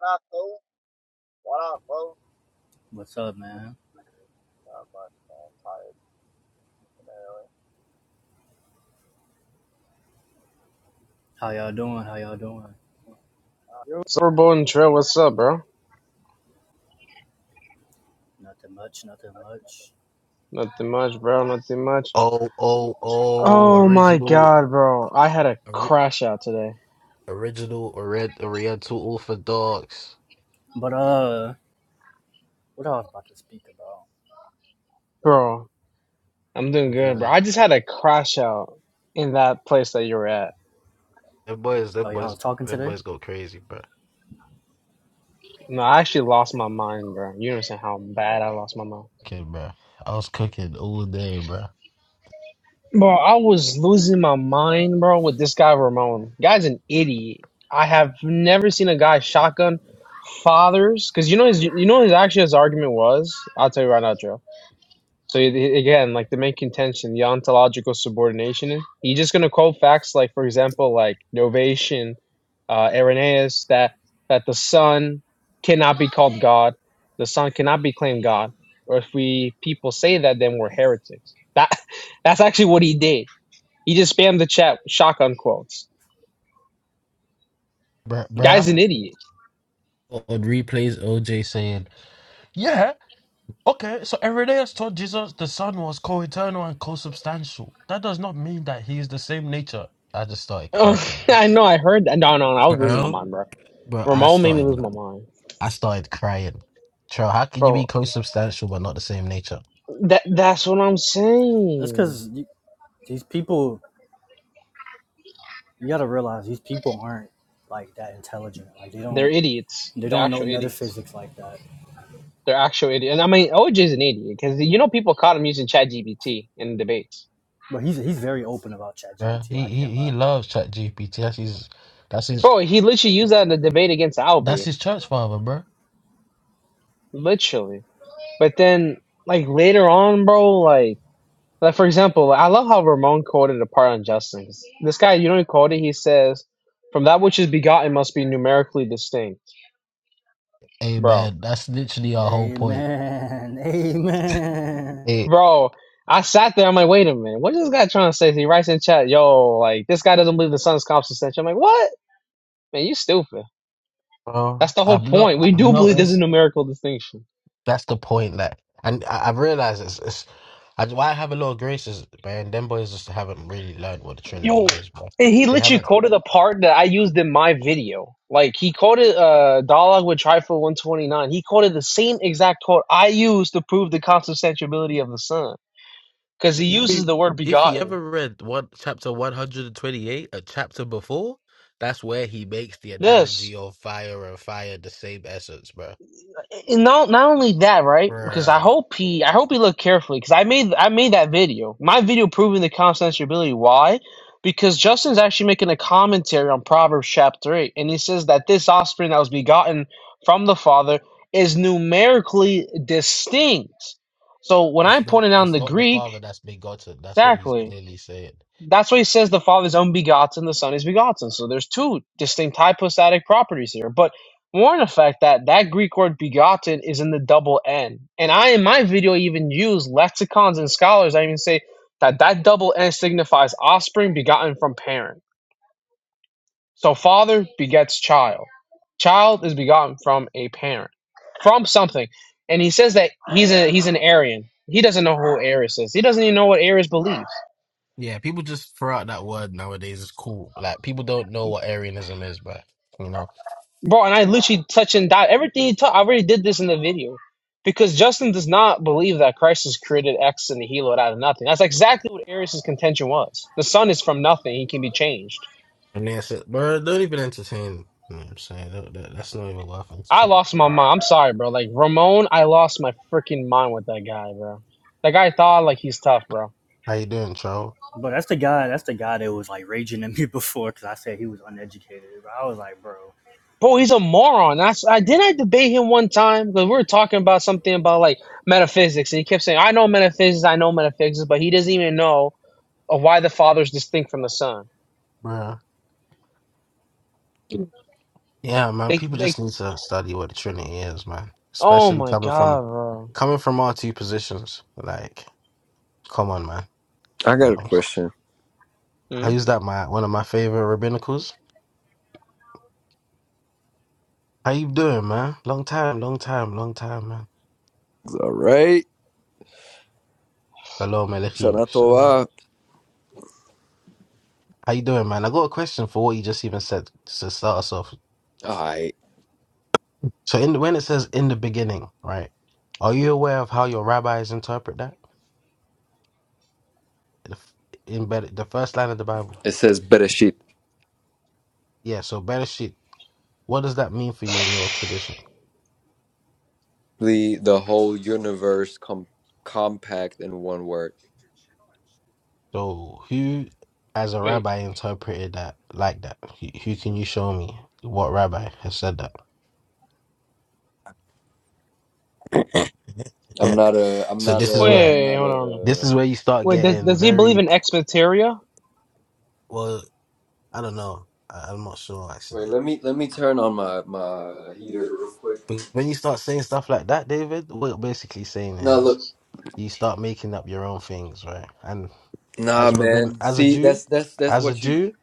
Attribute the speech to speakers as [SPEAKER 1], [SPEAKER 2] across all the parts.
[SPEAKER 1] Not though. What up, bro?
[SPEAKER 2] What's up,
[SPEAKER 1] I'm
[SPEAKER 2] man?
[SPEAKER 1] Tired primarily.
[SPEAKER 2] How y'all doing? How y'all doing?
[SPEAKER 3] Silverbow and Trail, what's up, bro?
[SPEAKER 2] Nothing much, nothing much.
[SPEAKER 3] Nothing much, bro. Nothing much.
[SPEAKER 4] Oh, oh, oh,
[SPEAKER 3] Oh my
[SPEAKER 4] original,
[SPEAKER 3] god, bro. I had a
[SPEAKER 4] ori-
[SPEAKER 3] crash out today.
[SPEAKER 4] original, orient, oriental Ulfa dogs.
[SPEAKER 2] But uh, what I was about to speak about?
[SPEAKER 3] Bro, I'm doing good, bro.
[SPEAKER 2] Good.
[SPEAKER 3] I just had a crash out in that place that you were at.
[SPEAKER 4] Them boys, them
[SPEAKER 2] Oh, y'all
[SPEAKER 4] boys,
[SPEAKER 2] was talking
[SPEAKER 4] them
[SPEAKER 2] today?
[SPEAKER 4] boys go crazy, bro.
[SPEAKER 3] No, I actually lost my mind, bro. You understand how bad I lost my mind.
[SPEAKER 4] Okay, bro. I was cooking all day, bro.
[SPEAKER 3] Bro, I was losing my mind, bro, with this guy Ramon. Guy's an idiot. I have never seen a guy shotgun fathers because you know his you know his actually his argument was. I'll tell you right now, Joe. So you- you- again, like the main contention, the ontological subordination. You're just gonna quote facts like, for example, like Novation, uh, Irenaeus, that that the Son cannot be called God, the Son cannot be claimed God. Or if we people say that, then we're heretics. That that's actually what he did. He just spammed the chat with shotgun quotes.
[SPEAKER 4] Bro,
[SPEAKER 3] Guy's
[SPEAKER 4] bro.
[SPEAKER 3] an
[SPEAKER 2] Yeah.
[SPEAKER 3] idiot.
[SPEAKER 4] On replays, OJ saying, Yeah, okay, so Irenaeus taught Jesus the Son was co eternal and co substantial. That does not mean that he is the same nature. I just started
[SPEAKER 3] Oh,
[SPEAKER 4] cracking, bro.
[SPEAKER 3] I know. I heard that. No, no, no, I was losing my
[SPEAKER 4] Bro,
[SPEAKER 3] mind, bro.
[SPEAKER 4] bro, I
[SPEAKER 3] Ramon made me lose
[SPEAKER 4] started,
[SPEAKER 3] my mind,
[SPEAKER 4] I started crying. Bro, how can you be
[SPEAKER 3] bro.
[SPEAKER 4] co substantial but not the same nature?
[SPEAKER 3] That that's what I'm
[SPEAKER 2] That's
[SPEAKER 3] saying.
[SPEAKER 2] because these people, you gotta realize these people aren't like that intelligent. Like they
[SPEAKER 3] They're
[SPEAKER 2] don't,
[SPEAKER 3] idiots.
[SPEAKER 2] they
[SPEAKER 3] They're
[SPEAKER 2] don't know
[SPEAKER 3] actual idiots.
[SPEAKER 2] metaphysics like that.
[SPEAKER 3] They're actual idiots. And I mean, OJ's an idiot because you know people caught him using ChatGPT in debates.
[SPEAKER 2] But he's he's very open about
[SPEAKER 4] Yeah,
[SPEAKER 2] ChatGPT.
[SPEAKER 4] he
[SPEAKER 2] I
[SPEAKER 4] he
[SPEAKER 2] can't
[SPEAKER 4] he
[SPEAKER 2] lie.
[SPEAKER 4] loves Chat GPT. That's his that's his
[SPEAKER 3] Bro, he literally used that in the debate against
[SPEAKER 4] that's
[SPEAKER 3] Albie,
[SPEAKER 4] his church father, bro.
[SPEAKER 3] literally. But then, like later on, bro, like, like for example, I love how Ramon quoted a part on Justin. This guy, you know, he quoted. He says, "From that which is begotten must be numerically distinct."
[SPEAKER 4] Hey
[SPEAKER 3] Bro,
[SPEAKER 4] man, that's literally our whole point.
[SPEAKER 2] Amen. Amen.
[SPEAKER 4] It,
[SPEAKER 3] Bro, I sat there. I'm like, wait a minute. What is this guy trying to say? He writes in chat, yo, like, this guy doesn't believe the sun's consubstantial. I'm like, what? Man, you stupid.
[SPEAKER 4] bro,
[SPEAKER 3] That's the whole
[SPEAKER 4] I've not
[SPEAKER 3] point. We
[SPEAKER 4] I've
[SPEAKER 3] do believe there's a
[SPEAKER 4] noticed
[SPEAKER 3] numerical distinction.
[SPEAKER 4] that's the point. Like, and I, I've realized it's, it's I, why I have a lot of graces, man. Them boys just haven't really learned what the
[SPEAKER 3] Yo,
[SPEAKER 4] Trinity is, bro.
[SPEAKER 3] and he
[SPEAKER 4] They
[SPEAKER 3] literally
[SPEAKER 4] haven't.
[SPEAKER 3] quoted a part that I used in my video. Like, he quoted uh, Dialogue with Trifle 129. He quoted the same exact quote I used to prove the consubstantiality of the sun. Because he uses
[SPEAKER 4] If
[SPEAKER 3] the word
[SPEAKER 4] if he
[SPEAKER 3] begotten.
[SPEAKER 4] ever read one chapter one hundred and twenty eight, a chapter before, that's where he makes the
[SPEAKER 3] This.
[SPEAKER 4] analogy of fire and fire the same essence, bro.
[SPEAKER 3] And not not only that, right? Because I
[SPEAKER 4] Bruh.
[SPEAKER 3] hope he I hope he looked carefully because I made I made that video. My video proving the censorability. Why? Because Justin's actually making a commentary on Proverbs chapter eight, and he says that this offspring that was begotten from the Father is numerically distinct. So when I
[SPEAKER 4] It's not
[SPEAKER 3] pointed out in
[SPEAKER 4] it's
[SPEAKER 3] the
[SPEAKER 4] not the
[SPEAKER 3] Greek,
[SPEAKER 4] father that's begotten. That's what he's
[SPEAKER 3] exactly.
[SPEAKER 4] clearly saying.
[SPEAKER 3] That's why he says the Father is unbegotten, the Son is begotten. So there's two distinct hypostatic properties here. But more in effect that that Greek word begotten is in the double N. And I, in my video, even use lexicons and scholars. I even say that that double N signifies offspring begotten from parent. So father begets child. Child is begotten from a parent, from something. And he says that he's a he's an Arian. He doesn't know who Arius is. He doesn't even know what Arius believes.
[SPEAKER 4] Yeah, people just throw out that word nowadays. It's cool. Like people don't know what Arianism is, but you know,
[SPEAKER 3] Bro, and I literally touch and dot everything he taught. I already did this in the video. Because Justin does not believe that Christ has created X and the helo out of nothing. That's exactly what Arius' contention was. The sun is from nothing, he can be changed.
[SPEAKER 4] and they said, bro, don't even entertain. You know what I'm saying Don't- that, that's not even worth
[SPEAKER 3] I
[SPEAKER 4] entertaining.
[SPEAKER 3] lost my mind. I'm sorry, bro. Like Ramon, I lost my freaking mind with that guy, bro. That guy thought like he's tough, bro.
[SPEAKER 4] How you doing, Troll,
[SPEAKER 2] But that's the guy. That's the guy that was like raging at me before because I said he was uneducated. But I was like, bro.
[SPEAKER 3] Bro, he's a moron. That's I didn't I debate him one time because we were talking about something about like metaphysics, and he kept saying, I know metaphysics, I know metaphysics, but he doesn't even know of why the father is distinct from the son.
[SPEAKER 4] bro? Yeah, man.
[SPEAKER 3] They
[SPEAKER 4] People
[SPEAKER 3] they.
[SPEAKER 4] just need to study what the Trinity is, man.
[SPEAKER 3] Oh
[SPEAKER 4] Especially
[SPEAKER 3] my
[SPEAKER 4] coming from
[SPEAKER 3] god, bro.
[SPEAKER 4] coming from our two positions. Like, come on, man.
[SPEAKER 5] I
[SPEAKER 4] You
[SPEAKER 5] got a
[SPEAKER 4] know,
[SPEAKER 5] question.
[SPEAKER 4] I
[SPEAKER 3] Hmm?
[SPEAKER 4] use that my one of my favorite rabbinicals. How you doing, man? Long time, long time, long time, man.
[SPEAKER 5] All right.
[SPEAKER 4] Shalom Aleichem.
[SPEAKER 5] Shana
[SPEAKER 4] Shalom.
[SPEAKER 5] Tova.
[SPEAKER 4] How you doing, man? I got a question for what you just even said to start us off.
[SPEAKER 5] All right.
[SPEAKER 4] So, in the, when it says "in the beginning," right? Are you aware of how your rabbis interpret that The f- in Ber- the first line of the Bible?
[SPEAKER 5] It says Bereshit.
[SPEAKER 4] Yeah. So, Bereshit. What does that mean for you in your tradition?
[SPEAKER 5] The the whole universe com- compact in one word.
[SPEAKER 4] So, who, as a
[SPEAKER 3] Wait,
[SPEAKER 4] rabbi, interpreted that like that? Who, who can you show me what rabbi has said that?
[SPEAKER 5] I'm not a I'm
[SPEAKER 4] so
[SPEAKER 5] not
[SPEAKER 4] this is
[SPEAKER 5] a
[SPEAKER 4] where
[SPEAKER 5] I'm
[SPEAKER 3] wait,
[SPEAKER 5] not
[SPEAKER 3] hold on.
[SPEAKER 4] This
[SPEAKER 5] a
[SPEAKER 4] is where you start
[SPEAKER 3] Wait, does
[SPEAKER 4] getting
[SPEAKER 3] does he believe
[SPEAKER 4] very
[SPEAKER 3] in Xmateria?
[SPEAKER 4] well. I don't know. I, I'm not sure
[SPEAKER 5] Wait,
[SPEAKER 4] actually.
[SPEAKER 5] let me let me turn on my my heater real quick.
[SPEAKER 4] But when you start saying stuff like that, David, what you're basically saying
[SPEAKER 5] Nah,
[SPEAKER 4] is
[SPEAKER 5] look.
[SPEAKER 4] you start making up your own things, right? And
[SPEAKER 5] Nah,
[SPEAKER 4] as a rabbin,
[SPEAKER 5] man.
[SPEAKER 4] as a
[SPEAKER 5] See,
[SPEAKER 4] Jew,
[SPEAKER 5] that's that's that's
[SPEAKER 4] as a
[SPEAKER 5] what you
[SPEAKER 4] Jew,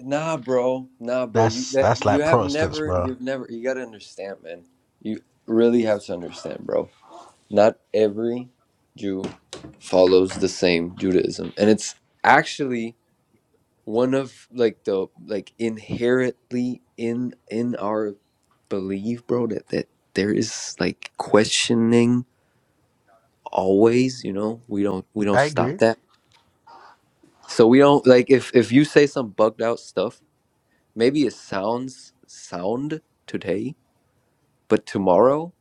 [SPEAKER 5] Nah, bro. Nah, bro. You
[SPEAKER 4] that's
[SPEAKER 5] that
[SPEAKER 4] that's
[SPEAKER 5] you
[SPEAKER 4] like
[SPEAKER 5] have
[SPEAKER 4] Protestants,
[SPEAKER 5] never
[SPEAKER 4] bro.
[SPEAKER 5] you've never you got to understand, man. You really have to understand, bro Not every Jew follows the same Judaism, and it's actually one of like the like inherently in in our belief, bro, that that there is like questioning always. You know, we don't we don't
[SPEAKER 4] I
[SPEAKER 5] stop
[SPEAKER 4] agree.
[SPEAKER 5] that. So we don't like if if you say some bugged out stuff, maybe it sounds sound today, but tomorrow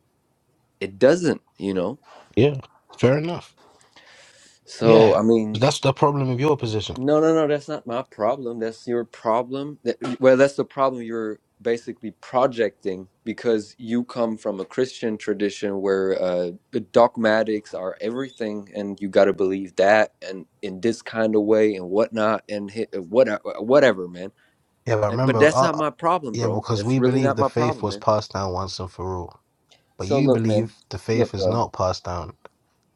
[SPEAKER 5] it doesn't. You know,
[SPEAKER 4] Yeah, fair enough.
[SPEAKER 5] so
[SPEAKER 4] Yeah,
[SPEAKER 5] I mean.
[SPEAKER 4] that's the problem with your position.
[SPEAKER 5] No, no, no, that's not my problem. That's your problem. That, well, that's the problem you're basically projecting because you come from a Christian tradition where uh, the dogmatics are everything and you got to believe that and in this kind of way and whatnot and hit, what, uh, uh, whatever, man.
[SPEAKER 4] Yeah, but
[SPEAKER 5] Uh, But
[SPEAKER 4] remember,
[SPEAKER 5] that's
[SPEAKER 4] uh,
[SPEAKER 5] not
[SPEAKER 4] uh,
[SPEAKER 5] my problem,
[SPEAKER 4] yeah,
[SPEAKER 5] bro.
[SPEAKER 4] because
[SPEAKER 5] That's
[SPEAKER 4] we
[SPEAKER 5] really
[SPEAKER 4] believe
[SPEAKER 5] not
[SPEAKER 4] the
[SPEAKER 5] my
[SPEAKER 4] faith
[SPEAKER 5] problem,
[SPEAKER 4] was
[SPEAKER 5] man.
[SPEAKER 4] passed down once and for all, but
[SPEAKER 5] So
[SPEAKER 4] you
[SPEAKER 5] look, man,
[SPEAKER 4] believe the faith
[SPEAKER 5] look,
[SPEAKER 4] is
[SPEAKER 5] bro.
[SPEAKER 4] not passed down.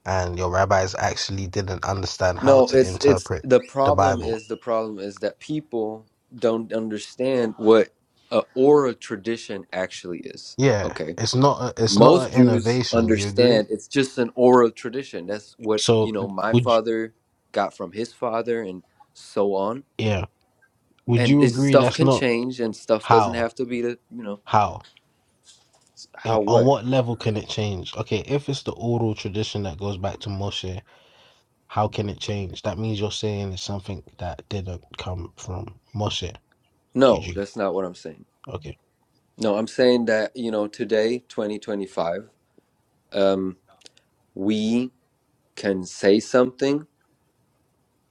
[SPEAKER 4] and your rabbis actually didn't understand how
[SPEAKER 5] No,
[SPEAKER 4] to
[SPEAKER 5] it's it's
[SPEAKER 4] interpret
[SPEAKER 5] the
[SPEAKER 4] the
[SPEAKER 5] problem
[SPEAKER 4] Bible.
[SPEAKER 5] is the problem is that people don't understand what a aura tradition actually is.
[SPEAKER 4] Yeah,
[SPEAKER 5] Okay.
[SPEAKER 4] it's not a, it's not
[SPEAKER 5] Most
[SPEAKER 4] an
[SPEAKER 5] Jews
[SPEAKER 4] innovation. You agree?
[SPEAKER 5] understand it's just an oral tradition. That's what, you
[SPEAKER 4] So
[SPEAKER 5] know, my
[SPEAKER 4] would you,
[SPEAKER 5] father got from his father and so on.
[SPEAKER 4] yeah, would
[SPEAKER 5] And
[SPEAKER 4] you
[SPEAKER 5] it's,
[SPEAKER 4] agree
[SPEAKER 5] stuff
[SPEAKER 4] that's
[SPEAKER 5] can
[SPEAKER 4] not
[SPEAKER 5] change and stuff doesn't
[SPEAKER 4] how
[SPEAKER 5] have to be the, you know,
[SPEAKER 4] how and
[SPEAKER 5] how
[SPEAKER 4] on
[SPEAKER 5] what.
[SPEAKER 4] what level can it change? Okay, if it's the oral tradition that goes back to Moshe, how can it change? That means you're saying it's something that didn't come from Moshe. Did
[SPEAKER 5] No,
[SPEAKER 4] you?
[SPEAKER 5] that's not what I'm saying.
[SPEAKER 4] Okay.
[SPEAKER 5] No, I'm saying that, you know, today, 2025, um, we can say something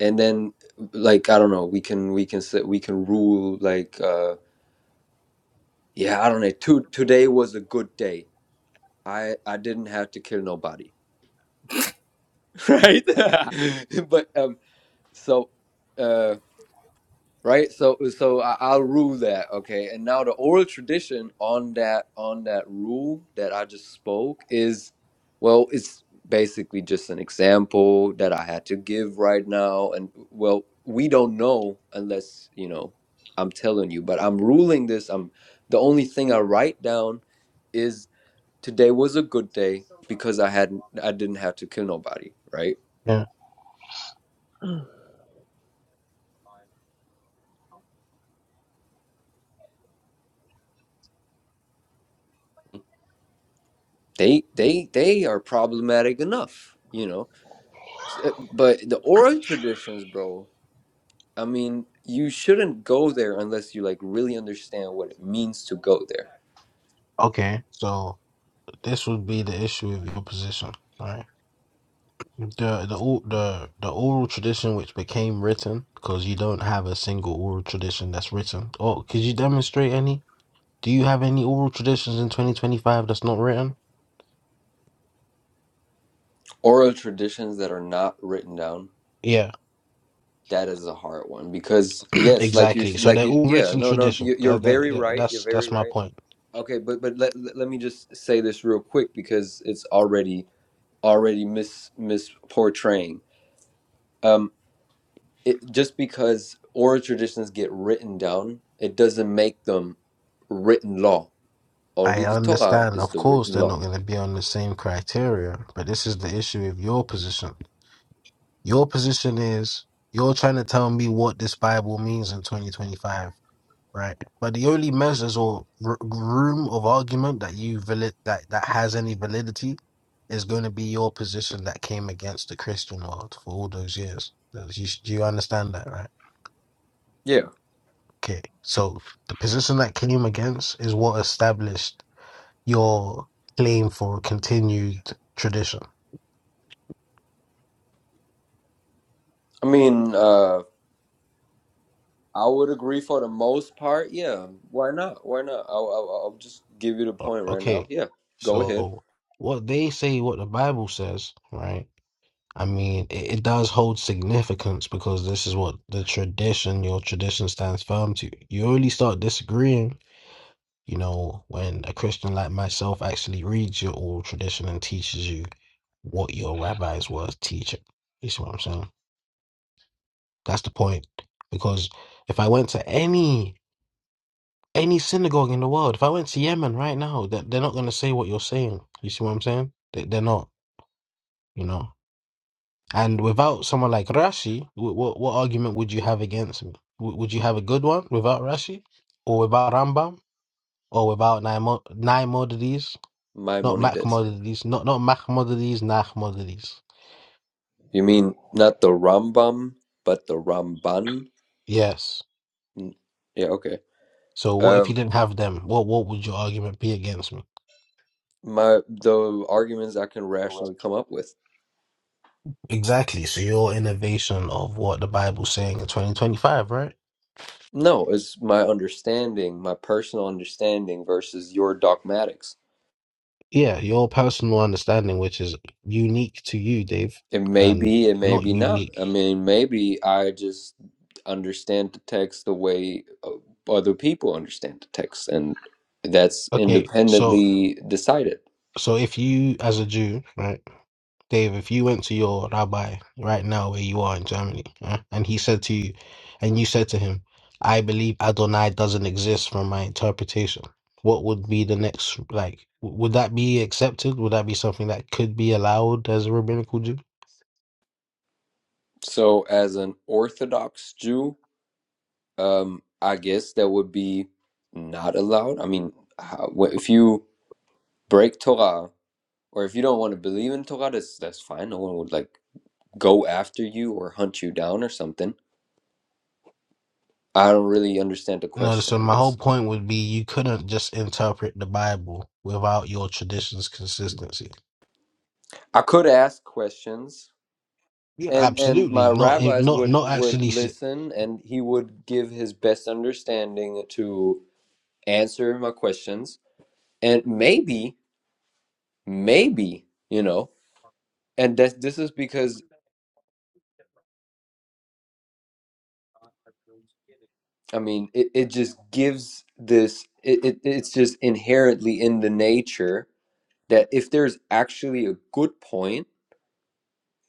[SPEAKER 5] and then like i don't know we can we can say we can rule like uh yeah i don't know to, today was a good day i i didn't have to kill nobody right but um so uh right so so I, i'll rule that okay and now the oral tradition on that on that rule that i just spoke is well it's basically just an example that i had to give right now and well we don't know unless you know i'm telling you but i'm ruling this i'm the only thing i write down is today was a good day because i hadn't i didn't have to kill nobody right
[SPEAKER 4] Yeah.
[SPEAKER 5] they they they are problematic enough you know S- uh, But the oral traditions, bro, I mean, you shouldn't go there unless you like really understand what it means to go there.
[SPEAKER 4] Okay. So this would be the issue with your position. right? The the or- the the oral tradition which became written because you don't have a single oral tradition that's written. Or could you demonstrate any? Do you have any oral traditions in 2025 that's not written?
[SPEAKER 5] Oral traditions that are not written down,
[SPEAKER 4] Yeah,
[SPEAKER 5] that is a hard one because yes, like you,
[SPEAKER 4] exactly. So
[SPEAKER 5] like
[SPEAKER 4] they're
[SPEAKER 5] you,
[SPEAKER 4] all
[SPEAKER 5] yeah,
[SPEAKER 4] written
[SPEAKER 5] no, no,
[SPEAKER 4] tradition.
[SPEAKER 5] you- you're
[SPEAKER 4] That, that,
[SPEAKER 5] very
[SPEAKER 4] that-
[SPEAKER 5] right. You're
[SPEAKER 4] that's
[SPEAKER 5] very
[SPEAKER 4] that's my
[SPEAKER 5] right.
[SPEAKER 4] point.
[SPEAKER 5] Okay, but but let let let me just say this real quick because it's already already mis misportraying. Um, it just because oral traditions get written down, it doesn't make them written law Only
[SPEAKER 4] I
[SPEAKER 5] the Torah
[SPEAKER 4] understand.
[SPEAKER 5] is
[SPEAKER 4] Of
[SPEAKER 5] the
[SPEAKER 4] course,
[SPEAKER 5] written
[SPEAKER 4] they're
[SPEAKER 5] law.
[SPEAKER 4] not going to be on the same criteria, but this is the issue with your position. Your position is you're trying to tell me what this Bible means in 2025. Right. But the only measures or r- room of argument that you valid that that has any validity is going to be your position that came against the Christian world for all those years. Does- You, do you understand that, right?
[SPEAKER 5] Yeah.
[SPEAKER 4] Okay. So the position that came against is what established your claim for continued tradition.
[SPEAKER 5] I mean, uh, I would agree for the most part. Yeah. Why not? Why not? I'll, I'll, I'll just give you the
[SPEAKER 4] O-
[SPEAKER 5] point right now.
[SPEAKER 4] Okay.
[SPEAKER 5] Yeah. Go ahead.
[SPEAKER 4] So what they say, what the Bible says, right? I mean, it, it does hold significance because this is what the tradition, your tradition stands firm to. You only start disagreeing, you know, when a Christian like myself actually reads your old tradition and teaches you what your rabbis was teaching. You see what I'm saying? That's the point. Because if I went to any any synagogue in the world, if I went to Yemen right now, that they're, they're not going to say what you're saying. You see what I'm saying? They, they're not, you know. And without someone like Rashi, what, what, argument would you have against me? W- would you have a good one without Rashi, or without Rambam, or without Naimo- Naimodides? Not
[SPEAKER 5] Maimonides.
[SPEAKER 4] Machmodides, not not Machmodides, Nachmodides.
[SPEAKER 5] You mean not the Rambam, but the Ramban?
[SPEAKER 4] Yes.
[SPEAKER 5] Mm, Yeah. Okay.
[SPEAKER 4] So what if you
[SPEAKER 5] Um,
[SPEAKER 4] didn't have them? What what would your argument be against me?
[SPEAKER 5] my the arguments I can
[SPEAKER 4] Correct.
[SPEAKER 5] rationally come up with.
[SPEAKER 4] Exactly. So your innovation of what the Bible's saying in 2025, right?
[SPEAKER 5] No, it's my understanding, my personal understanding versus your dogmatics.
[SPEAKER 4] Yeah, your personal understanding, which is unique to you, Dave,
[SPEAKER 5] It may
[SPEAKER 4] and
[SPEAKER 5] be, it may
[SPEAKER 4] not
[SPEAKER 5] be not.
[SPEAKER 4] unique.
[SPEAKER 5] I mean, maybe I just understand the text the way uh, other people understand the text, and that's
[SPEAKER 4] Okay, so
[SPEAKER 5] independently decided.
[SPEAKER 4] So if you, as a Jew, right, Dave, if you went to your rabbi right now where you are in Germany, yeah, and he said to you, and you said to him, I believe Adonai doesn't exist from my interpretation, what would be the next, like, w- would that be accepted? Would that be something that could be allowed as a rabbinical Jew?
[SPEAKER 5] So, as an Orthodox Jew, um, I guess that would be not allowed. I mean, how, wh- if you break Torah or if you don't want to believe in Torah, that's that's fine. No one would like go after you or hunt you down or something. I don't really understand the
[SPEAKER 4] No,
[SPEAKER 5] question,
[SPEAKER 4] so
[SPEAKER 5] I
[SPEAKER 4] my whole
[SPEAKER 5] guess.
[SPEAKER 4] point would be you couldn't just interpret the Bible without your tradition's consistency.
[SPEAKER 5] I could ask questions,
[SPEAKER 4] Yeah,
[SPEAKER 5] and and my
[SPEAKER 4] absolutely. Not,
[SPEAKER 5] rabbis
[SPEAKER 4] not,
[SPEAKER 5] would
[SPEAKER 4] not
[SPEAKER 5] would
[SPEAKER 4] actually. s-
[SPEAKER 5] listen, and he would give his best understanding to answer my questions, and maybe, maybe you know, and that this is because I mean, it, it just gives this. It, it it's just inherently in the nature that if there's actually a good point,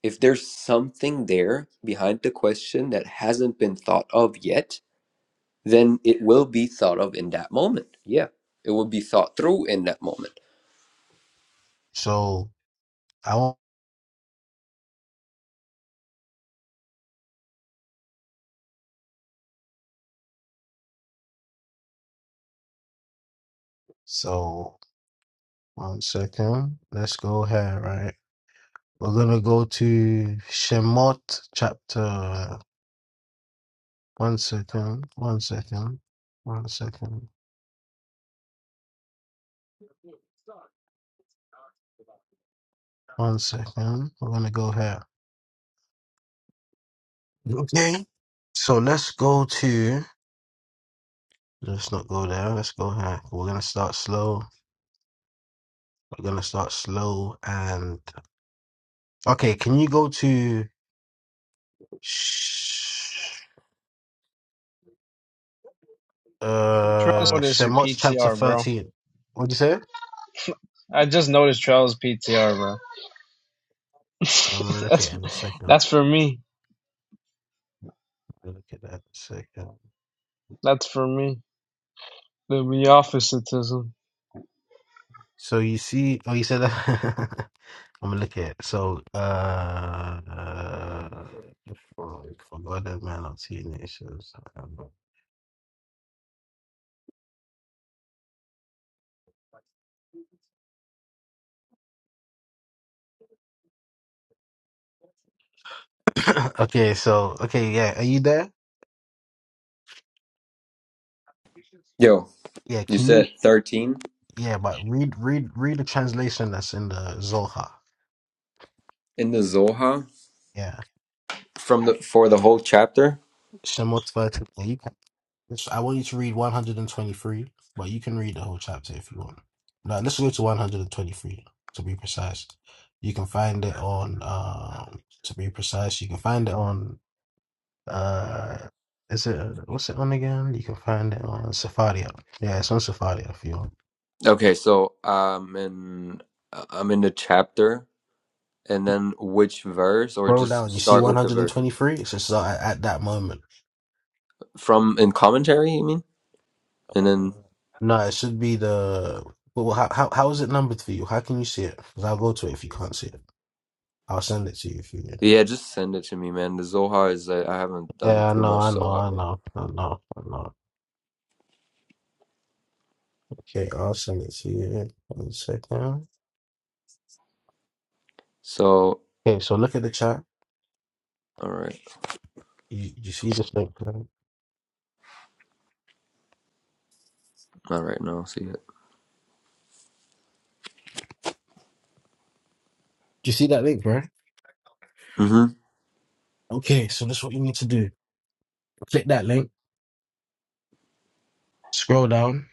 [SPEAKER 5] if there's something there behind the question that hasn't been thought of yet then it will be thought of in that moment. Yeah, it will be thought through in that moment.
[SPEAKER 4] So I won't. So. One second. Let's go here, right? We're gonna go to Shemot chapter. One second. One second. One second. One second. We're gonna go here. Okay. So let's go to. Let's not go there. Let's go here. We're gonna start slow. We're gonna start slow and. Okay. Can you go to? Sh-
[SPEAKER 3] Travis,
[SPEAKER 4] uh,
[SPEAKER 3] what is your
[SPEAKER 4] Shemot chapter
[SPEAKER 3] PTR, bro?
[SPEAKER 4] thirteen. What'd you say?
[SPEAKER 3] I just noticed Travis PTR, bro.
[SPEAKER 4] I'm gonna look at it
[SPEAKER 3] that's
[SPEAKER 4] in a second.
[SPEAKER 3] that's for me.
[SPEAKER 4] Look at that a second.
[SPEAKER 3] That's for me. The, the officeism.
[SPEAKER 4] So you see, oh, you said that. I'm gonna look at it. so. Uh, uh forgot that man. on am seeing okay, so okay, yeah. Are you there?
[SPEAKER 5] Yo,
[SPEAKER 4] Yeah.
[SPEAKER 5] you
[SPEAKER 4] Can you?
[SPEAKER 5] said 13
[SPEAKER 4] Yeah, but read, read, read the translation that's in the Zohar.
[SPEAKER 5] in the Zohar
[SPEAKER 4] Yeah,
[SPEAKER 5] from the for the whole chapter?
[SPEAKER 4] Shemot 13. This, I want you to read 123, but you can read the whole chapter if you want. Now let's go to 123 to be precise. You can find it on, um, to be precise, you can find it on, uh, is it, what's it on again? You can find it on Safaria. Yeah, it's on Safaria if you want.
[SPEAKER 5] Okay, so um in I'm in the chapter and then which verse or
[SPEAKER 4] Scroll
[SPEAKER 5] just
[SPEAKER 4] down, you see
[SPEAKER 5] start with the verse
[SPEAKER 4] 123? It's just uh, at, at that moment.
[SPEAKER 5] from in commentary, you mean?
[SPEAKER 4] Uh,
[SPEAKER 5] And then
[SPEAKER 4] No, it should be the, well, how, how, how is it numbered for you? How can you see it? Because I'll go to it if you can't see it. I'll send it to you if you need.
[SPEAKER 5] yeah, just send it to me, man. The Zohar is uh, I haven't done
[SPEAKER 4] Yeah, I
[SPEAKER 5] too
[SPEAKER 4] know,
[SPEAKER 5] much
[SPEAKER 4] I know,
[SPEAKER 5] Zohar,
[SPEAKER 4] I
[SPEAKER 5] bro.
[SPEAKER 4] know, I know, I know. Okay, I'll send it to you in a second.
[SPEAKER 5] So,
[SPEAKER 4] Okay, so look at the chat.
[SPEAKER 5] all right.
[SPEAKER 4] You you see this link, right? Do
[SPEAKER 5] All right, now I'll see it.
[SPEAKER 4] you see that link, right?
[SPEAKER 5] Mhm.
[SPEAKER 4] Okay, so that's what you need to do. Click that link, scroll down.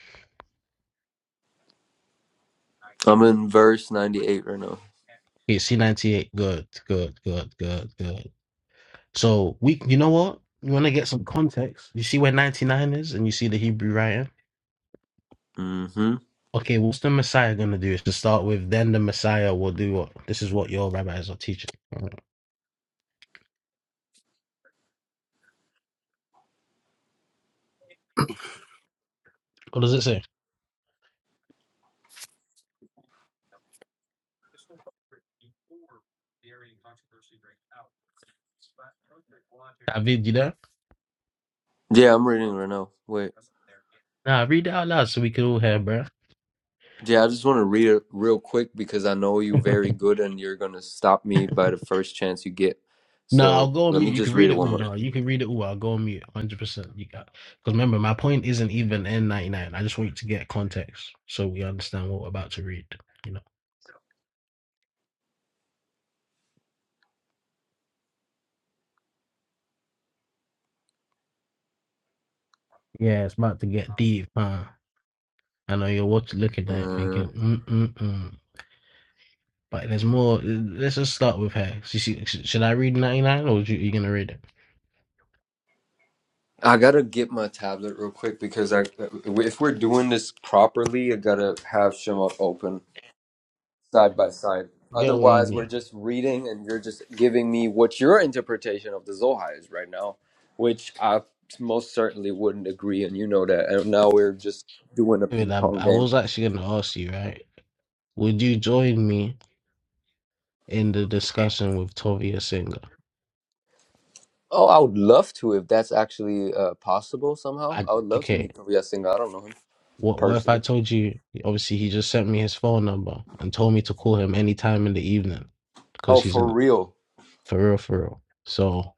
[SPEAKER 5] I'm in verse 98 right now.
[SPEAKER 4] Okay, C98. Good, good, good, good, good. So we you know what? You wanna get some context. You see where 99 is and you see the Hebrew writing?
[SPEAKER 5] Mm-hmm.
[SPEAKER 4] Okay, what's the Messiah gonna do? Is to start with, then the Messiah will do what? This is what your rabbis are teaching. All right. What does it say? Yeah?
[SPEAKER 5] Yeah, I'm reading right now. Wait.
[SPEAKER 4] Nah, read it out loud so we can all hear, bro.
[SPEAKER 5] Yeah, I just want to read it real quick because I know you very good and you're going to stop me by the first chance you get.
[SPEAKER 4] Nah, I'll
[SPEAKER 5] So
[SPEAKER 4] go on
[SPEAKER 5] let
[SPEAKER 4] mute.
[SPEAKER 5] me
[SPEAKER 4] You
[SPEAKER 5] just
[SPEAKER 4] can
[SPEAKER 5] read it
[SPEAKER 4] read it
[SPEAKER 5] one
[SPEAKER 4] all. No, you can read it all. I'll go on mute. 100%. You got. Because remember, my point isn't even N99. I just want you to get context so we understand what we're about to read. You know. Yeah, it's about to get deep, huh? I know you're watch looking at it
[SPEAKER 5] more. Uh,
[SPEAKER 4] thinking, mm mm mm. But there's more. Let's just start with her. She, she, should I read 99 or are you, you going to read it?
[SPEAKER 5] I gotta get my tablet real quick because I, uh, if we're doing this properly, I gotta have Shemot open side by side.
[SPEAKER 4] Get what you
[SPEAKER 5] Otherwise, we're
[SPEAKER 4] need.
[SPEAKER 5] just reading and you're just giving me what your interpretation of the Zohar is right now, which I most certainly wouldn't agree, and you know that. And now we're just doing a
[SPEAKER 4] I, mean,
[SPEAKER 5] ping
[SPEAKER 4] I,
[SPEAKER 5] pong
[SPEAKER 4] I
[SPEAKER 5] game.
[SPEAKER 4] was actually going to ask you, right? Would you join me in the discussion with Tovia Singer?
[SPEAKER 5] Oh, I would love to if that's actually uh, possible somehow.
[SPEAKER 4] I
[SPEAKER 5] I would love to
[SPEAKER 4] okay.
[SPEAKER 5] meet Kaguya Senga. I don't know him
[SPEAKER 4] What what if I
[SPEAKER 5] personally.
[SPEAKER 4] told you? Obviously, he just sent me his phone number and told me to call him any time in the evening
[SPEAKER 5] Oh,
[SPEAKER 4] because he's
[SPEAKER 5] for
[SPEAKER 4] in
[SPEAKER 5] real?
[SPEAKER 4] for real, for real. So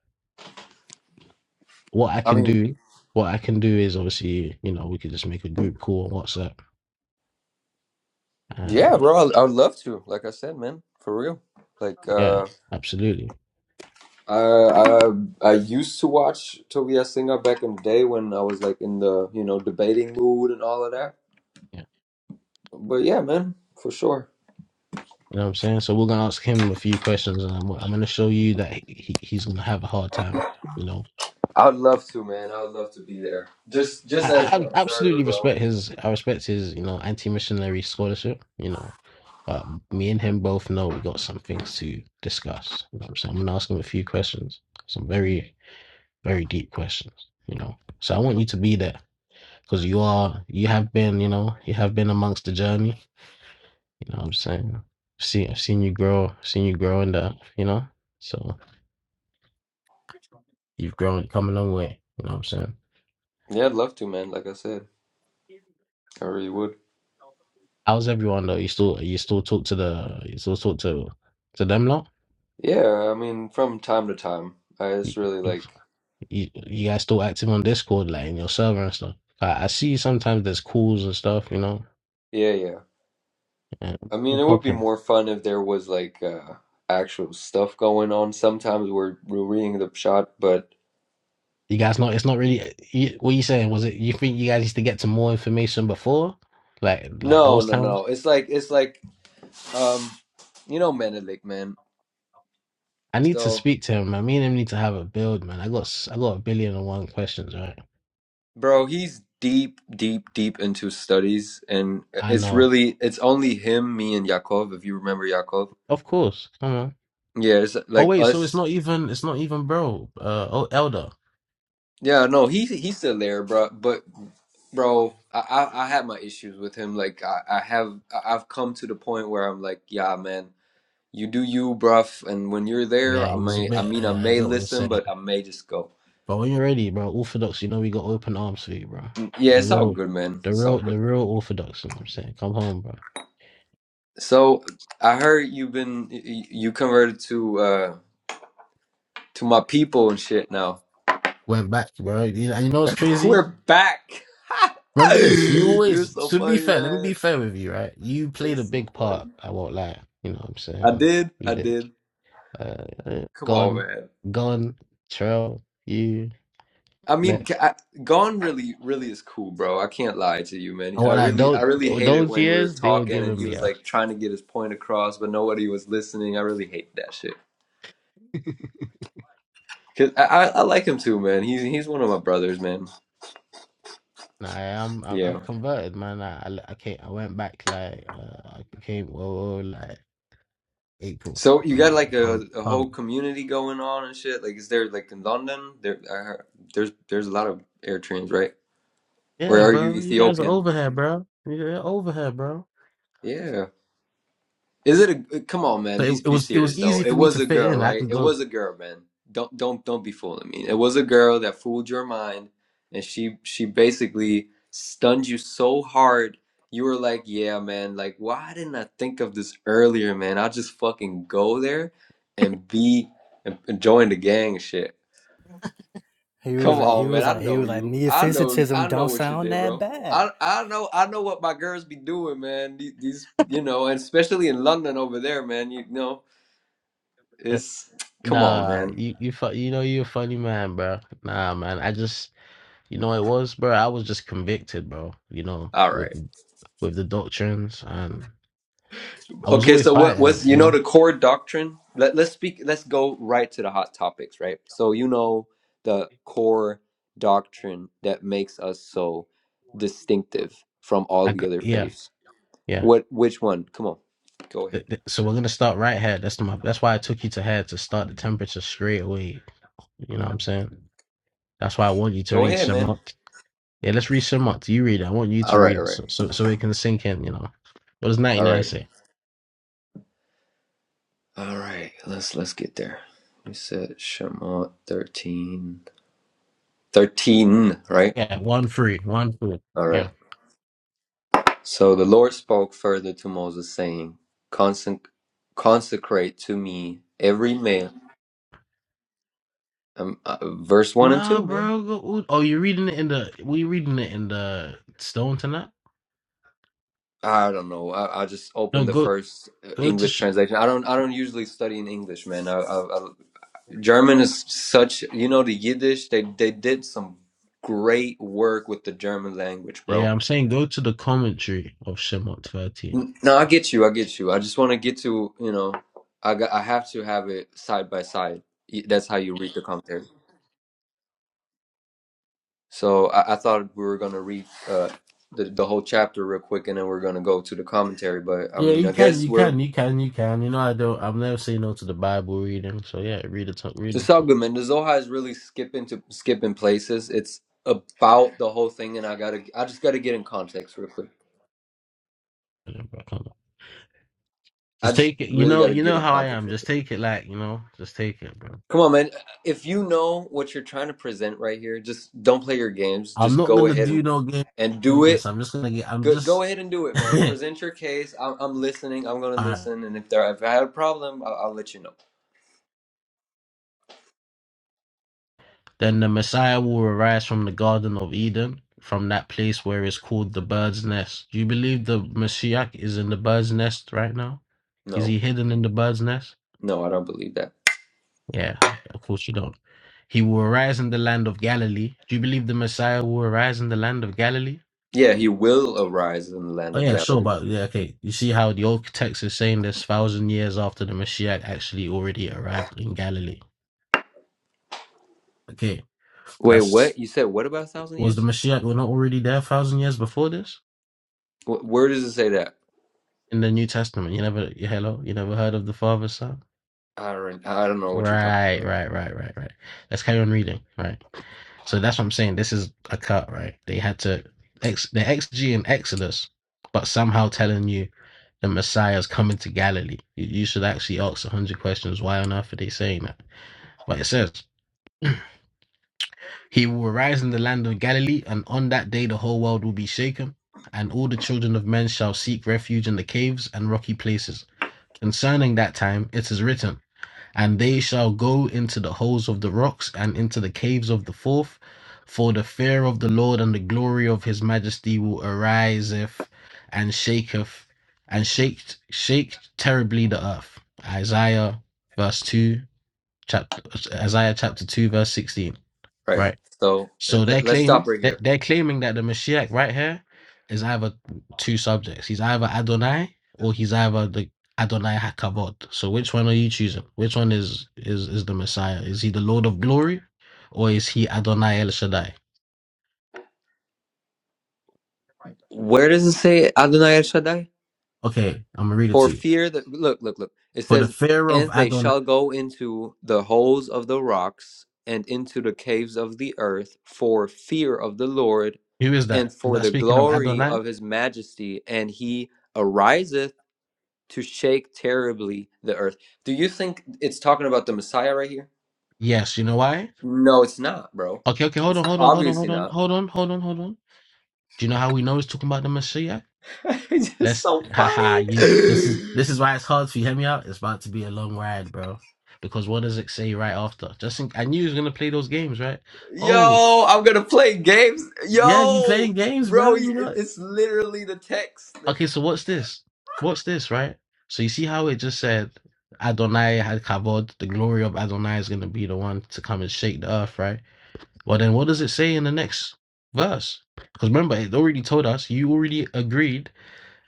[SPEAKER 4] what I
[SPEAKER 5] I
[SPEAKER 4] can
[SPEAKER 5] mean,
[SPEAKER 4] do, what I can do is obviously, you know, we could just make a group call on WhatsApp,
[SPEAKER 5] yeah,
[SPEAKER 4] and
[SPEAKER 5] bro. I, I would love to. Like I said, man, for real. Like,
[SPEAKER 4] yeah,
[SPEAKER 5] uh,
[SPEAKER 4] absolutely.
[SPEAKER 5] I, I I used to watch Tobias Singer back in the day when I was like in the you know debating mood and all of that.
[SPEAKER 4] Yeah,
[SPEAKER 5] But yeah, man, for sure.
[SPEAKER 4] You know what I'm saying? So we're gonna ask him a few questions, and I'm, I'm gonna show you that he, he's gonna have a hard time, you know.
[SPEAKER 5] I would love to, man. I would love to be there, just just
[SPEAKER 4] I,
[SPEAKER 5] as
[SPEAKER 4] I
[SPEAKER 5] an observer,
[SPEAKER 4] absolutely
[SPEAKER 5] bro.
[SPEAKER 4] respect his. I respect his, you know, anti-missionary scholarship. You know, but me and him both know we got some things to discuss. You know what I'm saying? I'm gonna ask him a few questions, some very, very deep questions. You know, so I want you to be there because you are, you have been, you know, you have been amongst the journey. You know what I'm saying? I've seen, I've seen you grow, seen you grow in that. You know, so you've grown, come a long way. You know what I'm saying?
[SPEAKER 5] Yeah, I'd love to, man. Like I said, I really would.
[SPEAKER 4] How's everyone though? You still, you still talk to the, you still talk to, to them lot?
[SPEAKER 5] Yeah, I mean, from time to time. I
[SPEAKER 4] You,
[SPEAKER 5] just really
[SPEAKER 4] you,
[SPEAKER 5] like,
[SPEAKER 4] you guys still active on Discord, like in your server and stuff. I, I see sometimes there's calls and stuff, you know.
[SPEAKER 5] yeah, yeah.
[SPEAKER 4] And
[SPEAKER 5] I mean,
[SPEAKER 4] we're
[SPEAKER 5] it would be
[SPEAKER 4] talking.
[SPEAKER 5] more fun if there was like uh actual stuff going on. Sometimes we're we're reading the shot, but
[SPEAKER 4] You guys not. It's not really. You, what you saying? Was it? You think you guys used to get to more information before, like like
[SPEAKER 5] no,
[SPEAKER 4] those
[SPEAKER 5] no,
[SPEAKER 4] times?
[SPEAKER 5] no. It's like it's like um you know Menelik, man.
[SPEAKER 4] I need to
[SPEAKER 5] So,
[SPEAKER 4] speak to him, man. Me and him need to have a build, man. I got s- I got a billion and one questions, right?
[SPEAKER 5] bro, he's deep, deep, deep into studies and
[SPEAKER 4] I
[SPEAKER 5] it's
[SPEAKER 4] know,
[SPEAKER 5] really it's only him, me and Yakov, if you remember Yakov.
[SPEAKER 4] of course. Come on.
[SPEAKER 5] Yeah, it's
[SPEAKER 4] Oh
[SPEAKER 5] like
[SPEAKER 4] wait, so
[SPEAKER 5] us
[SPEAKER 4] it's not even it's not even bro. Uh, oh elder.
[SPEAKER 5] Yeah, no, he he's still there, bro. But bro, I I, I had my issues with him. Like I, I have I- I've come to the point where I'm like, yeah, man, you do you, bruv. And when you're there,
[SPEAKER 4] Yeah,
[SPEAKER 5] I
[SPEAKER 4] it's a
[SPEAKER 5] may I
[SPEAKER 4] bit.
[SPEAKER 5] mean I
[SPEAKER 4] Yeah, I
[SPEAKER 5] may
[SPEAKER 4] get what you're
[SPEAKER 5] listen,
[SPEAKER 4] saying.
[SPEAKER 5] but I may just go.
[SPEAKER 4] But when you're ready, bro, Orthodox, you know we got open arms for you, bro.
[SPEAKER 5] Mm, Yeah,
[SPEAKER 4] The
[SPEAKER 5] it's all
[SPEAKER 4] real,
[SPEAKER 5] good, man.
[SPEAKER 4] the
[SPEAKER 5] It's all
[SPEAKER 4] real,
[SPEAKER 5] good.
[SPEAKER 4] the real Orthodox. You know what I'm saying, come home, bro.
[SPEAKER 5] So I heard you've been y- y- you converted to uh to my people and shit now.
[SPEAKER 4] Went back, bro. You- And you know what's crazy?
[SPEAKER 5] We're back.
[SPEAKER 4] Remember this. You
[SPEAKER 5] You're
[SPEAKER 4] always,
[SPEAKER 5] so
[SPEAKER 4] to be
[SPEAKER 5] funny,
[SPEAKER 4] fair, let me be
[SPEAKER 5] man.
[SPEAKER 4] fair with you, right? You
[SPEAKER 5] You're
[SPEAKER 4] played a
[SPEAKER 5] so
[SPEAKER 4] big part.
[SPEAKER 5] funny.
[SPEAKER 4] I won't lie. You know what I'm
[SPEAKER 5] I
[SPEAKER 4] saying?
[SPEAKER 5] did.
[SPEAKER 4] You
[SPEAKER 5] I
[SPEAKER 4] did.
[SPEAKER 5] did.
[SPEAKER 4] Uh, uh,
[SPEAKER 5] Come on,
[SPEAKER 4] gone,
[SPEAKER 5] man.
[SPEAKER 4] gone, trail, you,
[SPEAKER 5] I mean,
[SPEAKER 4] like.
[SPEAKER 5] ca- Gone really, really is cool, bro. I can't lie to you, man.
[SPEAKER 4] I
[SPEAKER 5] I
[SPEAKER 4] won't lie.
[SPEAKER 5] really, I
[SPEAKER 4] Those,
[SPEAKER 5] really hate it
[SPEAKER 4] those
[SPEAKER 5] when we were
[SPEAKER 4] years, they were
[SPEAKER 5] talking and
[SPEAKER 4] giving
[SPEAKER 5] he
[SPEAKER 4] me
[SPEAKER 5] was
[SPEAKER 4] up.
[SPEAKER 5] like trying to get his point across, but nobody was listening. I really hate that shit. Cause I, I, I like him too, man. He's he's one of my brothers, man.
[SPEAKER 4] Nah, I am. I,
[SPEAKER 5] Yeah.
[SPEAKER 4] I've converted, man. I, I, I came, I went back like uh, I came oh like April.
[SPEAKER 5] So you got
[SPEAKER 4] Uh,
[SPEAKER 5] like a,
[SPEAKER 4] pump,
[SPEAKER 5] a whole
[SPEAKER 4] pump.
[SPEAKER 5] community going on and shit. Like, is there like in London? There, I heard, there's there's a lot of Eritreans, right? Or
[SPEAKER 4] Yeah,
[SPEAKER 5] are you
[SPEAKER 4] bro. You guys are
[SPEAKER 5] Ethiopian?
[SPEAKER 4] over here, bro. You're over here, bro.
[SPEAKER 5] Yeah. Is it a uh, come on,
[SPEAKER 4] So
[SPEAKER 5] man? Be
[SPEAKER 4] it, it
[SPEAKER 5] be
[SPEAKER 4] was it was
[SPEAKER 5] serious though.
[SPEAKER 4] easy
[SPEAKER 5] It
[SPEAKER 4] for me
[SPEAKER 5] was
[SPEAKER 4] to
[SPEAKER 5] a
[SPEAKER 4] fit
[SPEAKER 5] girl,
[SPEAKER 4] in. I
[SPEAKER 5] right?
[SPEAKER 4] could
[SPEAKER 5] It
[SPEAKER 4] go.
[SPEAKER 5] was a girl, man. Don't don't don't be fooling me. It was a girl that fooled your mind, and she she basically stunned you so hard. You were like, yeah, man. Like, why didn't I think of this earlier, man? I'll just fucking go there and be and and join the gang and shit.
[SPEAKER 2] He was
[SPEAKER 5] Come
[SPEAKER 2] like, he
[SPEAKER 5] on, man.
[SPEAKER 2] was
[SPEAKER 5] I
[SPEAKER 2] like, he
[SPEAKER 5] know
[SPEAKER 2] was like,
[SPEAKER 5] you. I know.
[SPEAKER 2] metaphysicism
[SPEAKER 5] I know
[SPEAKER 2] don't
[SPEAKER 5] what you
[SPEAKER 2] sound
[SPEAKER 5] did,
[SPEAKER 2] that
[SPEAKER 5] bro. I
[SPEAKER 2] bad.
[SPEAKER 5] I know. I know what my girls be doing, man. These, these you know, and especially in London over there, man. You know, it's come on,
[SPEAKER 4] Nah,
[SPEAKER 5] man.
[SPEAKER 4] you you fu- you know you're a funny man, bro. Nah, man. I just you know it was, bro. I was just convicted, bro. You know
[SPEAKER 5] All
[SPEAKER 4] with
[SPEAKER 5] right.
[SPEAKER 4] with the doctrines, and I was
[SPEAKER 5] Okay.
[SPEAKER 4] always
[SPEAKER 5] So what
[SPEAKER 4] fighting.
[SPEAKER 5] was
[SPEAKER 4] You
[SPEAKER 5] you know
[SPEAKER 4] know,
[SPEAKER 5] the core doctrine? Let Let's speak. Let's go right to the hot topics, right? So you know the core doctrine that makes us so distinctive from all
[SPEAKER 4] I
[SPEAKER 5] the
[SPEAKER 4] got,
[SPEAKER 5] other
[SPEAKER 4] yeah.
[SPEAKER 5] faiths.
[SPEAKER 4] Yeah.
[SPEAKER 5] What? Which one? Come on. Go ahead.
[SPEAKER 4] Th- th- So we're gonna start right head. That's my. That's why I took you to head to start the temperature straight away. You know I'm saying? That's why I want you to
[SPEAKER 5] Go
[SPEAKER 4] read
[SPEAKER 5] ahead, man.
[SPEAKER 4] Shemot. Yeah, let's read Shemot. You read it. I want you
[SPEAKER 5] All
[SPEAKER 4] to
[SPEAKER 5] right.
[SPEAKER 4] read
[SPEAKER 5] All
[SPEAKER 4] it
[SPEAKER 5] right.
[SPEAKER 4] so so so it can sink in. You know, what does
[SPEAKER 5] All
[SPEAKER 4] 99
[SPEAKER 5] right.
[SPEAKER 4] say?
[SPEAKER 5] All right, let's let's get there. We said Shemot 13, 13, right?
[SPEAKER 4] Yeah, one free, one free.
[SPEAKER 5] All
[SPEAKER 4] Yeah.
[SPEAKER 5] right. So the Lord spoke further to Moses, saying, Consec- Consecrate to me every man. Um, uh, verse 1 and
[SPEAKER 4] Nah,
[SPEAKER 5] 2, man.
[SPEAKER 4] bro. Go, ooh, oh, you're reading it in the. We reading it in the stone tonight.
[SPEAKER 5] I don't know. I, I just
[SPEAKER 4] No,
[SPEAKER 5] opened the
[SPEAKER 4] go
[SPEAKER 5] first uh,
[SPEAKER 4] go to.
[SPEAKER 5] English
[SPEAKER 4] Sh-
[SPEAKER 5] translation. I don't. I don't usually study in English, man. I, I, I, German is such. You know the Yiddish. They they did some great work with the German language, bro
[SPEAKER 4] yeah, I'm saying go to the commentary of Shemot 13.
[SPEAKER 5] No, I get you. I get you. I just want to get to, you know, I got, I have to have it side by side. Y- That's how you read the commentary. So I, I thought we were going to read uh, the, the whole chapter real quick and then we're going to go to the commentary. But I
[SPEAKER 4] Yeah,
[SPEAKER 5] mean,
[SPEAKER 4] you
[SPEAKER 5] I
[SPEAKER 4] can,
[SPEAKER 5] guess
[SPEAKER 4] you
[SPEAKER 5] we're
[SPEAKER 4] can, you can, you can. You know, I don't. I've never say no to the Bible reading. So yeah, read it. Read
[SPEAKER 5] just all good,
[SPEAKER 4] it.
[SPEAKER 5] man. The Zohar is really skipping to skipping places. It's about the whole thing. And I got to, I just got to get in context real quick.
[SPEAKER 4] bro.
[SPEAKER 5] I
[SPEAKER 4] Just
[SPEAKER 5] just
[SPEAKER 4] take it. You
[SPEAKER 5] really
[SPEAKER 4] know,
[SPEAKER 5] got to
[SPEAKER 4] you
[SPEAKER 5] get
[SPEAKER 4] know
[SPEAKER 5] in
[SPEAKER 4] how I
[SPEAKER 5] context
[SPEAKER 4] am.
[SPEAKER 5] real quick.
[SPEAKER 4] Just take it, like you know, just take it, bro.
[SPEAKER 5] Come on, man. If you know what you're trying to present right here, just don't play your games.
[SPEAKER 4] I'm
[SPEAKER 5] Just
[SPEAKER 4] not
[SPEAKER 5] go
[SPEAKER 4] gonna
[SPEAKER 5] ahead and
[SPEAKER 4] do no game.
[SPEAKER 5] and do
[SPEAKER 4] I'm
[SPEAKER 5] it.
[SPEAKER 4] just gonna get. I'm
[SPEAKER 5] Go, go
[SPEAKER 4] just.
[SPEAKER 5] ahead and do it, man. Present your case. I'm, I'm listening. I'm gonna
[SPEAKER 4] Alright.
[SPEAKER 5] listen, and if there if I have a problem, I'll, I'll let you know.
[SPEAKER 4] Then the Messiah will arise from the Garden of Eden, from that place where it's called the bird's nest. Do you believe the Messiah is in the bird's nest right now? Is
[SPEAKER 5] No,
[SPEAKER 4] he hidden in the bird's nest?
[SPEAKER 5] no, I don't believe that.
[SPEAKER 4] Yeah, of course you don't. He will arise in the land of Galilee. Do you believe the Messiah will arise in the land of Galilee?
[SPEAKER 5] Yeah, he will arise in the land
[SPEAKER 4] Oh
[SPEAKER 5] of
[SPEAKER 4] yeah, sure,
[SPEAKER 5] Galilee.
[SPEAKER 4] but yeah, okay. You see how the old text is saying this thousand years after the Messiah actually already arrived in Galilee. Okay,
[SPEAKER 5] Wait,
[SPEAKER 4] that's
[SPEAKER 5] what? You said what about a thousand
[SPEAKER 4] was the
[SPEAKER 5] years?
[SPEAKER 4] Messiah were not already there thousand years before this
[SPEAKER 5] Wh- Where does it say that?
[SPEAKER 4] in the New Testament? You never, you, hello, you never heard of the Father, Son?
[SPEAKER 5] I don't. I don't know what you're talking
[SPEAKER 4] Right,
[SPEAKER 5] about.
[SPEAKER 4] right, right, right, right. Let's carry on reading. Right. So that's what I'm saying. This is a cut, right? They had to ex the XG in Exodus, but somehow telling you the Messiah's coming to Galilee. You, you should actually ask a hundred questions. Why on earth are they saying that? But it says he will arise in the land of Galilee, and on that day the whole world will be shaken, and all the children of men shall seek refuge in the caves and rocky places. Concerning that time, it is written and they shall go into the holes of the rocks and into the caves of the fourth. For the fear of the Lord and the glory of his majesty will ariseth and shaketh and shake shake terribly the earth. Isaiah verse two chapter Isaiah chapter two verse sixteen.
[SPEAKER 5] Right.
[SPEAKER 4] Right
[SPEAKER 5] So uh,
[SPEAKER 4] so they
[SPEAKER 5] let, let's
[SPEAKER 4] claim
[SPEAKER 5] stop right
[SPEAKER 4] they
[SPEAKER 5] here.
[SPEAKER 4] they're claiming that the Mashiach right here is either two subjects. He's either Adonai or he's either the Adonai Hakavod. So which one are you choosing? Which one is is is the Messiah? Is he the Lord of Glory, or is he Adonai El Shaddai?
[SPEAKER 5] Where does it say Adonai El Shaddai?
[SPEAKER 4] Okay, I'm gonna read it
[SPEAKER 5] For
[SPEAKER 4] to you.
[SPEAKER 5] fear that look, look, look. It
[SPEAKER 4] For the
[SPEAKER 5] says,
[SPEAKER 4] fear of
[SPEAKER 5] "And they
[SPEAKER 4] Adonai,
[SPEAKER 5] shall go into the holes of the rocks and into the caves of the earth for fear of the Lord
[SPEAKER 4] who is
[SPEAKER 5] and
[SPEAKER 4] that? Is
[SPEAKER 5] for
[SPEAKER 4] that
[SPEAKER 5] the
[SPEAKER 4] speaking of
[SPEAKER 5] glory
[SPEAKER 4] Adonai?
[SPEAKER 5] of his majesty, and he ariseth to shake terribly the earth." Do you think it's talking about the Messiah right here?
[SPEAKER 4] Yes. You know why?
[SPEAKER 5] No, it's not, bro.
[SPEAKER 4] Okay, okay. Hold
[SPEAKER 5] It's
[SPEAKER 4] on, hold on, hold on,
[SPEAKER 5] obviously
[SPEAKER 4] hold on,
[SPEAKER 5] not.
[SPEAKER 4] hold on, hold on, hold on. Do you know how we know it's talking about the Messiah?
[SPEAKER 5] it's just
[SPEAKER 4] Let's
[SPEAKER 5] so
[SPEAKER 4] haha you this is
[SPEAKER 5] funny.
[SPEAKER 4] this is why it's hard for you. Hear me out? It's about to be a long ride, bro. Because what does it say right after? Just think, I knew he was gonna play those games, right? Oh,
[SPEAKER 5] Yo, I'm gonna play games.
[SPEAKER 4] yeah, you
[SPEAKER 5] Yo,
[SPEAKER 4] playing games,
[SPEAKER 5] bro,
[SPEAKER 4] bro.
[SPEAKER 5] it-
[SPEAKER 4] You know
[SPEAKER 5] it's literally the text. that-
[SPEAKER 4] Okay, so what's this? What's this, right? So you see how it just said Adonai had kavod, the glory of Adonai is gonna be the one to come and shake the earth, right? Well then what does it say in the next verse? Because remember, it already told us, you already agreed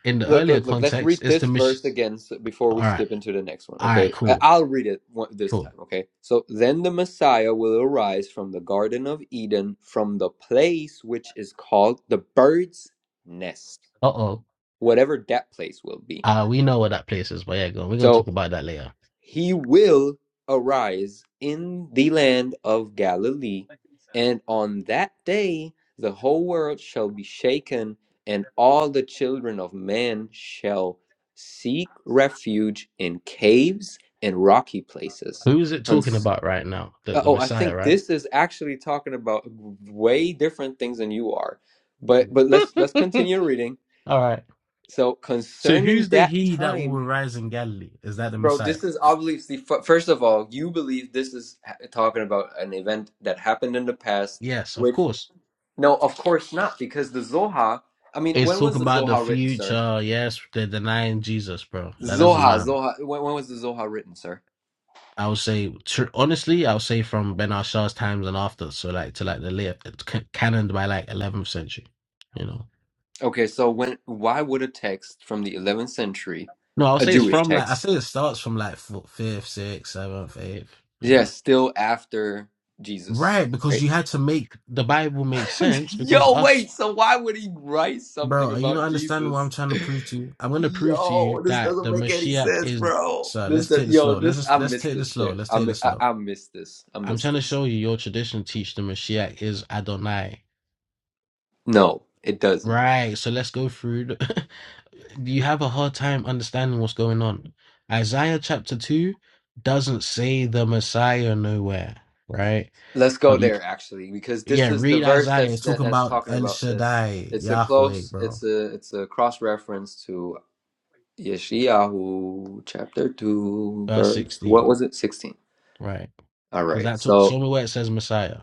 [SPEAKER 4] in the
[SPEAKER 5] Look,
[SPEAKER 4] earlier
[SPEAKER 5] look, look. Let's
[SPEAKER 4] context,
[SPEAKER 5] read
[SPEAKER 4] it's the
[SPEAKER 5] this
[SPEAKER 4] mission.
[SPEAKER 5] verse again so- before
[SPEAKER 4] All
[SPEAKER 5] we
[SPEAKER 4] right,
[SPEAKER 5] skip into the next one.
[SPEAKER 4] all
[SPEAKER 5] Okay,
[SPEAKER 4] right,
[SPEAKER 5] I-
[SPEAKER 4] cool.
[SPEAKER 5] I'll read it one- this time.
[SPEAKER 4] Cool.
[SPEAKER 5] Okay. So then the Messiah will arise from the Garden of Eden, from the place which is called the bird's nest,
[SPEAKER 4] Oh,
[SPEAKER 5] whatever that place will be.
[SPEAKER 4] uh, we know where that place is, but yeah, go on. We're going to
[SPEAKER 5] So,
[SPEAKER 4] talk about that later.
[SPEAKER 5] he will arise in the land of Galilee, and on that day the whole world shall be shaken, and all the children of men shall seek refuge in caves and rocky places.
[SPEAKER 4] T- Talking
[SPEAKER 5] Cons-
[SPEAKER 4] about right now, the,
[SPEAKER 5] Uh,
[SPEAKER 4] the
[SPEAKER 5] oh, I
[SPEAKER 4] Messiah,
[SPEAKER 5] think
[SPEAKER 4] right?
[SPEAKER 5] this is actually talking about way different things than you are. But but let's let's continue reading.
[SPEAKER 4] All right.
[SPEAKER 5] So
[SPEAKER 4] So
[SPEAKER 5] concerning
[SPEAKER 4] who's the
[SPEAKER 5] that
[SPEAKER 4] he that
[SPEAKER 5] time
[SPEAKER 4] will rise in Galilee? Is that the
[SPEAKER 5] Bro,
[SPEAKER 4] Messiah?
[SPEAKER 5] this is obviously f- first of all, you believe this is ha- talking about an event that happened in the past,
[SPEAKER 4] Yes, of
[SPEAKER 5] which
[SPEAKER 4] course.
[SPEAKER 5] no, of course not, because the Zohar. I mean,
[SPEAKER 4] It's
[SPEAKER 5] when was
[SPEAKER 4] talking
[SPEAKER 5] the
[SPEAKER 4] about the
[SPEAKER 5] Zohar written, sir?
[SPEAKER 4] future. Yes, they're denying Jesus, bro. That doesn't
[SPEAKER 5] Zohar,
[SPEAKER 4] matter.
[SPEAKER 5] Zohar. When, when was the Zohar written, sir?
[SPEAKER 4] I would say, tr- honestly, I would say from Ben Ashar's times and after, so like to like the late, canon by like 11th century, you know.
[SPEAKER 5] Okay, so when why would a text from the 11th century,
[SPEAKER 4] No, I'll
[SPEAKER 5] a
[SPEAKER 4] say it's
[SPEAKER 5] Jewish
[SPEAKER 4] from like I
[SPEAKER 5] text,
[SPEAKER 4] say it starts from like fo- fifth, sixth, seventh, eighth. You know,
[SPEAKER 5] yes, still after Jesus,
[SPEAKER 4] right? Because
[SPEAKER 5] right?
[SPEAKER 4] you had to make the Bible make sense. Because
[SPEAKER 5] Yo,
[SPEAKER 4] us,
[SPEAKER 5] wait, so why would he write
[SPEAKER 4] bro,
[SPEAKER 5] something
[SPEAKER 4] are you not
[SPEAKER 5] about
[SPEAKER 4] understanding what I'm
[SPEAKER 5] Jesus?
[SPEAKER 4] trying to prove to you? I'm going to prove to you
[SPEAKER 5] Yo, this
[SPEAKER 4] that
[SPEAKER 5] doesn't
[SPEAKER 4] the
[SPEAKER 5] make any
[SPEAKER 4] Mashiach
[SPEAKER 5] sense,
[SPEAKER 4] is.
[SPEAKER 5] bro.
[SPEAKER 4] Sir,
[SPEAKER 5] This,
[SPEAKER 4] let's
[SPEAKER 5] do-
[SPEAKER 4] take this
[SPEAKER 5] yo,
[SPEAKER 4] slow. Let's
[SPEAKER 5] this,
[SPEAKER 4] just,
[SPEAKER 5] I
[SPEAKER 4] let's
[SPEAKER 5] miss
[SPEAKER 4] take
[SPEAKER 5] this
[SPEAKER 4] this slow.
[SPEAKER 5] shit.
[SPEAKER 4] Let's
[SPEAKER 5] I,
[SPEAKER 4] take
[SPEAKER 5] mi-
[SPEAKER 4] this
[SPEAKER 5] I,
[SPEAKER 4] slow.
[SPEAKER 5] I miss this. I
[SPEAKER 4] I'm
[SPEAKER 5] miss
[SPEAKER 4] trying to
[SPEAKER 5] this.
[SPEAKER 4] show you your tradition teach the Mashiach is Adonai.
[SPEAKER 5] No, it doesn't.
[SPEAKER 4] Right, so let's go through. The you have a hard time understanding what's going on. Isaiah chapter 2 doesn't say the Messiah nowhere, right?
[SPEAKER 5] Let's go
[SPEAKER 4] But you,
[SPEAKER 5] there actually, because this
[SPEAKER 4] yeah,
[SPEAKER 5] is the
[SPEAKER 4] read
[SPEAKER 5] verse
[SPEAKER 4] Isaiah.
[SPEAKER 5] that's
[SPEAKER 4] It's
[SPEAKER 5] that
[SPEAKER 4] talking
[SPEAKER 5] that's
[SPEAKER 4] about
[SPEAKER 5] talking
[SPEAKER 4] El
[SPEAKER 5] about. That's
[SPEAKER 4] Shaddai,
[SPEAKER 5] it's a
[SPEAKER 4] Yahweh,
[SPEAKER 5] close,
[SPEAKER 4] bro.
[SPEAKER 5] it's a it's a cross reference to Yeshayahu chapter two,
[SPEAKER 4] Verse
[SPEAKER 5] verse what
[SPEAKER 4] 16,
[SPEAKER 5] was it, sixteen?
[SPEAKER 4] right?
[SPEAKER 5] All
[SPEAKER 4] Is
[SPEAKER 5] right,
[SPEAKER 4] that talk,
[SPEAKER 5] so.
[SPEAKER 4] show me where it says Messiah?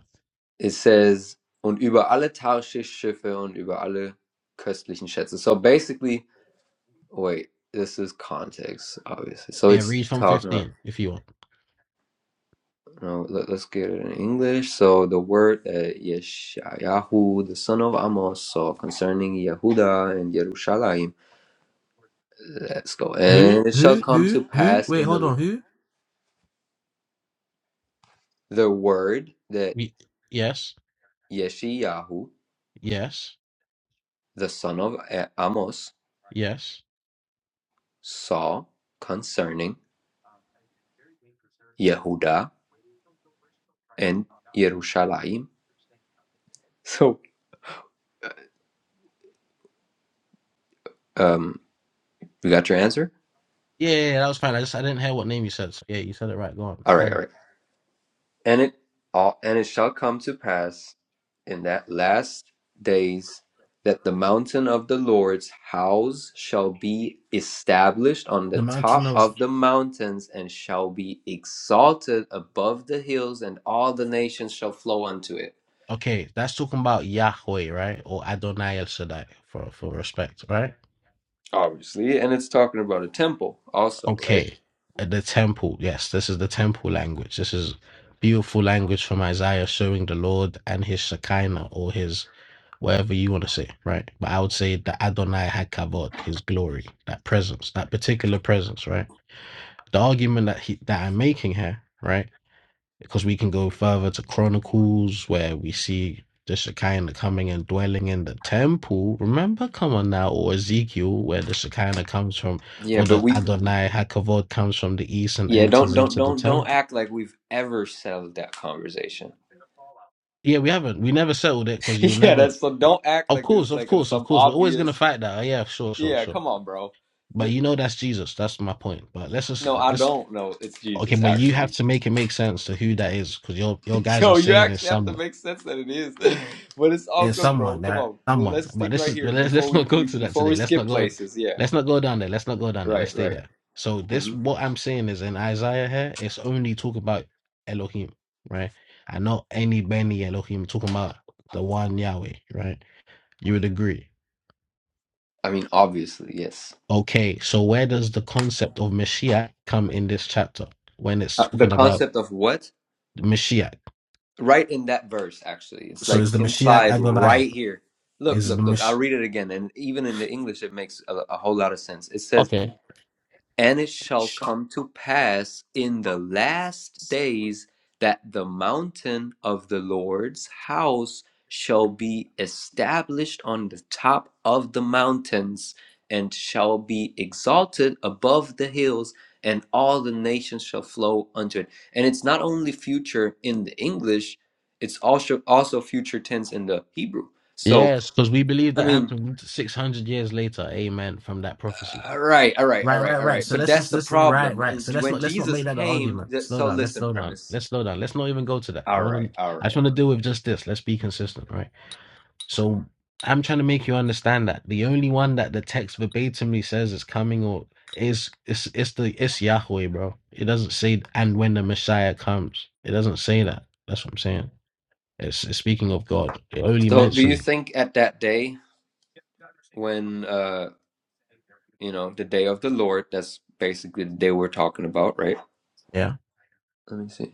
[SPEAKER 5] It says, und über alle Tarschisch-Schiffe und über alle köstlichen Schätze. So basically, wait, this is context, obviously. So
[SPEAKER 4] Yeah,
[SPEAKER 5] it's
[SPEAKER 4] read from
[SPEAKER 5] talking about,
[SPEAKER 4] 15 if you want.
[SPEAKER 5] no, let, us get it in English. So the word that Yeshayahu, the son of Amos, saw concerning Yehuda and Yerushalayim. Let's go. And
[SPEAKER 4] Who?
[SPEAKER 5] it shall
[SPEAKER 4] Who?
[SPEAKER 5] come to
[SPEAKER 4] Who? Who?
[SPEAKER 5] pass
[SPEAKER 4] Wait,
[SPEAKER 5] in
[SPEAKER 4] hold
[SPEAKER 5] the,
[SPEAKER 4] on. Who?
[SPEAKER 5] the word that
[SPEAKER 4] Ye- Yes.
[SPEAKER 5] Yeshayahu,
[SPEAKER 4] Yes.
[SPEAKER 5] the son of A- Amos,
[SPEAKER 4] Yes.
[SPEAKER 5] saw concerning Yehuda and Yerushalayim. So um, we got your answer.
[SPEAKER 4] Yeah, yeah, yeah, that was fine. I just I didn't hear what name you said. So yeah, you said it right. Go on.
[SPEAKER 5] All
[SPEAKER 4] Carry on.
[SPEAKER 5] right, all right. And it all and it shall come to pass in that last days that the mountain of the Lord's house shall be established on the
[SPEAKER 4] The
[SPEAKER 5] top
[SPEAKER 4] mountain of
[SPEAKER 5] of the mountains and shall be exalted above the hills, and all the nations shall flow unto it.
[SPEAKER 4] okay, that's talking about Yahweh, right? Or Adonai El Shaddai for for respect, right?
[SPEAKER 5] Obviously, and it's talking about a temple also, right?
[SPEAKER 4] Okay, uh, the temple. Yes, this is the temple language. This is beautiful language from Isaiah showing the Lord and his Shekinah or his whatever you want to say, right? But I would say the Adonai Hakavod, his glory, that presence, that particular presence, right? The argument that he that I'm making here, right? because we can go further to Chronicles where we see the Shekinah coming and dwelling in the temple. Remember, come on now, or Ezekiel where the Shekinah comes from,
[SPEAKER 5] Yeah,
[SPEAKER 4] or
[SPEAKER 5] but
[SPEAKER 4] the
[SPEAKER 5] we
[SPEAKER 4] Adonai Hakavod comes from the east and
[SPEAKER 5] Yeah, don't
[SPEAKER 4] enters
[SPEAKER 5] don't
[SPEAKER 4] into the
[SPEAKER 5] don't don't
[SPEAKER 4] temple.
[SPEAKER 5] act like we've ever settled that conversation.
[SPEAKER 4] Yeah, we haven't. We never settled it because you'll
[SPEAKER 5] yeah,
[SPEAKER 4] never.
[SPEAKER 5] that's so.
[SPEAKER 4] yeah.
[SPEAKER 5] Don't act
[SPEAKER 4] Of
[SPEAKER 5] like
[SPEAKER 4] course,
[SPEAKER 5] this
[SPEAKER 4] of
[SPEAKER 5] like it's
[SPEAKER 4] course, of
[SPEAKER 5] some
[SPEAKER 4] course. We're always gonna
[SPEAKER 5] obvious.
[SPEAKER 4] fight that. Oh, yeah, sure, sure,
[SPEAKER 5] Yeah,
[SPEAKER 4] sure.
[SPEAKER 5] come on, bro. J
[SPEAKER 4] But you know that's Jesus. That's my point. But let's just
[SPEAKER 5] no, I
[SPEAKER 4] let's
[SPEAKER 5] don't know. It's
[SPEAKER 4] okay.
[SPEAKER 5] Jesus,
[SPEAKER 4] But you have
[SPEAKER 5] actually.
[SPEAKER 4] to make it make sense to who that is because your your guys are
[SPEAKER 5] Yo, you
[SPEAKER 4] saying it's
[SPEAKER 5] actually have to
[SPEAKER 4] someone.
[SPEAKER 5] make sense that it is, but it's all
[SPEAKER 4] Yeah,
[SPEAKER 5] good, bro.
[SPEAKER 4] someone, there
[SPEAKER 5] Come
[SPEAKER 4] are
[SPEAKER 5] on,
[SPEAKER 4] someone.
[SPEAKER 5] let's
[SPEAKER 4] But
[SPEAKER 5] stick
[SPEAKER 4] this
[SPEAKER 5] right
[SPEAKER 4] is
[SPEAKER 5] here
[SPEAKER 4] let's
[SPEAKER 5] before
[SPEAKER 4] let's
[SPEAKER 5] we,
[SPEAKER 4] not go
[SPEAKER 5] we
[SPEAKER 4] to that
[SPEAKER 5] before we
[SPEAKER 4] today. Let's
[SPEAKER 5] skip
[SPEAKER 4] not go.
[SPEAKER 5] places. Yeah,
[SPEAKER 4] Let's not go down there. Let's not go down there. Let's
[SPEAKER 5] right,
[SPEAKER 4] stay
[SPEAKER 5] right.
[SPEAKER 4] here. So this,
[SPEAKER 5] hmm
[SPEAKER 4] what I'm saying is, in Isaiah here, it's only talking about Elohim, right? And not any Benny Elohim. Talking about the one Yahweh, right? You would agree.
[SPEAKER 5] I mean, obviously, yes.
[SPEAKER 4] Okay, so where does the concept of Mashiach come in this chapter when it's
[SPEAKER 5] Uh, the
[SPEAKER 4] talking about
[SPEAKER 5] concept of what?
[SPEAKER 4] Mashiach?
[SPEAKER 5] right in that verse actually it's
[SPEAKER 4] So
[SPEAKER 5] like
[SPEAKER 4] is the Mashiach
[SPEAKER 5] implied
[SPEAKER 4] Adonai?
[SPEAKER 5] right here look
[SPEAKER 4] Is the
[SPEAKER 5] look look i'll
[SPEAKER 4] Mashiach?
[SPEAKER 5] read it again and even in the english it makes a, a whole lot of sense it says and it shall come to pass in the last days that the mountain of the Lord's house shall be established on the top of the mountains and shall be exalted above the hills, and all the nations shall flow unto it. And it's not only future in the English, it's also also future tense in the Hebrew. So,
[SPEAKER 4] Yes, because we believe
[SPEAKER 5] I
[SPEAKER 4] that
[SPEAKER 5] mean,
[SPEAKER 4] happened 600 years later. Amen. From that prophecy.
[SPEAKER 5] All right, all right, all
[SPEAKER 4] Right,
[SPEAKER 5] right,
[SPEAKER 4] right,
[SPEAKER 5] all
[SPEAKER 4] right.
[SPEAKER 5] right.
[SPEAKER 4] So
[SPEAKER 5] But
[SPEAKER 4] let's
[SPEAKER 5] that's
[SPEAKER 4] just
[SPEAKER 5] the
[SPEAKER 4] let's right,
[SPEAKER 5] problem.
[SPEAKER 4] right. So let's
[SPEAKER 5] When
[SPEAKER 4] not let's not
[SPEAKER 5] Jesus
[SPEAKER 4] make that the
[SPEAKER 5] came,
[SPEAKER 4] argument.
[SPEAKER 5] th-
[SPEAKER 4] Slow
[SPEAKER 5] so
[SPEAKER 4] down. Let's
[SPEAKER 5] listen,
[SPEAKER 4] slow down.
[SPEAKER 5] premise.
[SPEAKER 4] Let's slow down. Let's not even go to that. I
[SPEAKER 5] All
[SPEAKER 4] want
[SPEAKER 5] right,
[SPEAKER 4] to.
[SPEAKER 5] all
[SPEAKER 4] I just
[SPEAKER 5] right.
[SPEAKER 4] want
[SPEAKER 5] all
[SPEAKER 4] to deal with just this. Let's be consistent, right? So I'm trying to make you understand that the only one that the text verbatimly says is coming or is it's it's the it's Yahweh, bro. It doesn't say and when the Messiah comes. It doesn't say that. That's what I'm saying. It's, it's speaking of God. It
[SPEAKER 5] right.
[SPEAKER 4] only
[SPEAKER 5] So, do you
[SPEAKER 4] mentions.
[SPEAKER 5] think at that day when uh, you know, the day of the Lord, that's basically the day we're talking about, right?
[SPEAKER 4] yeah.
[SPEAKER 5] Let me see.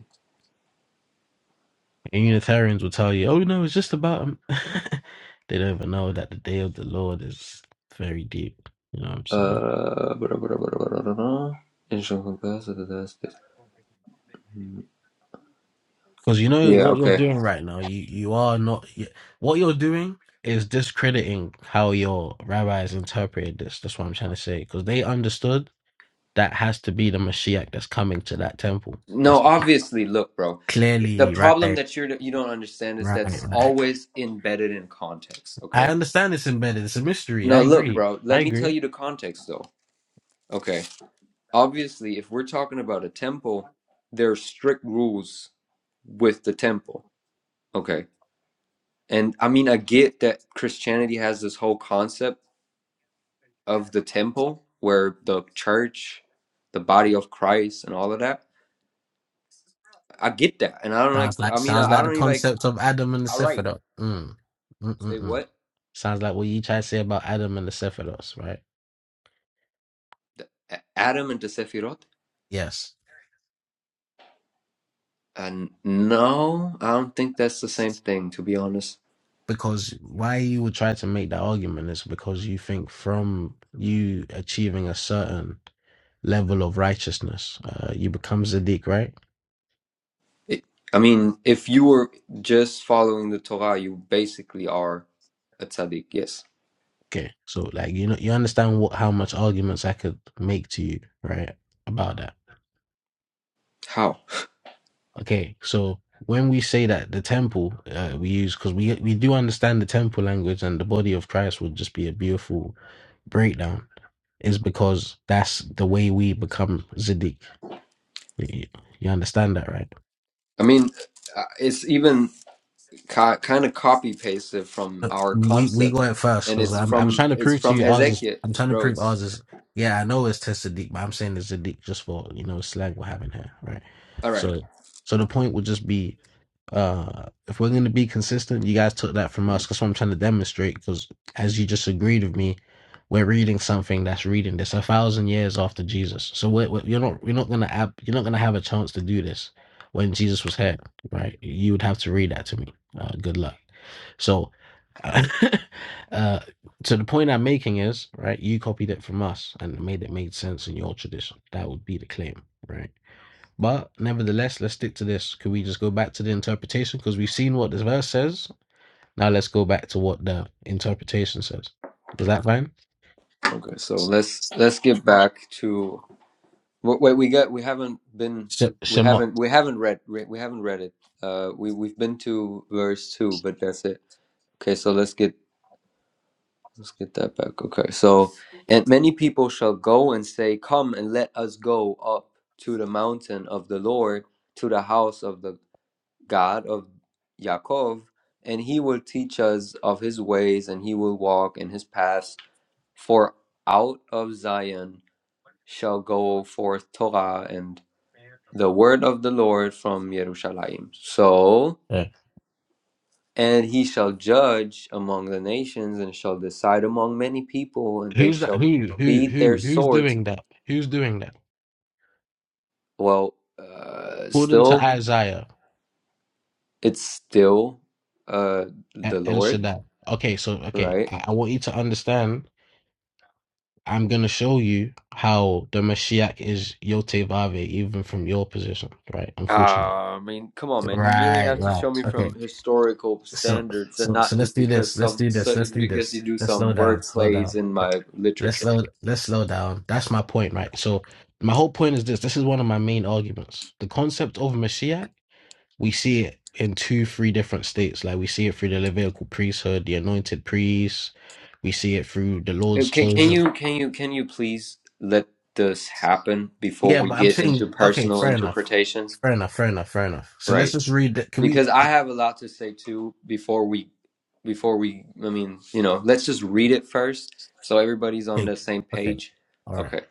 [SPEAKER 4] And Unitarians will tell you, oh, you know, it's just about. him. they don't even know that the day of the Lord is very deep. You know what I'm saying?
[SPEAKER 5] Uh, blah, blah, blah, blah, blah, blah, blah. In shall confess that the last days- Hmm.
[SPEAKER 4] Because you know
[SPEAKER 5] Yeah,
[SPEAKER 4] what you're
[SPEAKER 5] okay.
[SPEAKER 4] doing right now. You you are not. You, what you're doing is discrediting how your rabbis interpreted this. That's what I'm trying to say. Because they understood that has to be the Mashiach that's coming to that temple.
[SPEAKER 5] No,
[SPEAKER 4] That's
[SPEAKER 5] obviously, look, bro. The
[SPEAKER 4] clearly right,
[SPEAKER 5] problem that you're you don't understand is that
[SPEAKER 4] right,
[SPEAKER 5] it's
[SPEAKER 4] right.
[SPEAKER 5] always embedded in context,
[SPEAKER 4] I
[SPEAKER 5] okay?
[SPEAKER 4] understand it's embedded. It's a mystery. I
[SPEAKER 5] No, look,
[SPEAKER 4] agree.
[SPEAKER 5] bro,
[SPEAKER 4] I
[SPEAKER 5] let me
[SPEAKER 4] agree.
[SPEAKER 5] tell you the context though. Okay. Obviously, if we're talking about a temple, there are strict rules with the temple. Okay. And I mean, I get that Christianity has this whole concept of the temple where the church, the body of Christ, and all of that. I get that. And I don't like,
[SPEAKER 4] Sounds like
[SPEAKER 5] I mean,
[SPEAKER 4] sounds
[SPEAKER 5] I, I
[SPEAKER 4] like the
[SPEAKER 5] don't even like,
[SPEAKER 4] concept of Adam and the
[SPEAKER 5] all right,
[SPEAKER 4] Sephiroth. Mm.
[SPEAKER 5] say
[SPEAKER 4] Mm-mm-mm.
[SPEAKER 5] what?
[SPEAKER 4] Sounds like what you try to say about Adam and the Sephiroth, right?
[SPEAKER 5] The, A- Adam and the Sephiroth.
[SPEAKER 4] Yes.
[SPEAKER 5] And no, I don't think that's the same thing, to be honest.
[SPEAKER 4] Because why you would try to make that argument is because you think from you achieving a certain level of righteousness, uh, you become Zadik, right?
[SPEAKER 5] It, I mean, if you were just following the Torah, you basically are a tzaddik. Yes.
[SPEAKER 4] Okay. So like you know you understand what how much arguments I could make to you, right? About that.
[SPEAKER 5] How?
[SPEAKER 4] Okay, so when we say that the temple uh, we use because we we do understand the temple language and the body of Christ would just be a beautiful breakdown is because that's the way we become Ziddiq. You, you understand that, right?
[SPEAKER 5] I mean, uh, it's even ca- kind of copy pasted from
[SPEAKER 4] Look,
[SPEAKER 5] our
[SPEAKER 4] We we go
[SPEAKER 5] concept,
[SPEAKER 4] at first
[SPEAKER 5] and
[SPEAKER 4] because
[SPEAKER 5] it's
[SPEAKER 4] I'm I'm
[SPEAKER 5] from
[SPEAKER 4] trying to
[SPEAKER 5] it's
[SPEAKER 4] prove to
[SPEAKER 5] from
[SPEAKER 4] you ours is
[SPEAKER 5] Hezekiah,
[SPEAKER 4] I'm trying to
[SPEAKER 5] bro.
[SPEAKER 4] prove
[SPEAKER 5] It's
[SPEAKER 4] ours is yeah I know it's Tzaddik but I'm saying it's Ziddiq just for you know slang we're having here, right?
[SPEAKER 5] all right.
[SPEAKER 4] So so the point would just be Uh, if we're going to be consistent, you guys took that from us. That's what I'm trying to demonstrate. Because as you just agreed with me, we're reading something that's reading this a thousand years after Jesus. So we're, we're- you're not you're not going to have you're not going to have a chance to do this when Jesus was here, right? You would have to read that to me. Uh, good luck. So, uh, so the point I'm making is right. You copied it from us and made it made sense in your tradition. That would be the claim, right? But nevertheless, let's stick to this. Can we just go back to the interpretation? Because we've seen what this verse says. Now let's go back to what the interpretation says. Is that fine?
[SPEAKER 5] Okay, so let's let's get back to what wait we got. We haven't been
[SPEAKER 4] Sh-
[SPEAKER 5] we
[SPEAKER 4] Shemot.
[SPEAKER 5] haven't we haven't read we we haven't read it. Uh, we we've been to verse two, but that's it. Okay, so let's get Let's get that back. Okay. So, and many people shall go and say, Come and let us go up to the mountain of the Lord, to the house of the God of Yaakov, and he will teach us of his ways, and he will walk in his paths. For out of Zion shall go forth Torah and the word of the Lord from Jerusalem. So,
[SPEAKER 4] Yeah.
[SPEAKER 5] and he shall judge among the nations and shall decide among many people, and they
[SPEAKER 4] Who's that?
[SPEAKER 5] shall
[SPEAKER 4] Who? Who?
[SPEAKER 5] beat
[SPEAKER 4] Who?
[SPEAKER 5] their
[SPEAKER 4] Who's
[SPEAKER 5] swords.
[SPEAKER 4] doing that? Who's doing that?
[SPEAKER 5] Well, uh,
[SPEAKER 4] According to
[SPEAKER 5] still,
[SPEAKER 4] Isaiah
[SPEAKER 5] it's still uh, the
[SPEAKER 4] at El
[SPEAKER 5] Lord,
[SPEAKER 4] Shaddai. Okay, so okay,
[SPEAKER 5] right?
[SPEAKER 4] I, I want you to understand. I'm gonna show you how the Mashiach is Yotevave, even from your position, right? Unfortunately.
[SPEAKER 5] Ah, I mean, come on, man! You really
[SPEAKER 4] Right,
[SPEAKER 5] have to
[SPEAKER 4] right.
[SPEAKER 5] show me
[SPEAKER 4] Okay.
[SPEAKER 5] from historical
[SPEAKER 4] So
[SPEAKER 5] standards, and
[SPEAKER 4] so
[SPEAKER 5] not
[SPEAKER 4] so let's
[SPEAKER 5] just
[SPEAKER 4] do
[SPEAKER 5] because
[SPEAKER 4] this. Let's
[SPEAKER 5] some
[SPEAKER 4] do
[SPEAKER 5] so,
[SPEAKER 4] this. Let's do
[SPEAKER 5] because you
[SPEAKER 4] this.
[SPEAKER 5] do
[SPEAKER 4] Let's slow
[SPEAKER 5] some
[SPEAKER 4] down.
[SPEAKER 5] work
[SPEAKER 4] Slow
[SPEAKER 5] plays
[SPEAKER 4] down.
[SPEAKER 5] in
[SPEAKER 4] Let-
[SPEAKER 5] my
[SPEAKER 4] Let's
[SPEAKER 5] literature.
[SPEAKER 4] slow let's slow down. That's my point, right? So my whole point is this. This is one of my main arguments. The concept of Mashiach, we see it in two, three different states. Like we see it through the Levitical priesthood, the anointed priests. We see it through the Lord's
[SPEAKER 5] Okay, can
[SPEAKER 4] chosen.
[SPEAKER 5] you can you can you please let this happen before
[SPEAKER 4] Yeah,
[SPEAKER 5] we
[SPEAKER 4] but I'm
[SPEAKER 5] get into
[SPEAKER 4] saying okay,
[SPEAKER 5] personal
[SPEAKER 4] fair enough.
[SPEAKER 5] interpretations?
[SPEAKER 4] Fair enough, fair enough, fair enough. So
[SPEAKER 5] Right.
[SPEAKER 4] let's just read that. Can we
[SPEAKER 5] because I
[SPEAKER 4] I-
[SPEAKER 5] have a lot to say too before we before we I mean, you know, let's just read it first so everybody's on
[SPEAKER 4] okay.
[SPEAKER 5] the same
[SPEAKER 4] Okay.
[SPEAKER 5] page.
[SPEAKER 4] all right.
[SPEAKER 5] Okay.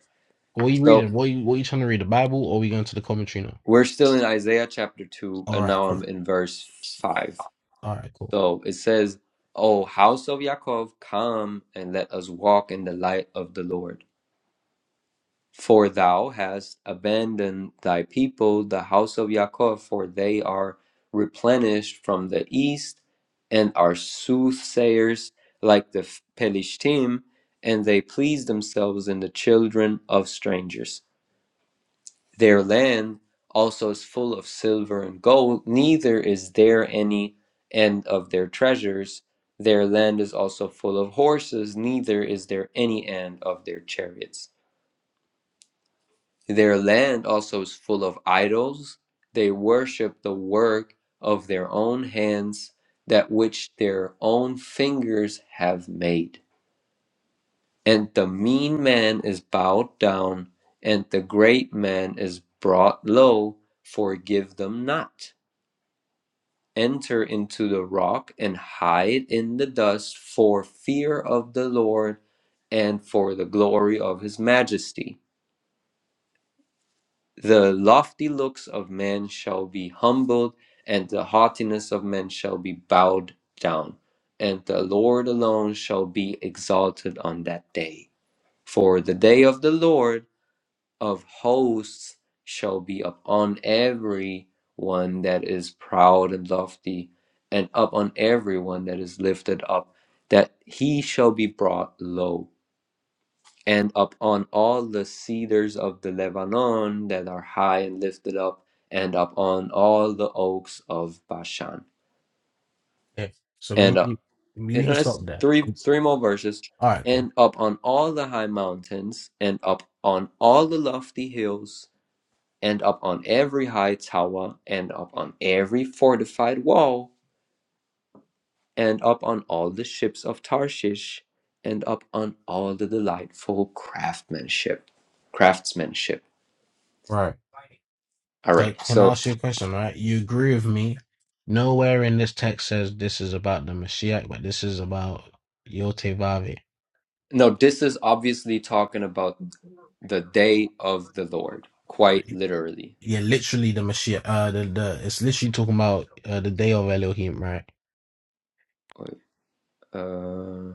[SPEAKER 4] What are you
[SPEAKER 5] So,
[SPEAKER 4] reading? What you, what you trying to read? The Bible or we going to the commentary now?
[SPEAKER 5] we're still in Isaiah chapter 2
[SPEAKER 4] All
[SPEAKER 5] and
[SPEAKER 4] right,
[SPEAKER 5] now I'm
[SPEAKER 4] cool.
[SPEAKER 5] in verse 5.
[SPEAKER 4] All right, cool.
[SPEAKER 5] So, it says, "O house of Jacob, come and let us walk in the light of the Lord." For thou hast abandoned thy people, the house of Jacob, for they are replenished from the east, and are soothsayers like the Pelishtim, and they please themselves in the children of strangers. Their land also is full of silver and gold, neither is there any end of their treasures. Their land is also full of horses, neither is there any end of their chariots. Their land also is full of idols. They worship the work of their own hands, that which their own fingers have made. And the mean man is bowed down, and the great man is brought low. Forgive them not. Enter into the rock and hide in the dust for fear of the Lord and for the glory of his majesty. The lofty looks of man shall be humbled, and the haughtiness of men shall be bowed down, and the Lord alone shall be exalted on that day. For the day of the Lord of hosts shall be upon every one that is proud and lofty, and upon every one that is lifted up, that he shall be brought low and upon all the cedars of the Lebanon that are high and lifted up, and upon all the oaks of Bashan.
[SPEAKER 4] Okay. So me,
[SPEAKER 5] And,
[SPEAKER 4] and
[SPEAKER 5] uh,
[SPEAKER 4] you, me we
[SPEAKER 5] and
[SPEAKER 4] can
[SPEAKER 5] that's
[SPEAKER 4] stop there.
[SPEAKER 5] three
[SPEAKER 4] All
[SPEAKER 5] three more verses.
[SPEAKER 4] right, cool.
[SPEAKER 5] And upon all the high mountains, and up on all the lofty hills, and up on every high tower, and up on every fortified wall, and up on all the ships of Tarshish, and up on all the delightful craftsmanship. Craftsmanship.
[SPEAKER 4] Right.
[SPEAKER 5] All
[SPEAKER 4] So
[SPEAKER 5] right.
[SPEAKER 4] can I
[SPEAKER 5] So
[SPEAKER 4] ask you a question? Right. You agree with me? Nowhere in this text says this is about the Mashiach, but this is about Yotevave.
[SPEAKER 5] No, this is obviously talking about the day of the Lord, quite literally.
[SPEAKER 4] Yeah, literally the Mashiach, uh, the uh, the day of Elohim. Right.
[SPEAKER 5] Wait, Uh,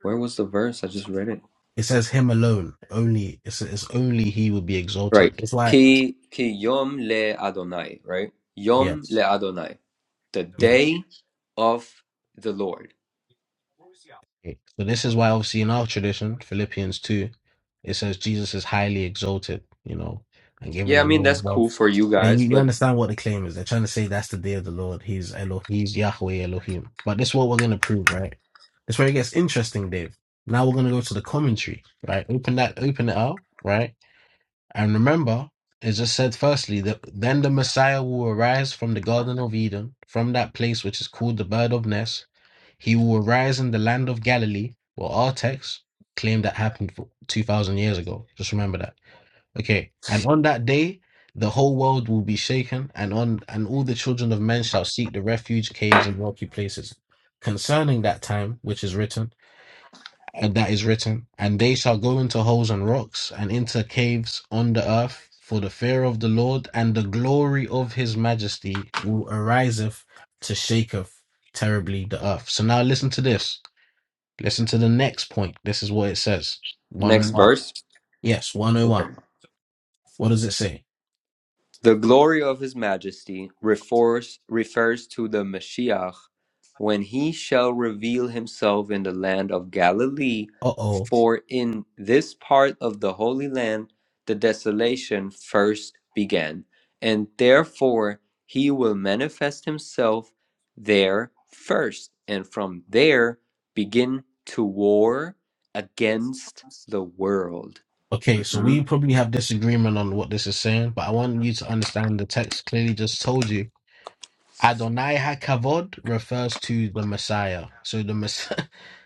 [SPEAKER 5] where was the verse? I just read it.
[SPEAKER 4] It says him alone. Only it's it's only he will be
[SPEAKER 5] Right.
[SPEAKER 4] exalted. It's like
[SPEAKER 5] Ki ki yom le Adonai, right? Yom le
[SPEAKER 4] yes.
[SPEAKER 5] Adonai, the
[SPEAKER 4] yes.
[SPEAKER 5] day of the Lord.
[SPEAKER 4] Okay, So this is why obviously in our tradition, Philippians 2, it says Jesus is highly exalted, you know, and given
[SPEAKER 5] Yeah, I
[SPEAKER 4] a
[SPEAKER 5] mean
[SPEAKER 4] name
[SPEAKER 5] that's
[SPEAKER 4] above.
[SPEAKER 5] cool for you
[SPEAKER 4] And
[SPEAKER 5] guys,
[SPEAKER 4] you, you
[SPEAKER 5] but
[SPEAKER 4] understand what the claim is. They're trying to say that's the day of the Lord. He's Elohim, he's Yahweh Elohim. But this is what we're going to prove, right? That's where it gets interesting, Dave. Now we're going to go to the commentary, right? Open that, open it up, right? And remember, it just said firstly that then the Messiah will arise from the Garden of Eden, from that place which is called the Bird of Ness, he will arise in the land of Galilee. Well, our text claim that happened for 2,000 years ago. Just remember that. Okay. And on that day, the whole world will be shaken, and on and all the children of men shall seek the refuge caves and rocky places concerning that time which is written, and that is written, and they shall go into holes and rocks and into caves on the earth, for the fear of the Lord and the glory of his majesty will ariseth to shaketh terribly the earth. So now listen to this. Listen to the next point. This is what it says.
[SPEAKER 5] next
[SPEAKER 4] 101.
[SPEAKER 5] verse.
[SPEAKER 4] Yes,
[SPEAKER 5] Okay.
[SPEAKER 4] 101. What does it say?
[SPEAKER 5] The glory of his majesty refers, refers to the Mashiach when he shall reveal himself in the land of Galilee,
[SPEAKER 4] Uh oh.
[SPEAKER 5] for in this part of the Holy Land the desolation first began, and therefore he will manifest himself there first, and from there begin to war against the world.
[SPEAKER 4] Okay, so we
[SPEAKER 5] Mhm.
[SPEAKER 4] probably have disagreement on what this is saying, but I want you to understand the text clearly just told you. Adonai HaKavod refers to the Messiah. So the mess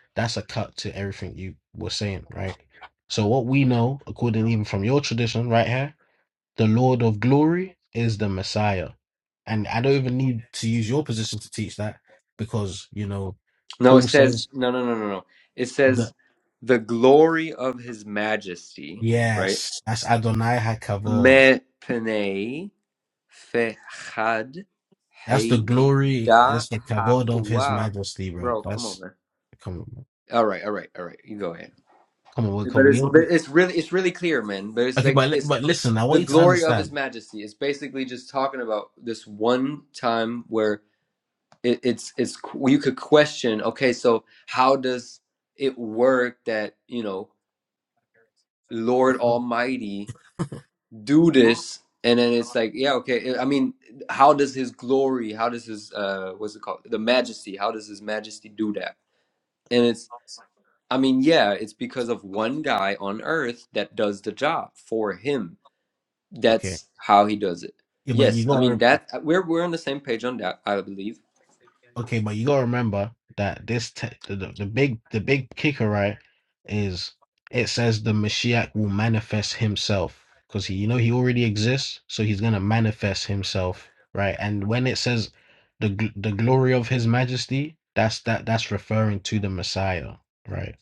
[SPEAKER 4] that's a cut to everything you were saying, right? So what we know, according even from your tradition right here, the Lord of glory is the Messiah. And I don't even need to use your position to teach that because, you know,
[SPEAKER 5] No, it
[SPEAKER 4] Paul
[SPEAKER 5] says
[SPEAKER 4] says,
[SPEAKER 5] no, no, no, no, no. It
[SPEAKER 4] that
[SPEAKER 5] says the glory of his majesty, right?
[SPEAKER 4] yes, that's Adonai Hakavod.
[SPEAKER 5] Me penei fechad
[SPEAKER 4] That's the
[SPEAKER 5] hei
[SPEAKER 4] glory.
[SPEAKER 5] da
[SPEAKER 4] That's the kavod of His
[SPEAKER 5] hahua.
[SPEAKER 4] Majesty, bro.
[SPEAKER 5] Bro, come on,
[SPEAKER 4] That's
[SPEAKER 5] man.
[SPEAKER 4] come on,
[SPEAKER 5] All right, all right, all right. You go ahead.
[SPEAKER 4] come on, come
[SPEAKER 5] But
[SPEAKER 4] on. We
[SPEAKER 5] it's
[SPEAKER 4] don't-
[SPEAKER 5] but
[SPEAKER 4] we-
[SPEAKER 5] it's really it's really clear, man. But it's
[SPEAKER 4] okay,
[SPEAKER 5] like
[SPEAKER 4] but li-
[SPEAKER 5] it's
[SPEAKER 4] but listen, I
[SPEAKER 5] the
[SPEAKER 4] want you to
[SPEAKER 5] glory of his
[SPEAKER 4] understand.
[SPEAKER 5] majesty. It's basically just talking about this one time where it, it's it's you could question okay so how does it work that you know lord
[SPEAKER 4] bro.
[SPEAKER 5] almighty do this and then it's like yeah okay i I mean how does his glory how does his uh what's it called the majesty how does his majesty do that and it's i mean yeah it's because of one guy on earth that does the job for him
[SPEAKER 4] Okay,
[SPEAKER 5] that's how he does it
[SPEAKER 4] yeah, but
[SPEAKER 5] yes
[SPEAKER 4] you
[SPEAKER 5] i
[SPEAKER 4] gotta
[SPEAKER 5] mean that uh, we're we're on the same page on that i believe
[SPEAKER 4] Okay, but you gotta remember that this te- the, the the big the big kicker right is it says the Mashiach will manifest himself because he you know he already exists, so he's gonna manifest himself, right? And when it says the gl- the glory of His Majesty, that's that that's referring to the Messiah, right?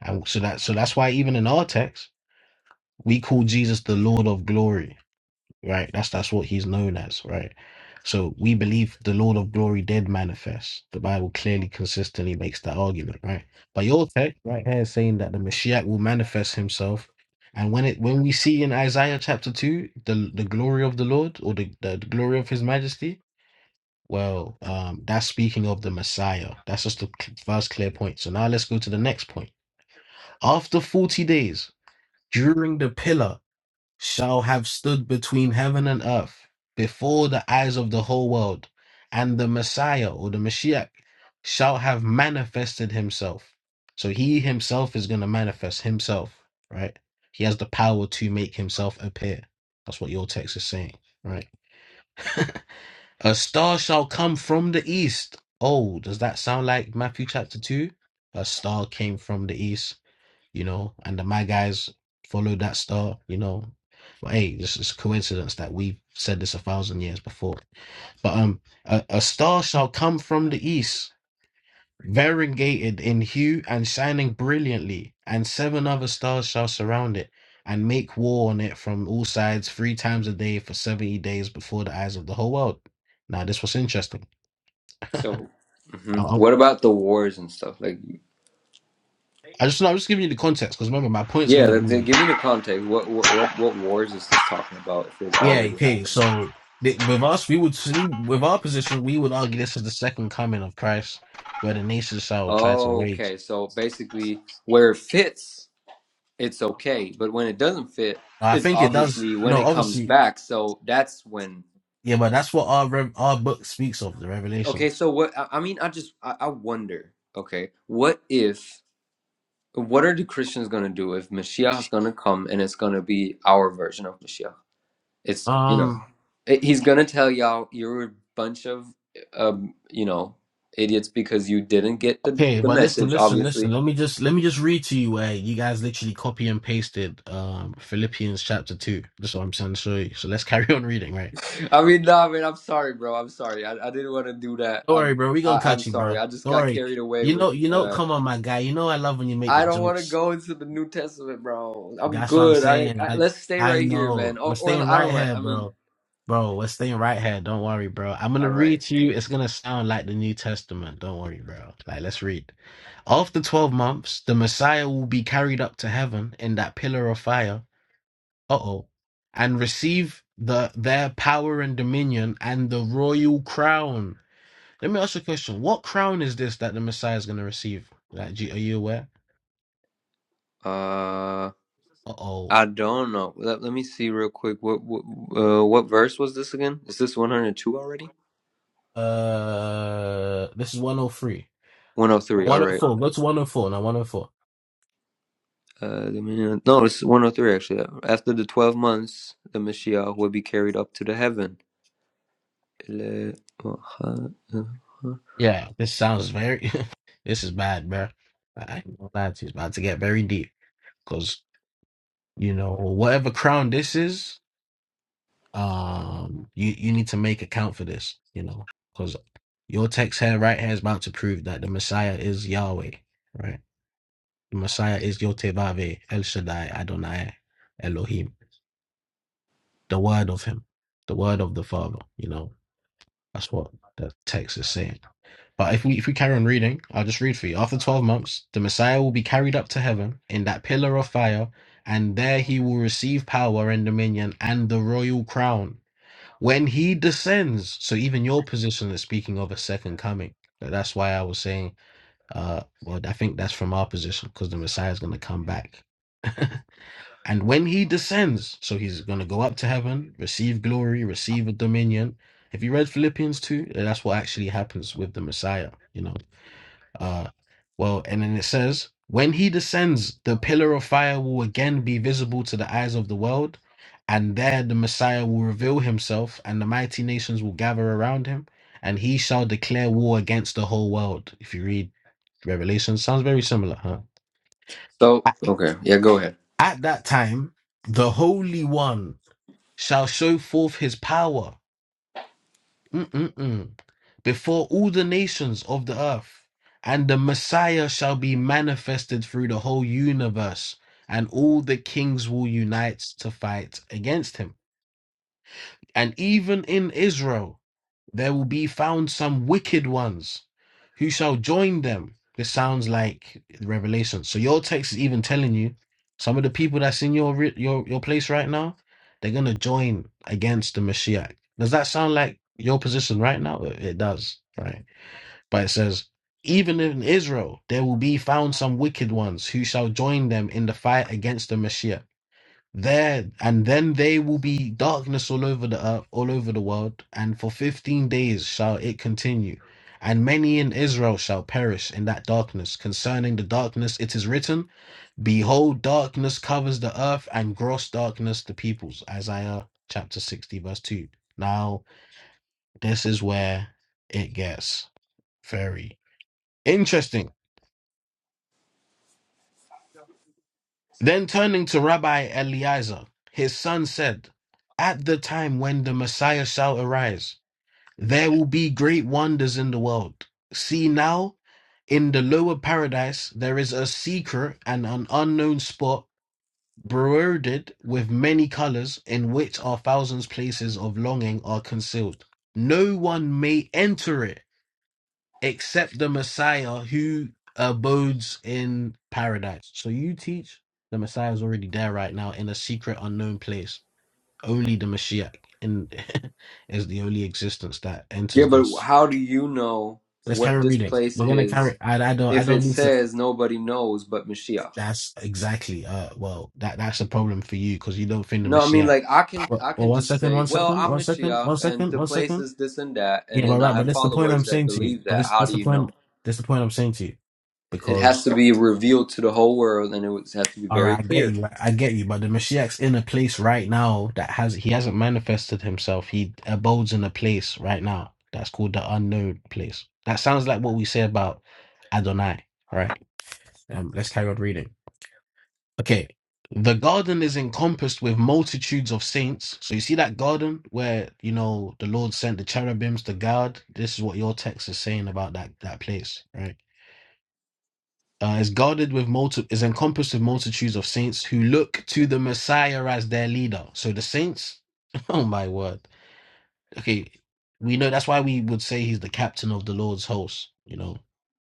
[SPEAKER 4] And so that so that's why even in our text we call Jesus the Lord of Glory right? That's that's what he's known as, right? So we believe the Lord of glory did manifest. The Bible clearly consistently makes that argument, right? But your text right here is saying that the Mashiach will manifest himself. And when it when we see in Isaiah chapter two the the glory of the Lord or the, the, the glory of his majesty, well, um, that's speaking of the Messiah. That's just the cl- first clear point. So now let's go to the next point. After 40 days, during the pillar shall have stood between heaven and earth before the eyes of the whole world, and the Messiah or the Mashiach shall have manifested himself. So he himself is going to manifest himself, right? He has the power to make himself appear. That's what your text is saying, right? A star shall come from the east. Oh, does that sound like Matthew chapter 2? A star came from the east you know, and the my guys followed that star, you know. But hey, this is coincidence that we said this a thousand years before. But um, a, a star shall come from the east, variegated in hue and shining brilliantly, and seven other stars shall surround it and make war on it from all sides three times a day for seventy days before the eyes of the whole world. Now, this was interesting.
[SPEAKER 5] so
[SPEAKER 4] I,
[SPEAKER 5] Mhm.
[SPEAKER 4] I
[SPEAKER 5] What about the wars and stuff? Like
[SPEAKER 4] I just, I'm just giving you the context because remember, my point's
[SPEAKER 5] Yeah,
[SPEAKER 4] going to
[SPEAKER 5] that- then
[SPEAKER 4] be
[SPEAKER 5] give me the context. What what what what wars is this talking about if it
[SPEAKER 4] Yeah,
[SPEAKER 5] already
[SPEAKER 4] okay.
[SPEAKER 5] happened?
[SPEAKER 4] So th- with us, we would we with our position, we would argue this is the second coming of Christ, where the nations shall try to
[SPEAKER 5] Oh,
[SPEAKER 4] rage.
[SPEAKER 5] Okay, so basically where it fits, it's okay, but when it doesn't fit,
[SPEAKER 4] I
[SPEAKER 5] it's
[SPEAKER 4] think it does.
[SPEAKER 5] obviously when
[SPEAKER 4] No,
[SPEAKER 5] it comes
[SPEAKER 4] obviously,
[SPEAKER 5] back. So that's when.
[SPEAKER 4] yeah, but that's what our rev- our book speaks of, the
[SPEAKER 5] Okay,
[SPEAKER 4] Revelations.
[SPEAKER 5] so what I I mean, I just I, I wonder, okay, what if what are the Christians going to do if Mashiach is going to come and it's going to be our version of Mashiach? It's you know
[SPEAKER 4] Um.
[SPEAKER 5] it- he's gonna tell y'all you're a bunch of um you know idiots because you didn't get the
[SPEAKER 4] Okay,
[SPEAKER 5] the
[SPEAKER 4] but listen,
[SPEAKER 5] message
[SPEAKER 4] listen, listen.
[SPEAKER 5] obviously
[SPEAKER 4] Let me just let me just read to you where you guys literally copy and pasted um Philippians chapter two. That's what I'm saying. So so let's carry on reading, right?
[SPEAKER 5] i mean nah man i'm sorry bro i'm sorry i, I didn't want to do that
[SPEAKER 4] Don't worry,
[SPEAKER 5] i'm
[SPEAKER 4] bro. We gonna
[SPEAKER 5] I, i'm
[SPEAKER 4] catch you, bro.
[SPEAKER 5] sorry i just
[SPEAKER 4] Don't
[SPEAKER 5] got
[SPEAKER 4] worry.
[SPEAKER 5] carried away
[SPEAKER 4] You
[SPEAKER 5] with
[SPEAKER 4] know, you know.
[SPEAKER 5] uh
[SPEAKER 4] Come on, my guy. You know I love when you make the
[SPEAKER 5] i don't want to
[SPEAKER 4] jokes.
[SPEAKER 5] go into the new testament bro i'm
[SPEAKER 4] That's what I'm
[SPEAKER 5] good I,
[SPEAKER 4] saying.
[SPEAKER 5] I
[SPEAKER 4] I
[SPEAKER 5] let's stay
[SPEAKER 4] I
[SPEAKER 5] right here man
[SPEAKER 4] know.
[SPEAKER 5] or,
[SPEAKER 4] We're
[SPEAKER 5] or
[SPEAKER 4] staying
[SPEAKER 5] i don't
[SPEAKER 4] right
[SPEAKER 5] want
[SPEAKER 4] here,
[SPEAKER 5] i mean
[SPEAKER 4] bro. Bro, we're staying right here. Don't worry, bro. I'm gonna
[SPEAKER 5] all right
[SPEAKER 4] read to you. It's gonna sound like the New Testament. Don't worry, bro. Like, let's read. After 12 months, the Messiah will be carried up to heaven in that pillar of fire. Uh-oh. And receive the their power and dominion and the royal crown. Let me ask you a question. What crown is this that the Messiah is gonna receive? Like, do you- are you aware?
[SPEAKER 5] uh
[SPEAKER 4] Uh-oh.
[SPEAKER 5] I don't know. Let, let me see real quick. What what, uh, what verse was this again? Is this 102 already?
[SPEAKER 4] Uh, this is 103.
[SPEAKER 5] 103. All right.
[SPEAKER 4] 104. Go to 104. Now 104.
[SPEAKER 5] Uh, the Messiah- no, it's 103 actually. After the 12 months, the Mashiach will be carried up to the heaven. Le-
[SPEAKER 4] Yeah, this sounds very. this is bad, bro. I ain't gonna lie to you. It's about to get very deep because you know whatever crown this is, um, you you need to make account for this, you know, because your text here, right here, is about to prove that the Messiah is Yahweh, right? The Messiah is Yotevave, El Shaddai, Adonai, Elohim, the Word of Him, the Word of the Father. You know, that's what the text is saying. But if we if we carry on reading, I'll just read for you. After twelve months, the Messiah will be carried up to heaven in that pillar of fire, and there he will receive power and dominion and the royal crown when he descends. So even your position is speaking of a second coming. But That's why I was saying, uh, well, I think that's from our position because the Messiah is going to come back. And when he descends, so he's going to go up to heaven, receive glory, receive a dominion. If you read Philippians 2, that's what actually happens with the Messiah. You know, uh, well, and then it says, when he descends, the pillar of fire will again be visible to the eyes of the world, and there the Messiah will reveal himself, and the mighty nations will gather around him, and he shall declare war against the whole world. If you read Revelation, sounds very similar, huh?
[SPEAKER 5] So, okay. Yeah, go ahead.
[SPEAKER 4] At that time, the Holy One shall show forth his power. Mm-mm-mm. Before all the nations of the earth, and the Messiah shall be manifested through the whole universe, and all the kings will unite to fight against him. And even in Israel, there will be found some wicked ones who shall join them. This sounds like Revelation. So your text is even telling you some of the people that's in your re- your your place right now, they're gonna join against the Mashiach. Does that sound like your position right now? It it does, right? But it says, even in Israel, there will be found some wicked ones who shall join them in the fight against the Mashiach. There and then there will be darkness all over the earth, all over the world, and for fifteen days shall it continue. And many in Israel shall perish in that darkness. Concerning the darkness, it is written, Behold, darkness covers the earth, and gross darkness the peoples. Isaiah chapter 60, verse 2. Now, this is where it gets very interesting. Then turning to Rabbi Eliezer, his son said, At the time when the Messiah shall arise, There will be great wonders in the world. See now, in the lower paradise, there is a secret and an unknown spot broidered with many colors, in which are thousands places of longing are concealed. No one may enter it except the Messiah who abodes in paradise. So you teach the Messiah is already there right now in a secret unknown place. Only the Mashiach in, is the only existence that
[SPEAKER 5] Yeah,
[SPEAKER 4] enters
[SPEAKER 5] but
[SPEAKER 4] this.
[SPEAKER 5] how do you know
[SPEAKER 4] Let's
[SPEAKER 5] what
[SPEAKER 4] carry
[SPEAKER 5] this
[SPEAKER 4] reading.
[SPEAKER 5] place
[SPEAKER 4] We're gonna carry.
[SPEAKER 5] is
[SPEAKER 4] I, I don't. I
[SPEAKER 5] if it
[SPEAKER 4] don't need to.
[SPEAKER 5] says nobody knows but Mashiach?
[SPEAKER 4] That's exactly. Uh. Well, that that's a problem for you because you don't think the
[SPEAKER 5] No, I mean
[SPEAKER 4] Mashiach.
[SPEAKER 5] like I can
[SPEAKER 4] Well,
[SPEAKER 5] I
[SPEAKER 4] well,
[SPEAKER 5] can
[SPEAKER 4] one
[SPEAKER 5] just
[SPEAKER 4] second.
[SPEAKER 5] say,
[SPEAKER 4] One
[SPEAKER 5] well,
[SPEAKER 4] second.
[SPEAKER 5] I'm
[SPEAKER 4] One second.
[SPEAKER 5] Mashiach
[SPEAKER 4] One
[SPEAKER 5] and
[SPEAKER 4] second.
[SPEAKER 5] the
[SPEAKER 4] One
[SPEAKER 5] place
[SPEAKER 4] second.
[SPEAKER 5] is this and that and
[SPEAKER 4] Yeah, but
[SPEAKER 5] then I
[SPEAKER 4] right. But
[SPEAKER 5] have
[SPEAKER 4] that's the point
[SPEAKER 5] followers
[SPEAKER 4] I'm
[SPEAKER 5] that
[SPEAKER 4] saying to you.
[SPEAKER 5] believe
[SPEAKER 4] But
[SPEAKER 5] that.
[SPEAKER 4] this
[SPEAKER 5] How
[SPEAKER 4] that's
[SPEAKER 5] do
[SPEAKER 4] the
[SPEAKER 5] you know?
[SPEAKER 4] point. That's the point I'm saying to you
[SPEAKER 5] It has
[SPEAKER 4] because.
[SPEAKER 5] to be revealed to the whole world and it would have to be
[SPEAKER 4] All
[SPEAKER 5] very
[SPEAKER 4] right, I get
[SPEAKER 5] clear.
[SPEAKER 4] you. I I get you. But the Mashiach's in a place right now that has he hasn't manifested himself. He abodes in a place right now that's called the unknown place. That sounds like what we say about Adonai, right? Um, let's carry on reading. Okay, the garden is encompassed with multitudes of saints. So you see that garden where you know the Lord sent the cherubims to guard. This is what your text is saying about that that place, right? Uh, is guarded with multi is encompassed with multitudes of saints who look to the Messiah as their leader. So the saints, oh my word, okay, we know that's why we would say he's the captain of the Lord's host. You know,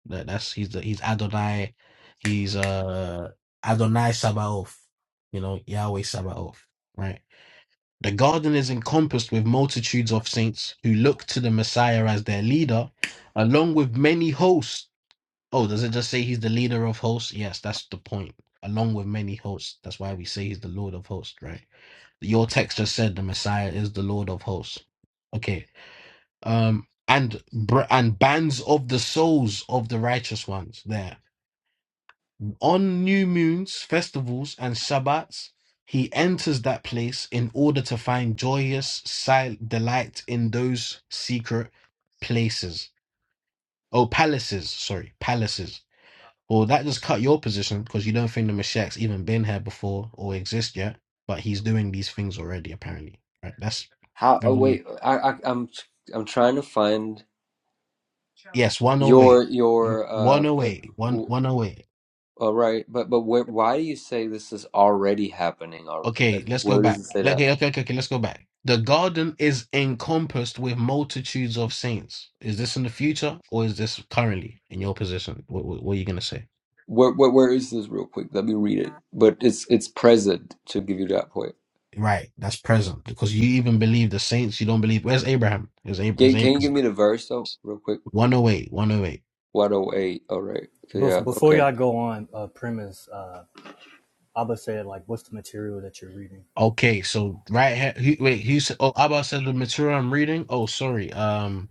[SPEAKER 4] that that's he's the he's Adonai, he's uh Adonai Sabaoth. You know, Yahweh Sabaoth. Right. The garden is encompassed with multitudes of saints who look to the Messiah as their leader, along with many hosts. Oh, does it just say he's the leader of hosts? Yes, that's the point. Along with many hosts. That's why we say he's the Lord of hosts, right? Your text just said the Messiah is the Lord of hosts. Okay um, and br- and bands of the souls of the righteous ones there on new moons festivals and shabbats he enters that place in order to find joyous sil- delight in those secret places oh palaces sorry palaces well that just cut your position because you don't think the Mashiach's even been here before or exist yet but he's doing these things already apparently right that's
[SPEAKER 5] How? Oh,
[SPEAKER 4] very
[SPEAKER 5] wait, I, I I'm I'm trying to find
[SPEAKER 4] that's
[SPEAKER 5] your
[SPEAKER 4] 108
[SPEAKER 5] your uh. Put,
[SPEAKER 4] 108 one-
[SPEAKER 5] w-
[SPEAKER 4] 108
[SPEAKER 5] all right, but but where, why do you say this is already happening? Al- Like,
[SPEAKER 4] Okay, let's go
[SPEAKER 5] where does
[SPEAKER 4] back.
[SPEAKER 5] it say that?
[SPEAKER 4] Okay, okay, okay, okay, let's go back. The garden is encompassed with multitudes of saints. Is this in the future or is this currently in your position? What, what, what are you going to say?
[SPEAKER 5] Where, where where is this real quick? Let me read it. But it's it's present to give you that point.
[SPEAKER 4] Right, that's present because you even believe the saints, you don't believe. Where's Abraham? Is Abraham? Is
[SPEAKER 5] Can can you give
[SPEAKER 4] Abraham
[SPEAKER 5] me the verse though, real quick?
[SPEAKER 4] 108, 108.
[SPEAKER 5] One oh eight. All right. So,
[SPEAKER 2] Bef-
[SPEAKER 5] yeah.
[SPEAKER 2] before
[SPEAKER 5] Okay.
[SPEAKER 2] y'all go on, uh, premise, uh, Abba said like, what's the material that you're reading?
[SPEAKER 4] Okay, so right here, who, wait, who said, oh, Abba said the material I'm reading. Oh, sorry. Um,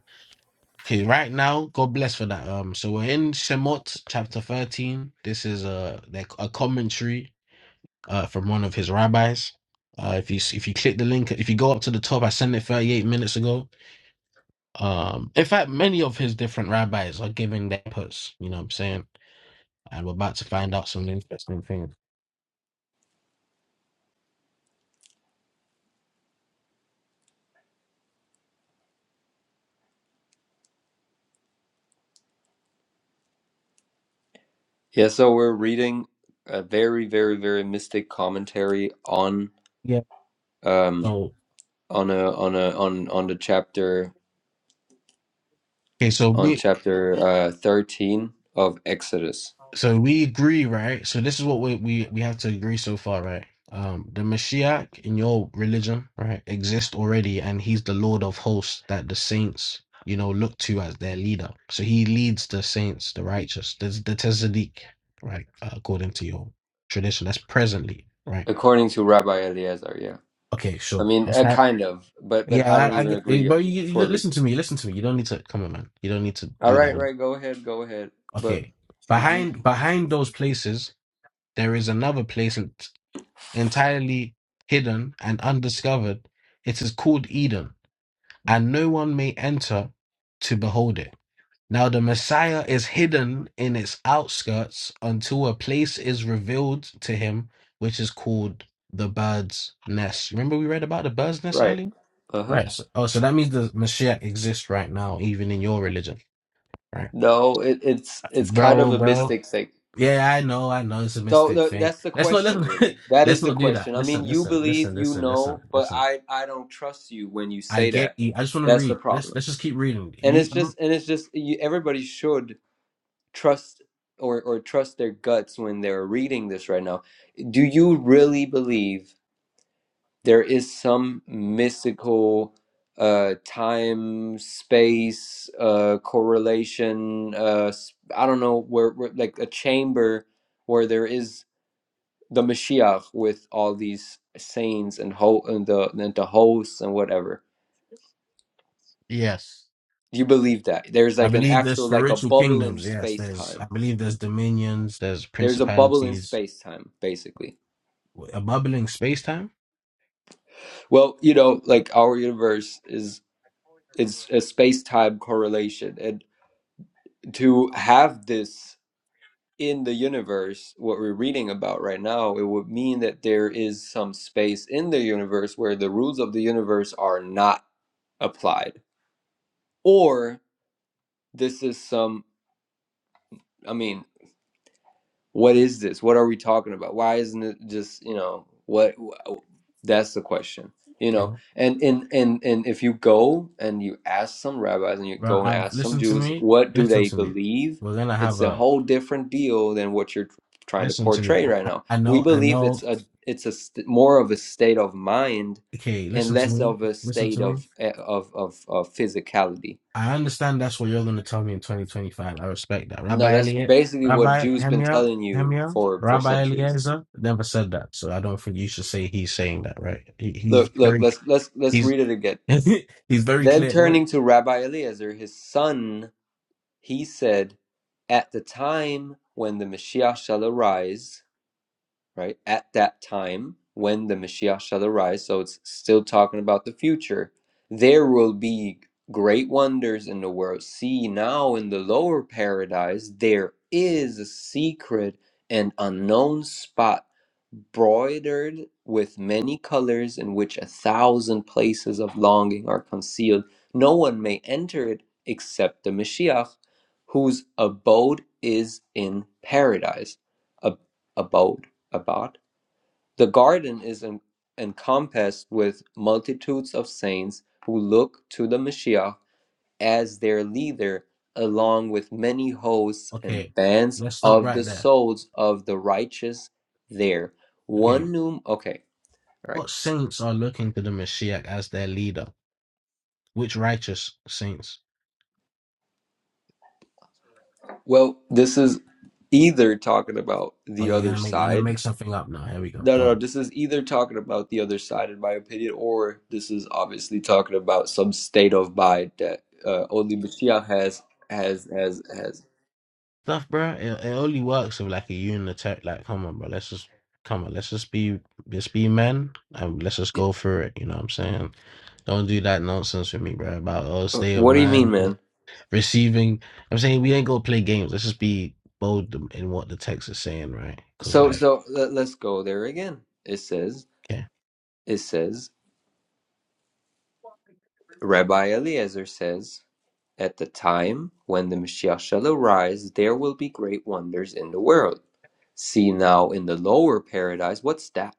[SPEAKER 4] okay, right now, God bless for that. Um, so we're in Shemot chapter 13. This is a, like a commentary uh, from one of his rabbis. Uh, if you if you click the link, if you go up to the top, I sent it 38 minutes ago. Um, in fact, many of his different rabbis are giving their inputs. You know what I'm saying? And we're about to find out some interesting things.
[SPEAKER 5] Yeah. So we're reading a very very very mystic commentary on
[SPEAKER 4] Yeah.
[SPEAKER 5] um
[SPEAKER 4] So
[SPEAKER 5] on a on a on on the chapter
[SPEAKER 4] okay, so
[SPEAKER 5] on
[SPEAKER 4] me
[SPEAKER 5] chapter uh, 13 of Exodus,
[SPEAKER 4] So we agree, right? So this is what we we, we have to agree so far, right? Um, the Mashiach in your religion, right, exists already, and he's the Lord of hosts that the saints, you know, look to as their leader. So he leads the saints, the righteous, the the Tzaddik, right, uh, according to your tradition. That's presently, right?
[SPEAKER 5] according to Rabbi Eliezer. Yeah,
[SPEAKER 4] Okay,
[SPEAKER 5] I
[SPEAKER 4] sure.
[SPEAKER 5] mean,
[SPEAKER 4] What's
[SPEAKER 5] uh,
[SPEAKER 4] that?
[SPEAKER 5] kind of, but but
[SPEAKER 4] Yeah,
[SPEAKER 5] I don't
[SPEAKER 4] I, I
[SPEAKER 5] even
[SPEAKER 4] get, eh,
[SPEAKER 5] agree
[SPEAKER 4] bro. You, you
[SPEAKER 5] fully.
[SPEAKER 4] listen to me. Listen to me. You don't need to come on, man. You don't need to
[SPEAKER 5] All
[SPEAKER 4] do
[SPEAKER 5] right,
[SPEAKER 4] that.
[SPEAKER 5] right, go ahead, go ahead. But
[SPEAKER 4] Okay,
[SPEAKER 5] hmm
[SPEAKER 4] behind behind those places, there is another place entirely hidden and undiscovered. It is called Eden, and no one may enter to behold it. Now, the Messiah is hidden in its outskirts until a place is revealed to him, which is called the bird's nest. Remember, we read about the bird's nest
[SPEAKER 5] right,
[SPEAKER 4] earlier?
[SPEAKER 5] uh huh.
[SPEAKER 4] Right. So, oh, so that means the Messiah exists right now, even in your religion, right?
[SPEAKER 5] No, it, it's it's kind of
[SPEAKER 4] Bro,
[SPEAKER 5] a
[SPEAKER 4] bro.
[SPEAKER 5] mystic thing.
[SPEAKER 4] Yeah, I know, I know. It's a
[SPEAKER 5] So
[SPEAKER 4] mystic
[SPEAKER 5] no,
[SPEAKER 4] thing.
[SPEAKER 5] that's the
[SPEAKER 4] Let's not,
[SPEAKER 5] question,
[SPEAKER 4] let's,
[SPEAKER 5] really. That
[SPEAKER 4] let's
[SPEAKER 5] is the
[SPEAKER 4] not do that.
[SPEAKER 5] question. I mean,
[SPEAKER 4] Listen,
[SPEAKER 5] you
[SPEAKER 4] listen,
[SPEAKER 5] believe
[SPEAKER 4] listen,
[SPEAKER 5] you
[SPEAKER 4] listen, listen,
[SPEAKER 5] know, but
[SPEAKER 4] listen.
[SPEAKER 5] I I don't trust you when you
[SPEAKER 4] I
[SPEAKER 5] say
[SPEAKER 4] get
[SPEAKER 5] that.
[SPEAKER 4] you. I just want to
[SPEAKER 5] That's the
[SPEAKER 4] read. Let's
[SPEAKER 5] problem.
[SPEAKER 4] let's just keep reading.
[SPEAKER 5] And it's
[SPEAKER 4] You,
[SPEAKER 5] just and it's just you, everybody should trust or or trust their guts when they're reading this right now do you really believe there is some mystical uh time space uh correlation uh I i don't know where, where like a chamber where there is the mashiach with all these saints and ho and the and the hosts and whatever
[SPEAKER 4] Yes.
[SPEAKER 5] do you believe that there's
[SPEAKER 4] I
[SPEAKER 5] like an
[SPEAKER 4] believe there's
[SPEAKER 5] actual like a
[SPEAKER 4] spiritual
[SPEAKER 5] bubble in
[SPEAKER 4] kingdoms. Yes,
[SPEAKER 5] space
[SPEAKER 4] there's.
[SPEAKER 5] time
[SPEAKER 4] I believe there's dominions. There's
[SPEAKER 5] there's a bubble in
[SPEAKER 4] principalities.
[SPEAKER 5] space time basically
[SPEAKER 4] A bubbling space time.
[SPEAKER 5] Well, you know, like our universe is is a space-time correlation, and to have this in the universe, what we're reading about right now, it would mean that there is some space in the universe where the rules of the universe are not applied, or this is some. I mean, what is this? What are we talking about? Why isn't it just you know what? That's the question, you
[SPEAKER 4] Okay.
[SPEAKER 5] know. And and and and if you go and you ask some rabbis and you
[SPEAKER 4] Well,
[SPEAKER 5] go and
[SPEAKER 4] I've
[SPEAKER 5] ask some
[SPEAKER 4] listened to
[SPEAKER 5] Jews,
[SPEAKER 4] me.
[SPEAKER 5] what do
[SPEAKER 4] Listen
[SPEAKER 5] they
[SPEAKER 4] to me.
[SPEAKER 5] believe?
[SPEAKER 4] We're gonna have
[SPEAKER 5] It's a
[SPEAKER 4] a.
[SPEAKER 5] whole different deal than what you're trying to
[SPEAKER 4] Listen to me.
[SPEAKER 5] portray
[SPEAKER 4] I,
[SPEAKER 5] right
[SPEAKER 4] I
[SPEAKER 5] now.
[SPEAKER 4] I
[SPEAKER 5] We
[SPEAKER 4] know. I
[SPEAKER 5] believe
[SPEAKER 4] know.
[SPEAKER 5] it's a it's a st- more of a state of mind
[SPEAKER 4] Okay.
[SPEAKER 5] and
[SPEAKER 4] Listen to
[SPEAKER 5] less
[SPEAKER 4] me.
[SPEAKER 5] of a
[SPEAKER 4] Listen
[SPEAKER 5] state
[SPEAKER 4] to me.
[SPEAKER 5] of eh, of of, of physicality.
[SPEAKER 4] I understand that's what you're going to tell me in 2025. I respect that.
[SPEAKER 5] No,
[SPEAKER 4] Rabbi
[SPEAKER 5] that's
[SPEAKER 4] Elliot,
[SPEAKER 5] basically what
[SPEAKER 4] Rabbi
[SPEAKER 5] Jews been
[SPEAKER 4] Hamiel,
[SPEAKER 5] telling you
[SPEAKER 4] Hamiel,
[SPEAKER 5] for for
[SPEAKER 4] Rabbi
[SPEAKER 5] centuries.
[SPEAKER 4] Eliezer never said that. So I don't think you should say he's saying that, right? He, he's
[SPEAKER 5] Look, look,
[SPEAKER 4] very,
[SPEAKER 5] let's let's let's
[SPEAKER 4] he's,
[SPEAKER 5] read it again.
[SPEAKER 4] he's very
[SPEAKER 5] Then
[SPEAKER 4] clear. Well,
[SPEAKER 5] turning to Rabbi Eliezer, his son, he said, At the time when the Messiah shall arise, right? At that time when the Messiah shall arise, so it's still talking about the future, there will be great wonders in the world. See, now in the lower paradise, there is a secret and unknown spot broidered with many colors in which a thousand places of longing are concealed. No one may enter it except the Mashiach, whose abode is in paradise. Ab- abode about. The garden is en- encompassed with multitudes of saints who look to the Messiah as their leader, along with many hosts and
[SPEAKER 4] okay,
[SPEAKER 5] bands
[SPEAKER 4] let's stop
[SPEAKER 5] of the
[SPEAKER 4] right there.
[SPEAKER 5] souls of the righteous there.
[SPEAKER 4] Okay,
[SPEAKER 5] One new. Okay, all right.
[SPEAKER 4] what saints are looking to the Mashiach as their leader? Which righteous saints?
[SPEAKER 5] Well, this is either talking about
[SPEAKER 4] Oh,
[SPEAKER 5] the
[SPEAKER 4] you're
[SPEAKER 5] other
[SPEAKER 4] gonna make you're gonna
[SPEAKER 5] side
[SPEAKER 4] make something up now. Here we go.
[SPEAKER 5] No,
[SPEAKER 4] Go
[SPEAKER 5] no, no,
[SPEAKER 4] on.
[SPEAKER 5] this is either talking about the other side, in my opinion, or this is obviously talking about some state of mind that uh, only Mashiach has, has, has, has.
[SPEAKER 4] Stuff, bro. It, it only works if like a unitary. Like, come on, bro. Let's just come on. Let's just be just be men and let's just go for it. You know what I'm saying? Don't do that nonsense with me, bro. About oh,
[SPEAKER 5] Uh,
[SPEAKER 4] stay of
[SPEAKER 5] What do you mean,
[SPEAKER 4] man
[SPEAKER 5] man?
[SPEAKER 4] receiving. I'm saying we ain't gonna play games. Let's just be bold in what the text is saying, right? Because
[SPEAKER 5] So,
[SPEAKER 4] like,
[SPEAKER 5] so let, let's go there again. It says,
[SPEAKER 4] yeah.
[SPEAKER 5] it says, Rabbi Eliezer says, at the time when the Mashiach shall arise, there will be great wonders in the world. See now in the lower paradise, what's that?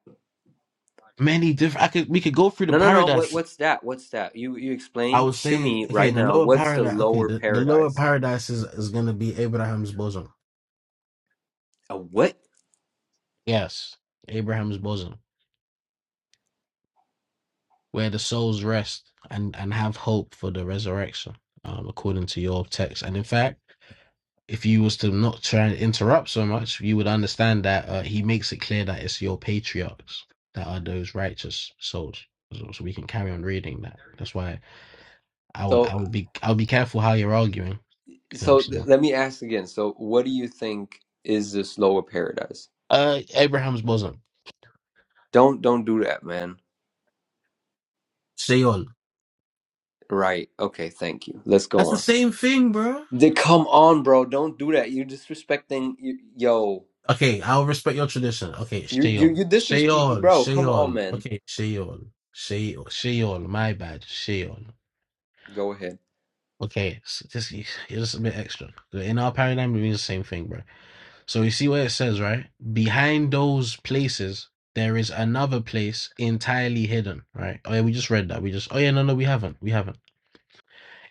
[SPEAKER 4] many different. I could we could go through the
[SPEAKER 5] No, no, no. What,
[SPEAKER 4] paradise.
[SPEAKER 5] what's that? What's that? You you
[SPEAKER 4] I
[SPEAKER 5] explain
[SPEAKER 4] would
[SPEAKER 5] to
[SPEAKER 4] say
[SPEAKER 5] me
[SPEAKER 4] okay,
[SPEAKER 5] right
[SPEAKER 4] the
[SPEAKER 5] now.
[SPEAKER 4] lower
[SPEAKER 5] What's the
[SPEAKER 4] paradise. Okay,
[SPEAKER 5] lower
[SPEAKER 4] the, the lower
[SPEAKER 5] paradise?
[SPEAKER 4] paradise is is gonna be Abraham's bosom.
[SPEAKER 5] A what?
[SPEAKER 4] Yes, Abraham's bosom, where the souls rest and and have hope for the resurrection, um, according to your text. And in fact, if you was to not try and interrupt so much, you would understand that uh, he makes it clear that it's your patriarchs that are those righteous souls. So, so we can carry on reading that. That's why I would I
[SPEAKER 5] So
[SPEAKER 4] would be I would be careful how you're arguing. You know what I'm
[SPEAKER 5] so th-
[SPEAKER 4] saying?
[SPEAKER 5] let me ask again. So what do you think is this lower paradise?
[SPEAKER 4] Uh, Abraham's bosom,
[SPEAKER 5] Don't don't do that, man.
[SPEAKER 4] Sheol.
[SPEAKER 5] Right. Okay. Thank you. Let's go
[SPEAKER 4] That's the
[SPEAKER 5] on.
[SPEAKER 4] same thing, bro.
[SPEAKER 5] They, come on, bro. Don't do that. You're disrespecting. You, yo,
[SPEAKER 4] Okay, I'll respect your tradition. Okay,
[SPEAKER 5] you you
[SPEAKER 4] Sheol,
[SPEAKER 5] you disres. You,
[SPEAKER 4] Sheol,
[SPEAKER 5] bro, come on,
[SPEAKER 4] Sheol.
[SPEAKER 5] man.
[SPEAKER 4] Okay, Sheol, Sheol, Sheol. My bad, Sheol.
[SPEAKER 5] Go ahead.
[SPEAKER 4] Okay, s- just you just a bit extra. In our paradigm, it means the same thing, bro. So you see where it says, right? Behind those places, there is another place entirely hidden, right? Oh yeah, we just read that. We just. Oh yeah, no, no, we haven't. We haven't.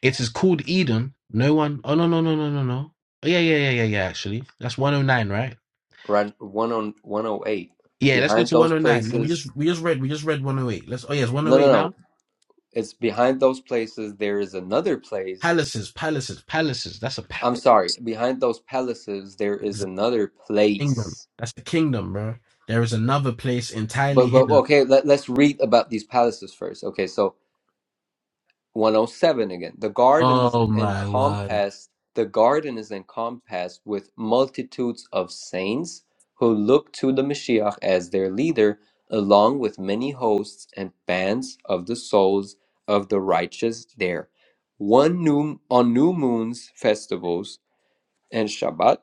[SPEAKER 4] It is called Eden. No one. Oh no no no no no no. Oh, Yeah yeah yeah yeah yeah. Actually, that's one oh nine, right?
[SPEAKER 5] Right. one on one oh eight
[SPEAKER 4] Yeah, let's go
[SPEAKER 5] behind
[SPEAKER 4] to one
[SPEAKER 5] those
[SPEAKER 4] oh nine. Yeah, We
[SPEAKER 5] places.
[SPEAKER 4] just we just read we just read one oh eight. Let's. Oh yes, one
[SPEAKER 5] No,
[SPEAKER 4] oh
[SPEAKER 5] no,
[SPEAKER 4] eight
[SPEAKER 5] no.
[SPEAKER 4] now.
[SPEAKER 5] It's behind those places there is another place.
[SPEAKER 4] Palaces, palaces, palaces. That's a
[SPEAKER 5] I'm
[SPEAKER 4] palace.
[SPEAKER 5] sorry, behind those palaces there is
[SPEAKER 4] Exact
[SPEAKER 5] another
[SPEAKER 4] kingdom.
[SPEAKER 5] place.
[SPEAKER 4] That's the kingdom, bro. There is another place entirely
[SPEAKER 5] But but
[SPEAKER 4] hidden.
[SPEAKER 5] okay, let, let's read about these palaces first. Okay, so 107 again. The garden is
[SPEAKER 4] Oh my word.
[SPEAKER 5] encompassed. The garden is encompassed with multitudes of saints who look to the Mashiach as their leader, along with many hosts and bands of the souls of the righteous there. One new on new moons festivals and Shabbat.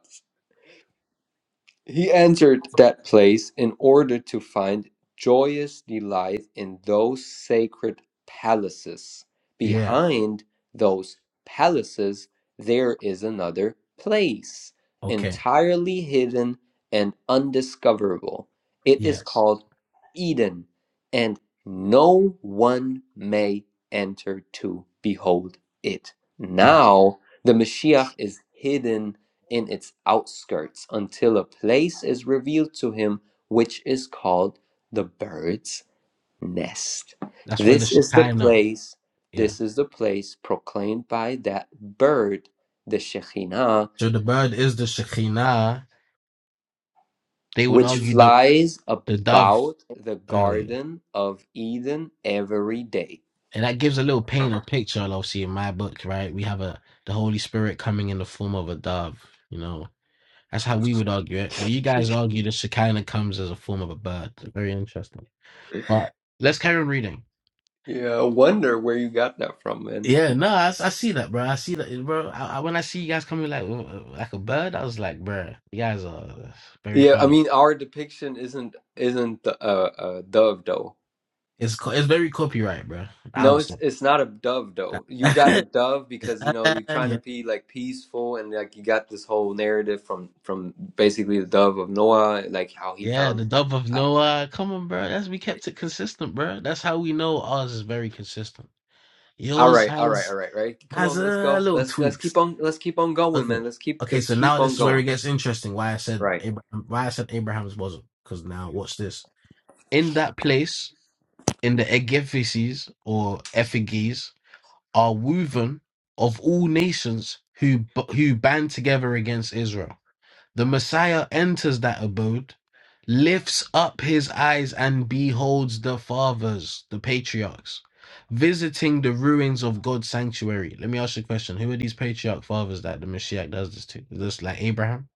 [SPEAKER 5] He entered that place in order to find joyous delight in those sacred palaces.
[SPEAKER 4] Yeah.
[SPEAKER 5] Behind those palaces, there is another place,
[SPEAKER 4] Okay.
[SPEAKER 5] entirely hidden and undiscoverable. It is
[SPEAKER 4] Yes.
[SPEAKER 5] called Eden, and no one may enter to behold it.
[SPEAKER 4] Yes.
[SPEAKER 5] Now, the Mashiach is hidden in its outskirts until a place is revealed to him which is called the bird's nest.
[SPEAKER 4] That's where the
[SPEAKER 5] This is the
[SPEAKER 4] Shekinah.
[SPEAKER 5] place,
[SPEAKER 4] Yeah.
[SPEAKER 5] this is the place proclaimed by that bird, the Shekhinah,
[SPEAKER 4] So the bird is the Shekinah. They would
[SPEAKER 5] which
[SPEAKER 4] argue the
[SPEAKER 5] flies
[SPEAKER 4] the dove.
[SPEAKER 5] about the
[SPEAKER 4] oh, yeah.
[SPEAKER 5] Garden of Eden every day.
[SPEAKER 4] and that gives a little paint or picture obviously in my book right we have a the holy spirit coming in the form of a dove you know that's how we would argue it but you guys argue the shekinah comes as a form of a bird very interesting but let's carry on reading
[SPEAKER 5] Yeah, I wonder where you got that from, man.
[SPEAKER 4] yeah no i, s- I see that bro i see that bro I, I, when i see you guys coming like uh, like a bird i was like bro you guys are very
[SPEAKER 5] Yeah, I
[SPEAKER 4] funny
[SPEAKER 5] mean, our depiction isn't isn't a, a dove though.
[SPEAKER 4] it's co- it's very copyright bro i
[SPEAKER 5] No,
[SPEAKER 4] would
[SPEAKER 5] it's
[SPEAKER 4] stop
[SPEAKER 5] it's not a dove though. You got a
[SPEAKER 4] that
[SPEAKER 5] dove because you know you're trying to be like peaceful and like you got this whole narrative from from basically the dove of Noah, like how he
[SPEAKER 4] Yeah,
[SPEAKER 5] found.
[SPEAKER 4] the dub of
[SPEAKER 5] I-
[SPEAKER 4] Noah. Come on, bro. That's we kept it consistent, bro. That's how we know ours is very consistent.
[SPEAKER 5] All
[SPEAKER 4] Yours
[SPEAKER 5] right, all right, all
[SPEAKER 4] has
[SPEAKER 5] right, right. Come
[SPEAKER 4] has
[SPEAKER 5] on, let's
[SPEAKER 4] a uh,
[SPEAKER 5] go.
[SPEAKER 4] little
[SPEAKER 5] Let's let's keep
[SPEAKER 4] tweaks.
[SPEAKER 5] on let's keep on going,
[SPEAKER 4] Okay,
[SPEAKER 5] man. Let's keep
[SPEAKER 4] okay.
[SPEAKER 5] let's
[SPEAKER 4] So
[SPEAKER 5] keep
[SPEAKER 4] now
[SPEAKER 5] on
[SPEAKER 4] this is where it
[SPEAKER 5] going.
[SPEAKER 4] gets interesting. Why I said
[SPEAKER 5] Right.
[SPEAKER 4] Abraham, why I said Abraham's bosom? Because now watch this. In that place, in the egifices or effigies, are woven of all nations who who band together against Israel. The Messiah enters that abode, lifts up his eyes and beholds the fathers, the patriarchs, visiting the ruins of God's sanctuary. Let me ask you a question. Who are these patriarch fathers that the Messiah does this to? Is this like Abraham?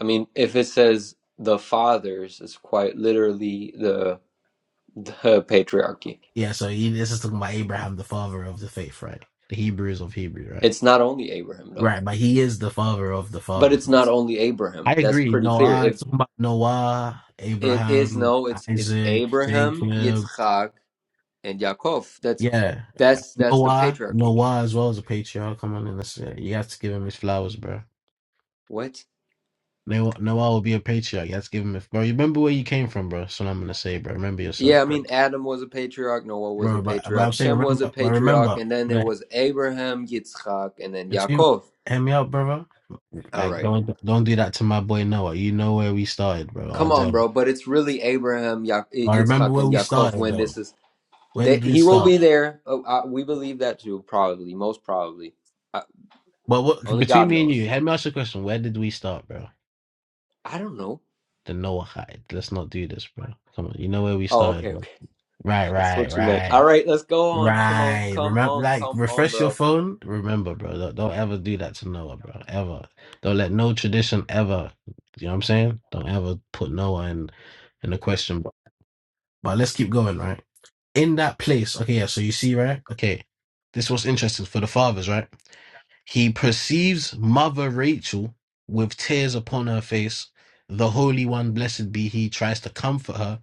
[SPEAKER 5] I mean, if it says the fathers, it's quite literally the the patriarchy.
[SPEAKER 4] Yeah, so he, this is talking about Abraham, the father of the faith, right? The Hebrews of Hebrew, right?
[SPEAKER 5] It's not only Abraham though,
[SPEAKER 4] Right, but he is the father of the
[SPEAKER 5] but it's
[SPEAKER 4] fathers.
[SPEAKER 5] not only
[SPEAKER 4] I
[SPEAKER 5] Abraham. That's
[SPEAKER 4] agree.
[SPEAKER 5] pretty clear.
[SPEAKER 4] Noah, it's talking about Noah,
[SPEAKER 5] It is
[SPEAKER 4] Abraham,
[SPEAKER 5] no, it's it's
[SPEAKER 4] Isaac,
[SPEAKER 5] Abraham,
[SPEAKER 4] Jacob.
[SPEAKER 5] Yitzchak, and Yaakov. That's
[SPEAKER 4] Yeah. Like,
[SPEAKER 5] that's that's the
[SPEAKER 4] Noah,
[SPEAKER 5] patriarchy.
[SPEAKER 4] Noah as well as a patriarch. Come on in this. You have to give him his flowers, bro.
[SPEAKER 5] What?
[SPEAKER 4] Noah, Noah will be a patriarch. You have to give him his bro. You remember where you came from, bro. That's what I'm gonna say, bro. Remember
[SPEAKER 5] Yeah,
[SPEAKER 4] yourself,
[SPEAKER 5] I
[SPEAKER 4] bro.
[SPEAKER 5] mean Adam was a patriarch, Noah was a
[SPEAKER 4] Bro, but, but
[SPEAKER 5] patriarch,
[SPEAKER 4] I'm saying
[SPEAKER 5] Shem was
[SPEAKER 4] remember,
[SPEAKER 5] a
[SPEAKER 4] but
[SPEAKER 5] patriarch,
[SPEAKER 4] remember
[SPEAKER 5] and then it
[SPEAKER 4] the,
[SPEAKER 5] was Abraham, Yitzchak, and then
[SPEAKER 4] the team.
[SPEAKER 5] Yaakov.
[SPEAKER 4] Hear me out, brother.
[SPEAKER 5] All
[SPEAKER 4] Like
[SPEAKER 5] right,
[SPEAKER 4] don't don't do that to my boy Noah. You know where we started, bro. Our
[SPEAKER 5] come on,
[SPEAKER 4] journey.
[SPEAKER 5] bro. But it's really Abraham, ya-
[SPEAKER 4] I remember
[SPEAKER 5] Yitzchak,
[SPEAKER 4] where
[SPEAKER 5] and
[SPEAKER 4] we
[SPEAKER 5] Yaakov.
[SPEAKER 4] started
[SPEAKER 5] When
[SPEAKER 4] though.
[SPEAKER 5] this is,
[SPEAKER 4] Where
[SPEAKER 5] they,
[SPEAKER 4] did we
[SPEAKER 5] he will
[SPEAKER 4] start?
[SPEAKER 5] be there. Oh, I, we believe that too. Probably, most probably. I,
[SPEAKER 4] But what
[SPEAKER 5] only
[SPEAKER 4] between
[SPEAKER 5] God
[SPEAKER 4] me and you,
[SPEAKER 5] knows.
[SPEAKER 4] hear me ask you a question. Where did we start, bro?
[SPEAKER 5] I don't know.
[SPEAKER 4] The Noah hide. Let's not do this, bro. Come on, you know where we
[SPEAKER 5] Oh,
[SPEAKER 4] started,
[SPEAKER 5] okay,
[SPEAKER 4] bro.
[SPEAKER 5] okay.
[SPEAKER 4] Right,
[SPEAKER 5] That's
[SPEAKER 4] right,
[SPEAKER 5] what you meant. All
[SPEAKER 4] right,
[SPEAKER 5] right, let's go on. Come on,
[SPEAKER 4] right.
[SPEAKER 5] come
[SPEAKER 4] Remember,
[SPEAKER 5] on,
[SPEAKER 4] like,
[SPEAKER 5] come on,
[SPEAKER 4] refresh your
[SPEAKER 5] bro.
[SPEAKER 4] phone. Remember, bro. Don't, don't ever do that to Noah, bro. Ever. Don't let no tradition ever. You know what I'm saying? Don't ever put Noah in in the question. But, but let's keep going, right? In that place, okay. Yeah. So you see, right? Okay. This was interesting for the fathers, right? He perceives mother Rachel with tears upon her face. The Holy One, blessed be He, tries to comfort her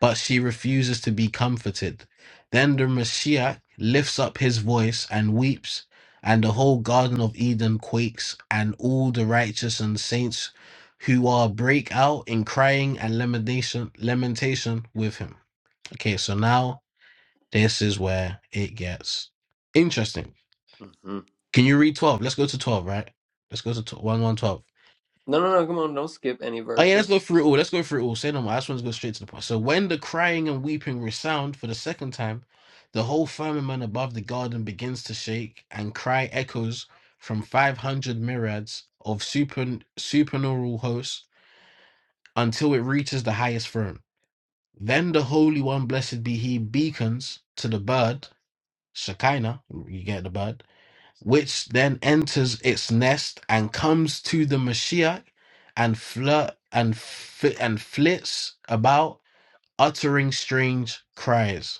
[SPEAKER 4] but she refuses to be comforted. Then the Mashiach lifts up his voice and weeps, and the whole Garden of Eden quakes, and all the righteous and saints who are break out in crying and lamentation, lamentation with him. Okay, so now this is where it gets interesting.
[SPEAKER 5] hmm
[SPEAKER 4] Can you read 12? Let's go to 12, right? Let's go to 1 one, twelve.
[SPEAKER 5] No, no, no. Come on, don't skip any
[SPEAKER 4] Oh yeah, let's
[SPEAKER 5] verses.
[SPEAKER 4] go through it all. Let's go through it all. Say no more. I just want to go straight to the point. So when the crying and weeping resound for the second time, the whole firmament above the garden begins to shake, and cry echoes from five hundred myriads of super supernaural hosts until it reaches the highest throne. Then the Holy One, blessed be He, beacons to the bird Shekinah. You get the bird which then enters its nest and comes to the Mashiach and flirt and fi- and flits about, uttering strange cries.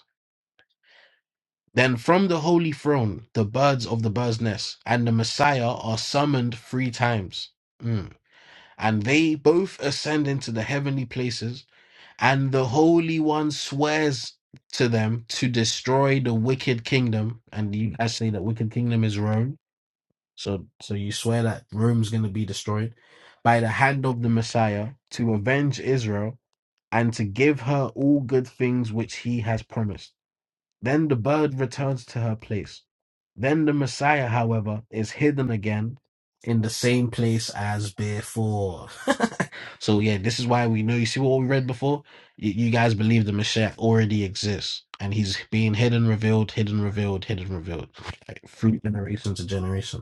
[SPEAKER 4] Then from the holy throne, the birds of the bird's nest and the Messiah are summoned three times. Mm. And they both ascend into the heavenly places, and the Holy One swears to them to destroy the wicked kingdom. And you, I say that wicked kingdom is Rome So, so you swear that Rome's going to be destroyed by the hand of the Messiah to avenge Israel and to give her all good things which he has promised. Then the bird returns to her place. Then the Messiah, however, is hidden again in the same place as before. so, yeah, this is why we know. You see what we read before? You, you guys believe the Messiah already exists and he's being hidden, revealed, hidden, revealed, hidden, revealed, like, through generation to generation.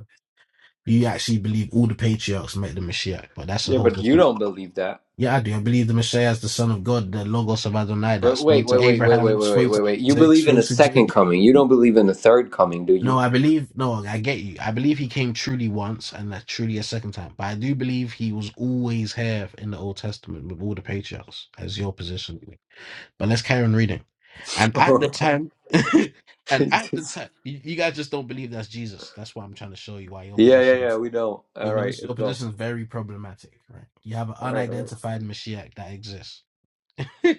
[SPEAKER 4] You actually believe all the patriarchs met the Mashiach, but that's a
[SPEAKER 5] Yeah,
[SPEAKER 4] whole
[SPEAKER 5] but you
[SPEAKER 4] different.
[SPEAKER 5] don't believe that.
[SPEAKER 4] Yeah, I do. I believe the Messiah is the Son of God, the Logos of Adonai that
[SPEAKER 5] But wait,
[SPEAKER 4] spoke
[SPEAKER 5] wait,
[SPEAKER 4] to
[SPEAKER 5] wait, wait, wait,
[SPEAKER 4] Abraham,
[SPEAKER 5] wait, wait,
[SPEAKER 4] spoke
[SPEAKER 5] wait,
[SPEAKER 4] to
[SPEAKER 5] wait. You
[SPEAKER 4] Isaac,
[SPEAKER 5] believe in a
[SPEAKER 4] spoke to
[SPEAKER 5] second
[SPEAKER 4] Jacob.
[SPEAKER 5] coming. You don't believe in the third coming, do
[SPEAKER 4] No,
[SPEAKER 5] you?
[SPEAKER 4] I believe. No, I get you. I believe he came truly once and that truly a second time. But I do believe he was always here in the Old Testament with all the patriarchs, as your position. But let's carry on reading. And at the time, and at the
[SPEAKER 5] Just-
[SPEAKER 4] time, you, you guys just don't believe that's Jesus. That's why I'm trying to show you why your
[SPEAKER 5] yeah, yeah,
[SPEAKER 4] position.
[SPEAKER 5] yeah. We don't.
[SPEAKER 4] Your
[SPEAKER 5] All right,
[SPEAKER 4] position,
[SPEAKER 5] let's
[SPEAKER 4] your
[SPEAKER 5] go.
[SPEAKER 4] position is very problematic, right? You have an
[SPEAKER 5] All right, all right.
[SPEAKER 4] unidentified Mashiach that exists.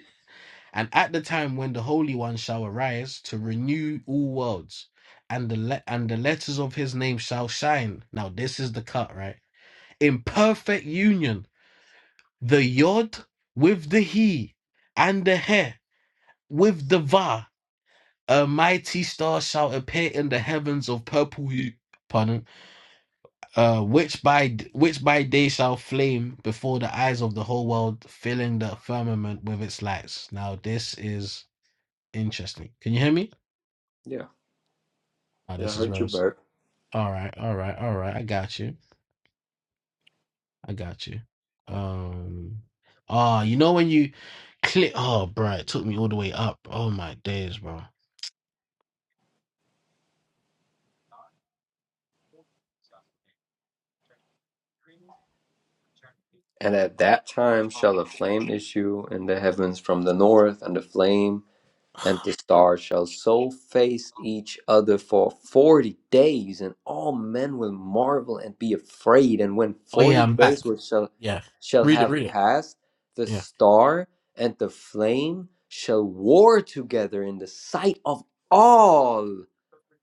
[SPEAKER 4] And at the time when the Holy One shall arise to renew all worlds, and the le- and the letters of his name shall shine. Now this is the cut, right? In perfect union, the Yod with the He, and the He with the Va, a mighty star shall appear in the heavens of purple hue. Pardon uh, which by which by day shall flame before the eyes of the whole world, filling the firmament with its lights. Now this is interesting. Can you hear me?
[SPEAKER 5] Yeah,
[SPEAKER 4] Oh,
[SPEAKER 5] and I
[SPEAKER 4] this is
[SPEAKER 5] heard your
[SPEAKER 4] Rose.
[SPEAKER 5] burp.
[SPEAKER 4] All right, all right, all right. I got you. I got you. Um. Ah, you know when you click. Oh, bro, it took me all the way up. Oh my days, bro.
[SPEAKER 5] And at that time shall a flame issue in the heavens from the north, and the flame. And the stars shall so face each other for forty days, and all men will marvel and be afraid. And when
[SPEAKER 4] Oh yeah,
[SPEAKER 5] forty
[SPEAKER 4] I'm back.
[SPEAKER 5] days were shall
[SPEAKER 4] Yeah.
[SPEAKER 5] shall
[SPEAKER 4] Read it.
[SPEAKER 5] have
[SPEAKER 4] Read it.
[SPEAKER 5] passed, the
[SPEAKER 4] Yeah.
[SPEAKER 5] star and the flame shall war together in the sight of all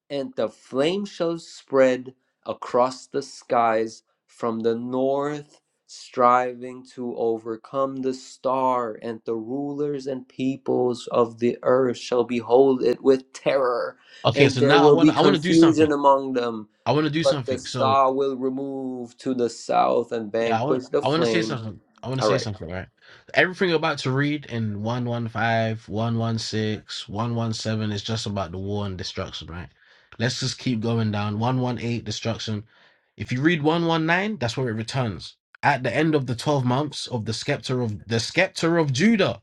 [SPEAKER 5] and the flame shall spread across the skies from the north, striving to overcome the star, and the rulers and peoples of the earth shall behold it with terror,
[SPEAKER 4] Okay,
[SPEAKER 5] and
[SPEAKER 4] so
[SPEAKER 5] there
[SPEAKER 4] now I
[SPEAKER 5] will
[SPEAKER 4] want
[SPEAKER 5] be
[SPEAKER 4] to I want to do
[SPEAKER 5] confusion
[SPEAKER 4] something.
[SPEAKER 5] among them.
[SPEAKER 4] I want to do
[SPEAKER 5] But the
[SPEAKER 4] something. So
[SPEAKER 5] star will remove to the south and
[SPEAKER 4] Yeah, I want
[SPEAKER 5] vanquish the
[SPEAKER 4] I want to say
[SPEAKER 5] flame.
[SPEAKER 4] something. I want to
[SPEAKER 5] All
[SPEAKER 4] say
[SPEAKER 5] right.
[SPEAKER 4] something, right? Everything you're about to read in 115, 116, 117 is just about the war and destruction, right? Let's just keep going down. 118, destruction. If you read 119, that's where it returns. At the end of the 12 months of the scepter of the scepter of Judah.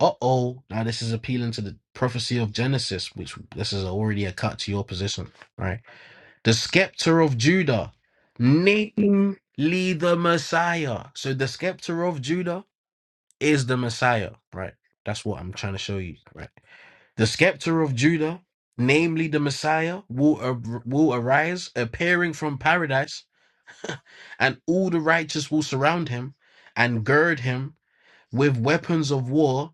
[SPEAKER 4] Uh-oh. Now this is appealing to the prophecy of Genesis, which this is already a cut to your position, right? the scepter of Judah, namely the Messiah. So the scepter of Judah is the Messiah, right? That's what I'm trying to show you, right? The scepter of Judah, namely the Messiah, will ar- will arise, appearing from paradise, and all the righteous will surround him and gird him with weapons of war.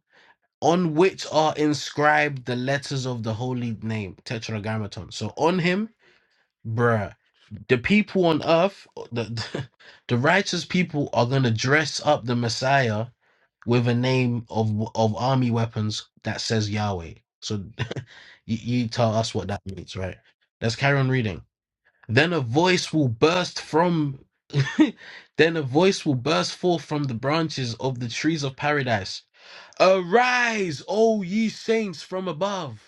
[SPEAKER 4] On which are inscribed the letters of the holy name, Tetragrammaton. So on him, bruh. the people on earth, the the righteous people are gonna dress up the Messiah with a name of of army weapons that says Yahweh. So you, you tell us what that means, right? Let's carry on reading. Then a voice will burst from then a voice will burst forth from the branches of the trees of paradise. Arise, O ye saints from above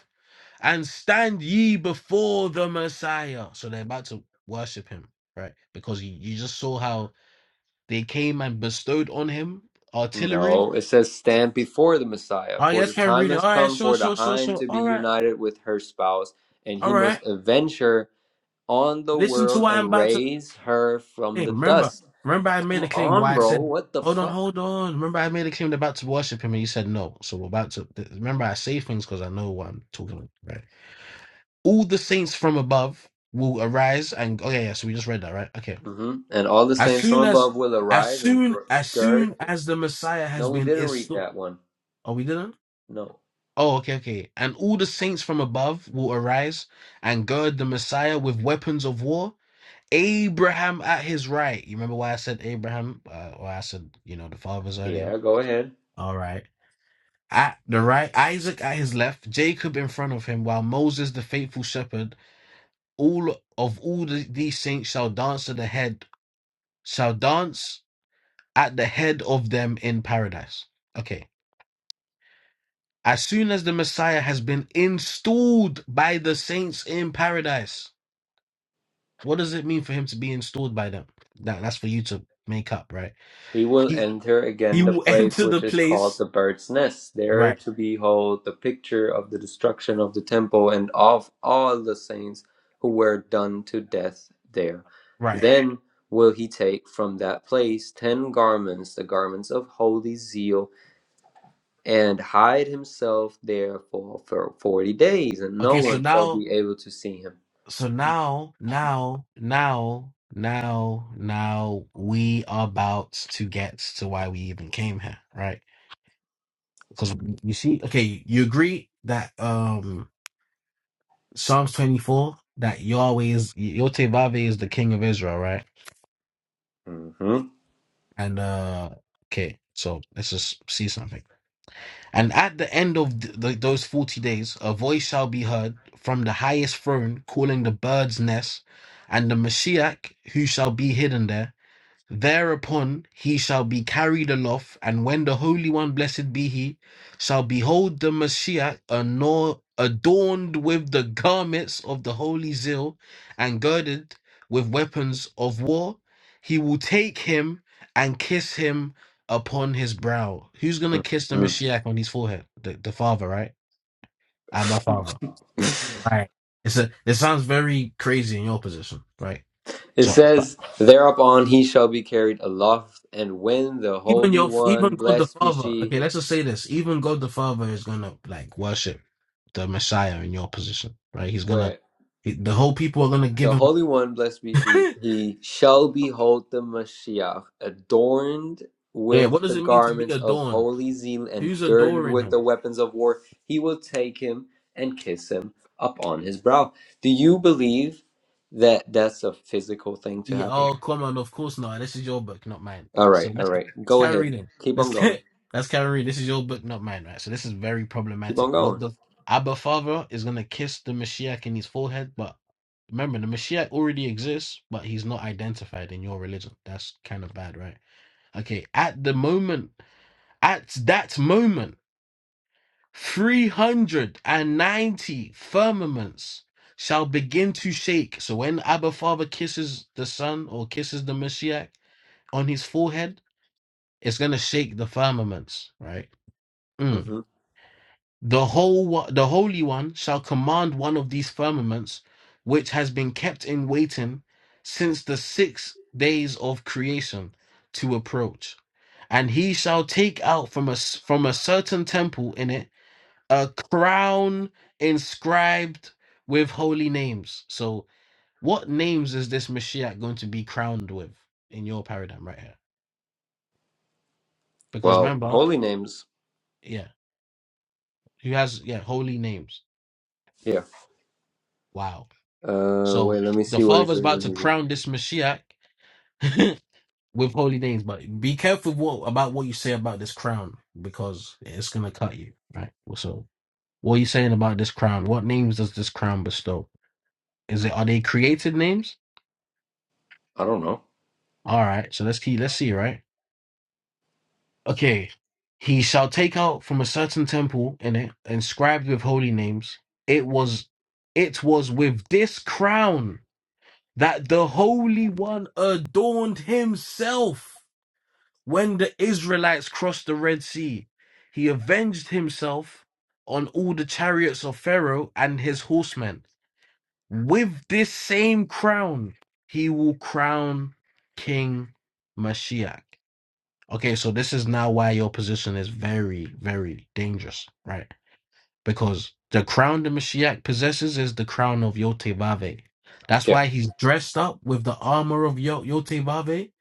[SPEAKER 4] and stand ye before the Messiah. So they're about to worship him, right? Because you, you just saw how they came and bestowed on him artillery.
[SPEAKER 5] No, it says stand before the Messiah,
[SPEAKER 4] Oh,
[SPEAKER 5] for the
[SPEAKER 4] yes, Karen,
[SPEAKER 5] time
[SPEAKER 4] read it.
[SPEAKER 5] has
[SPEAKER 4] All right,
[SPEAKER 5] come
[SPEAKER 4] sure,
[SPEAKER 5] for the
[SPEAKER 4] sure, sure,
[SPEAKER 5] hind
[SPEAKER 4] sure.
[SPEAKER 5] to be
[SPEAKER 4] All right,
[SPEAKER 5] united with her spouse, and
[SPEAKER 4] all
[SPEAKER 5] he
[SPEAKER 4] right.
[SPEAKER 5] must avenge her on the
[SPEAKER 4] Listen to
[SPEAKER 5] world
[SPEAKER 4] what I'm
[SPEAKER 5] and
[SPEAKER 4] about to
[SPEAKER 5] raise her from
[SPEAKER 4] claim.
[SPEAKER 5] the
[SPEAKER 4] Remember,
[SPEAKER 5] dust.
[SPEAKER 4] remember, I made
[SPEAKER 5] Come
[SPEAKER 4] a claim
[SPEAKER 5] on,
[SPEAKER 4] why I
[SPEAKER 5] bro.
[SPEAKER 4] said,
[SPEAKER 5] What the
[SPEAKER 4] hold on,
[SPEAKER 5] fuck?
[SPEAKER 4] hold on. Remember, I made a claim they're about to worship him, and you said no. So we're about to remember, I say things because I know what I'm talking about, right? All the saints from above will arise and, oh, yeah, yeah. So we just read that, right? Okay
[SPEAKER 5] hmm And all the
[SPEAKER 4] As
[SPEAKER 5] saints from
[SPEAKER 4] soon as,
[SPEAKER 5] above will
[SPEAKER 4] as
[SPEAKER 5] arise and
[SPEAKER 4] soon,
[SPEAKER 5] gr-
[SPEAKER 4] as soon
[SPEAKER 5] gird.
[SPEAKER 4] as the Messiah has
[SPEAKER 5] No, we
[SPEAKER 4] been
[SPEAKER 5] didn't read
[SPEAKER 4] installed.
[SPEAKER 5] that one.
[SPEAKER 4] Oh, we didn't?
[SPEAKER 5] No.
[SPEAKER 4] Oh, okay, okay. And all the saints from above will arise and gird the Messiah with weapons of war. Abraham at his right. You remember why I said Abraham? Uh, or I said, you know, the fathers earlier.
[SPEAKER 5] Yeah, go ahead.
[SPEAKER 4] All right. At the right, Isaac at his left, Jacob in front of him, while Moses, the faithful shepherd, all of all the, these saints shall dance to the head, shall dance at the head of them in paradise. Okay. As soon as the Messiah has been installed by the saints in paradise, what does it mean for him to be installed by them? That, that's for you to make up, right?
[SPEAKER 5] He will
[SPEAKER 4] He
[SPEAKER 5] enter
[SPEAKER 4] he
[SPEAKER 5] again the
[SPEAKER 4] will
[SPEAKER 5] place
[SPEAKER 4] enter the
[SPEAKER 5] which is called
[SPEAKER 4] place.
[SPEAKER 5] the bird's nest, there
[SPEAKER 4] Right,
[SPEAKER 5] to behold the picture of the destruction of the temple and of all the saints who were done to death there.
[SPEAKER 4] right.
[SPEAKER 5] Then will he take from that place ten garments, the garments of holy zeal, and hide himself there for, for forty days, and no
[SPEAKER 4] Okay, so
[SPEAKER 5] one shall
[SPEAKER 4] now
[SPEAKER 5] be able to see
[SPEAKER 4] so now now now now now we are about to get to why we even came here, right? Because you see, okay, you agree that um Psalms 24 that Yahweh is Yotevave is the king of Israel, right?
[SPEAKER 5] him.
[SPEAKER 4] And uh okay, so let's just see something. And at the end of th th- those 40 days, a voice shall be heard from the highest throne calling the bird's nest and the Mashiach who shall be hidden there. Thereupon he shall be carried aloft, and when the Holy One, blessed be he, shall behold the Messiah adorned with the garments of the holy zeal and girded with weapons of war, he will take him and kiss him upon his brow. Who's gonna kiss the
[SPEAKER 5] hmm
[SPEAKER 4] Messiah on his forehead? The, the father, right? Abba Father. Right. It's a it sounds very crazy in your position, right?
[SPEAKER 5] It says, Thereupon he shall be carried aloft, and when the
[SPEAKER 4] even
[SPEAKER 5] Holy
[SPEAKER 4] your even
[SPEAKER 5] One,
[SPEAKER 4] God the
[SPEAKER 5] blessed be
[SPEAKER 4] Father.
[SPEAKER 5] she,
[SPEAKER 4] Okay, let's just say this. Even God the Father is gonna like worship the Messiah in your position, right? He's gonna
[SPEAKER 5] where
[SPEAKER 4] he- the whole people are gonna give
[SPEAKER 5] the
[SPEAKER 4] him.
[SPEAKER 5] Holy One, blessed be she, he shall behold the Mashiach, adorned
[SPEAKER 4] yeah, what
[SPEAKER 5] with the
[SPEAKER 4] does it mean to be
[SPEAKER 5] garments of
[SPEAKER 4] adorned?
[SPEAKER 5] holy zeal and
[SPEAKER 4] Who's
[SPEAKER 5] girded
[SPEAKER 4] adoring
[SPEAKER 5] with the
[SPEAKER 4] him?
[SPEAKER 5] weapons of war. He will take him and kiss him upon his brow. Do you believe that that's a physical thing to
[SPEAKER 4] Yeah,
[SPEAKER 5] happen?
[SPEAKER 4] oh come on, of course not. This is your book, not mine.
[SPEAKER 5] All right,
[SPEAKER 4] So
[SPEAKER 5] all
[SPEAKER 4] let's
[SPEAKER 5] right.
[SPEAKER 4] let's
[SPEAKER 5] Go
[SPEAKER 4] carry
[SPEAKER 5] ahead.
[SPEAKER 4] reading.
[SPEAKER 5] Keep
[SPEAKER 4] Let's
[SPEAKER 5] on going.
[SPEAKER 4] get let's carry reading. This is your book, not mine, right? So this is very
[SPEAKER 5] Keep on
[SPEAKER 4] problematic. God
[SPEAKER 5] going.
[SPEAKER 4] the Abba Father is gonna kiss the Mashiach in his forehead, but remember the Mashiach already exists, but he's not identified in your religion. That's kind of bad, right? Okay, at the moment, at that moment. 390 firmaments shall begin to shake. So when Abba Father kisses the Son or kisses the Messiah on his forehead, it's going to shake the firmaments, right? Mm.
[SPEAKER 5] hmm
[SPEAKER 4] The whole wo- the Holy One shall command one of these firmaments which has been kept in waiting since the 6 days of creation to approach. And he shall take out from a s- from a certain temple in it a crown inscribed with holy names. So, what names is this Mashiach going to be crowned with in your paradigm right here? Because
[SPEAKER 5] Well,
[SPEAKER 4] remember,
[SPEAKER 5] holy names.
[SPEAKER 4] yeah, he has yeah holy names.
[SPEAKER 5] Yeah.
[SPEAKER 4] Wow.
[SPEAKER 5] Uh, wait,
[SPEAKER 4] So
[SPEAKER 5] let me
[SPEAKER 4] the
[SPEAKER 5] see what it
[SPEAKER 4] father's
[SPEAKER 5] says
[SPEAKER 4] about
[SPEAKER 5] in
[SPEAKER 4] to
[SPEAKER 5] Hebrew.
[SPEAKER 4] crown this Mashiach with holy names, but be careful what about what you say about this crown because it's gonna cut you, right? So, what are you saying about this crown? What names does this crown bestow? Is it are they created names?
[SPEAKER 5] I don't know.
[SPEAKER 4] All right, so let's keep let's see, right? Okay. He shall take out from a certain temple in it, inscribed with holy names. It was it was with this crown that the Holy One adorned himself when the Israelites crossed the Red Sea. He avenged himself on all the chariots of Pharaoh and his horsemen. With this same crown, he will crown King Mashiach. Okay, so this is now why your position is very, very dangerous, right? Because the crown the Mashiach possesses is the crown of Yotevave. That's
[SPEAKER 5] Yeah.
[SPEAKER 4] why he's dressed up with the armor of Yo- Yotevave.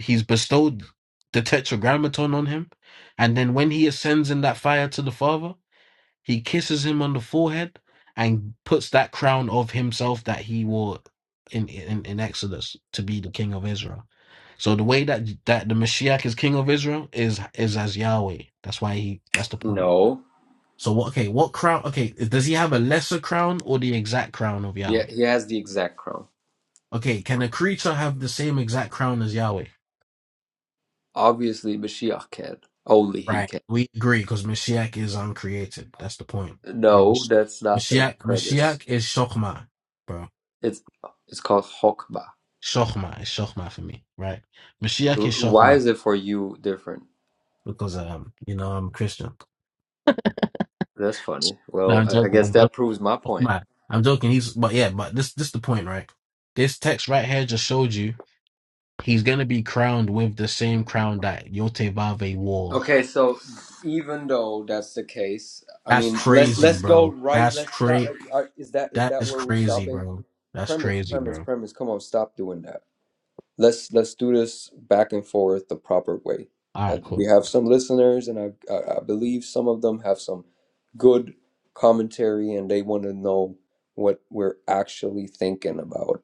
[SPEAKER 4] He's bestowed the tetragrammaton on him. And then when he ascends in that fire to the Father, he kisses him on the forehead and puts that crown of himself that he wore in, in, in Exodus to be the king of Israel. So the way that that the Mashiach is king of Israel is is as Yahweh. That's why he that's the point.
[SPEAKER 5] No.
[SPEAKER 4] So what okay, what crown okay, does he have a lesser crown or the exact crown of
[SPEAKER 5] Yeah,
[SPEAKER 4] Yahweh?
[SPEAKER 5] he has the exact crown.
[SPEAKER 4] Okay, can a creature have the same exact crown as Yahweh?
[SPEAKER 5] Obviously, Mashiach can. Only he
[SPEAKER 4] Right.
[SPEAKER 5] can.
[SPEAKER 4] We agree because Mashiach is uncreated. That's the point. Right,
[SPEAKER 5] No,
[SPEAKER 4] Mash-
[SPEAKER 5] that's not the
[SPEAKER 4] Mashiach
[SPEAKER 5] premise.
[SPEAKER 4] Mashiach is Shokma,
[SPEAKER 5] It's it's called Hokmah.
[SPEAKER 4] Shochma is Shochma for me, right? Mashiach is
[SPEAKER 5] R- Why
[SPEAKER 4] Shochma
[SPEAKER 5] is it for you different?
[SPEAKER 4] because um, you know, I'm Christian.
[SPEAKER 5] That's funny.
[SPEAKER 4] No,
[SPEAKER 5] Well,
[SPEAKER 4] I'm
[SPEAKER 5] I I
[SPEAKER 4] joking.
[SPEAKER 5] guess
[SPEAKER 4] I'm joking.
[SPEAKER 5] that proves my point.
[SPEAKER 4] Shochma. I'm joking. He's but yeah, but this this is the point, right? This text right here just showed you he's gonna be crowned with the same crown that Yotevave wore.
[SPEAKER 5] Okay, so even though that's the case, I
[SPEAKER 4] That's
[SPEAKER 5] mean, let's
[SPEAKER 4] crazy,
[SPEAKER 5] let's go
[SPEAKER 4] bro.
[SPEAKER 5] right.
[SPEAKER 4] That's
[SPEAKER 5] Let's stop.
[SPEAKER 4] crazy.
[SPEAKER 5] uh, uh, Is that is
[SPEAKER 4] That
[SPEAKER 5] that
[SPEAKER 4] is
[SPEAKER 5] where we're
[SPEAKER 4] crazy,
[SPEAKER 5] stopping?
[SPEAKER 4] bro. That's
[SPEAKER 5] Premise,
[SPEAKER 4] crazy,
[SPEAKER 5] premise,
[SPEAKER 4] bro.
[SPEAKER 5] premise. Come on, stop doing that. let's let's do this back and forth the proper way.
[SPEAKER 4] All
[SPEAKER 5] Uh,
[SPEAKER 4] right,
[SPEAKER 5] we
[SPEAKER 4] cool.
[SPEAKER 5] have some listeners, and I, I I believe some of them have some good commentary, and they want to know what we're actually thinking about.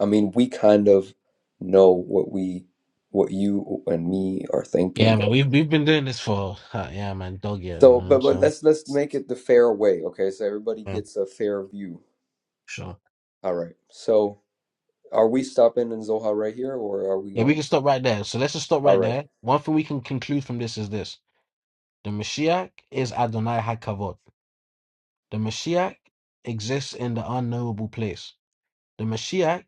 [SPEAKER 5] I mean, we kind of know what we what you and me are thinking,
[SPEAKER 4] Yeah, man.
[SPEAKER 5] but
[SPEAKER 4] We've we've been doing this for uh, yeah, man, dog years,
[SPEAKER 5] so
[SPEAKER 4] man.
[SPEAKER 5] but but
[SPEAKER 4] So
[SPEAKER 5] let's let's make it the fair way, okay? So everybody
[SPEAKER 4] yeah,
[SPEAKER 5] gets a fair view.
[SPEAKER 4] sure.
[SPEAKER 5] All right. So are we stopping in Zoha right here, or are we
[SPEAKER 4] Yeah, we
[SPEAKER 5] going?
[SPEAKER 4] can stop right there. So let's just stop
[SPEAKER 5] All
[SPEAKER 4] right
[SPEAKER 5] right.
[SPEAKER 4] there. One thing we can conclude from this is this the Mashiach is Adonai HaKavod. The Mashiach exists in the unknowable place. The Mashiach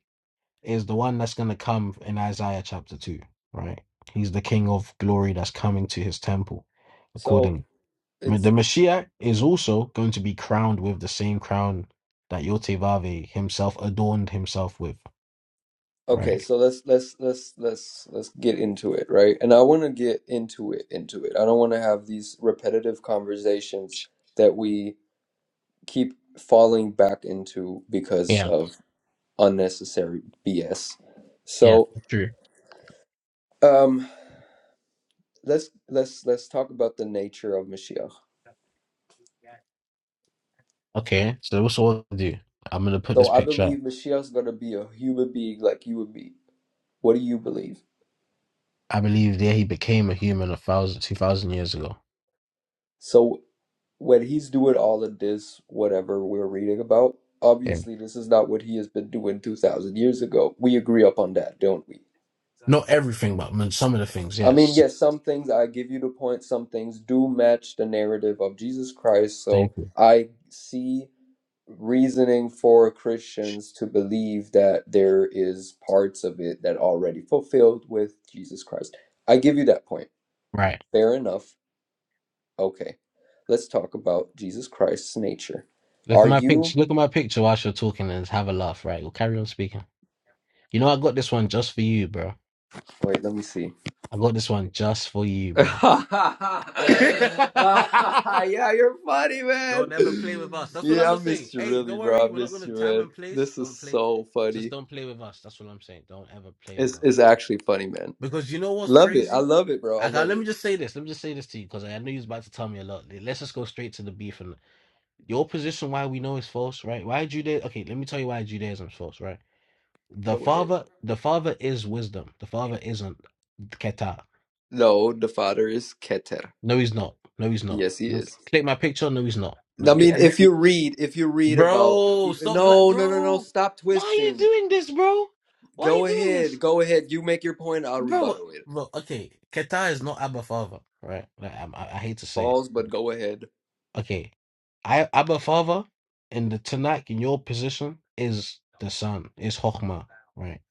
[SPEAKER 4] is the one that's going to come in Isaiah chapter 2, right? He's the King of glory that's coming to his temple,
[SPEAKER 5] So
[SPEAKER 4] accordingly. Ma-
[SPEAKER 5] it's
[SPEAKER 4] The Mashiach is also going to be crowned with the same crown that Yotevavi himself adorned himself with,
[SPEAKER 5] Okay,
[SPEAKER 4] right?
[SPEAKER 5] so let's let's let's let's let's get into it, right? And I want to get into it, into it. I don't want to have these repetitive conversations that we keep falling back into because
[SPEAKER 4] Yeah,
[SPEAKER 5] of unnecessary BS.
[SPEAKER 4] yeah,
[SPEAKER 5] So,
[SPEAKER 4] true.
[SPEAKER 5] um, let's let's let's talk about the nature of Mashiach.
[SPEAKER 4] Okay, so what's all to do? I'm gonna put
[SPEAKER 5] So,
[SPEAKER 4] this
[SPEAKER 5] I
[SPEAKER 4] picture
[SPEAKER 5] believe
[SPEAKER 4] up.
[SPEAKER 5] Mashiach's going to be a human being like you and me. What do you believe?
[SPEAKER 4] I believe there he became a human a thousand, two thousand years ago.
[SPEAKER 5] So when he's doing all of this, whatever we're reading about,
[SPEAKER 4] Yeah.
[SPEAKER 5] obviously this is not what he has been doing 2,000 years ago. We agree upon that, don't we?
[SPEAKER 4] Other things,
[SPEAKER 5] I mean,
[SPEAKER 4] yes.
[SPEAKER 5] yes, some things I give you the point, some things do match the narrative of Jesus Christ. So
[SPEAKER 4] Thank you.
[SPEAKER 5] I see reasoning for Christians to believe that there is parts of it that already fulfilled with Jesus Christ. I give you that point.
[SPEAKER 4] Right.
[SPEAKER 5] Fair enough. Okay. Let's talk about Jesus Christ's nature.
[SPEAKER 4] Look at
[SPEAKER 5] Are
[SPEAKER 4] my
[SPEAKER 5] you
[SPEAKER 4] picture. Look at my picture whilst you're talking and have a laugh. Right. We'll carry on speaking. You know, I got this one just for you, bro.
[SPEAKER 5] Wait, let me see.
[SPEAKER 4] I got this one just for you, bro.
[SPEAKER 5] yeah, you're funny,
[SPEAKER 4] don't
[SPEAKER 5] man.
[SPEAKER 4] ever play with us. That's what I'm
[SPEAKER 5] Yeah, I
[SPEAKER 4] gonna say.
[SPEAKER 5] missed you
[SPEAKER 4] Hey,
[SPEAKER 5] really,
[SPEAKER 4] don't worry.
[SPEAKER 5] bro. I
[SPEAKER 4] We're not
[SPEAKER 5] missed
[SPEAKER 4] gonna
[SPEAKER 5] you,
[SPEAKER 4] time
[SPEAKER 5] man.
[SPEAKER 4] and place.
[SPEAKER 5] This is
[SPEAKER 4] Don't play.
[SPEAKER 5] so
[SPEAKER 4] Just
[SPEAKER 5] funny.
[SPEAKER 4] don't play with us. That's what I'm saying. Don't ever play with
[SPEAKER 5] It's
[SPEAKER 4] us.
[SPEAKER 5] it's
[SPEAKER 4] bro.
[SPEAKER 5] actually funny, man.
[SPEAKER 4] Because you know what's
[SPEAKER 5] Love it.
[SPEAKER 4] crazy?
[SPEAKER 5] I love it, bro. I
[SPEAKER 4] I can,
[SPEAKER 5] love
[SPEAKER 4] let
[SPEAKER 5] it.
[SPEAKER 4] me just say this. Let me just say this to you because I know you're about to tell me a lot. Let's just go straight to the beef and your position. Why we know is false, right? Why Judaism? Okay, let me tell you why Judaism is false, right? The
[SPEAKER 5] Go ahead.
[SPEAKER 4] father, the father is wisdom. The father isn't Keta.
[SPEAKER 5] No, the father is Keter.
[SPEAKER 4] No, he's not. No, he's not.
[SPEAKER 5] Yes, he
[SPEAKER 4] No.
[SPEAKER 5] is.
[SPEAKER 4] Click my picture. No, he's not. No,
[SPEAKER 5] I
[SPEAKER 4] pl-
[SPEAKER 5] mean,
[SPEAKER 4] and-
[SPEAKER 5] if you read, if you read about
[SPEAKER 4] bro, stop, like,
[SPEAKER 5] no, no, no, no,
[SPEAKER 4] bro.
[SPEAKER 5] stop
[SPEAKER 4] Why are you
[SPEAKER 5] twisting.
[SPEAKER 4] doing this, bro? Why are
[SPEAKER 5] Go
[SPEAKER 4] you doing
[SPEAKER 5] ahead.
[SPEAKER 4] this,
[SPEAKER 5] Go ahead. You make your point, I'll
[SPEAKER 4] bro?
[SPEAKER 5] rebuttal it.
[SPEAKER 4] Bro, okay, Keta is not Abba Father, right? Like, I, I I hate to say it.
[SPEAKER 5] Pause, but go ahead.
[SPEAKER 4] Okay, I Abba Father and the Tanakh in your position is the son, is Chokhmah, right?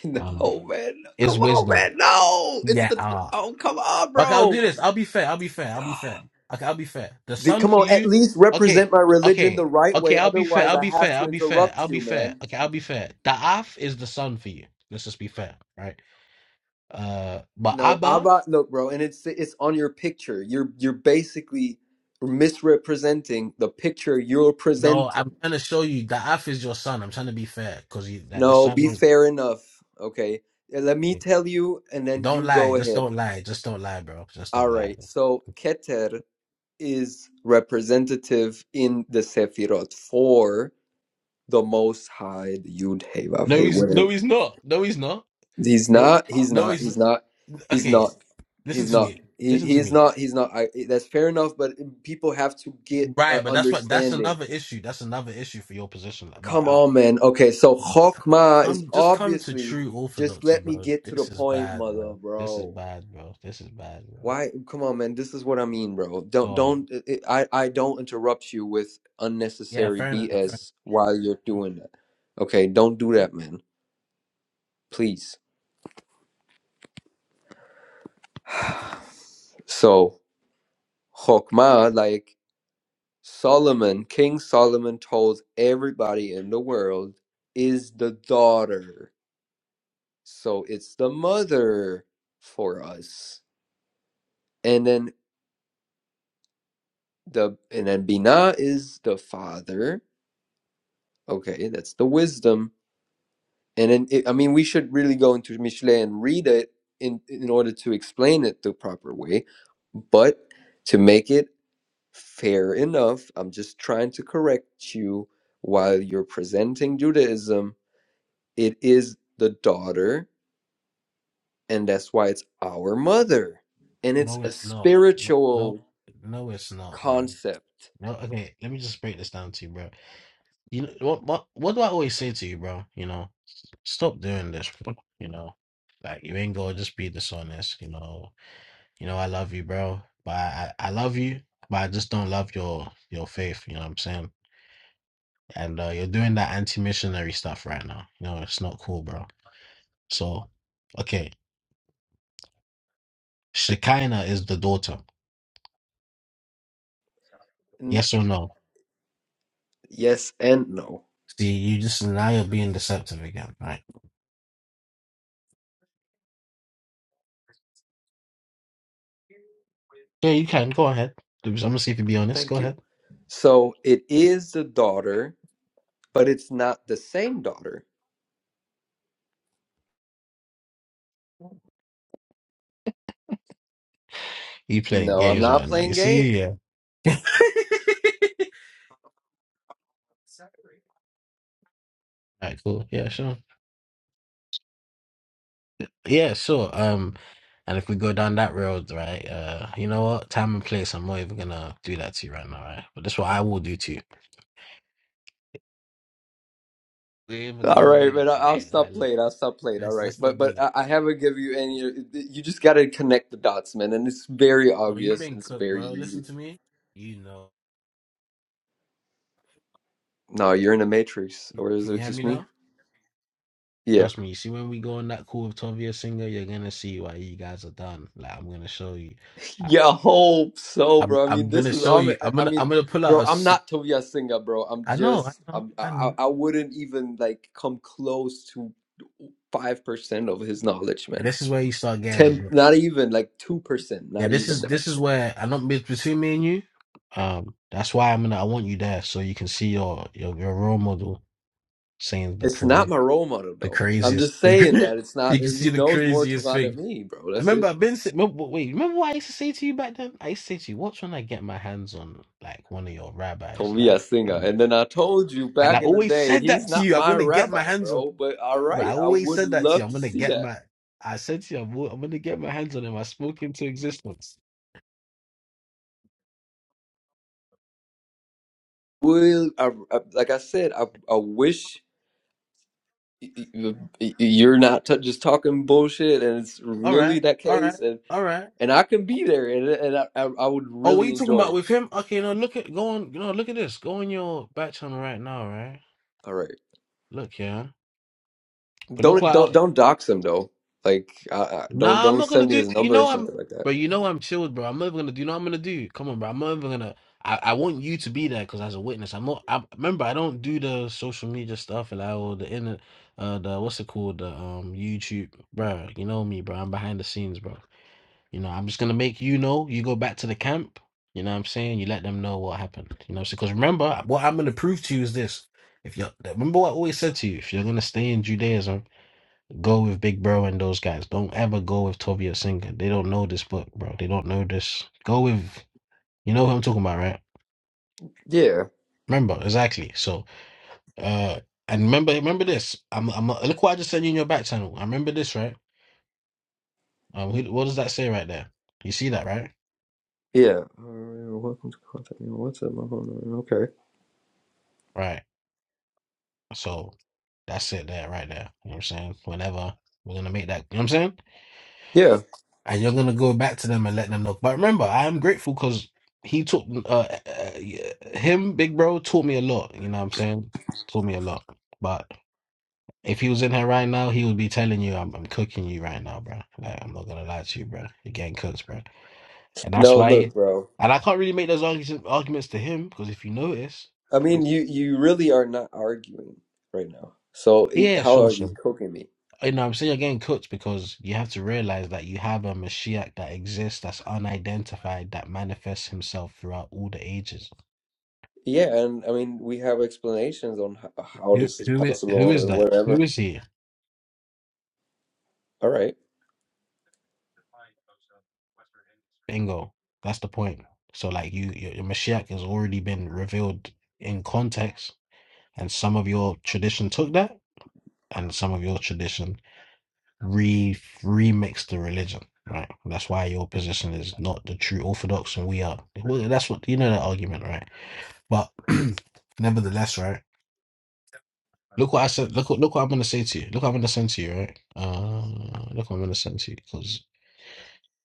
[SPEAKER 4] Um,
[SPEAKER 5] No, man. Come
[SPEAKER 4] is
[SPEAKER 5] on,
[SPEAKER 4] wisdom.
[SPEAKER 5] man. No. It's
[SPEAKER 4] Yeah.
[SPEAKER 5] the
[SPEAKER 4] Ah.
[SPEAKER 5] oh, come on,
[SPEAKER 4] Okay, I'll
[SPEAKER 5] bro.
[SPEAKER 4] do this. I'll be fair. I'll be fair. I'll be fair. Okay, I'll be fair. The
[SPEAKER 5] Dude,
[SPEAKER 4] son
[SPEAKER 5] come
[SPEAKER 4] for
[SPEAKER 5] on. At
[SPEAKER 4] you.
[SPEAKER 5] least
[SPEAKER 4] Okay.
[SPEAKER 5] represent my religion the
[SPEAKER 4] Okay.
[SPEAKER 5] right
[SPEAKER 4] Okay.
[SPEAKER 5] way.
[SPEAKER 4] I'll be fair.
[SPEAKER 5] Otherwise,
[SPEAKER 4] I'll
[SPEAKER 5] I
[SPEAKER 4] be
[SPEAKER 5] have
[SPEAKER 4] fair.
[SPEAKER 5] to
[SPEAKER 4] I'll be fair.
[SPEAKER 5] interrupt
[SPEAKER 4] I'll be
[SPEAKER 5] you,
[SPEAKER 4] fair.
[SPEAKER 5] man.
[SPEAKER 4] Okay. I'll be fair. The Af is the son for you. Let's just be fair, right? Uh, but
[SPEAKER 5] No,
[SPEAKER 4] Abba.
[SPEAKER 5] Abba. Look, bro, and it's it's on your picture. You're you're basically misrepresenting the picture you're
[SPEAKER 4] No, I'm
[SPEAKER 5] presenting.
[SPEAKER 4] trying to show you the Af is your son. I'm trying to be fair because you that the
[SPEAKER 5] No,
[SPEAKER 4] son
[SPEAKER 5] be
[SPEAKER 4] was.
[SPEAKER 5] fair enough. Okay, Uh, let me tell you, and then
[SPEAKER 4] Don't
[SPEAKER 5] you
[SPEAKER 4] lie.
[SPEAKER 5] go
[SPEAKER 4] Just
[SPEAKER 5] ahead.
[SPEAKER 4] don't lie. Just don't lie, bro. Just
[SPEAKER 5] All
[SPEAKER 4] don't lie.
[SPEAKER 5] right. So Keter is representative in the Sefirot for. the Most High, the Yud Hey Vav
[SPEAKER 4] No,
[SPEAKER 5] Hey,
[SPEAKER 4] he's no,
[SPEAKER 5] whatever.
[SPEAKER 4] he's not. No, he's not.
[SPEAKER 5] He's
[SPEAKER 4] No,
[SPEAKER 5] not. He's
[SPEAKER 4] no,
[SPEAKER 5] not.
[SPEAKER 4] he's
[SPEAKER 5] He's not. He's
[SPEAKER 4] okay.
[SPEAKER 5] not.
[SPEAKER 4] Listen
[SPEAKER 5] He's
[SPEAKER 4] to
[SPEAKER 5] not.
[SPEAKER 4] me.
[SPEAKER 5] He,
[SPEAKER 4] Listen
[SPEAKER 5] he
[SPEAKER 4] to
[SPEAKER 5] is
[SPEAKER 4] me.
[SPEAKER 5] not. He's not. I, that's fair enough. But people have to get an
[SPEAKER 4] Right, but that's what that's
[SPEAKER 5] understanding.
[SPEAKER 4] another issue. That's another issue for your position. Like, But
[SPEAKER 5] Come
[SPEAKER 4] I,
[SPEAKER 5] on, man. Okay, so Chokmah is
[SPEAKER 4] I'm just come to
[SPEAKER 5] obviously.
[SPEAKER 4] true
[SPEAKER 5] Just
[SPEAKER 4] orthodoxy,
[SPEAKER 5] let me
[SPEAKER 4] bro.
[SPEAKER 5] get to the
[SPEAKER 4] This is
[SPEAKER 5] point,
[SPEAKER 4] bad,
[SPEAKER 5] mother,
[SPEAKER 4] bro. This is
[SPEAKER 5] bro.
[SPEAKER 4] bad, bro. This is bad, bro.
[SPEAKER 5] Why? Come on, man. This is what I mean, bro.
[SPEAKER 4] Go
[SPEAKER 5] Don't
[SPEAKER 4] on.
[SPEAKER 5] don't. It, I I don't interrupt you with
[SPEAKER 4] Yeah,
[SPEAKER 5] unnecessary
[SPEAKER 4] fair enough. Fair
[SPEAKER 5] BS while you're
[SPEAKER 4] enough.
[SPEAKER 5] doing that. Okay, don't do that, man. Please. So Chokmah, like Solomon, King Solomon told everybody in the world, is the daughter. So it's the mother for us. And then the and then Binah is the father. Okay, that's the wisdom. And then it, I mean we should really go into Mishle and read it in in order to explain it the proper way. But to make it Fair enough. I'm just trying to correct you. While you're presenting Judaism, it is the daughter, and that's why it's our mother. And it's
[SPEAKER 4] No,
[SPEAKER 5] a
[SPEAKER 4] it's not. No, no,
[SPEAKER 5] spiritual
[SPEAKER 4] no, it's not, bro.
[SPEAKER 5] concept.
[SPEAKER 4] No, okay. Let me just break this down to you, bro. You know, what what what do I always say to you, bro? You know, stop doing this. bro. You know, like you ain't gonna just be dishonest. You know, you know I love you, bro, but I I love you, but I just don't love your your faith. You know what I'm saying? And uh, you're doing that anti-missionary stuff right now. You know, it's not cool, bro. So, okay, Shekinah is the daughter.
[SPEAKER 5] N-
[SPEAKER 4] Yes or no?
[SPEAKER 5] Yes and no.
[SPEAKER 4] See, you just now you're being deceptive again, right? Yeah, you can go ahead. I'm gonna see if you be honest. Go
[SPEAKER 5] Thank you.
[SPEAKER 4] ahead.
[SPEAKER 5] So it is the daughter, but it's not the same daughter.
[SPEAKER 4] You playing
[SPEAKER 5] No, I'm
[SPEAKER 4] games
[SPEAKER 5] not
[SPEAKER 4] right now. You
[SPEAKER 5] playing
[SPEAKER 4] see, yeah. All right, cool. Yeah, sure. Yeah, sure. Um, and if we go down that road, right, uh, you know what? Time and place, I'm not even gonna do that to you right now, right? But that's what I will do to you. We ain't even
[SPEAKER 5] All
[SPEAKER 4] gonna
[SPEAKER 5] right,
[SPEAKER 4] do
[SPEAKER 5] man.
[SPEAKER 4] that
[SPEAKER 5] I- I'll
[SPEAKER 4] today.
[SPEAKER 5] stop
[SPEAKER 4] Like, look,
[SPEAKER 5] playing. I'll stop playing. All
[SPEAKER 4] let's
[SPEAKER 5] right,
[SPEAKER 4] let's
[SPEAKER 5] but
[SPEAKER 4] not do
[SPEAKER 5] but I
[SPEAKER 4] that.
[SPEAKER 5] I haven't give you any. You just got to connect the dots, man, and it's very
[SPEAKER 4] Bro, you've
[SPEAKER 5] obvious
[SPEAKER 4] been
[SPEAKER 5] and it's
[SPEAKER 4] cooked,
[SPEAKER 5] very
[SPEAKER 4] bro. Listen
[SPEAKER 5] easy.
[SPEAKER 4] to me. You know.
[SPEAKER 5] No, you're in a matrix, or is
[SPEAKER 4] Can
[SPEAKER 5] it
[SPEAKER 4] you hear
[SPEAKER 5] just
[SPEAKER 4] me
[SPEAKER 5] me?
[SPEAKER 4] now?
[SPEAKER 5] Yeah.
[SPEAKER 4] Trust me, you see when we go on that call with Tovia Singer, you're gonna see why you guys are done. Like I'm gonna show you. I,
[SPEAKER 5] Yeah, I hope so,
[SPEAKER 4] I'm
[SPEAKER 5] bro. I mean,
[SPEAKER 4] I'm
[SPEAKER 5] this
[SPEAKER 4] gonna
[SPEAKER 5] is.
[SPEAKER 4] show
[SPEAKER 5] i
[SPEAKER 4] you. I'm
[SPEAKER 5] I
[SPEAKER 4] gonna
[SPEAKER 5] mean,
[SPEAKER 4] I'm gonna pull out
[SPEAKER 5] bro,
[SPEAKER 4] a.
[SPEAKER 5] I'm
[SPEAKER 4] s-
[SPEAKER 5] not Tobias Singer, bro. I'm
[SPEAKER 4] I know,
[SPEAKER 5] just.
[SPEAKER 4] I know,
[SPEAKER 5] I'm. I,
[SPEAKER 4] I
[SPEAKER 5] I
[SPEAKER 4] know.
[SPEAKER 5] I wouldn't even like come close to five percent of his knowledge,
[SPEAKER 4] And
[SPEAKER 5] man.
[SPEAKER 4] this is where you start getting a
[SPEAKER 5] Ten,
[SPEAKER 4] bit.
[SPEAKER 5] not even like two percent,
[SPEAKER 4] Yeah,
[SPEAKER 5] not
[SPEAKER 4] this
[SPEAKER 5] even.
[SPEAKER 4] is this is where I don't bet- between me and you. Um, that's why I'm gonna I want you there so you can see your your, your role model saying the
[SPEAKER 5] It's not
[SPEAKER 4] crazy
[SPEAKER 5] my role model
[SPEAKER 4] the
[SPEAKER 5] though. I'm
[SPEAKER 4] craziest
[SPEAKER 5] just
[SPEAKER 4] the
[SPEAKER 5] saying that it's
[SPEAKER 4] you
[SPEAKER 5] not.
[SPEAKER 4] can see
[SPEAKER 5] He
[SPEAKER 4] the
[SPEAKER 5] knows more
[SPEAKER 4] craziest
[SPEAKER 5] Torah
[SPEAKER 4] thing.
[SPEAKER 5] than me, bro.
[SPEAKER 4] I
[SPEAKER 5] That's
[SPEAKER 4] remember
[SPEAKER 5] it.
[SPEAKER 4] I've been. si- Remember, wait, remember what I used to say to you back then? I used to say to you, "Watch when I get my hands on like one of your rabbis."
[SPEAKER 5] Tobiah
[SPEAKER 4] Like
[SPEAKER 5] Singer.
[SPEAKER 4] I'm,
[SPEAKER 5] And then I told you
[SPEAKER 4] and I
[SPEAKER 5] back in the
[SPEAKER 4] always
[SPEAKER 5] day,
[SPEAKER 4] said
[SPEAKER 5] he's
[SPEAKER 4] that to
[SPEAKER 5] not
[SPEAKER 4] you. I'm
[SPEAKER 5] my
[SPEAKER 4] gonna get my
[SPEAKER 5] rabbi,
[SPEAKER 4] hands on.
[SPEAKER 5] bro. But all
[SPEAKER 4] But I
[SPEAKER 5] right, I
[SPEAKER 4] always
[SPEAKER 5] would
[SPEAKER 4] said that to you.
[SPEAKER 5] love
[SPEAKER 4] I'm
[SPEAKER 5] to
[SPEAKER 4] gonna
[SPEAKER 5] see
[SPEAKER 4] get
[SPEAKER 5] that.
[SPEAKER 4] my. I said to you, I'm, I'm gonna get my hands on him. I spoke into existence.
[SPEAKER 5] Will I, I- like I said, I I wish y- y- y- you're not t- just talking bullshit, and it's
[SPEAKER 4] All right,
[SPEAKER 5] really that
[SPEAKER 4] all right,
[SPEAKER 5] case, and
[SPEAKER 4] all right.
[SPEAKER 5] and I can be there, and and I I I would
[SPEAKER 4] Oh, what are
[SPEAKER 5] really
[SPEAKER 4] you talking
[SPEAKER 5] enjoy
[SPEAKER 4] about
[SPEAKER 5] it.
[SPEAKER 4] with him? Okay, no, look at go on. No, look at this. Go on your back channel right now, right?
[SPEAKER 5] All right,
[SPEAKER 4] Look, yeah. But look
[SPEAKER 5] don't
[SPEAKER 4] what
[SPEAKER 5] don't don't dox him though. Like, I, I, don't
[SPEAKER 4] Nah, I'm
[SPEAKER 5] don't
[SPEAKER 4] not gonna
[SPEAKER 5] send me
[SPEAKER 4] do.
[SPEAKER 5] his
[SPEAKER 4] You
[SPEAKER 5] number or
[SPEAKER 4] know I'm,
[SPEAKER 5] something like that.
[SPEAKER 4] bro. You know I'm chilled, bro. I'm never gonna do. You know what I'm gonna do. Come on, bro. I'm never gonna. I, I want you to be there because as a witness, I'm not. I remember I don't do the social media stuff and like or the inner, uh, the what's it called, the um YouTube, bro. You know me, bro. I'm behind the scenes, bro. You know, I'm just gonna make you know. You go back to the camp. You know what I'm saying? You let them know what happened. You know, because remember what I'm gonna prove to you is this. If you are remember what I always said to you, if you're gonna stay in Judaism. Go with Big Bro and those guys. Don't ever go with Toby or Singer. They don't know this book, bro. They don't know this. Go with you know who I'm talking about, right?
[SPEAKER 5] Yeah,
[SPEAKER 4] Remember exactly. So, uh, and remember, remember this. I'm, I'm. Look what I just sent you in your back channel. I remember this, right? Um, who, what does that say right there? You see that, right?
[SPEAKER 5] yeah. All right, well, welcome to contact me on WhatsApp. My phone number. Okay.
[SPEAKER 4] Right. So, that's it, there, right there. You know what I'm saying? Whenever we're gonna make that, you know what I'm saying?
[SPEAKER 5] Yeah.
[SPEAKER 4] and you're gonna go back to them and let them know. But remember, I am grateful because he taught uh, uh, yeah, him, big bro, taught me a lot. You know what I'm saying? Taught me a lot. But if he was in here right now, he would be telling you, "I'm, I'm cooking you right now, bro. Like I'm not gonna lie to you, bro. You're getting cooked, bro." And that's
[SPEAKER 5] No, look,
[SPEAKER 4] why.
[SPEAKER 5] bro.
[SPEAKER 4] and I can't really make those arguments arguments to him because if you notice,
[SPEAKER 5] I mean, you you really are not arguing right now. So
[SPEAKER 4] yeah,
[SPEAKER 5] e-
[SPEAKER 4] yeah,
[SPEAKER 5] how
[SPEAKER 4] sure,
[SPEAKER 5] are you
[SPEAKER 4] sure.
[SPEAKER 5] cooking me?
[SPEAKER 4] You know, what I'm saying you're getting cooked because you have to realize that you have a Mashiach that exists, that's unidentified, that manifests himself throughout all the ages.
[SPEAKER 5] Yeah, and I mean, we have explanations on how, how
[SPEAKER 4] Who
[SPEAKER 5] this is
[SPEAKER 4] who is who
[SPEAKER 5] possible
[SPEAKER 4] is
[SPEAKER 5] and
[SPEAKER 4] that? Who
[SPEAKER 5] whatever.
[SPEAKER 4] is he?
[SPEAKER 5] All right.
[SPEAKER 4] Bingo. That's the point. So like you, your, your Mashiach has already been revealed in context, and some of your tradition took that, and some of your tradition re remixed the religion. Right. That's why your position is not the true Orthodox, and we are. Well, that's what you know that argument, right? But nevertheless, right. Look what I said. Look what look what I'm gonna say to you. Look what I'm gonna send to you, right? Uh, look what I'm gonna send to you because.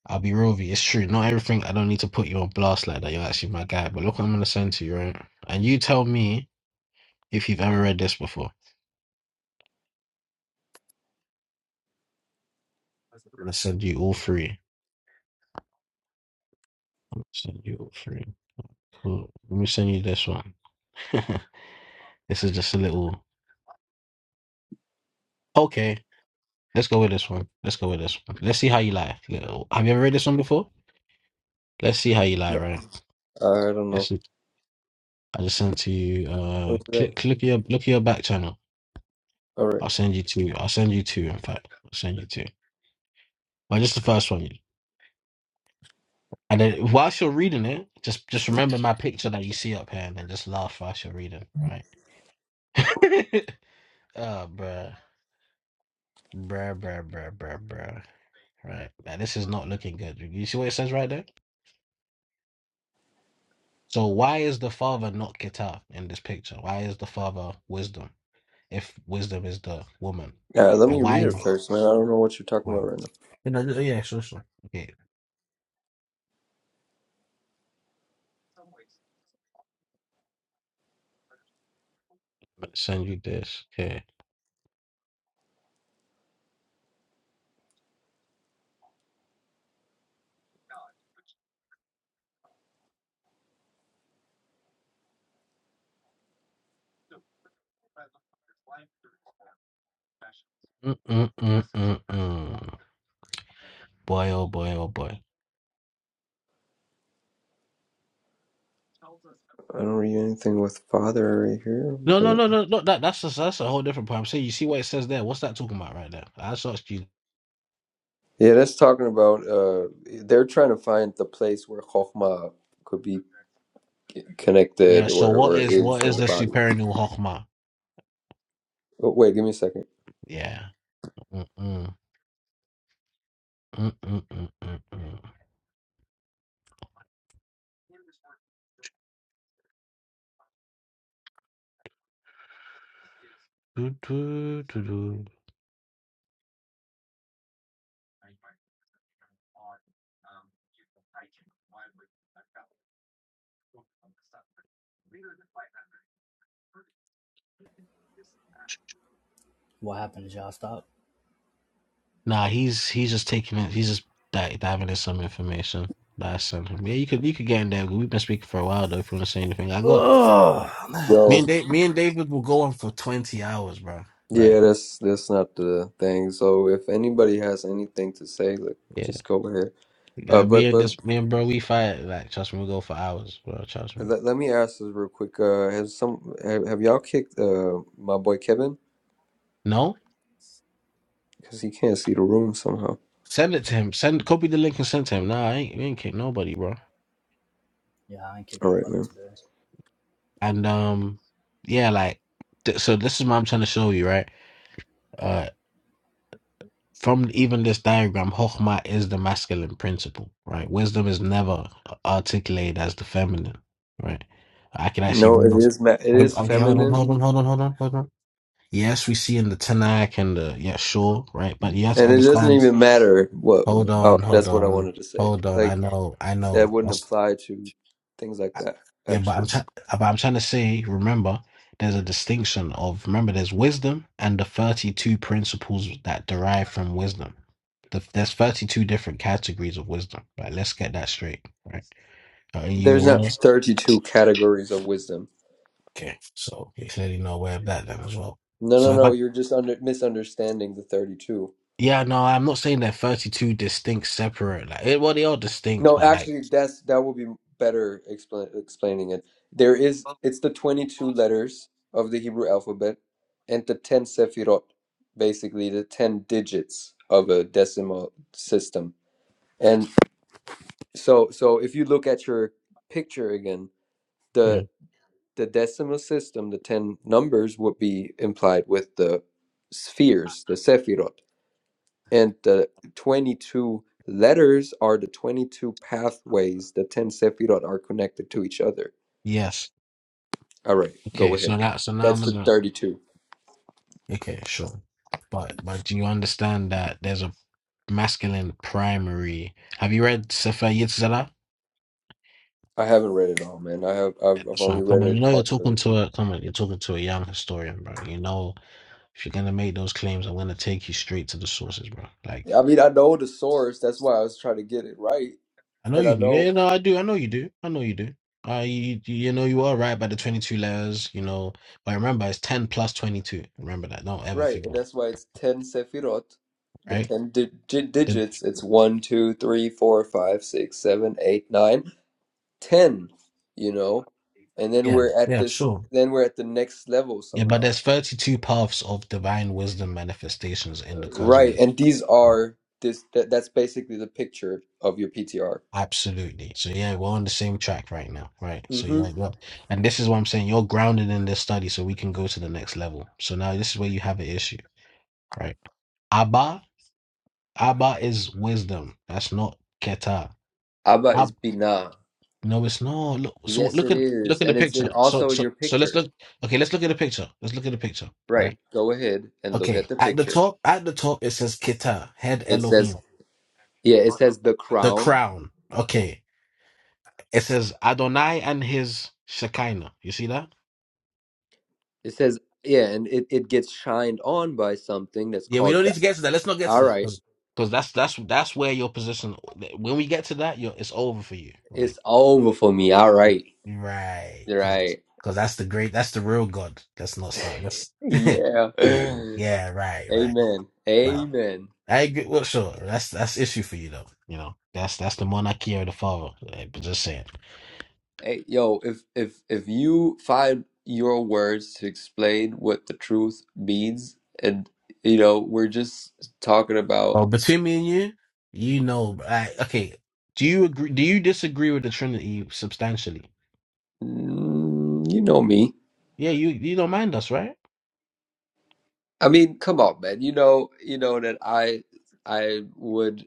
[SPEAKER 4] I'll be real with you. It's true. Not everything. I don't need to put you on blast like that. You're actually my guy. But look, what I'm gonna send to you, right? And you tell me if you've ever read this before. gonna send you all three. I'm gonna send you all three. Cool. Let me send you this one. this is just a little. Okay. Let's go with this one. Let's go with this one. Let's see how you lie. Little- Have you ever read this one before? Let's see how you lie,
[SPEAKER 5] Yeah.
[SPEAKER 4] right?
[SPEAKER 5] I don't know.
[SPEAKER 4] Let's see. I just sent to you. Uh,
[SPEAKER 5] What's that?
[SPEAKER 4] click, click your, look at your back channel.
[SPEAKER 5] All right.
[SPEAKER 4] I'll send you two. I'll send you two. In fact, I'll send you two. But just the first one. And then whilst you're reading it, just just remember my picture that you see up here and then just laugh whilst you're reading, right? oh, bruh. Bruh, bruh, bruh, bruh, bruh. Right. Now, this is not looking good. You see what it says right there? So why is the father not Kitab in this picture? Why is the father wisdom if wisdom is the woman?
[SPEAKER 5] Yeah, let
[SPEAKER 4] And
[SPEAKER 5] me read
[SPEAKER 4] why?
[SPEAKER 5] it first, man. I don't know what you're talking about
[SPEAKER 4] Why?
[SPEAKER 5] right now.
[SPEAKER 4] You know, yeah, sure, sure. Okay, let's send you this. Okay. Mm-mm-mm-mm-mm. Boy, oh boy, oh boy.
[SPEAKER 5] I don't read anything with father right here,
[SPEAKER 4] No, no,
[SPEAKER 5] but.
[SPEAKER 4] no, no, no. That that's a, that's a whole different point. I'm saying you see what it says there. What's that talking about right there? I just asked you.
[SPEAKER 5] Yeah, that's talking about uh they're trying to find the place where Chokhmah could be
[SPEAKER 4] Yeah.
[SPEAKER 5] connected
[SPEAKER 4] So
[SPEAKER 5] or
[SPEAKER 4] what
[SPEAKER 5] or
[SPEAKER 4] is
[SPEAKER 5] is
[SPEAKER 4] what
[SPEAKER 5] in
[SPEAKER 4] is
[SPEAKER 5] the
[SPEAKER 4] the
[SPEAKER 5] body.
[SPEAKER 4] superior hochma?
[SPEAKER 5] Oh, wait, give me a second.
[SPEAKER 4] Yeah. Mm-mm, mm-mm, mm-mm. Doo, doo.
[SPEAKER 2] What happened? Did y'all stop?
[SPEAKER 4] Nah, he's he's just taking it. He's just di- diving in some information that I sent him. Yeah, you could you could get in there. We've been speaking for a while though. If you want to say anything, I got
[SPEAKER 2] Ugh.
[SPEAKER 4] me
[SPEAKER 5] Yo,
[SPEAKER 4] and Dave. Me and David will go on for twenty hours, bro. Like,
[SPEAKER 5] yeah, that's that's not the thing. So if anybody has anything to say, like
[SPEAKER 4] yeah,
[SPEAKER 5] just go ahead. Uh,
[SPEAKER 4] yeah. Me
[SPEAKER 5] but
[SPEAKER 4] and
[SPEAKER 5] but
[SPEAKER 4] this me and bro, we fight. Like, trust me, we go for hours, bro. Trust me.
[SPEAKER 5] let, let me ask this real quick. Uh, has some have, have y'all kicked uh my boy Kevin
[SPEAKER 4] No.
[SPEAKER 5] because he can't see the room somehow?
[SPEAKER 4] Send it to him. Send copy the link and send to him. Nah, I ain't, we ain't kick nobody, bro.
[SPEAKER 2] Yeah, I ain't kicking
[SPEAKER 5] All right,
[SPEAKER 2] about it
[SPEAKER 5] man.
[SPEAKER 2] today.
[SPEAKER 4] And um, yeah, like th- so. This is what I'm trying to show you, right? Uh, from even this diagram, Chokhmah is the masculine principle, right? Wisdom is never articulated as the feminine, right? I can actually
[SPEAKER 5] No, it
[SPEAKER 4] read.
[SPEAKER 5] is ma- it is
[SPEAKER 4] Okay, hold on,
[SPEAKER 5] feminine,
[SPEAKER 4] hold on, hold on, hold on, hold on. Yes, we see in the Tanakh and the yeah, sure, right? But you have to
[SPEAKER 5] and it doesn't
[SPEAKER 4] understand.
[SPEAKER 5] even matter what.
[SPEAKER 4] Hold
[SPEAKER 5] Oh,
[SPEAKER 4] on, hold
[SPEAKER 5] that's what I
[SPEAKER 4] on,
[SPEAKER 5] wanted to say.
[SPEAKER 4] hold on. I
[SPEAKER 5] Like
[SPEAKER 4] know, I
[SPEAKER 5] That
[SPEAKER 4] know.
[SPEAKER 5] wouldn't apply to things like that,
[SPEAKER 4] Yeah, but I'm
[SPEAKER 5] actually.
[SPEAKER 4] trying. But I'm trying to say. Remember, there's a distinction of remember. There's wisdom and the thirty-two principles that derive from wisdom. The, there's thirty-two different categories of wisdom. Right. Let's get that straight. Right. So, Are you
[SPEAKER 5] There's
[SPEAKER 4] aware?
[SPEAKER 5] not
[SPEAKER 4] of-
[SPEAKER 5] 32 categories of wisdom.
[SPEAKER 4] Okay. So you're clearly not aware of that then as well.
[SPEAKER 5] No,
[SPEAKER 4] So
[SPEAKER 5] no,
[SPEAKER 4] if
[SPEAKER 5] no.
[SPEAKER 4] I-
[SPEAKER 5] You're just under misunderstanding the 32.
[SPEAKER 4] yeah, no, I'm not saying they're thirty-two distinct, separate. Like, eh, well, they are distinct,
[SPEAKER 5] No,
[SPEAKER 4] but like,
[SPEAKER 5] actually, that's that will be better expla explaining it. There is it's the 22 letters of the Hebrew alphabet and the 10 sefirot, basically the 10 digits of a decimal system. And so, so if you look at your picture again, the
[SPEAKER 4] yeah,
[SPEAKER 5] the decimal system, the 10 numbers would be implied with the spheres, the sephirot. And the 22 letters are the 22 pathways, the 10 sephirot are connected to each other.
[SPEAKER 4] yes.
[SPEAKER 5] All right, go
[SPEAKER 4] Okay.
[SPEAKER 5] ahead.
[SPEAKER 4] So that. So now I'm
[SPEAKER 5] That's the
[SPEAKER 4] gonna.
[SPEAKER 5] 32.
[SPEAKER 4] Okay, sure. But but do you understand that there's a masculine primary? Have you read Sefer Yetzirah?
[SPEAKER 5] I haven't read it all, man. I have
[SPEAKER 4] Yeah,
[SPEAKER 5] I've, I've
[SPEAKER 4] That's
[SPEAKER 5] only
[SPEAKER 4] right.
[SPEAKER 5] read
[SPEAKER 4] Come on, you
[SPEAKER 5] it
[SPEAKER 4] know you're
[SPEAKER 5] parts of it.
[SPEAKER 4] talking to a come on, you're talking to a young historian, bro. You know if you're gonna make those claims, I'm gonna take you straight to the sources, bro. Like
[SPEAKER 5] I mean, I know the source. That's why I was trying to get it right,
[SPEAKER 4] I know
[SPEAKER 5] and I
[SPEAKER 4] you do.
[SPEAKER 5] know
[SPEAKER 4] Yeah, no, I do. I know you do. I know you do. Uh, you you know you are right by the 22 layers, you know. But remember, it's 10 plus 22. Remember that. Don't ever
[SPEAKER 5] Right, and
[SPEAKER 4] forget.
[SPEAKER 5] that's why it's 10 Sefirot, the
[SPEAKER 4] Right?
[SPEAKER 5] 10 di di-
[SPEAKER 4] The,
[SPEAKER 5] digits. It's one, 2, 3, 4, 5, 6, 7, 8, 9, 10. you know? And then
[SPEAKER 4] yeah.
[SPEAKER 5] we're at
[SPEAKER 4] Yeah.
[SPEAKER 5] this,
[SPEAKER 4] Sure.
[SPEAKER 5] then we're at the next level
[SPEAKER 4] Yeah, but
[SPEAKER 5] somehow.
[SPEAKER 4] there's 32 paths of divine wisdom manifestations in the
[SPEAKER 5] Uh, Right,
[SPEAKER 4] cosmos.
[SPEAKER 5] and these
[SPEAKER 4] So,
[SPEAKER 5] are this that, that's basically the picture of your PTR.
[SPEAKER 4] Absolutely. So yeah, we're on the same track right now, right? So you're
[SPEAKER 5] Mm-hmm.
[SPEAKER 4] like, well, and this is what I'm saying. You're grounded in this study, so we can go to the next level. So now this is where you have an issue, right? Abba, Abba is wisdom. That's not Keta.
[SPEAKER 5] Abba is
[SPEAKER 4] Ab,
[SPEAKER 5] bina.
[SPEAKER 4] no, it's not. Look, so
[SPEAKER 5] Yes,
[SPEAKER 4] look
[SPEAKER 5] it
[SPEAKER 4] at look
[SPEAKER 5] is.
[SPEAKER 4] at the
[SPEAKER 5] And it's in,
[SPEAKER 4] picture. So
[SPEAKER 5] also in
[SPEAKER 4] so
[SPEAKER 5] your
[SPEAKER 4] so let's
[SPEAKER 5] picture.
[SPEAKER 4] look. Okay, let's look at the picture. Let's look at the picture,
[SPEAKER 5] Right.
[SPEAKER 4] right?
[SPEAKER 5] Go ahead and look at
[SPEAKER 4] Okay,
[SPEAKER 5] the
[SPEAKER 4] at the
[SPEAKER 5] picture.
[SPEAKER 4] top, at the top it says Keta, head
[SPEAKER 5] It says,
[SPEAKER 4] Elohim.
[SPEAKER 5] yeah, it says the
[SPEAKER 4] The
[SPEAKER 5] crown.
[SPEAKER 4] crown. Okay. It says Adonai and his Shekinah. You see that?
[SPEAKER 5] It says, yeah, and it, it gets shined on by something that's
[SPEAKER 4] Yeah, we
[SPEAKER 5] called
[SPEAKER 4] don't
[SPEAKER 5] the.
[SPEAKER 4] need to get to that. Let's not get
[SPEAKER 5] All
[SPEAKER 4] to that.
[SPEAKER 5] right.
[SPEAKER 4] Because that's that's that's where your position. When we get to that, you're, it's over for you, right?
[SPEAKER 5] It's over for me. All right.
[SPEAKER 4] Right. Because
[SPEAKER 5] Right.
[SPEAKER 4] that's the great, that's the real God. Let's not start. Let's,
[SPEAKER 5] Yeah.
[SPEAKER 4] yeah, yeah, right, right.
[SPEAKER 5] Amen.
[SPEAKER 4] Right.
[SPEAKER 5] Amen.
[SPEAKER 4] I agree. Well, sure. That's, that's issue for you though. You know, that's that's the monarchy of the father. eh, But just saying.
[SPEAKER 5] Hey, yo, if if if you find your words to explain what the truth means, and you know, we're just talking about,
[SPEAKER 4] Well, between me and you, you know, I, okay. Do you agree? Do you disagree with the Trinity substantially?
[SPEAKER 5] mm, you know me.
[SPEAKER 4] Yeah, you you don't mind us, right?
[SPEAKER 5] I mean, come on, man. You know, you know that I I would.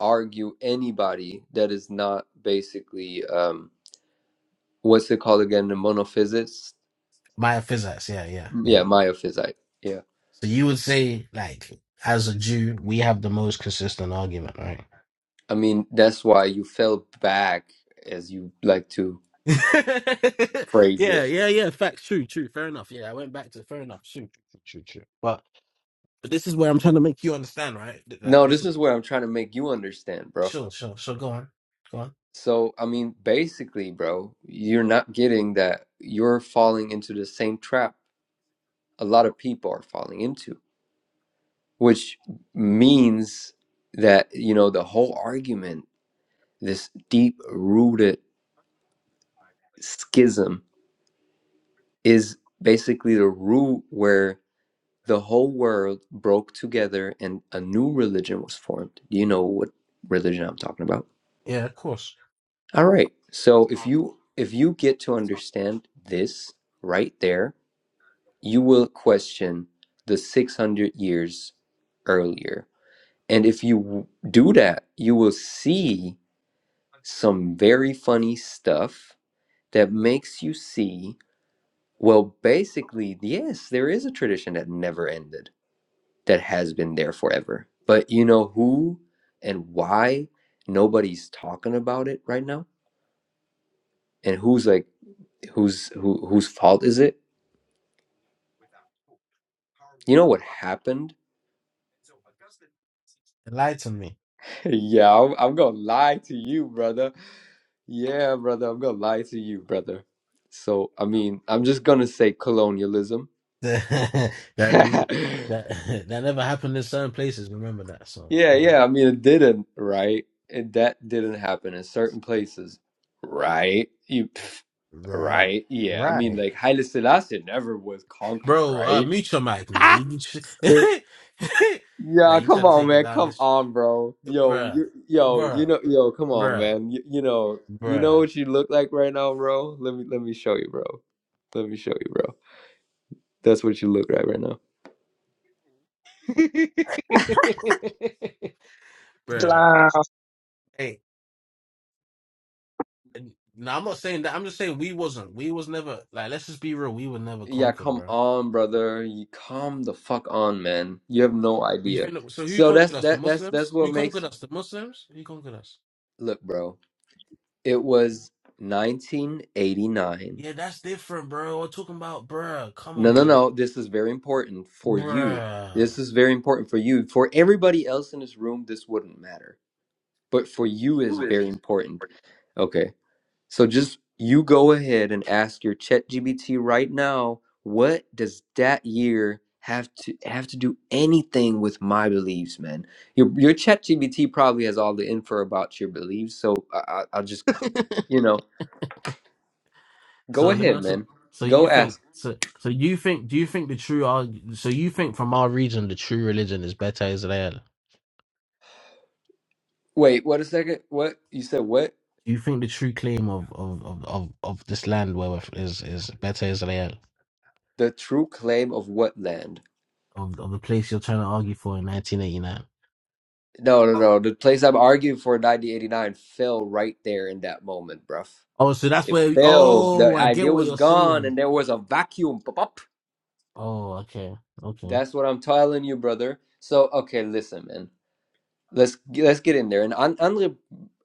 [SPEAKER 5] argue anybody that is not basically um what's it called again the monophysist
[SPEAKER 4] Maya physics, yeah, yeah,
[SPEAKER 5] Mm, yeah
[SPEAKER 4] yeah.
[SPEAKER 5] myophysite yeah
[SPEAKER 4] So you would say, like, as a Jew, we have the most consistent argument, right?
[SPEAKER 5] i mean that's why you fell back as you like to phrase
[SPEAKER 4] yeah,
[SPEAKER 5] it
[SPEAKER 4] yeah, yeah. Facts, true, true. Fair enough. Yeah, I went back to fair enough. True, true, true, true. true. But but this is where I'm trying to make you understand, right? Th- Like
[SPEAKER 5] no
[SPEAKER 4] this
[SPEAKER 5] this
[SPEAKER 4] is
[SPEAKER 5] is what i'm trying to make you understand bro
[SPEAKER 4] Sure, sure, sure. Go on. Go on.
[SPEAKER 5] so i mean basically bro you're not getting that you're falling into the same trap a lot of people are falling into which means that you know the whole argument this deep rooted schism is basically the root where the whole world broke together and a new religion was formed. You know what religion I'm talking about.
[SPEAKER 4] Yeah, of course.
[SPEAKER 5] All right. So if you if you get to understand this right there, you will question the 600 years earlier. And if you do that, you will see some very funny stuff that makes you see Well, basically, yes, there is a tradition that never ended, that has been there forever. But you know who and why nobody's talking about it right now? And who's like, who's who, whose fault is it? You know what happened?
[SPEAKER 4] Enlighten me.
[SPEAKER 5] Yeah, I'm, I'm gonna lie to you, brother. Yeah, brother, I'm gonna lie to you, brother. So, I mean, I'm just gonna say colonialism.
[SPEAKER 4] that that that never happened in certain places. Remember that. So
[SPEAKER 5] Yeah,
[SPEAKER 4] you know.
[SPEAKER 5] yeah. I mean, it didn't, right? And that didn't happen in certain places, right? You, pff,
[SPEAKER 4] right,
[SPEAKER 5] right? Yeah. I mean,
[SPEAKER 4] right,
[SPEAKER 5] like Haile Selassie never was conquered,
[SPEAKER 4] bro. Uh,
[SPEAKER 5] right?
[SPEAKER 4] mute your mic now.
[SPEAKER 5] Ha!
[SPEAKER 4] You need to- now
[SPEAKER 5] Yeah,
[SPEAKER 4] you try
[SPEAKER 5] come
[SPEAKER 4] to
[SPEAKER 5] on,
[SPEAKER 4] take it
[SPEAKER 5] man.
[SPEAKER 4] down
[SPEAKER 5] Come
[SPEAKER 4] this,
[SPEAKER 5] on, bro. Yo,
[SPEAKER 4] bruh,
[SPEAKER 5] you, yo, you
[SPEAKER 4] bruh,
[SPEAKER 5] know, yo, come on,
[SPEAKER 4] bruh,
[SPEAKER 5] man. You, you know, you know
[SPEAKER 4] bruh,
[SPEAKER 5] what you look like right now, bro. Let me, let me show you, bro. Let me show you, bro. That's what you look like right now.
[SPEAKER 4] bruh.
[SPEAKER 6] Islam.
[SPEAKER 4] Hey, And- No, I'm not saying that. I'm just saying we wasn't. We was never like. Let's just be real. We were never
[SPEAKER 5] Yeah,
[SPEAKER 4] conquered,
[SPEAKER 5] come
[SPEAKER 4] bro.
[SPEAKER 5] on, brother. You come the fuck on, man. You have no
[SPEAKER 4] You
[SPEAKER 5] idea.
[SPEAKER 4] think so? Who
[SPEAKER 5] So that's
[SPEAKER 4] conquered us? The
[SPEAKER 5] that that's that's
[SPEAKER 4] Muslims? Who
[SPEAKER 5] what
[SPEAKER 4] conquered
[SPEAKER 5] makes
[SPEAKER 4] us? The Muslims? Who conquered us?
[SPEAKER 5] look, bro. It was 1989.
[SPEAKER 4] Yeah, that's different, bro. We're talking about, bruh. Come
[SPEAKER 5] No,
[SPEAKER 4] on,
[SPEAKER 5] no,
[SPEAKER 4] G,
[SPEAKER 5] no. This is very important for you.
[SPEAKER 4] bruh.
[SPEAKER 5] This is very important for you. For everybody else in this room, this wouldn't matter. But for you is very important. Okay. So just you go ahead and ask your ChatGPT right now, what does that year have to have to do anything with my beliefs, man? Your your ChatGPT probably has all the info about your beliefs, so I, I, I'll just you know go
[SPEAKER 4] So let me
[SPEAKER 5] ahead,
[SPEAKER 4] ask you.
[SPEAKER 5] man.
[SPEAKER 4] So you
[SPEAKER 5] Go
[SPEAKER 4] think?
[SPEAKER 5] ask.
[SPEAKER 4] So so you think? Do you think the true? arg- So you think from our region, the true religion is better Israel?
[SPEAKER 5] Wait, what a second. What you said? What
[SPEAKER 4] Do you think the true claim of of of of, of this land where we're, f- is is better Israel
[SPEAKER 5] the true claim of what land?
[SPEAKER 4] of of the place you're trying to argue for in 1989?
[SPEAKER 5] No, no, no. The place I'm arguing for in 1989 fell right there in that moment, bruv.
[SPEAKER 4] Oh, so that's
[SPEAKER 5] It
[SPEAKER 4] where.
[SPEAKER 5] failed.
[SPEAKER 4] Oh,
[SPEAKER 5] The
[SPEAKER 4] I get
[SPEAKER 5] idea
[SPEAKER 4] what
[SPEAKER 5] was
[SPEAKER 4] you're
[SPEAKER 5] gone
[SPEAKER 4] saying.
[SPEAKER 5] and there was a vacuum. Pop, pop.
[SPEAKER 4] Oh, okay, okay.
[SPEAKER 5] That's what I'm telling you, brother. So, okay, listen, man. Let's let's get in there. And An- Andre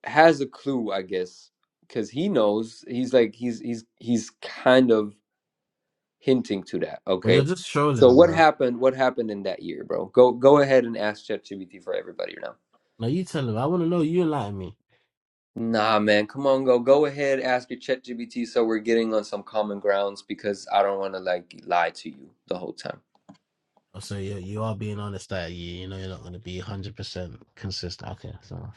[SPEAKER 5] has a clue, I guess, because he knows. He's like he's he's he's kind of hinting to that.
[SPEAKER 4] But you're
[SPEAKER 5] Okay.
[SPEAKER 4] just
[SPEAKER 5] So
[SPEAKER 4] trolling,
[SPEAKER 5] what
[SPEAKER 4] bro.
[SPEAKER 5] happened? What happened in that year, bro? Go go ahead and ask ChatGPT for everybody now.
[SPEAKER 4] Now you tell him. I want to know you like me.
[SPEAKER 5] Nah, man, come on, go go ahead, ask your ChatGPT so we're getting on some common grounds because I don't want to like lie to you the whole time.
[SPEAKER 4] Oh, so you you are being honest that you you know you're not going to be 100 percent consistent. Okay, so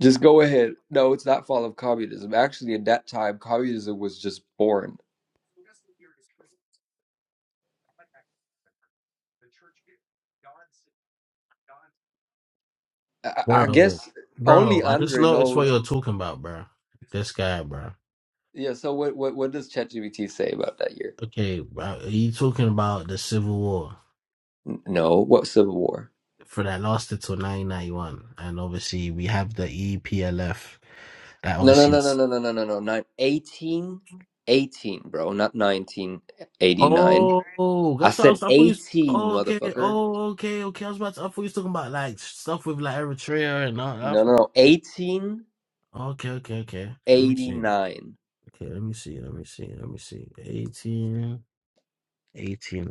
[SPEAKER 5] Just go ahead. No, it's not fall of communism. Actually, at that time, communism was just born. I, I
[SPEAKER 4] bro,
[SPEAKER 5] guess only
[SPEAKER 4] bro, I just
[SPEAKER 5] Andre
[SPEAKER 4] noticed what
[SPEAKER 5] knows.
[SPEAKER 4] you're talking about, bro. This guy, bro.
[SPEAKER 5] Yeah. So what, what what does ChatGPT say about that year?
[SPEAKER 4] Okay, bro, are you talking about the Civil War?
[SPEAKER 5] N- No. What civil war?
[SPEAKER 4] for that lasted till 1991, and obviously we have the EPLF that
[SPEAKER 5] No, no,
[SPEAKER 4] obviously.
[SPEAKER 5] no, no, no, no, no, no, no. Nine, eighteen, eighteen, bro. Not 1989.
[SPEAKER 4] Oh,
[SPEAKER 5] I
[SPEAKER 4] that's what I
[SPEAKER 5] said
[SPEAKER 4] was. I thought you. was-
[SPEAKER 5] 18,
[SPEAKER 4] Oh, okay.
[SPEAKER 5] motherfucker.
[SPEAKER 4] Oh, okay, okay. I was about to. I thought you was talking about like stuff with like Eritrea and all.
[SPEAKER 5] No,
[SPEAKER 4] Africa.
[SPEAKER 5] no, no.
[SPEAKER 4] Okay, okay, okay. Let me see.
[SPEAKER 5] 1889.
[SPEAKER 4] Okay, let me see. Let me see. Let me see. 18, 18,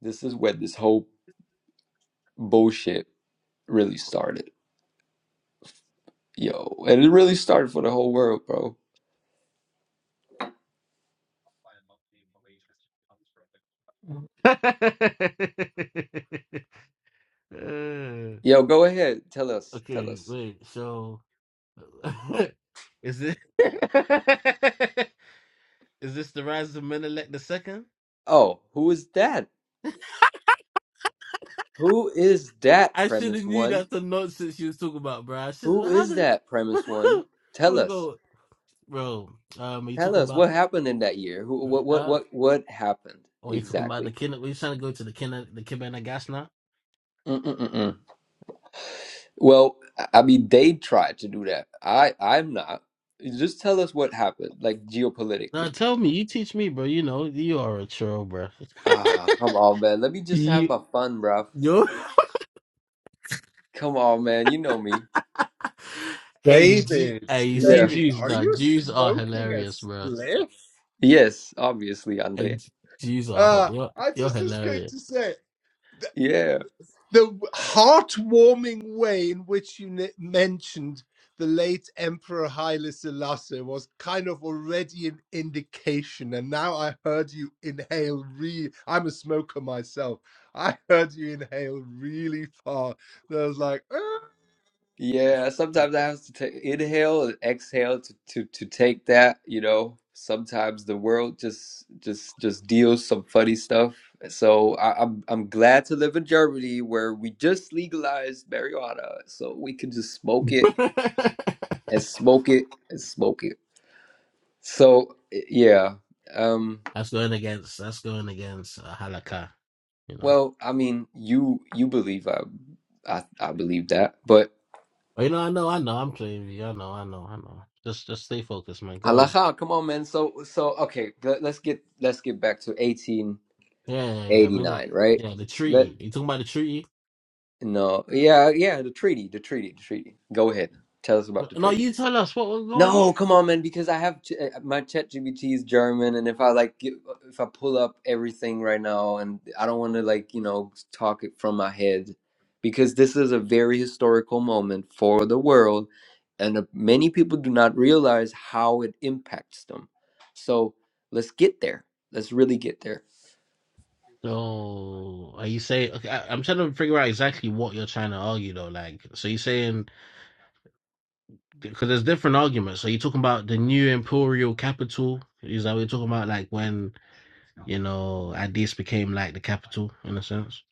[SPEAKER 5] This is where this whole bullshit really started. Yo, and it really started for the whole world, bro.
[SPEAKER 4] Uh,
[SPEAKER 5] Yo, go ahead. Tell us. Tell
[SPEAKER 4] okay,
[SPEAKER 5] us.
[SPEAKER 4] wait. So, is it? Is this the rise of Menelik the second?
[SPEAKER 5] Oh, who is that? Who is that
[SPEAKER 4] I should have
[SPEAKER 5] premise
[SPEAKER 4] knew
[SPEAKER 5] one?
[SPEAKER 4] that's the nonsense you was talking about, bro. I should
[SPEAKER 5] Who
[SPEAKER 4] how
[SPEAKER 5] is
[SPEAKER 4] did
[SPEAKER 5] that premise one? Tell
[SPEAKER 4] we'll
[SPEAKER 5] us.
[SPEAKER 4] go bro. Um are you
[SPEAKER 5] Tell
[SPEAKER 4] talking
[SPEAKER 5] us
[SPEAKER 4] about
[SPEAKER 5] what happened in that year. Who, what what
[SPEAKER 4] uh
[SPEAKER 5] what what happened
[SPEAKER 4] or are you talking about the
[SPEAKER 5] exactly?
[SPEAKER 4] kin were you trying to go to the kin the Kibana gas now?
[SPEAKER 5] Mm-mm-mm. Well, I I mean, they tried to do that. I I'm not. Just tell us what happened, like
[SPEAKER 4] No,
[SPEAKER 5] geopolitically.
[SPEAKER 4] tell me, you teach me, bro. You know, you are a troll, bro.
[SPEAKER 5] Ah, come on, man. Let me just have
[SPEAKER 4] you
[SPEAKER 5] my fun, bruv.
[SPEAKER 4] yo
[SPEAKER 5] Come on, man. You know me.
[SPEAKER 4] Hey G
[SPEAKER 7] David,
[SPEAKER 4] hey, you see
[SPEAKER 5] Yeah.
[SPEAKER 7] David,
[SPEAKER 4] Jews
[SPEAKER 7] are
[SPEAKER 4] now.
[SPEAKER 7] you
[SPEAKER 4] Jews are
[SPEAKER 7] smoking a
[SPEAKER 4] hilarious, bro.
[SPEAKER 7] spliff?
[SPEAKER 5] Yes, obviously,
[SPEAKER 4] Hey,
[SPEAKER 5] Andre.
[SPEAKER 4] Jews are hi-
[SPEAKER 7] Uh,
[SPEAKER 4] you're,
[SPEAKER 7] I
[SPEAKER 4] you're
[SPEAKER 7] just was going
[SPEAKER 4] hilarious.
[SPEAKER 7] to say the,
[SPEAKER 5] Yeah,
[SPEAKER 7] the heartwarming way in which you ne- mentioned the late Emperor Haile Selassie was kind of already an indication. And now I heard you inhale re I'm a smoker myself. I heard you inhale really far. And I was like, "Ah."
[SPEAKER 5] yeah. Sometimes I have to take inhale and exhale to, to to take that, you know. Sometimes the world just just just deals some funny stuff. So I, I'm I'm glad to live in Germany where we just legalized marijuana, so we can just smoke it and smoke it and smoke it. So eh, yeah. Um.
[SPEAKER 4] That's going against that's going against uh, halakha, you know.
[SPEAKER 5] Well, I mean, you you believe I I, I believe that, but.
[SPEAKER 4] But, you know, I know, I know. I'm playing you. I know, I know, I know. Just just stay focused, man. Go on.
[SPEAKER 5] Halacha, Oh, come on, man. So, so okay. Let, let's get let's get back to 1889,
[SPEAKER 4] Yeah, yeah, yeah. Minute.
[SPEAKER 5] right?
[SPEAKER 4] Yeah, the
[SPEAKER 5] Let
[SPEAKER 4] treaty. You talking about the treaty?
[SPEAKER 5] no, yeah, yeah. The treaty, the treaty, the treaty. Go ahead. Tell us about the
[SPEAKER 4] No,
[SPEAKER 5] treaty.
[SPEAKER 4] you tell us what was going. on.
[SPEAKER 5] No, come on, man. Because I have ch- uh, my ChatGPT is German, and if I like, get- uh, if I pull up everything right now, and I don't want to like, you know, talk it from my head, because this is a very historical moment for the world, and uh, many people do not realize how it impacts them. So let's get there. Let's really get there.
[SPEAKER 4] So are you saying? Okay, I, I'm trying to figure out exactly what you're trying to argue, though. Like, so you're saying because there's different arguments. So you're talking about the new imperial capital. Is that what you're talking about? Like when you know Addis became like the capital in a sense.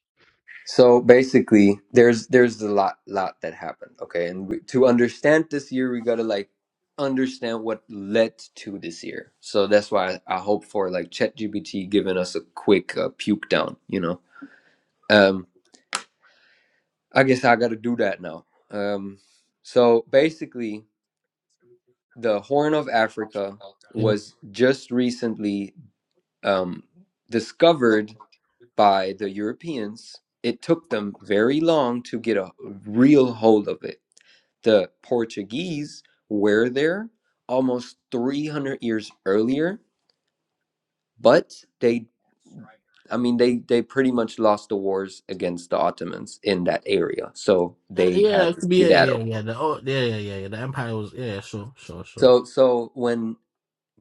[SPEAKER 5] So basically, there's there's a lot lot that happened. Okay, and we, to understand this year, we gotta like understand what led to this year. So that's why I, I hope for like ChatGPT giving us a quick uh, puke down. You know, um, I guess I gotta do that now. Um, so basically, the Horn of Africa was just recently um, discovered by the Europeans. It took them very long to get a real hold of it The Portuguese were there almost 300 years earlier, but they, I mean, they, they pretty much lost the wars against the Ottomans in that area. So
[SPEAKER 4] Uh,
[SPEAKER 5] they
[SPEAKER 4] Yeah,
[SPEAKER 5] had
[SPEAKER 4] it
[SPEAKER 5] to
[SPEAKER 4] could be- yeah, yeah,
[SPEAKER 5] skedaddle.
[SPEAKER 4] yeah, yeah. The oh, yeah, yeah, yeah, yeah. The empire was yeah, sure, sure, sure.
[SPEAKER 5] So, so when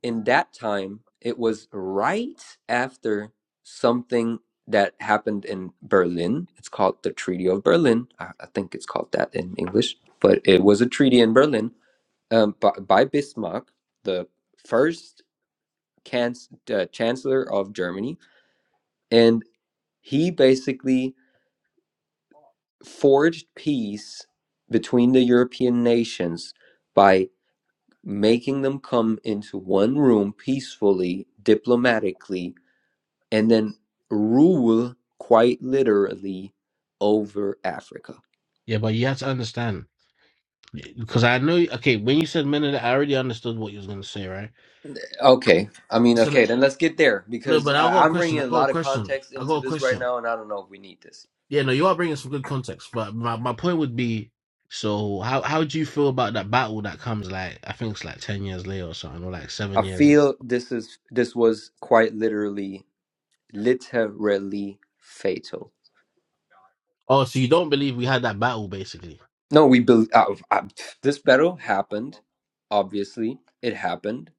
[SPEAKER 5] in that time, it was right after something that happened in Berlin. It's called the Treaty of Berlin. I, I think it's called that in English, but it was a treaty in Berlin um, by, by Bismarck, the first canc- uh, chancellor of Germany, and he basically forged peace between the European nations by making them come into one room peacefully, diplomatically, and then rule quite literally over Africa.
[SPEAKER 4] Yeah, but you have to understand because I know. Okay, when you said men of the, I already understood what you was gonna say, right?
[SPEAKER 5] Okay, I mean,
[SPEAKER 4] So the-
[SPEAKER 5] okay, then let's get there
[SPEAKER 4] no,
[SPEAKER 5] because
[SPEAKER 4] but I
[SPEAKER 5] uh,
[SPEAKER 4] got a
[SPEAKER 5] I'm
[SPEAKER 4] question.
[SPEAKER 5] bringing
[SPEAKER 4] I
[SPEAKER 5] a
[SPEAKER 4] got a
[SPEAKER 5] lot of
[SPEAKER 4] question.
[SPEAKER 5] context
[SPEAKER 4] I got
[SPEAKER 5] into
[SPEAKER 4] a
[SPEAKER 5] this right
[SPEAKER 4] question.
[SPEAKER 5] now, and I don't know if we need this.
[SPEAKER 4] Yeah, no, you are bringing some good context, but my, my point would be, so how how do you feel about that battle that comes like I think it's like ten years later or something, or like
[SPEAKER 5] I
[SPEAKER 4] seven years? Later.
[SPEAKER 5] feel this is this was quite literally literally fatal.
[SPEAKER 4] Oh, so you don't believe we had that battle basically?
[SPEAKER 5] No, we bel Uh, uh, this battle happened. Obviously, it happened.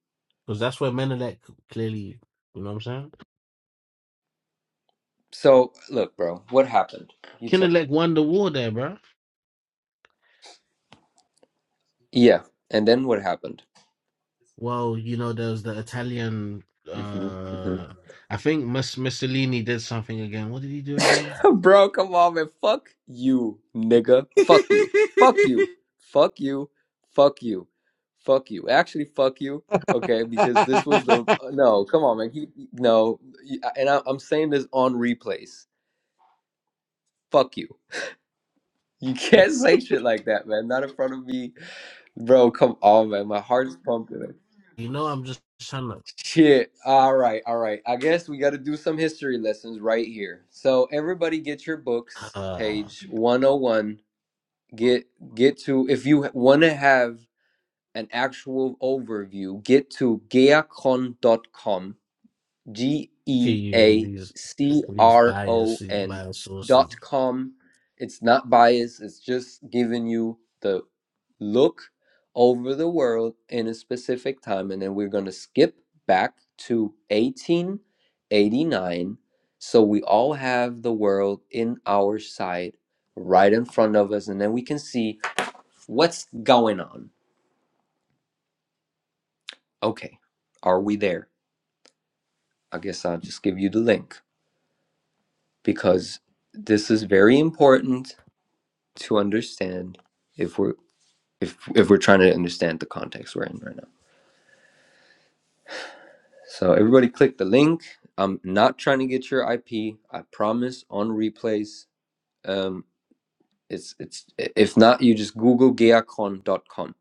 [SPEAKER 4] Because that's where Menelek clearly, you know what I'm saying?
[SPEAKER 5] So look, bro, what happened? You tell.
[SPEAKER 4] Kinelek won the war there, bro.
[SPEAKER 5] Yeah, and then what happened?
[SPEAKER 4] Well, you know, there was the Italian.
[SPEAKER 5] hmm
[SPEAKER 4] Uh, I think Mus- Mussolini did something again. What did he do again?
[SPEAKER 5] hmm bro, come on, man. Fuck you, nigga. Fuck you. Fuck you. Fuck you. Fuck you. Fuck you. Actually, fuck you. Okay, because this was the uh, no. Come on, man. He, no, and I, I'm saying this on replays. Fuck you. You can't say shit like that, man. Not in front of me, bro. Come on, man. My heart is pumping.
[SPEAKER 4] You know, I'm just trying to
[SPEAKER 5] Shit. All right, all right. I guess we got to do some history lessons right here. So everybody, get your books,
[SPEAKER 4] uh,
[SPEAKER 5] page one hundred one. Get get to if you want to have an actual overview, get to geacon dot com. G
[SPEAKER 4] give
[SPEAKER 5] E
[SPEAKER 4] you
[SPEAKER 5] A
[SPEAKER 4] these
[SPEAKER 5] C
[SPEAKER 4] these
[SPEAKER 5] R
[SPEAKER 4] bias
[SPEAKER 5] O
[SPEAKER 4] these
[SPEAKER 5] N
[SPEAKER 4] bias
[SPEAKER 5] dot
[SPEAKER 4] sources.
[SPEAKER 5] com. It's not biased, it's just giving you the look over the world in a specific time. And then we're going to skip back to 1889. So we all have the world in our sight right in front of us. And then we can see what's going on. Okay, are we there? I guess I'll just give you the link. because this is very important to understand if we're if if we're trying to understand the context we're in right now. So everybody click the link. I'm not trying to get your IP. I promise on replays. Um it's it's if not you just google Geacon dot com.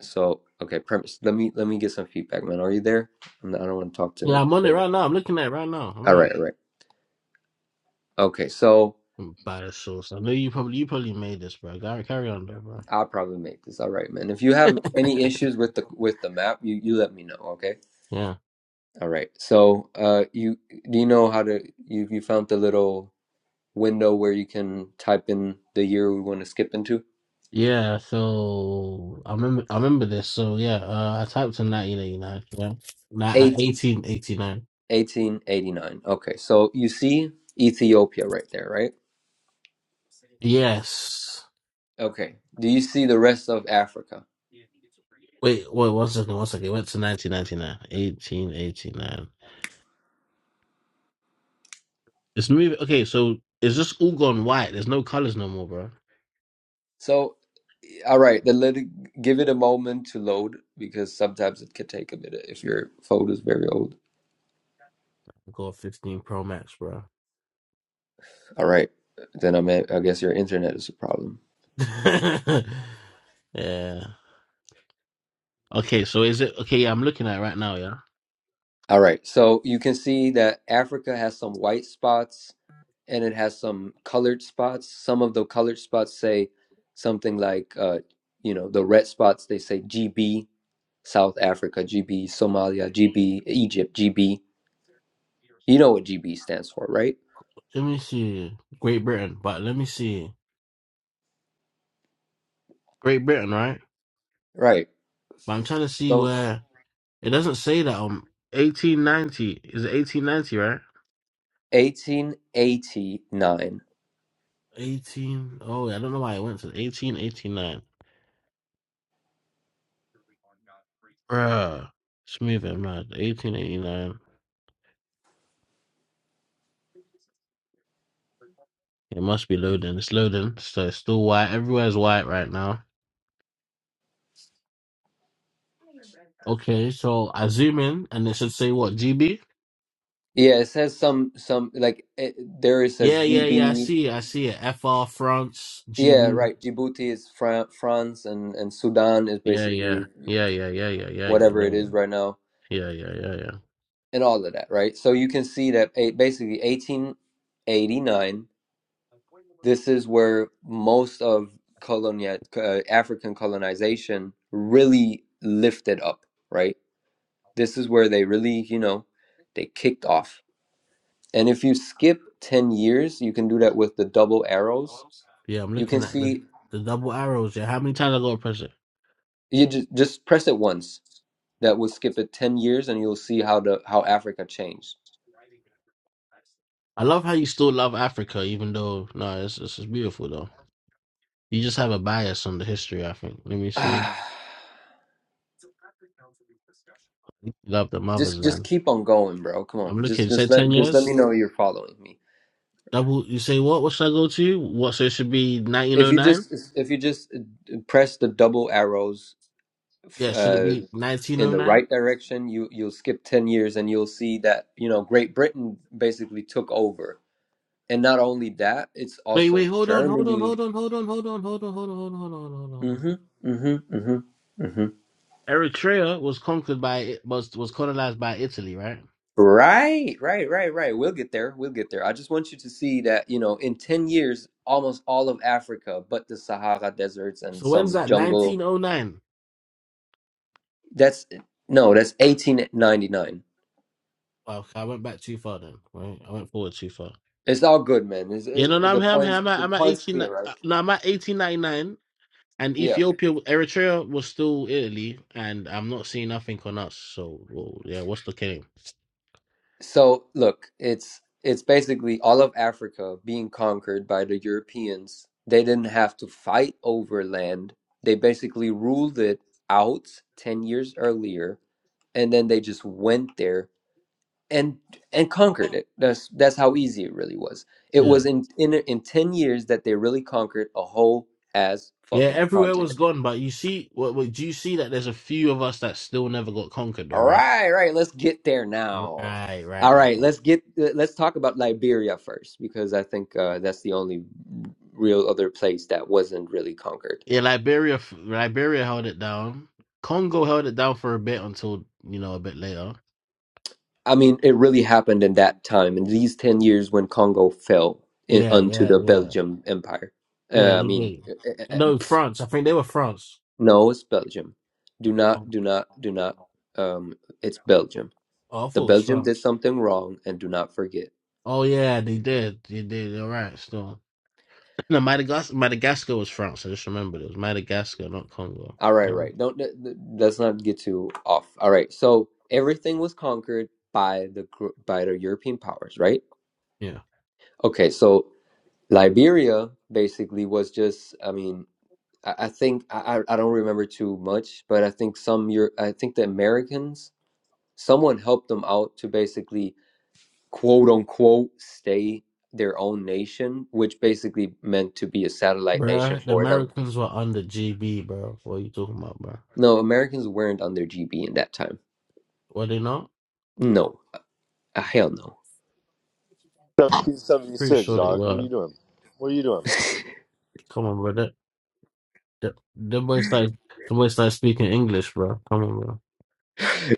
[SPEAKER 5] So okay, premise. Let me let me get some feedback, man. Are you there? I'm not- I don't want to talk to
[SPEAKER 4] Yeah, I'm on it right now. I'm looking at it right now. I'm
[SPEAKER 5] All
[SPEAKER 4] at
[SPEAKER 5] right, all right. Okay, so
[SPEAKER 4] I'm bias source. I know you probably you probably made this, bro. Carry carry on, there, bro.
[SPEAKER 5] I'll probably make this. All right, man. If you have any issues with the with the map, you you let me know, okay?
[SPEAKER 4] Yeah.
[SPEAKER 5] All right. So, uh, you do you know how to you you found the little window where you can type in the year we want to skip into?
[SPEAKER 4] Yeah, so I remember I remember this. So yeah, uh, I typed in 1989, yeah. Nah, uh,
[SPEAKER 5] eight
[SPEAKER 4] 1889.
[SPEAKER 5] eighteen eighty nine. Okay. So you see Ethiopia right there, right? Okay. Do you see the rest of Africa?
[SPEAKER 4] Went to 1999. 1889. This movie. Okay, so it's just all gone white. There's no colors no more, bro.
[SPEAKER 5] So, all right, then let it, give it a moment to load because sometimes it could take a minute if your phone is very old.
[SPEAKER 4] I got a 15 Pro Max, bro.
[SPEAKER 5] All right. Then I'm at, I guess your internet is a problem.
[SPEAKER 4] yeah. Okay, so is it okay? Yeah, I'm looking at it right now. Yeah.
[SPEAKER 5] All right. So you can see that Africa has some white spots and it has some colored spots. Some of the colored spots say something like, uh, you know, the red spots, they say GB, South Africa, GB, Somalia, GB, Egypt, GB. You know what GB stands for, right?
[SPEAKER 4] Let me see Great Britain, but let me see Great Britain, right?
[SPEAKER 5] Right.
[SPEAKER 4] But I'm trying to see
[SPEAKER 5] So
[SPEAKER 4] where it doesn't say that. Um, 1890 is it 1890, right?
[SPEAKER 5] 1889.
[SPEAKER 4] 18. Oh, I don't know why it went to 1889. Uh, it's moving mad. 1889. It must be loading. It's loading. So it's still white. Everywhere's white right now. Okay, so I zoom in and it should say what, GB?
[SPEAKER 5] Yeah, it says some, some like it, there it says
[SPEAKER 4] Yeah, yeah, yeah. I
[SPEAKER 5] GB.
[SPEAKER 4] see it. I see it. FR France
[SPEAKER 5] Yeah,
[SPEAKER 4] GB.
[SPEAKER 5] right. Djibouti is Fran- France and, and Sudan is
[SPEAKER 4] Yeah, yeah.
[SPEAKER 5] basically
[SPEAKER 4] Yeah, yeah, yeah, yeah, yeah, yeah,
[SPEAKER 5] whatever it
[SPEAKER 4] yeah.
[SPEAKER 5] is right now.
[SPEAKER 4] Yeah, yeah, yeah, yeah. Yeah,
[SPEAKER 5] and all of that, right? So you can see that eh, basically 1889, this is where most of colonia, uh, African colonization really lifted up, right? This is where they really, you know, they kicked off. And if you skip 10 years, you can do that with the double arrows.
[SPEAKER 4] Yeah, I'm
[SPEAKER 5] You can
[SPEAKER 4] looking at the,
[SPEAKER 5] see,
[SPEAKER 4] the double arrows. Yeah, how many times I gotta press it?
[SPEAKER 5] you just, just press it once. That will skip it 10 years and you'll see how the how Africa changed.
[SPEAKER 4] I love how you still love Africa, even though no, it's this is beautiful though. You just have a bias on the history, I think. Let me see.
[SPEAKER 5] Ah,
[SPEAKER 4] Love the mother's
[SPEAKER 5] just just
[SPEAKER 4] land.
[SPEAKER 5] keep on going bro come
[SPEAKER 4] I'm
[SPEAKER 5] on just
[SPEAKER 4] looking, say
[SPEAKER 5] just
[SPEAKER 4] ten
[SPEAKER 5] let just let
[SPEAKER 4] years?
[SPEAKER 5] me know you're following me
[SPEAKER 4] Double, you say what? What should I go to? What, so it should be
[SPEAKER 5] if you
[SPEAKER 4] 1909?
[SPEAKER 5] just if you just uh, press the double arrows
[SPEAKER 4] Yeah, should it
[SPEAKER 5] uh
[SPEAKER 4] be
[SPEAKER 5] in the
[SPEAKER 4] 1909?
[SPEAKER 5] right direction you you'll skip 10 years and you'll see that you know great britain basically took over and not only that it's
[SPEAKER 4] Wait, wait,
[SPEAKER 5] also
[SPEAKER 4] hold on, hold on,
[SPEAKER 5] germany
[SPEAKER 4] hold on, hold on, hold on, hold on, hold on, hold on, hold on, hold on, hold on.
[SPEAKER 5] mhm mhm mhm mhm
[SPEAKER 4] Eritrea was conquered by, was, was colonized by Italy, right?
[SPEAKER 5] right right right right we'll get there we'll get there i just want you to see that you know in 10 years almost all of africa but the sahara deserts and
[SPEAKER 4] So when's
[SPEAKER 5] some
[SPEAKER 4] that?
[SPEAKER 5] jungle
[SPEAKER 4] 1909?
[SPEAKER 5] That's no, that's 1899.
[SPEAKER 4] Wow, okay, I went back too far then, right? I went forward too far.
[SPEAKER 5] It's all good, man. It's,
[SPEAKER 4] Yeah, no, no,
[SPEAKER 5] it,
[SPEAKER 4] I'm
[SPEAKER 5] the
[SPEAKER 4] here, I'm here,
[SPEAKER 5] points
[SPEAKER 4] I'm at,
[SPEAKER 5] the
[SPEAKER 4] I'm at
[SPEAKER 5] points
[SPEAKER 4] 18, uh,
[SPEAKER 5] clear, right?
[SPEAKER 4] no, I'm at 1899, and
[SPEAKER 5] Yeah.
[SPEAKER 4] Ethiopia, Eritrea was still Italy, and I'm not seeing nothing on us, so, well, yeah, what's the game?
[SPEAKER 5] So look, it's it's basically all of Africa being conquered by the Europeans. They didn't have to fight over land. They basically ruled it out 10 years earlier and then they just went there and and conquered it. That's that's how easy it really was. It
[SPEAKER 4] Yeah.
[SPEAKER 5] was in in in 10 years that they really conquered a whole ass
[SPEAKER 4] Yeah,
[SPEAKER 5] fucking
[SPEAKER 4] everywhere
[SPEAKER 5] continent.
[SPEAKER 4] was gone, but you see, what, what do you see that there's a few of us that still never got conquered, though,
[SPEAKER 5] All
[SPEAKER 4] right?
[SPEAKER 5] right, right. Let's get there now.
[SPEAKER 4] Right, right, right,
[SPEAKER 5] All right,
[SPEAKER 4] right.
[SPEAKER 5] let's get let's talk about Liberia first because I think uh, that's the only real other place that wasn't really conquered.
[SPEAKER 4] Yeah, Liberia, f- Liberia held it down. Congo held it down for a bit until you know a bit later.
[SPEAKER 5] I mean, it really happened in that time in these ten years when Congo fell in,
[SPEAKER 4] Yeah,
[SPEAKER 5] unto
[SPEAKER 4] yeah,
[SPEAKER 5] the
[SPEAKER 4] yeah.
[SPEAKER 5] Belgium Empire.
[SPEAKER 4] Yeah,
[SPEAKER 5] Uh, I
[SPEAKER 4] you
[SPEAKER 5] mean,
[SPEAKER 4] did.
[SPEAKER 5] uh, uh, uh, uh,
[SPEAKER 4] No,
[SPEAKER 5] pff,
[SPEAKER 4] France. I think they were France.
[SPEAKER 5] no, it's Belgium. Do not,
[SPEAKER 4] Oh,
[SPEAKER 5] do not, do not. Um, it's Belgium.
[SPEAKER 4] Oh, I
[SPEAKER 5] The
[SPEAKER 4] thought it was
[SPEAKER 5] Belgium did
[SPEAKER 4] France.
[SPEAKER 5] something wrong, and do not forget.
[SPEAKER 4] Oh yeah, they did. They did. You're right. Still, no, Madagascar. Madagascar was France. I just remembered it was Madagascar, not Congo.
[SPEAKER 5] All right,
[SPEAKER 4] Yeah.
[SPEAKER 5] right. Don't th- th- let's not get too off. All right. So everything was conquered by the gr- by the European powers, right?
[SPEAKER 4] Yeah.
[SPEAKER 5] Okay. So Liberia basically was just. I mean, I, I think I I I don't remember too much, but I think some Euro- I think the Americans someone helped them out to basically quote unquote stay their own nation, which basically meant to be a satellite nation
[SPEAKER 4] Bruh, the
[SPEAKER 5] for them.
[SPEAKER 4] Americans were under GB, bro. What are you talking about, bro?
[SPEAKER 5] No, Americans weren't under GB in that time.
[SPEAKER 4] Were they not?
[SPEAKER 5] No, Uh, hell no.
[SPEAKER 4] Pretty
[SPEAKER 8] 1776,
[SPEAKER 4] sure they
[SPEAKER 8] dog. What are
[SPEAKER 4] were.
[SPEAKER 8] you doing? What are you doing?
[SPEAKER 4] Come on, bro. That, that, them boys started, the boys started speaking English, bro. Come on, bro.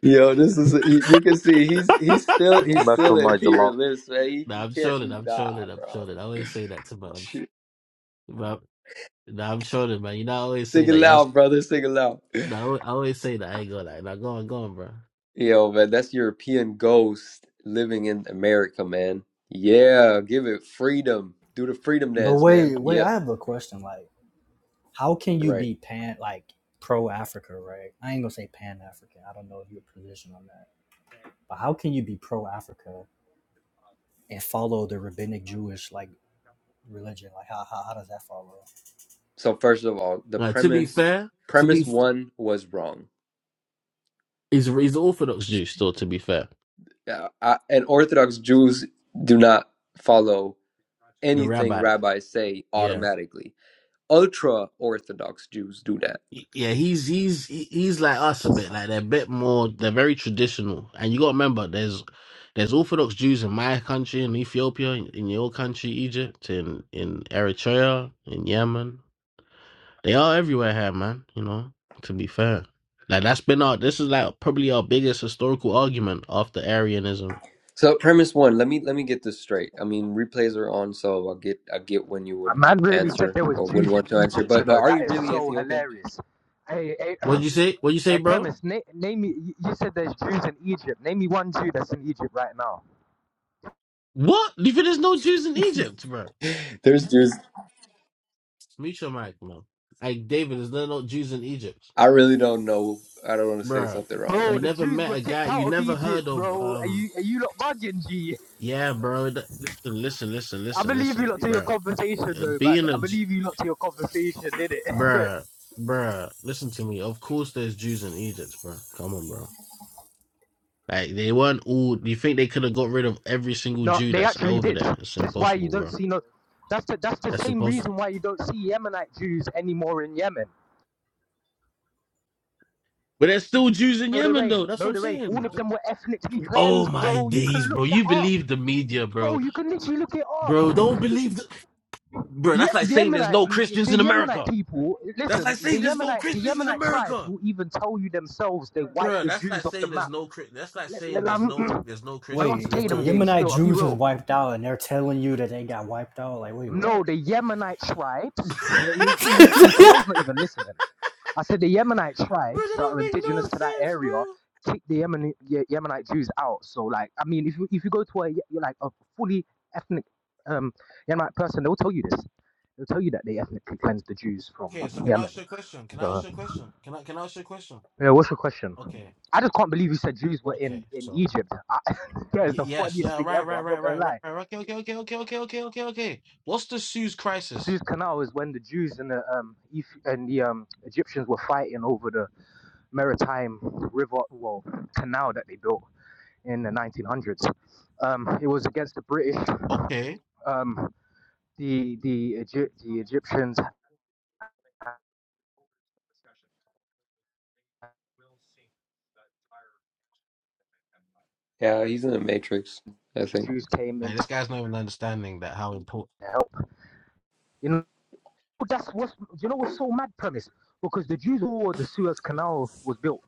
[SPEAKER 5] Yo, this is you you can see he's he's still
[SPEAKER 8] Don't
[SPEAKER 5] he's
[SPEAKER 8] Mess
[SPEAKER 5] still
[SPEAKER 8] with
[SPEAKER 5] an
[SPEAKER 8] my July.
[SPEAKER 5] imperialist, man. He, he
[SPEAKER 4] Nah, I'm
[SPEAKER 5] can't he,
[SPEAKER 4] trolling. I'm
[SPEAKER 5] nah,
[SPEAKER 4] trolling. I'm
[SPEAKER 5] bro.
[SPEAKER 4] trolling. I always say that to my. I'm,
[SPEAKER 5] Shoot.
[SPEAKER 4] my nah, I'm trolling, man. You know, I always say
[SPEAKER 5] Sing it
[SPEAKER 4] that. Y'all,
[SPEAKER 5] loud, brother. Sing it loud.
[SPEAKER 4] nah, I al- I always say that. I ain't gonna lie. Now, go on, go on, bro.
[SPEAKER 5] Yo, man, that's European ghost living in America, man. Yeah, give it freedom. Do the freedom
[SPEAKER 2] But
[SPEAKER 5] dance, man.
[SPEAKER 2] wait, wait,
[SPEAKER 5] Yeah,
[SPEAKER 2] I have a question. Like, how can you
[SPEAKER 5] right.
[SPEAKER 2] be pan like pro Africa, right? I ain't gonna say pan African. I don't know your position on that. But how can you be pro Africa and follow the rabbinic Jewish like religion? Like, how, how how does that follow?
[SPEAKER 5] So first of all, the
[SPEAKER 4] Now, to be
[SPEAKER 5] premise
[SPEAKER 4] fair,
[SPEAKER 5] premise one was wrong.
[SPEAKER 4] he's he's the Orthodox Jew still. To be fair,
[SPEAKER 5] Yeah, I, and Orthodox Jews do not follow
[SPEAKER 4] the
[SPEAKER 5] anything
[SPEAKER 4] rabbi.
[SPEAKER 5] rabbis say automatically. ultra orthodox Jews do that.
[SPEAKER 4] Yeah, he's he's he- he's like us a bit, like they're a bit more. They're very traditional, and you got to remember, there's there's Orthodox Jews in my country, in Ethiopia, in, in your country, Egypt, in in Eritrea, in Yemen. They are everywhere here, man. You know, to be fair, like that's been our. This is like probably our biggest historical argument after Arianism.
[SPEAKER 5] So premise one, let me let me get this straight. I mean, replays are on, so I get I get when you
[SPEAKER 9] My
[SPEAKER 5] wouldn't
[SPEAKER 9] man really said
[SPEAKER 5] answer
[SPEAKER 9] there was
[SPEAKER 5] or
[SPEAKER 9] Jews
[SPEAKER 5] wouldn't
[SPEAKER 9] in
[SPEAKER 5] want to answer.
[SPEAKER 9] Egypt, you
[SPEAKER 5] But but
[SPEAKER 9] know.
[SPEAKER 5] are
[SPEAKER 9] That
[SPEAKER 5] you
[SPEAKER 9] is
[SPEAKER 5] really
[SPEAKER 9] so
[SPEAKER 5] Ethiopian?
[SPEAKER 9] hilarious. Hey, hey,
[SPEAKER 4] What did you say? What did you say,
[SPEAKER 9] hey
[SPEAKER 4] bro?
[SPEAKER 9] premise, na- name me. You you said there's Jews in Egypt. Name me one Jew that's in Egypt right now.
[SPEAKER 4] What? You think there's no Jews in Egypt, bro?
[SPEAKER 5] There's Jews.
[SPEAKER 4] Mute your mic, man. Like David, there's no no Jews in Egypt.
[SPEAKER 5] I really don't know. I don't want to say
[SPEAKER 4] Bruh,
[SPEAKER 5] something wrong,
[SPEAKER 9] Bro,
[SPEAKER 4] you
[SPEAKER 5] man.
[SPEAKER 9] the
[SPEAKER 4] never
[SPEAKER 9] Jews
[SPEAKER 4] met
[SPEAKER 9] were
[SPEAKER 4] a
[SPEAKER 9] kicked
[SPEAKER 4] guy, you
[SPEAKER 9] out of
[SPEAKER 4] never heard
[SPEAKER 9] Egypt,
[SPEAKER 4] of,
[SPEAKER 9] bro. Are
[SPEAKER 4] um,
[SPEAKER 9] you are you lot bugging, G?
[SPEAKER 4] yeah, bro. th- listen, listen, listen,
[SPEAKER 9] I
[SPEAKER 4] listen,
[SPEAKER 9] believe
[SPEAKER 4] listen,
[SPEAKER 9] you lot to your
[SPEAKER 4] bruh.
[SPEAKER 9] conversation
[SPEAKER 4] Uh,
[SPEAKER 9] though, man.
[SPEAKER 4] Being
[SPEAKER 9] I
[SPEAKER 4] a, J-
[SPEAKER 9] believe you lot to your conversation, did it?
[SPEAKER 4] bruh, bruh, listen to me. Of course there's Jews in Egypt, bruh. Come on, bro. Like, they weren't all, do you think they could have got rid of every single
[SPEAKER 9] no,
[SPEAKER 4] Jew
[SPEAKER 9] they
[SPEAKER 4] that's
[SPEAKER 9] actually
[SPEAKER 4] over
[SPEAKER 9] did.
[SPEAKER 4] there? It's
[SPEAKER 9] That's why you
[SPEAKER 4] impossible,
[SPEAKER 9] don't
[SPEAKER 4] bro.
[SPEAKER 9] see no. That's the that's the
[SPEAKER 4] That's
[SPEAKER 9] same
[SPEAKER 4] impossible.
[SPEAKER 9] reason why you don't see Yemenite Jews anymore in Yemen.
[SPEAKER 4] But there's still Jews in
[SPEAKER 9] No, there
[SPEAKER 4] Yemen, though.
[SPEAKER 9] ain't.
[SPEAKER 4] That's
[SPEAKER 9] No,
[SPEAKER 4] what I'm
[SPEAKER 9] there ain't. All
[SPEAKER 4] saying.
[SPEAKER 9] of them were ethnically
[SPEAKER 4] Oh
[SPEAKER 9] cleansed,
[SPEAKER 4] my
[SPEAKER 9] bro. You can
[SPEAKER 4] days,
[SPEAKER 9] look
[SPEAKER 4] bro.
[SPEAKER 9] that
[SPEAKER 4] You
[SPEAKER 9] up,
[SPEAKER 4] believe the media,
[SPEAKER 9] bro.
[SPEAKER 4] bro.
[SPEAKER 9] You can literally look it up.
[SPEAKER 4] Bro, don't believe the, bro.
[SPEAKER 9] Yeah,
[SPEAKER 4] That's like
[SPEAKER 9] the
[SPEAKER 4] saying there's
[SPEAKER 9] Yemenite,
[SPEAKER 4] no Christians
[SPEAKER 9] the
[SPEAKER 4] in America.
[SPEAKER 9] Yemenite people.
[SPEAKER 4] That's like
[SPEAKER 9] Listen, the
[SPEAKER 4] saying there's no
[SPEAKER 9] Yemenite, the
[SPEAKER 4] Christians in
[SPEAKER 9] Yemenite tribes
[SPEAKER 4] America,
[SPEAKER 9] will even tell you themselves they wiped
[SPEAKER 4] Bruh,
[SPEAKER 9] the
[SPEAKER 4] That's
[SPEAKER 9] Jews
[SPEAKER 4] not
[SPEAKER 9] off the
[SPEAKER 4] saying there's
[SPEAKER 9] map.
[SPEAKER 4] no Chri- that's not
[SPEAKER 9] Let-
[SPEAKER 4] saying
[SPEAKER 9] let-
[SPEAKER 4] there's
[SPEAKER 9] um,
[SPEAKER 4] no there's no
[SPEAKER 9] I don't have
[SPEAKER 4] Christians
[SPEAKER 9] to
[SPEAKER 2] Wait,
[SPEAKER 4] in
[SPEAKER 9] play
[SPEAKER 2] if the
[SPEAKER 9] them
[SPEAKER 4] America,
[SPEAKER 9] games.
[SPEAKER 2] Yemenite
[SPEAKER 4] bro.
[SPEAKER 9] Still, I'll be
[SPEAKER 4] Come
[SPEAKER 2] Jews
[SPEAKER 4] on,
[SPEAKER 2] was
[SPEAKER 9] real.
[SPEAKER 4] bro.
[SPEAKER 2] wiped out and they're telling you that they got wiped out, like, wait,
[SPEAKER 9] No,
[SPEAKER 2] what?
[SPEAKER 9] the Yemenite tribes. Yeah, You see, you see, Terrell's not even listening. I said the Yemenite
[SPEAKER 4] Bro,
[SPEAKER 9] tribes
[SPEAKER 4] that
[SPEAKER 9] that
[SPEAKER 4] don't
[SPEAKER 9] are
[SPEAKER 4] make
[SPEAKER 9] indigenous
[SPEAKER 4] no
[SPEAKER 9] to that
[SPEAKER 4] sense,
[SPEAKER 9] area
[SPEAKER 4] bro.
[SPEAKER 9] kicked the Yemen, Ye- Yemenite Jews out. So like, I mean, if you if you go to a Ye- like a fully ethnic um, Yemenite person, they'll tell you this. They'll tell you that they ethnically cleansed the Jews from
[SPEAKER 4] Okay, so can I
[SPEAKER 9] Yemen.
[SPEAKER 4] ask you a question? Can I ask
[SPEAKER 9] So
[SPEAKER 4] you a question? Can I can I ask you a question?
[SPEAKER 9] yeah, what's your question?
[SPEAKER 4] Okay,
[SPEAKER 9] I just can't believe you said Jews were in
[SPEAKER 4] okay.
[SPEAKER 9] in
[SPEAKER 4] So
[SPEAKER 9] Egypt. I, that is
[SPEAKER 4] y-
[SPEAKER 9] the
[SPEAKER 4] yes,
[SPEAKER 9] funniest
[SPEAKER 4] yeah,
[SPEAKER 9] thing
[SPEAKER 4] right,
[SPEAKER 9] ever.
[SPEAKER 4] right,
[SPEAKER 9] I'm
[SPEAKER 4] right,
[SPEAKER 9] not gonna
[SPEAKER 4] right, right,
[SPEAKER 9] lie.
[SPEAKER 4] right. Okay, okay, okay, okay, okay, okay, okay, okay. What's the Sue's crisis?
[SPEAKER 9] Suez Canal is when the Jews and the um Eth- and the um Egyptians were fighting over the maritime river well canal that they built. in the 1900s. Um, it was against the British.
[SPEAKER 4] Okay,
[SPEAKER 9] Um, the the Egy- the Egyptians, and
[SPEAKER 5] Yeah, he's in the Matrix. I
[SPEAKER 9] the
[SPEAKER 5] think.
[SPEAKER 9] Jews came
[SPEAKER 4] like
[SPEAKER 9] in
[SPEAKER 4] this
[SPEAKER 9] to
[SPEAKER 4] guy's not even understanding that how important
[SPEAKER 9] help. You know that's what's you know what's so mad premise because the Jews were the Suez Canal was built.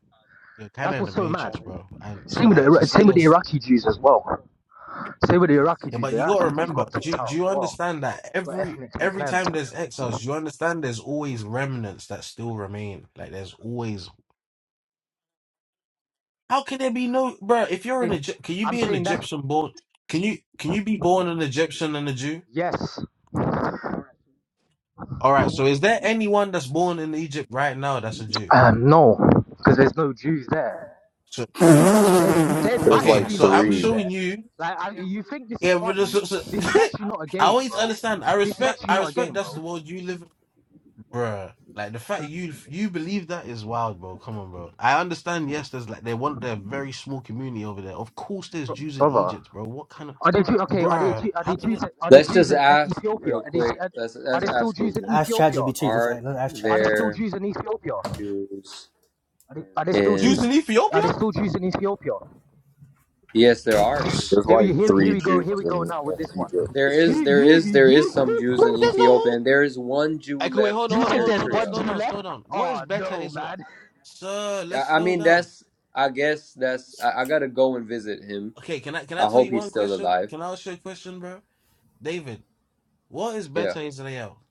[SPEAKER 4] you're kind
[SPEAKER 9] That's
[SPEAKER 4] of in the
[SPEAKER 9] what's so mad.
[SPEAKER 4] matrix, bro. And so,
[SPEAKER 9] Same with the
[SPEAKER 4] like, to say
[SPEAKER 9] same with the
[SPEAKER 4] this,
[SPEAKER 9] Iraqi Jews as well. Same with the Iraqi
[SPEAKER 4] yeah,
[SPEAKER 9] Jews. The
[SPEAKER 4] but you gotta
[SPEAKER 9] Iraqi Jews
[SPEAKER 4] remember,
[SPEAKER 9] got
[SPEAKER 4] do
[SPEAKER 9] kicked
[SPEAKER 4] you, do
[SPEAKER 9] out
[SPEAKER 4] you
[SPEAKER 9] as well.
[SPEAKER 4] understand that
[SPEAKER 9] Got
[SPEAKER 4] every
[SPEAKER 9] ethnically
[SPEAKER 4] every
[SPEAKER 9] cleansed.
[SPEAKER 4] time there's exiles, you understand there's always remnants that still remain. Like, there's always. How can there be no, bro? If you're an Egypt, can you
[SPEAKER 9] I'm
[SPEAKER 4] be an
[SPEAKER 9] saying that's
[SPEAKER 4] Egyptian born? Can you can you be born an Egyptian and a Jew?
[SPEAKER 9] yes,
[SPEAKER 4] All right. So is there anyone that's born in Egypt right now that's a Jew?
[SPEAKER 9] um, no, because there's no Jews there.
[SPEAKER 4] So
[SPEAKER 9] There's there's
[SPEAKER 8] There's like
[SPEAKER 4] okay.
[SPEAKER 9] actually
[SPEAKER 4] So
[SPEAKER 9] no
[SPEAKER 4] I'm
[SPEAKER 9] Jews
[SPEAKER 8] three.
[SPEAKER 4] showing
[SPEAKER 9] there.
[SPEAKER 4] you.
[SPEAKER 9] Like I, you think this is
[SPEAKER 4] Yeah, but this-
[SPEAKER 9] funny?
[SPEAKER 4] so,
[SPEAKER 9] This is actually not a
[SPEAKER 4] I
[SPEAKER 9] game,
[SPEAKER 4] always
[SPEAKER 9] bro.
[SPEAKER 4] understand. I
[SPEAKER 9] This is
[SPEAKER 4] respect.
[SPEAKER 9] actually
[SPEAKER 4] I
[SPEAKER 9] not a
[SPEAKER 4] respect.
[SPEAKER 9] game,
[SPEAKER 4] That's the
[SPEAKER 9] bro.
[SPEAKER 4] world you live, in, bruh. Like the fact you you believe that is wild, bro. Come on, bro. I understand. Yes, there's like they want their very small community over there. Of course, there's Jews in
[SPEAKER 9] Brother,
[SPEAKER 4] Egypt, bro. What kind of
[SPEAKER 9] Are they Jew- okay? Are they
[SPEAKER 4] bruh?
[SPEAKER 9] Jew- are
[SPEAKER 4] How
[SPEAKER 9] they
[SPEAKER 4] can you,
[SPEAKER 9] Jews? Are they
[SPEAKER 5] Let's
[SPEAKER 9] Jews
[SPEAKER 5] just
[SPEAKER 9] in uh,
[SPEAKER 5] ask
[SPEAKER 9] Ethiopia?
[SPEAKER 5] real
[SPEAKER 9] Are they s-
[SPEAKER 5] quick.
[SPEAKER 9] uh,
[SPEAKER 5] Let's
[SPEAKER 9] are
[SPEAKER 5] let's
[SPEAKER 9] there still
[SPEAKER 5] ask
[SPEAKER 9] Jews in
[SPEAKER 5] Google.
[SPEAKER 2] ask
[SPEAKER 9] Ethiopia?
[SPEAKER 2] ChatGPT. Let's,
[SPEAKER 5] Are
[SPEAKER 2] ask- ask
[SPEAKER 9] Are there still
[SPEAKER 2] ChatGPT.
[SPEAKER 5] there
[SPEAKER 9] Jews in Ethiopia? Are
[SPEAKER 5] Jews
[SPEAKER 9] they, are there still Jews?
[SPEAKER 4] Jews in
[SPEAKER 5] in?
[SPEAKER 9] Are
[SPEAKER 4] Ethiopia?
[SPEAKER 9] there still Jews in Ethiopia?
[SPEAKER 5] Yes, there are.
[SPEAKER 4] S-
[SPEAKER 8] There's
[SPEAKER 9] Here we
[SPEAKER 8] like
[SPEAKER 9] here, here
[SPEAKER 8] three
[SPEAKER 9] we go
[SPEAKER 8] Jews
[SPEAKER 9] here we go
[SPEAKER 8] in,
[SPEAKER 9] now with this
[SPEAKER 8] in
[SPEAKER 9] one.
[SPEAKER 5] There
[SPEAKER 8] Egypt.
[SPEAKER 5] is,
[SPEAKER 9] You
[SPEAKER 5] there
[SPEAKER 9] you
[SPEAKER 5] is, there is
[SPEAKER 9] you
[SPEAKER 5] some Jews
[SPEAKER 4] Bro,
[SPEAKER 5] in
[SPEAKER 4] there's a
[SPEAKER 5] Ethiopia,
[SPEAKER 4] whole.
[SPEAKER 5] and there is one Jew
[SPEAKER 4] Okay, wait, hold
[SPEAKER 5] left
[SPEAKER 4] on,
[SPEAKER 9] you
[SPEAKER 5] in
[SPEAKER 4] hold on,
[SPEAKER 9] said
[SPEAKER 4] hold on,
[SPEAKER 9] there's
[SPEAKER 4] hold on.
[SPEAKER 9] one
[SPEAKER 5] Eritrea.
[SPEAKER 4] Slow
[SPEAKER 9] Jew
[SPEAKER 4] down, slow
[SPEAKER 9] left?
[SPEAKER 4] down. What is
[SPEAKER 9] Oh
[SPEAKER 4] better
[SPEAKER 9] no,
[SPEAKER 4] is, like,
[SPEAKER 9] man.
[SPEAKER 4] sir? Let's
[SPEAKER 5] I, I
[SPEAKER 4] slow
[SPEAKER 5] mean,
[SPEAKER 4] down.
[SPEAKER 5] that's, I guess that's, I, I gotta go and visit him.
[SPEAKER 4] Okay, can I can I
[SPEAKER 5] I
[SPEAKER 4] tell
[SPEAKER 5] hope
[SPEAKER 4] you
[SPEAKER 5] he's
[SPEAKER 4] one
[SPEAKER 5] still
[SPEAKER 4] question?
[SPEAKER 5] alive.
[SPEAKER 4] Can I ask you a question, bro? David, what is
[SPEAKER 5] Yeah,
[SPEAKER 4] better Israel?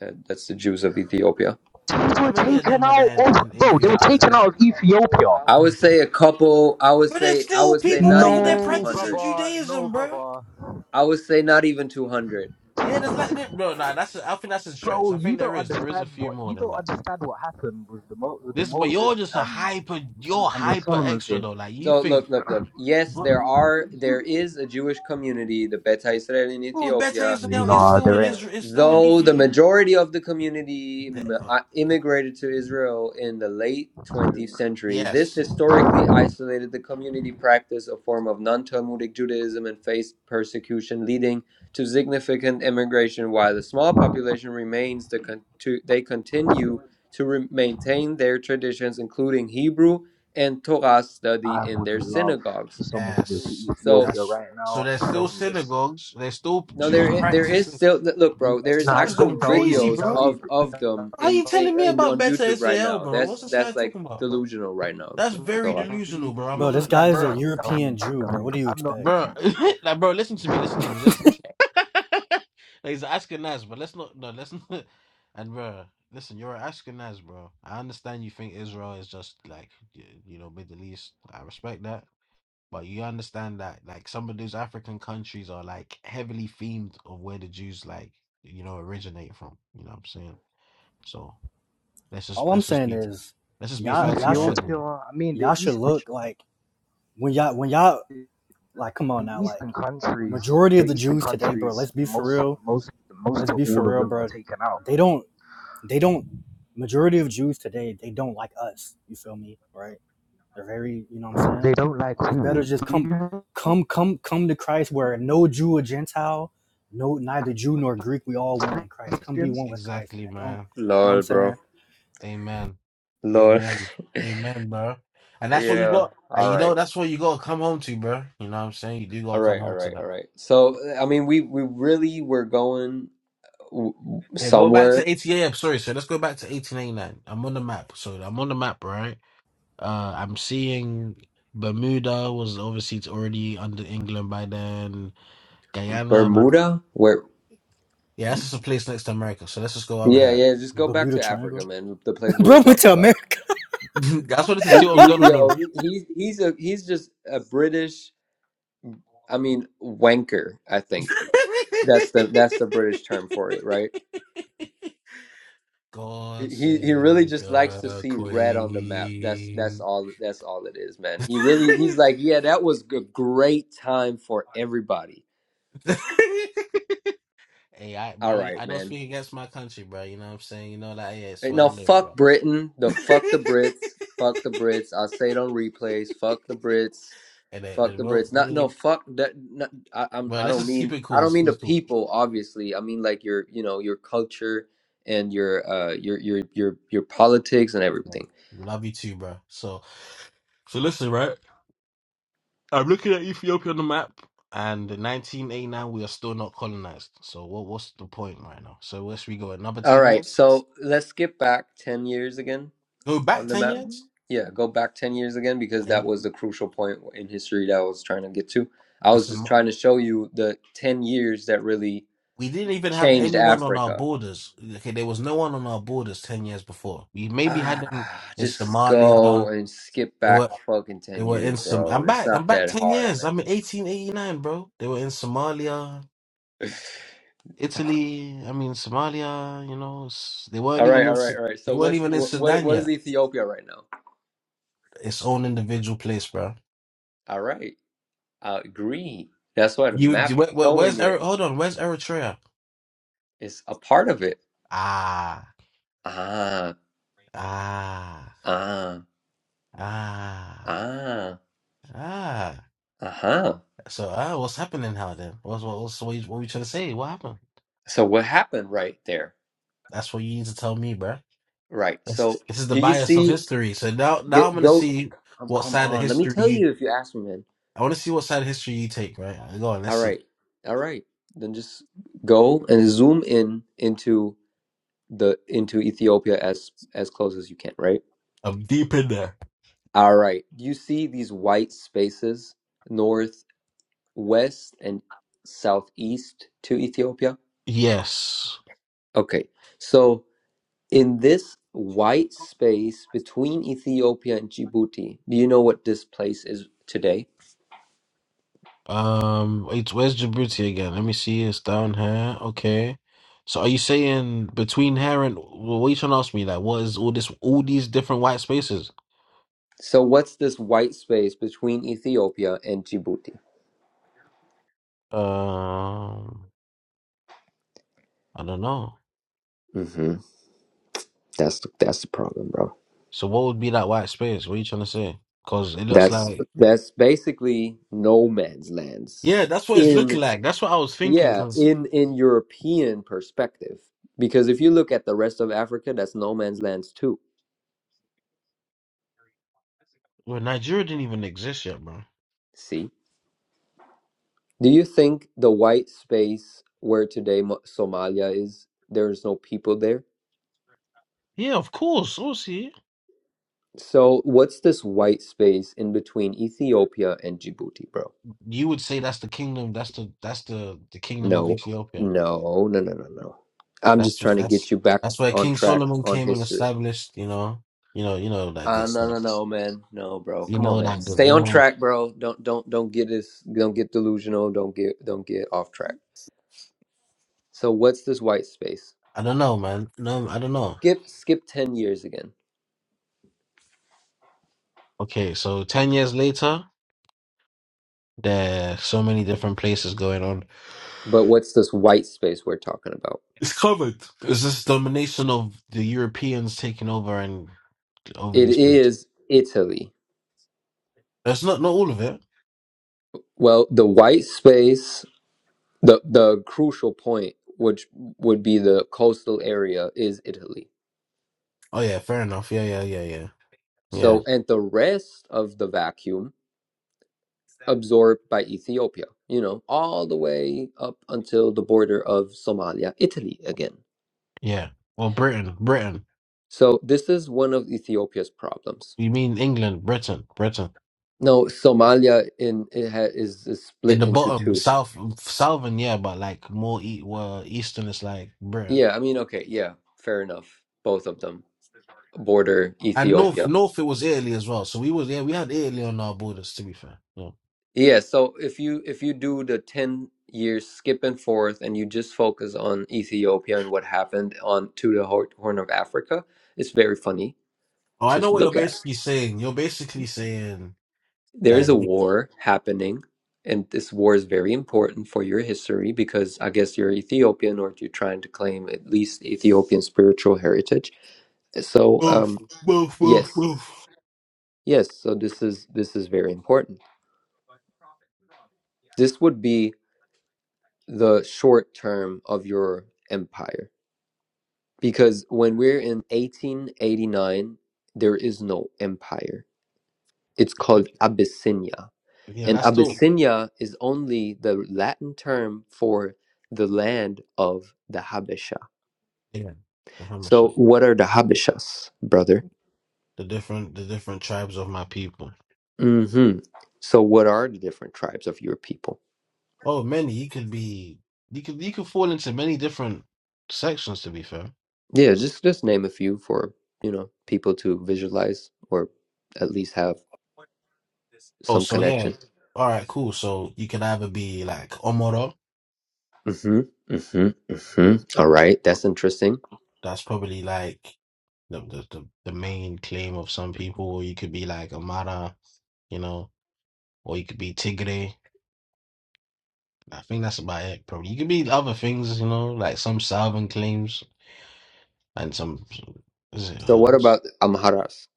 [SPEAKER 5] uh, that's the Jews of Ethiopia.
[SPEAKER 9] These
[SPEAKER 4] How
[SPEAKER 9] were
[SPEAKER 4] many of
[SPEAKER 9] taken
[SPEAKER 4] them are
[SPEAKER 9] out
[SPEAKER 4] there in,
[SPEAKER 9] of
[SPEAKER 4] in
[SPEAKER 9] bro. They were
[SPEAKER 4] Ethiopia? Is that
[SPEAKER 9] taken
[SPEAKER 4] like,
[SPEAKER 9] out of Ethiopia.
[SPEAKER 5] I would say a couple. I would
[SPEAKER 4] but there's
[SPEAKER 5] say, I
[SPEAKER 4] still
[SPEAKER 5] would say
[SPEAKER 4] people
[SPEAKER 5] not
[SPEAKER 4] over
[SPEAKER 5] even
[SPEAKER 4] there
[SPEAKER 5] two
[SPEAKER 9] No,
[SPEAKER 4] practicing
[SPEAKER 5] hundred.
[SPEAKER 9] brother. No,
[SPEAKER 4] Judaism, bro.
[SPEAKER 9] brother.
[SPEAKER 5] I would say not even two hundred.
[SPEAKER 4] Yeah, there's like that, bro. Nah, that's a, I think that's a stretch.
[SPEAKER 9] Bro,
[SPEAKER 4] I think
[SPEAKER 9] you don't
[SPEAKER 4] there is there is a
[SPEAKER 9] understand
[SPEAKER 4] few
[SPEAKER 9] what
[SPEAKER 4] more
[SPEAKER 9] you
[SPEAKER 4] than
[SPEAKER 9] don't
[SPEAKER 4] that.
[SPEAKER 9] understand what happened with the Mo- with the
[SPEAKER 4] This, but you're
[SPEAKER 9] Moses
[SPEAKER 4] just a
[SPEAKER 9] um
[SPEAKER 4] hyper.
[SPEAKER 9] and,
[SPEAKER 4] You're
[SPEAKER 9] and the
[SPEAKER 4] hyper
[SPEAKER 9] Solomon
[SPEAKER 4] extra
[SPEAKER 9] thing.
[SPEAKER 4] though. Like you
[SPEAKER 5] So
[SPEAKER 4] think,
[SPEAKER 5] look, look, look. Yes,
[SPEAKER 4] but
[SPEAKER 5] there are, there is a Jewish community, the Beta Israel in
[SPEAKER 4] bro, better
[SPEAKER 5] Ethiopia
[SPEAKER 4] Israel is
[SPEAKER 9] Nah,
[SPEAKER 4] still in
[SPEAKER 9] there ain't.
[SPEAKER 4] Israel. It's still in
[SPEAKER 5] Though the
[SPEAKER 4] Ethiopia.
[SPEAKER 5] majority of the community m- uh, immigrated to Israel in the late 20th century,
[SPEAKER 4] Yes.
[SPEAKER 5] this historically isolated the community practice a form of non-Talmudic Judaism and faced persecution, leading to significant immigration. While the small population remains, the con- to, they continue to re- maintain their traditions, including Hebrew and Torah study
[SPEAKER 9] I
[SPEAKER 5] in their
[SPEAKER 9] would love for
[SPEAKER 5] synagogues.
[SPEAKER 9] someone to go to
[SPEAKER 4] Yes,
[SPEAKER 5] So
[SPEAKER 9] Ethiopia
[SPEAKER 4] that's
[SPEAKER 9] right
[SPEAKER 4] so.
[SPEAKER 9] now
[SPEAKER 4] There's
[SPEAKER 9] and
[SPEAKER 4] still
[SPEAKER 9] show me this.
[SPEAKER 4] synagogues. There's still
[SPEAKER 5] No, there
[SPEAKER 4] Jews
[SPEAKER 5] i- there is
[SPEAKER 4] practicing.
[SPEAKER 5] still look,
[SPEAKER 9] M-
[SPEAKER 5] bro. There
[SPEAKER 4] This
[SPEAKER 5] is
[SPEAKER 9] Nah, D-
[SPEAKER 4] guy's
[SPEAKER 5] actual
[SPEAKER 4] gone
[SPEAKER 9] Dawid,
[SPEAKER 4] crazy,
[SPEAKER 5] videos
[SPEAKER 4] bro.
[SPEAKER 9] Dawid,
[SPEAKER 5] of of them
[SPEAKER 4] How
[SPEAKER 5] in,
[SPEAKER 4] you telling me
[SPEAKER 5] in
[SPEAKER 4] about
[SPEAKER 5] on
[SPEAKER 4] better
[SPEAKER 5] YouTube right
[SPEAKER 4] Israel,
[SPEAKER 5] now.
[SPEAKER 4] bro? What's
[SPEAKER 5] That's
[SPEAKER 4] this guy
[SPEAKER 5] that's like
[SPEAKER 4] talking about?
[SPEAKER 5] delusional right now.
[SPEAKER 4] That's
[SPEAKER 5] T-
[SPEAKER 4] very
[SPEAKER 5] Thor.
[SPEAKER 4] delusional, bro. I'm
[SPEAKER 2] Bro,
[SPEAKER 9] Dawid,
[SPEAKER 4] not
[SPEAKER 2] this
[SPEAKER 4] gonna
[SPEAKER 2] guy
[SPEAKER 4] like,
[SPEAKER 2] is a
[SPEAKER 4] bro,
[SPEAKER 2] European
[SPEAKER 9] Dawid,
[SPEAKER 2] Jew, bro.
[SPEAKER 9] Dawid.
[SPEAKER 2] What do you
[SPEAKER 9] I'm
[SPEAKER 2] expect?
[SPEAKER 4] bro, like, bro. Listen to me. Listen to
[SPEAKER 9] not.
[SPEAKER 4] me. Listen. Like, he's asking us, but let's not. No, let's not. And bro, listen, you're asking us, bro. I understand you think Israel is just like y- you know Middle East. I respect that. But you understand that like some of those African countries are like heavily themed of where the Jews like you know originate from. You know what I'm saying? So let's
[SPEAKER 2] All
[SPEAKER 4] just
[SPEAKER 2] I'm
[SPEAKER 4] let's just
[SPEAKER 2] saying
[SPEAKER 4] be
[SPEAKER 2] is,
[SPEAKER 4] let's just be
[SPEAKER 9] But
[SPEAKER 2] y'all,
[SPEAKER 4] fair to
[SPEAKER 2] y'all
[SPEAKER 4] the
[SPEAKER 2] should,
[SPEAKER 9] Ethiopia.
[SPEAKER 4] argument.
[SPEAKER 9] I mean, the
[SPEAKER 2] y'all should
[SPEAKER 9] East.
[SPEAKER 2] look like when y'all, when y'all, like, come on
[SPEAKER 9] the
[SPEAKER 2] now,
[SPEAKER 9] eastern
[SPEAKER 2] like,
[SPEAKER 9] countries,
[SPEAKER 2] majority
[SPEAKER 9] the
[SPEAKER 2] of the
[SPEAKER 9] eastern
[SPEAKER 2] Jews today, bro.
[SPEAKER 9] countries,
[SPEAKER 2] Let's be for
[SPEAKER 9] most
[SPEAKER 2] real.
[SPEAKER 9] most most
[SPEAKER 2] Let's
[SPEAKER 9] of
[SPEAKER 2] be for
[SPEAKER 9] all of
[SPEAKER 2] real,
[SPEAKER 9] them were
[SPEAKER 2] bro.
[SPEAKER 9] taken out.
[SPEAKER 2] They don't, they don't. Majority of Jews today, they don't like us. You feel me, right? They're very, you know what I'm
[SPEAKER 9] They
[SPEAKER 2] saying?
[SPEAKER 9] don't like
[SPEAKER 2] It's better
[SPEAKER 9] who?
[SPEAKER 2] just come come come come to Christ where no Jew or Gentile, no neither Jew nor Greek, we all one in Christ. Come be
[SPEAKER 9] Christians?
[SPEAKER 2] one with Christ, man.
[SPEAKER 4] Exactly,
[SPEAKER 2] Don't
[SPEAKER 4] man.
[SPEAKER 2] you know what I'm
[SPEAKER 5] Lol,
[SPEAKER 2] saying?
[SPEAKER 5] bro.
[SPEAKER 4] Amen.
[SPEAKER 5] Lol.
[SPEAKER 4] Amen. Amen, bro. And that's what you
[SPEAKER 5] Yeah.
[SPEAKER 4] got. And
[SPEAKER 5] All
[SPEAKER 4] you know
[SPEAKER 5] right.
[SPEAKER 4] that's what you gotta come home to, bro. You know what I'm saying? You do
[SPEAKER 5] All
[SPEAKER 4] gotta come
[SPEAKER 5] right. All
[SPEAKER 4] home to
[SPEAKER 5] right. All
[SPEAKER 4] that.
[SPEAKER 5] right. So I mean, we we really were going w- w-
[SPEAKER 4] Go back
[SPEAKER 5] somewhere,
[SPEAKER 4] to 88. I'm sorry, so let's go back to 1889. I'm on the map. So I'm on the map, right? Uh, I'm seeing Bermuda was overseas already under England by then. Guyana, but
[SPEAKER 5] Bermuda. Where?
[SPEAKER 4] yeah, that's just a place next to America. So let's just go over
[SPEAKER 5] Yeah,
[SPEAKER 4] here.
[SPEAKER 5] yeah. Just go back
[SPEAKER 2] Bermuda
[SPEAKER 5] to Africa,
[SPEAKER 2] Triangle.
[SPEAKER 5] man. The place we were
[SPEAKER 2] Bro went to
[SPEAKER 5] talking about.
[SPEAKER 2] America.
[SPEAKER 4] That's what to
[SPEAKER 5] He,
[SPEAKER 4] see what was
[SPEAKER 5] he,
[SPEAKER 4] going on.
[SPEAKER 5] yo,
[SPEAKER 4] though.
[SPEAKER 5] he, he's he's a he's just a British. I mean, wanker. I think. That's the that's the British term for it, right?
[SPEAKER 4] God
[SPEAKER 5] He he really
[SPEAKER 4] save
[SPEAKER 5] just likes to
[SPEAKER 4] the
[SPEAKER 5] see red on the map. That's that's
[SPEAKER 4] Queen.
[SPEAKER 5] all that's all it is, man. He really he's like, yeah, that was a great time for everybody.
[SPEAKER 4] hey, I,
[SPEAKER 5] All
[SPEAKER 4] bro,
[SPEAKER 5] right,
[SPEAKER 4] I don't
[SPEAKER 5] man.
[SPEAKER 4] speak against my country, bro. You know what I'm saying? You know that, yeah, it's
[SPEAKER 5] Hey,
[SPEAKER 4] where
[SPEAKER 5] Now
[SPEAKER 4] I live,
[SPEAKER 5] fuck
[SPEAKER 4] bro.
[SPEAKER 5] Britain, the fuck the Brits, fuck the Brits. I'll say it on replays. Fuck the Brits,
[SPEAKER 4] and then,
[SPEAKER 5] fuck
[SPEAKER 4] and
[SPEAKER 5] the
[SPEAKER 4] well,
[SPEAKER 5] Brits. Not no
[SPEAKER 4] really,
[SPEAKER 5] fuck that. Not, I I'm,
[SPEAKER 4] bro,
[SPEAKER 5] I
[SPEAKER 4] let's
[SPEAKER 5] don't
[SPEAKER 4] just keep
[SPEAKER 5] mean
[SPEAKER 4] it
[SPEAKER 5] I
[SPEAKER 4] cool.
[SPEAKER 5] don't
[SPEAKER 4] It's
[SPEAKER 5] mean the
[SPEAKER 4] cool,
[SPEAKER 5] people. Obviously, I mean like your you know your culture and your uh your your your your politics and
[SPEAKER 4] Right.
[SPEAKER 5] everything.
[SPEAKER 4] We love you too, bro. So, so listen, right? I'm looking at Ethiopia on the map, and in 1989 we are still not colonized. So, what what's the point right now? So, where should we go? Another
[SPEAKER 5] All
[SPEAKER 4] ten
[SPEAKER 5] right,
[SPEAKER 4] years?
[SPEAKER 5] so let's skip back 10 years again
[SPEAKER 4] Go back
[SPEAKER 5] on the
[SPEAKER 4] ten
[SPEAKER 5] map. Mhm.
[SPEAKER 4] years?
[SPEAKER 5] Yeah, go back 10 years again because
[SPEAKER 4] Nah,
[SPEAKER 5] that
[SPEAKER 4] you-
[SPEAKER 5] was the crucial point in history that I was trying to get to. I
[SPEAKER 4] it's
[SPEAKER 5] was
[SPEAKER 4] a,
[SPEAKER 5] just
[SPEAKER 4] mo-
[SPEAKER 5] trying to show you the 10 years that really
[SPEAKER 4] we didn't even have
[SPEAKER 5] changed
[SPEAKER 4] anyone on our
[SPEAKER 5] Africa.
[SPEAKER 4] borders. Okay, there was no one on our borders ten years before. We maybe had them
[SPEAKER 5] Ah,
[SPEAKER 4] in
[SPEAKER 5] just go
[SPEAKER 4] Somalia.
[SPEAKER 5] and skip
[SPEAKER 4] They
[SPEAKER 5] back
[SPEAKER 4] were
[SPEAKER 5] fucking
[SPEAKER 4] they
[SPEAKER 5] 10
[SPEAKER 4] were
[SPEAKER 5] years,
[SPEAKER 4] in some.
[SPEAKER 5] bro.
[SPEAKER 4] I'm
[SPEAKER 5] It's
[SPEAKER 4] back. I'm
[SPEAKER 5] not
[SPEAKER 4] back
[SPEAKER 5] that
[SPEAKER 4] ten
[SPEAKER 5] hard,
[SPEAKER 4] years.
[SPEAKER 5] man.
[SPEAKER 4] I'm in 1889, bro. They were in Somalia. Italy, I mean Somalia, you know, s they
[SPEAKER 5] All
[SPEAKER 4] weren't
[SPEAKER 5] right,
[SPEAKER 4] even in
[SPEAKER 5] all right,
[SPEAKER 4] Su-
[SPEAKER 5] all right.
[SPEAKER 4] they
[SPEAKER 5] So
[SPEAKER 4] weren't
[SPEAKER 5] what's
[SPEAKER 4] even in
[SPEAKER 5] what what,
[SPEAKER 4] Sudan
[SPEAKER 5] what is
[SPEAKER 4] yet.
[SPEAKER 5] Ethiopia right now?
[SPEAKER 4] Its own individual place, bro.
[SPEAKER 5] All right. I agree. That's why the
[SPEAKER 4] You,
[SPEAKER 5] map
[SPEAKER 4] you where, where- where's
[SPEAKER 5] showing
[SPEAKER 4] Eric?
[SPEAKER 5] it
[SPEAKER 4] Hold on, where's Eritrea?
[SPEAKER 5] is a part of it.
[SPEAKER 4] Ah,
[SPEAKER 5] Ah.
[SPEAKER 4] ah,
[SPEAKER 5] Ah,
[SPEAKER 4] ah,
[SPEAKER 5] ah,
[SPEAKER 4] ah.
[SPEAKER 5] uh-huh.
[SPEAKER 4] So ah, what's happening? How then? What's what? What's, what, you, what you trying to say? What happened?
[SPEAKER 5] So what happened right there?
[SPEAKER 4] That's what you need to tell me, bro.
[SPEAKER 5] Right. So
[SPEAKER 4] This, this is the
[SPEAKER 5] do you
[SPEAKER 4] bias of
[SPEAKER 5] see?
[SPEAKER 4] history. So now, now I'm
[SPEAKER 5] Get,
[SPEAKER 4] gonna
[SPEAKER 5] go.
[SPEAKER 4] see
[SPEAKER 5] Come,
[SPEAKER 4] what
[SPEAKER 5] come
[SPEAKER 4] side of
[SPEAKER 5] on. Let me
[SPEAKER 4] history
[SPEAKER 5] tell
[SPEAKER 4] you.
[SPEAKER 5] you if you ask me, man.
[SPEAKER 4] I want to see what side of history you take, right? Go on, let's
[SPEAKER 5] All
[SPEAKER 4] see.
[SPEAKER 5] right. All right. Then just go and zoom in into the into Ethiopia as as close as you can, right?
[SPEAKER 4] I'm deep in there.
[SPEAKER 5] All right. Do you see these white spaces north, west, and southeast to Ethiopia?
[SPEAKER 4] Yes.
[SPEAKER 5] Okay. So. in this white space between Ethiopia and Djibouti, do you know what this place is today?
[SPEAKER 4] Um, it's where's Djibouti again? Let me see. It's down here. Okay. So are you saying between here and well, what you trying to ask me? Like, what is all this? All these different white spaces?
[SPEAKER 5] So what's this white space between Ethiopia and Djibouti?
[SPEAKER 4] Um, I don't know.
[SPEAKER 5] hmm That's the, that's the problem, bro.
[SPEAKER 4] So what would be that white space? What are you trying to say? Because it looks
[SPEAKER 5] That's
[SPEAKER 4] like
[SPEAKER 5] that's basically no man's lands
[SPEAKER 4] yeah, that's what it's
[SPEAKER 5] in
[SPEAKER 4] looking like. That's what I was thinking.
[SPEAKER 5] yeah
[SPEAKER 4] Because
[SPEAKER 5] in in European perspective because if you look at the rest of Africa, that's no man's lands too.
[SPEAKER 4] well, Nigeria didn't even exist yet, bro.
[SPEAKER 5] See. Do you think the white space where today Mo- Somalia is, there's no people there?
[SPEAKER 4] Yeah, of course. Obviously.
[SPEAKER 5] So, what's this white space in between Ethiopia and Djibouti, bro?
[SPEAKER 4] you would say that's the kingdom. That's the that's the the kingdom of
[SPEAKER 5] No,
[SPEAKER 4] Ethiopia.
[SPEAKER 5] no, no, no, no, no. I'm just
[SPEAKER 4] That's what
[SPEAKER 5] trying to get
[SPEAKER 4] that's
[SPEAKER 5] you back
[SPEAKER 4] that's where
[SPEAKER 5] on
[SPEAKER 4] King
[SPEAKER 5] track
[SPEAKER 4] Solomon
[SPEAKER 5] on
[SPEAKER 4] came and
[SPEAKER 5] history.
[SPEAKER 4] established. You know, you know, you know that
[SPEAKER 5] Uh,
[SPEAKER 4] good
[SPEAKER 5] no,
[SPEAKER 4] stuff.
[SPEAKER 5] no, no, man. No, bro.
[SPEAKER 4] You
[SPEAKER 5] Come on,
[SPEAKER 4] know
[SPEAKER 5] man.
[SPEAKER 4] that good.
[SPEAKER 5] Stay
[SPEAKER 4] You
[SPEAKER 5] on
[SPEAKER 4] know,
[SPEAKER 5] track, bro. Don't, don't, don't get this. Don't get delusional. Don't get, don't get off track. So, what's this white space?
[SPEAKER 4] I don't know, man. No, I don't know.
[SPEAKER 5] Skip, skip ten years again.
[SPEAKER 4] Okay, so ten years later, there are so many different places going on.
[SPEAKER 5] But what's this white space we're talking about?
[SPEAKER 4] It's covered. It's this domination of the Europeans taking over and over
[SPEAKER 5] It
[SPEAKER 4] these places.
[SPEAKER 5] is Italy.
[SPEAKER 4] That's not not all of it.
[SPEAKER 5] Well, the white space, the the crucial point, which would be the coastal area, is Italy.
[SPEAKER 4] Oh yeah, fair enough. Yeah, yeah, yeah, yeah, yeah,
[SPEAKER 5] So, and the rest of the vacuum absorbed by Ethiopia, you know, all the way up until the border of Somalia, Italy again.
[SPEAKER 4] yeah. Well, Britain, Britain.
[SPEAKER 5] So, this is one of Ethiopia's problems.
[SPEAKER 4] You mean England, Britain, Britain.
[SPEAKER 5] No, Somalia in it ha, is, is
[SPEAKER 4] In
[SPEAKER 5] split
[SPEAKER 4] the
[SPEAKER 5] into
[SPEAKER 4] bottom,
[SPEAKER 5] two.
[SPEAKER 4] south, southern, yeah, but like more e- well, eastern is like Britain.
[SPEAKER 5] Yeah, I mean, okay, yeah, fair enough. Both of them border
[SPEAKER 4] And north,
[SPEAKER 5] Ethiopia.
[SPEAKER 4] north, it was Italy as well. So we was, yeah, we had Italy on our borders, to be fair. Yeah.
[SPEAKER 5] Yeah, so if you if you do the 10 years skip and forth and you just focus on Ethiopia and what happened on to the Hor- Horn of Africa, it's very funny
[SPEAKER 4] Oh, I
[SPEAKER 5] to
[SPEAKER 4] know what you're
[SPEAKER 5] look at.
[SPEAKER 4] basically saying. You're basically saying
[SPEAKER 5] There is
[SPEAKER 4] that
[SPEAKER 5] a
[SPEAKER 4] you,
[SPEAKER 5] war happening and this war is very important for your history because I guess you're Ethiopian or you're trying to claim at least Ethiopian spiritual heritage. So,
[SPEAKER 4] woof,
[SPEAKER 5] um
[SPEAKER 4] woof, woof,
[SPEAKER 5] yes.
[SPEAKER 4] woof.
[SPEAKER 5] Yes, so this is this is very important. This would be the short term of your empire Because when we're in 1889, there is no empire. It's called Abyssinia.
[SPEAKER 4] Yeah,
[SPEAKER 5] And
[SPEAKER 4] that's still,
[SPEAKER 5] Abyssinia is only the Latin term for the land of the Habesha.
[SPEAKER 4] yeah, the
[SPEAKER 5] So,
[SPEAKER 4] Hamasha.
[SPEAKER 5] what are the Habeshas, brother?
[SPEAKER 4] The different, the different tribes of my people.
[SPEAKER 5] hmm So, what are the different tribes of your people?
[SPEAKER 4] Oh, many, you could be, you could, you could fall into many different sections, to be fair.
[SPEAKER 5] Yeah, just just name a few for you know people to visualize or at least have
[SPEAKER 4] Oh,
[SPEAKER 5] some
[SPEAKER 4] so yeah.
[SPEAKER 5] connection.
[SPEAKER 4] All right, cool. So you can either be like Omoro,
[SPEAKER 5] Mm-hmm. Mm-hmm. Mm-hmm. All right, that's interesting.
[SPEAKER 4] that's probably like the the, the, the main claim of some people, or you could be like Amara, you know, or you could be Tigre. I think that's about it, probably. You could be other things, you know, like some Salvan claims and some is it
[SPEAKER 5] So
[SPEAKER 4] uh,
[SPEAKER 5] what about
[SPEAKER 4] what's-
[SPEAKER 5] Amharas?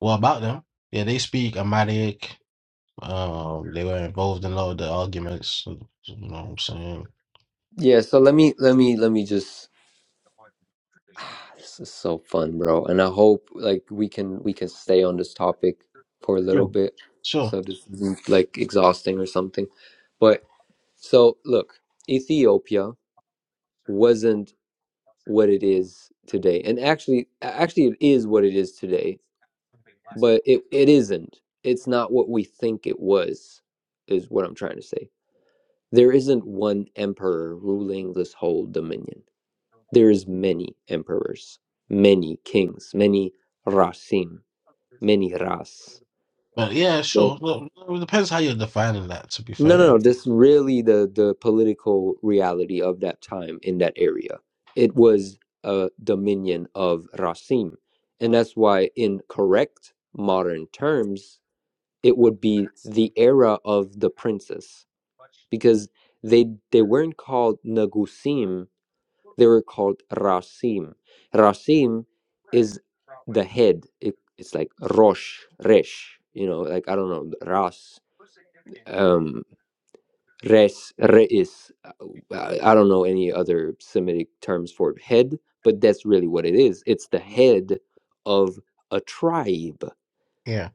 [SPEAKER 4] well about them. Yeah, they speak Amharic. Um, they were involved in a lot of the arguments, you know what I'm saying?
[SPEAKER 5] Yeah, so let me let me let me just ah, this is so fun, bro. And I hope like we can we can stay on this topic for a little bit.
[SPEAKER 4] Sure.
[SPEAKER 5] So this isn't like exhausting or something. But so look, Ethiopia wasn't what it is today. And actually actually it is what it is today, but it, it isn't. It's not what we think it was, is what I'm trying to say. There isn't one emperor ruling this whole dominion There's many emperors, many kings, many rasim, many ras.
[SPEAKER 4] But yeah,
[SPEAKER 5] Many.
[SPEAKER 4] sure. Well, it depends how you're defining that, to be
[SPEAKER 5] No, no,
[SPEAKER 4] fair.
[SPEAKER 5] no. This really the the political reality of that time in that area. It was a dominion of rasim, and that's why, in correct modern terms, it would be the era of the princes, because they they weren't called nagusim They were called Rasim. Rasim is the head. It, it's like Rosh, Resh. You know, like I don't know, Ras, um, Res, Reis. I, I don't know any other Semitic terms for head, but that's really what it is. It's the head of a tribe.
[SPEAKER 4] Yeah.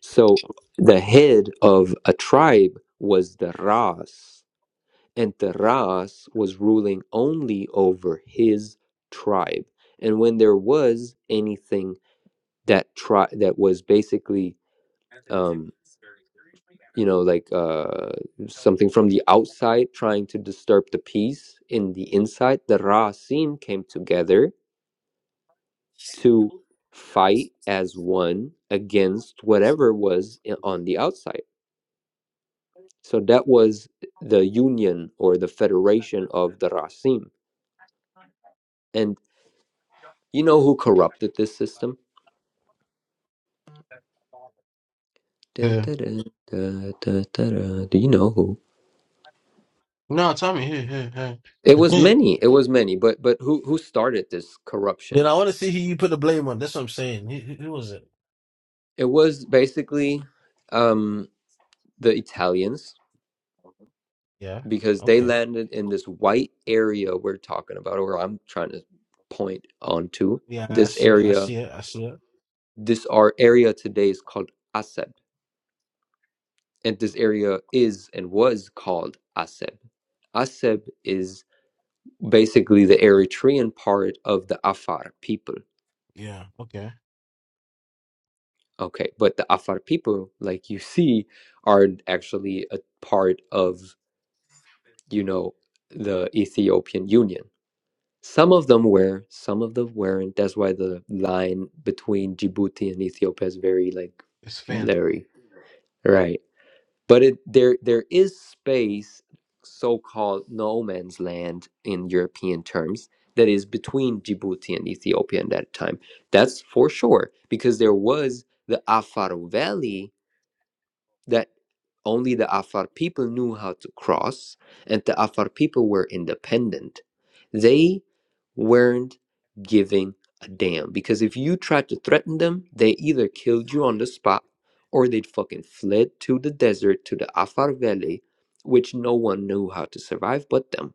[SPEAKER 5] So the head of a tribe was the Ras. and Terras was ruling only over his tribe. And when there was anything that tri- that was basically, um, you know, like uh, something from the outside trying to disturb the peace in the inside, the Rasim came together to fight as one against whatever was i- on the outside. So that was the union or the federation of the Rasim and. You know who corrupted this system? Da,
[SPEAKER 4] Yeah.
[SPEAKER 5] da, da, da, da, da, da. Do you know who?
[SPEAKER 4] No, tell me. Hey. Hey.
[SPEAKER 5] It was
[SPEAKER 4] yeah.
[SPEAKER 5] many. It was many. But but who who started this
[SPEAKER 4] Then
[SPEAKER 5] corruption?
[SPEAKER 4] I want to see who you put the blame on. That's what I'm saying. Who, who who was it?
[SPEAKER 5] It was basically um, the Italians
[SPEAKER 4] Yeah.
[SPEAKER 5] because they
[SPEAKER 4] Okay.
[SPEAKER 5] landed in this white area we're talking about, or I'm trying to point onto
[SPEAKER 4] Yeah, I
[SPEAKER 5] this
[SPEAKER 4] see. I
[SPEAKER 5] area.
[SPEAKER 4] see it. I see it.
[SPEAKER 5] This our area today is called Aseb, and this area is and was called Aseb. Aseb is basically the Eritrean part of the Afar people.
[SPEAKER 4] Yeah. Okay.
[SPEAKER 5] Okay, but the Afar people, like you see, are actually a part of, you know, the Ethiopian Union. Some of them were, some of them weren't. That's why the line between Djibouti and Ethiopia is very, like,
[SPEAKER 4] It's Finn.
[SPEAKER 5] blurry. Right. but it there there is space so-called no man's land in european terms that is between djibouti and ethiopia at that time that's for sure because there was the afar valley that only the Afar people knew how to cross, and the Afar people were independent. They weren't giving a damn because if you tried to threaten them, they either killed you on the spot or they'd fucking fled to the desert to the Afar Valley, which no one knew how to survive but them.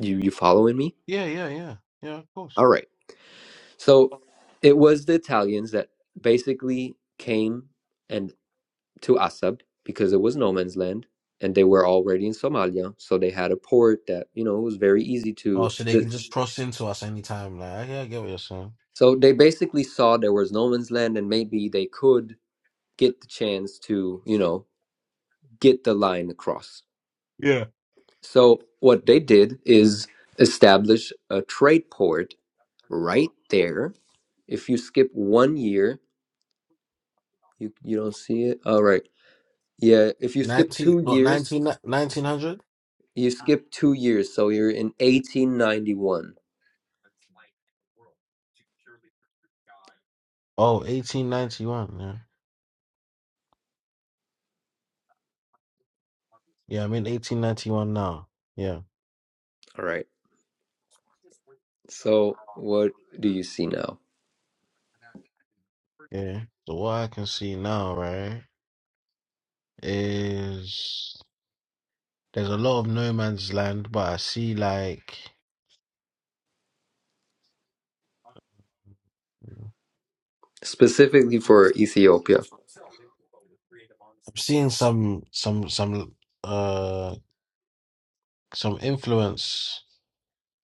[SPEAKER 5] You you following me?
[SPEAKER 4] Yeah. Yeah. Yeah. Yeah. Of course.
[SPEAKER 5] All right. So it was the Italians that basically came and. to Asab because it was no man's land and they were already in Somalia. So they had a port that, you know, it was very easy
[SPEAKER 4] Oh,
[SPEAKER 5] to.
[SPEAKER 4] so they can just cross into us anytime. Like, I, yeah, I get what you're saying.
[SPEAKER 5] So they basically saw there was no man's land and maybe they could get the chance to, you know, get the line across.
[SPEAKER 4] Yeah.
[SPEAKER 5] So what they did is establish a trade port right there. If you skip one year, you, you don't see it. All right. Yeah. If you skip
[SPEAKER 4] 19,
[SPEAKER 5] two
[SPEAKER 4] what,
[SPEAKER 5] years,
[SPEAKER 4] 19, 1900?
[SPEAKER 5] you skip two years. So you're in 1891.
[SPEAKER 4] Oh, 1891. Yeah. Yeah. I'm in 1891 now. Yeah.
[SPEAKER 5] All right So, what do you see now?
[SPEAKER 4] Okay. So what I can see now, right, is. There's a lot of no man's land, but I see like
[SPEAKER 5] Specifically for Ethiopia.
[SPEAKER 4] seeing some some some uh some influence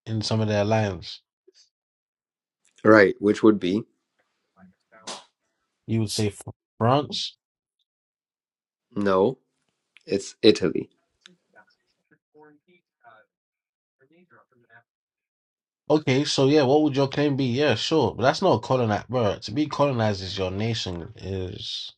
[SPEAKER 4] in some of their lands.
[SPEAKER 5] Right, which would be
[SPEAKER 4] You would say Fr- France.
[SPEAKER 5] no, it's Italy.
[SPEAKER 4] Okay, so yeah, what would your claim be? Yeah, sure, but that's not colonized, bro. To be colonized is your nation is.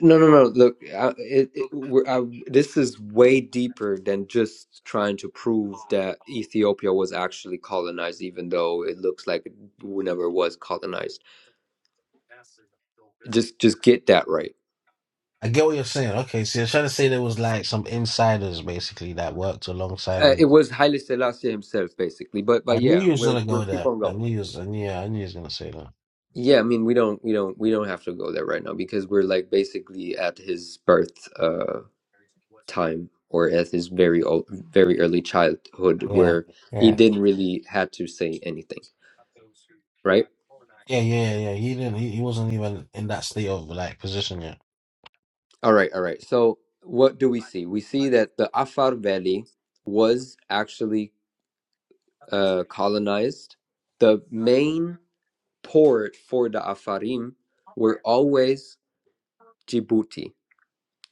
[SPEAKER 5] No, no, no. Look, I, it, it, we're, I, this is way deeper than just trying to prove that Ethiopia was actually colonized, even though it looks like it never was colonized. Just, just get that right.
[SPEAKER 4] I get what you're saying. Okay, so you're trying to say there was like some insiders basically that worked alongside.
[SPEAKER 5] Uh,
[SPEAKER 4] With...
[SPEAKER 5] it was Haile Selassie himself, basically. But,
[SPEAKER 4] I
[SPEAKER 5] but
[SPEAKER 4] knew
[SPEAKER 5] yeah,
[SPEAKER 4] you was
[SPEAKER 5] we'll
[SPEAKER 4] gonna
[SPEAKER 5] we'll
[SPEAKER 4] go
[SPEAKER 5] keep
[SPEAKER 4] there.
[SPEAKER 5] on
[SPEAKER 4] I
[SPEAKER 5] going.
[SPEAKER 4] knew you was. I knew. I knew you was gonna say that.
[SPEAKER 5] Yeah, I mean, we don't, we don't, we don't have to go there right now because we're like basically at his birth uh time or at his very old, very early childhood
[SPEAKER 4] Yeah.
[SPEAKER 5] where he
[SPEAKER 4] Yeah.
[SPEAKER 5] didn't really had to say anything, right?
[SPEAKER 4] yeah, yeah. yeah, He didn't. He, he wasn't even in that state of like position yet.
[SPEAKER 5] All right, all right. So what do we see? We see that the Afar Valley was actually uh colonized. The main port for the Afarim were always Djibouti.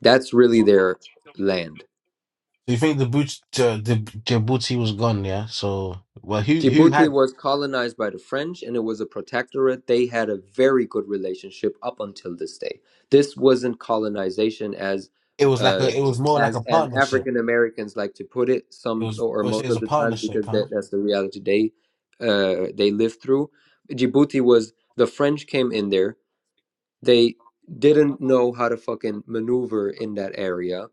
[SPEAKER 5] That's really their land
[SPEAKER 4] So you think the boot, uh, the Djibouti was gone? Yeah. So well, who who
[SPEAKER 5] Djibouti
[SPEAKER 4] had?
[SPEAKER 5] was colonized by the French and it was a protectorate. They had a very good relationship up until this day. This wasn't colonization as
[SPEAKER 4] It was like
[SPEAKER 5] uh,
[SPEAKER 4] a. It was more like
[SPEAKER 5] as
[SPEAKER 4] a
[SPEAKER 5] as
[SPEAKER 4] partnership.
[SPEAKER 5] African Americans like to put it
[SPEAKER 4] It
[SPEAKER 5] some
[SPEAKER 4] was.
[SPEAKER 5] or
[SPEAKER 4] I would say it
[SPEAKER 5] most
[SPEAKER 4] was
[SPEAKER 5] of
[SPEAKER 4] a
[SPEAKER 5] the time
[SPEAKER 4] partnership,
[SPEAKER 5] because
[SPEAKER 4] huh?
[SPEAKER 5] that, that's the reality they uh, they lived through. Djibouti was the French came in there. They didn't know how to fucking maneuver in that area,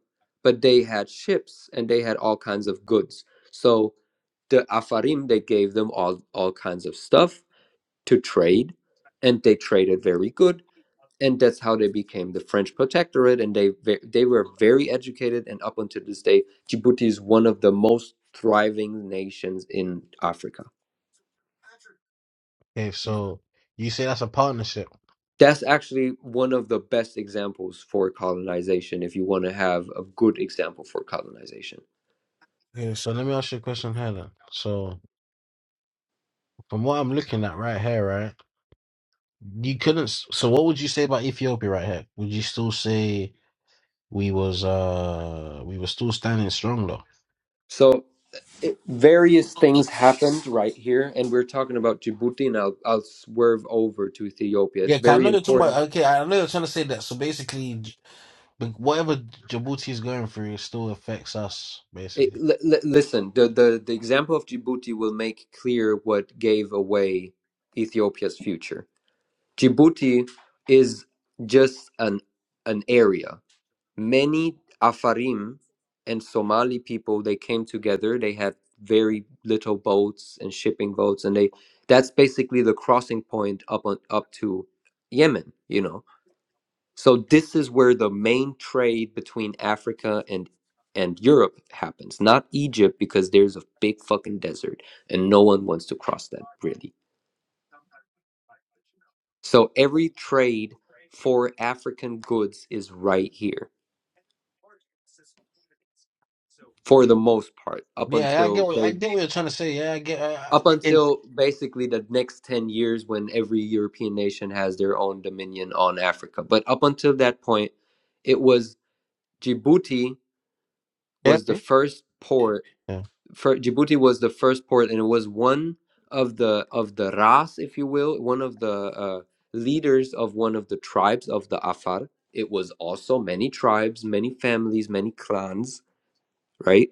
[SPEAKER 5] but they had ships and they had all kinds of goods. So the Afarim, they gave them all, all kinds of stuff to trade, and they traded very good. And that's how they became the French protectorate. And they they were very educated. And up until this day, Djibouti is one of the most thriving nations in Africa.
[SPEAKER 4] Okay. So you say that's a partnership.
[SPEAKER 5] That's actually one of the best examples for colonization if you want to have a good example for colonization.
[SPEAKER 4] Okay. So let me ask you a question here then. So from what I'm looking at right here, right, you couldn't. s- So what would you say about Ethiopia right here? Would you still say we was uh we were still standing strong though?
[SPEAKER 5] So it- various things happened right here, and we're talking about Djibouti, and I'll, I'll swerve over to Ethiopia. It's
[SPEAKER 4] Yeah, 'cause I
[SPEAKER 5] very
[SPEAKER 4] know you're talking
[SPEAKER 5] important.
[SPEAKER 4] about. Okay, I know you're trying to say that. So basically, J- but whatever Djibouti is going through, it still affects us.
[SPEAKER 5] It,
[SPEAKER 4] Basically.
[SPEAKER 5] li- li- listen, the, the, the example of Djibouti will make clear what gave away Ethiopia's future. Djibouti is just an an area. many Afarim and Somali people they came together. They had very little boats and shipping boats, and they that's basically the crossing point up on up to Yemen. You know, so this is where the main trade between Africa and and Europe happens, not Egypt, because there's a big fucking desert and no one wants to cross that really. So every trade for African goods is right here for the most part up
[SPEAKER 4] Yeah, I
[SPEAKER 5] until
[SPEAKER 4] get what
[SPEAKER 5] they
[SPEAKER 4] I get what you're trying to say. Yeah, I get. Uh,
[SPEAKER 5] up
[SPEAKER 4] it,
[SPEAKER 5] until basically the next 10 years when every European nation has their own dominion on Africa. But up until that point, it was Djibouti
[SPEAKER 4] yeah,
[SPEAKER 5] was the first port. For, Djibouti was the first port, and it was one of the of the Ras, if you will, one of the uh, leaders of one of the tribes of the Afar. It was also many tribes, many families, many clans, right?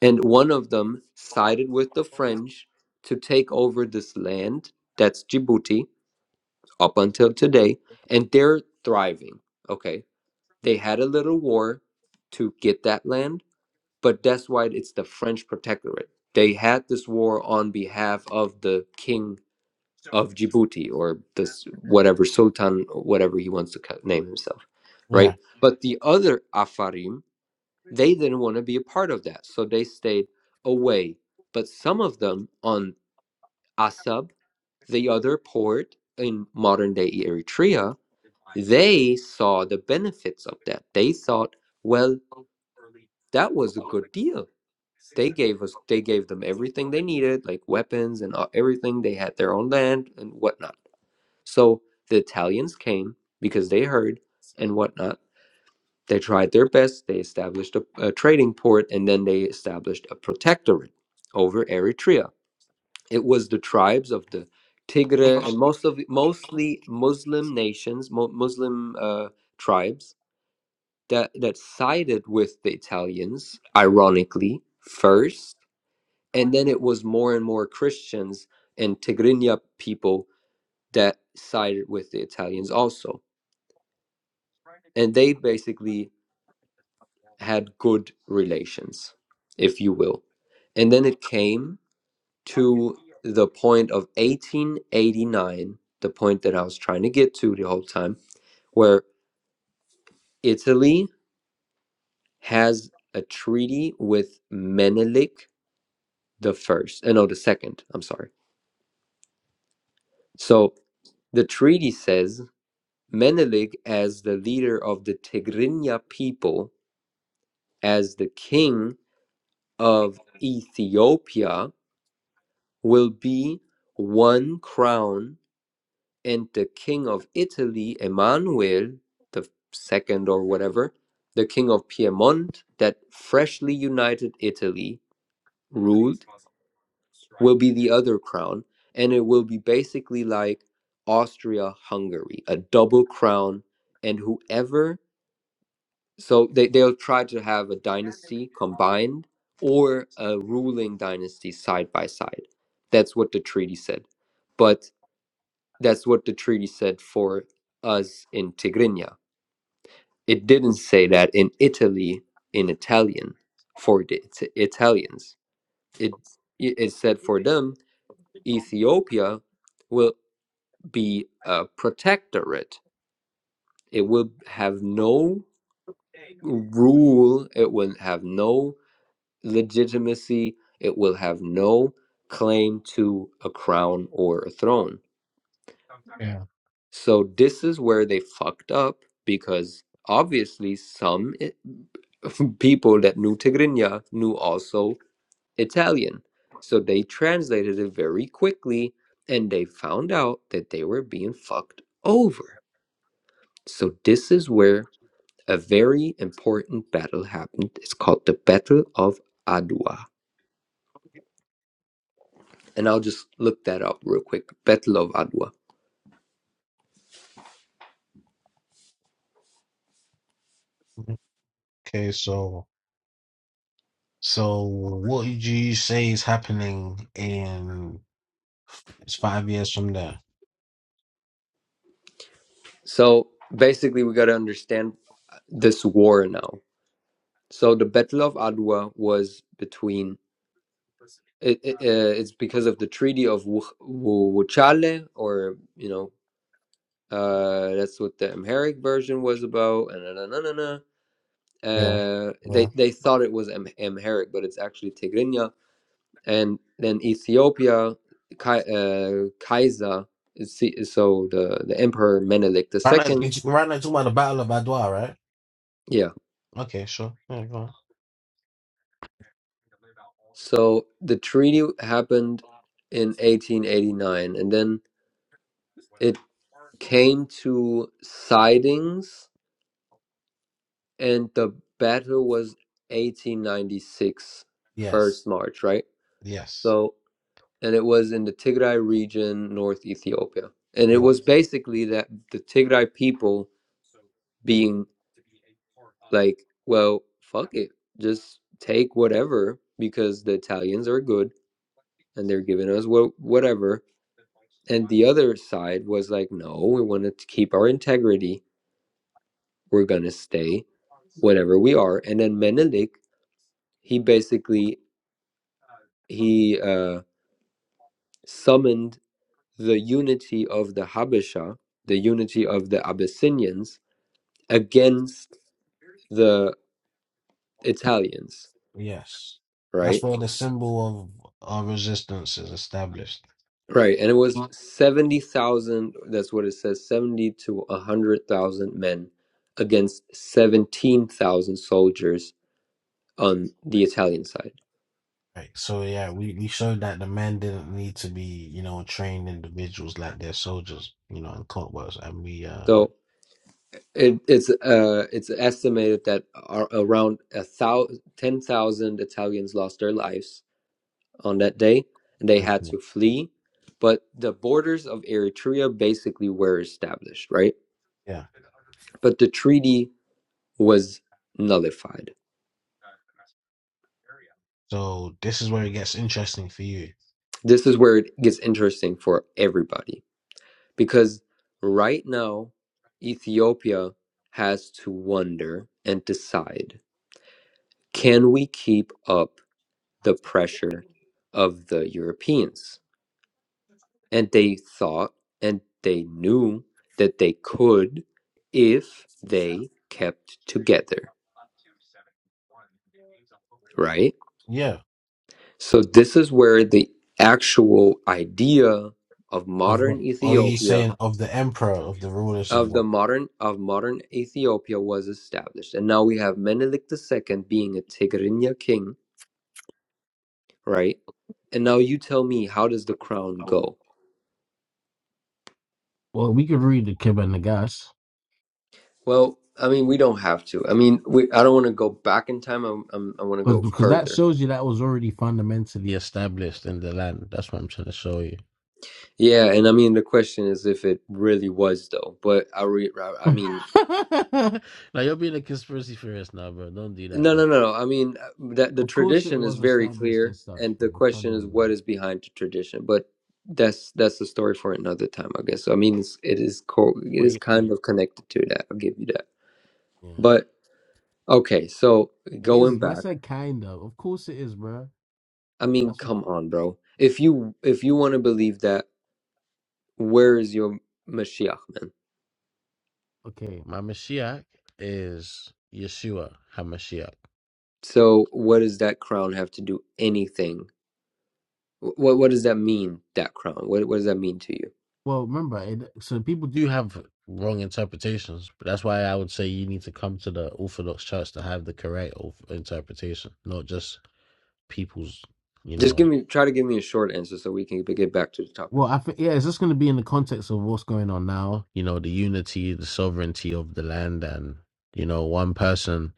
[SPEAKER 5] And one of them sided with the French to take over this land, that's Djibouti, up until today, and they're thriving. Okay. They had a little war to get that land, but that's why it's the French protectorate. They had this war on behalf of the king of Djibouti or this whatever sultan, or whatever he wants to ca- name himself, right?
[SPEAKER 4] yeah,
[SPEAKER 5] But the other Afarim, they didn't want to be a part of that, so they stayed away. But some of them on Asab, the other port in modern day Eritrea, they saw the benefits of that. They thought, well, that was a good deal. They gave us, they gave them everything they needed, like weapons and uh, everything. They had their own land and whatnot. So the Italians came because they heard and whatnot They tried their best. They established a, a trading port and then they established a protectorate over Eritrea. It was the tribes of the Tigray and most of mostly Muslim nations, mo- Muslim uh, tribes that that sided with the Italians, ironically first, and then it was more and more Christians and Tigrinya people that sided with the Italians also, and they basically had good relations, if you will. And then it came to the point of 1889, the point that I was trying to get to the whole time, where Italy has a treaty with Menelik the first, uh, no, the second, I'm sorry. So the treaty says Menelik, as the leader of the Tigrinya people, as the king of Ethiopia, will be one crown, and the king of Italy, Emmanuel the second or whatever, the king of Piedmont, that freshly united Italy ruled, will be the other crown, and it will be basically like Austria Hungary, a double crown, and whoever so they, they'll try to have a dynasty combined or a ruling dynasty side by side. That's what the treaty said. But That's what the treaty said for us in Tigrinya. It didn't say that in Italy in Italian for the It- Italians. It it said for them Ethiopia will be a protectorate. It will have no rule. It will have no legitimacy. It will have no claim to a crown or a throne
[SPEAKER 4] yeah.
[SPEAKER 5] So this is where they fucked up because obviously some i- people that knew Tigrinya knew also Italian. So they translated it very quickly and they found out that they were being fucked over. So this is where a very important battle happened. It's called the Battle of Adwa. And I'll just look that up real quick. Battle of Adwa.
[SPEAKER 4] Mhm. Okay, so so what would you say is happening in it's five years from there?
[SPEAKER 5] So basically we got to understand this war now So the Battle of Adwa was between it, it, uh, it's because of the Treaty of Wuchale, or you know, uh, that's what the Amharic version was about. And na, na, na, na,
[SPEAKER 4] Yeah,
[SPEAKER 5] Uh, they
[SPEAKER 4] yeah.
[SPEAKER 5] they thought it was Am- Amharic, but it's actually Tigrinya. And then Ethiopia, Kai, uh, Kaiser, so the the Emperor Menelik the
[SPEAKER 4] Right now,
[SPEAKER 5] Second.
[SPEAKER 4] you- right now, you're talking about the Battle of Adwa, right?
[SPEAKER 5] Yeah.
[SPEAKER 4] Okay, sure. Yeah, go on.
[SPEAKER 5] So the treaty happened in 1889, and then it came to sidings and the battle was 1896 first
[SPEAKER 4] Yes,
[SPEAKER 5] march right
[SPEAKER 4] yes.
[SPEAKER 5] so and it was in the tigray region north ethiopia and it was basically that the tigray people being like well fuck it just take whatever because the italians are good and they're giving us wha- whatever and the other side was like no we want to keep our integrity we're gonna stay whatever we are and then menelik he basically he uh, summoned the unity of the habesha the unity of the abyssinians against the italians
[SPEAKER 4] Yes. That's
[SPEAKER 5] right
[SPEAKER 4] where the symbol of our resistance is established.
[SPEAKER 5] right and it was 70000 that's what it says 70 to 100000 men against 17000 soldiers on the italian side
[SPEAKER 4] Right. So yeah, we, we showed that the men didn't need to be, you know, trained individuals like their soldiers, you know, in clockworks and we uh
[SPEAKER 5] so It, it's uh, it's estimated that ar- around a thou ten thousand Italians lost their lives on that day, and they had
[SPEAKER 4] fortunate.
[SPEAKER 5] to flee. But the borders of Eritrea basically were established, right?
[SPEAKER 4] yeah.
[SPEAKER 5] But the treaty was nullified.
[SPEAKER 4] So this is where it gets interesting for you.
[SPEAKER 5] This is where it gets interesting for everybody because right now Ethiopia has to wonder and decide: Can we keep up? the pressure of the Europeans. And they thought and they knew that they could if they kept together, right?
[SPEAKER 4] Yeah.
[SPEAKER 5] So, this is where the actual idea of
[SPEAKER 4] Of the
[SPEAKER 5] modern
[SPEAKER 4] are you
[SPEAKER 5] Ethiopia
[SPEAKER 4] saying of the emperor, of the rulers of
[SPEAKER 5] of
[SPEAKER 4] the
[SPEAKER 5] the modern of modern Ethiopia was established. And now we have Menelik II being a Tigrinya king, right? And now you tell me how does the crown go?
[SPEAKER 4] Well, we could read the Kib and the Gas
[SPEAKER 5] Well, I mean, we don't have to. I mean, we. I don't want to go back in time. I'm, I'm, I want to
[SPEAKER 4] because
[SPEAKER 5] go
[SPEAKER 4] because that
[SPEAKER 5] further.
[SPEAKER 4] shows you that was already fundamentally established in the land. That's what I'm trying to show you.
[SPEAKER 5] Yeah, and I mean, the question is if it really was though. But I re. I mean,
[SPEAKER 4] now you're being a conspiracy theorist now, bro. Don't do that,
[SPEAKER 5] no,
[SPEAKER 4] bro.
[SPEAKER 5] no, no. no. I mean, uh, that the
[SPEAKER 4] Of course, it
[SPEAKER 5] tradition is
[SPEAKER 4] was
[SPEAKER 5] very
[SPEAKER 4] established
[SPEAKER 5] clear,
[SPEAKER 4] as such,
[SPEAKER 5] and the
[SPEAKER 4] bro. Come
[SPEAKER 5] question is
[SPEAKER 4] on, bro.
[SPEAKER 5] what is behind the tradition. But that's that's a story for another time, I guess. So, I mean, it's, it is co- It
[SPEAKER 4] Well,
[SPEAKER 5] is
[SPEAKER 4] you,
[SPEAKER 5] kind
[SPEAKER 4] you,
[SPEAKER 5] of connected to that. I'll give you that.
[SPEAKER 4] Yeah,
[SPEAKER 5] But okay, so
[SPEAKER 4] it is.
[SPEAKER 5] going
[SPEAKER 4] I
[SPEAKER 5] back,
[SPEAKER 4] said kind of. Of course, it is, bro.
[SPEAKER 5] I mean,
[SPEAKER 4] That's what,
[SPEAKER 5] come on, bro. If you if you want to believe that. where is your Mashiach, man?
[SPEAKER 4] okay. my Mashiach is Yeshua Hamashiach.
[SPEAKER 5] So, what does that crown have to do anything? What what does that mean? That crown. What what does that mean to you?
[SPEAKER 4] Well, remember, it, so people do. You have wrong interpretations, but that's why I would say you need to come to the Orthodox Church to have the correct orth- interpretation, not just people's. You
[SPEAKER 5] Just give
[SPEAKER 4] know.
[SPEAKER 5] me try to give me a short answer so we can get back to the topic.
[SPEAKER 4] Well, I think yeah, it's just going to be in the context of what's going on now. You know, the unity, the sovereignty of the land, and you know, one person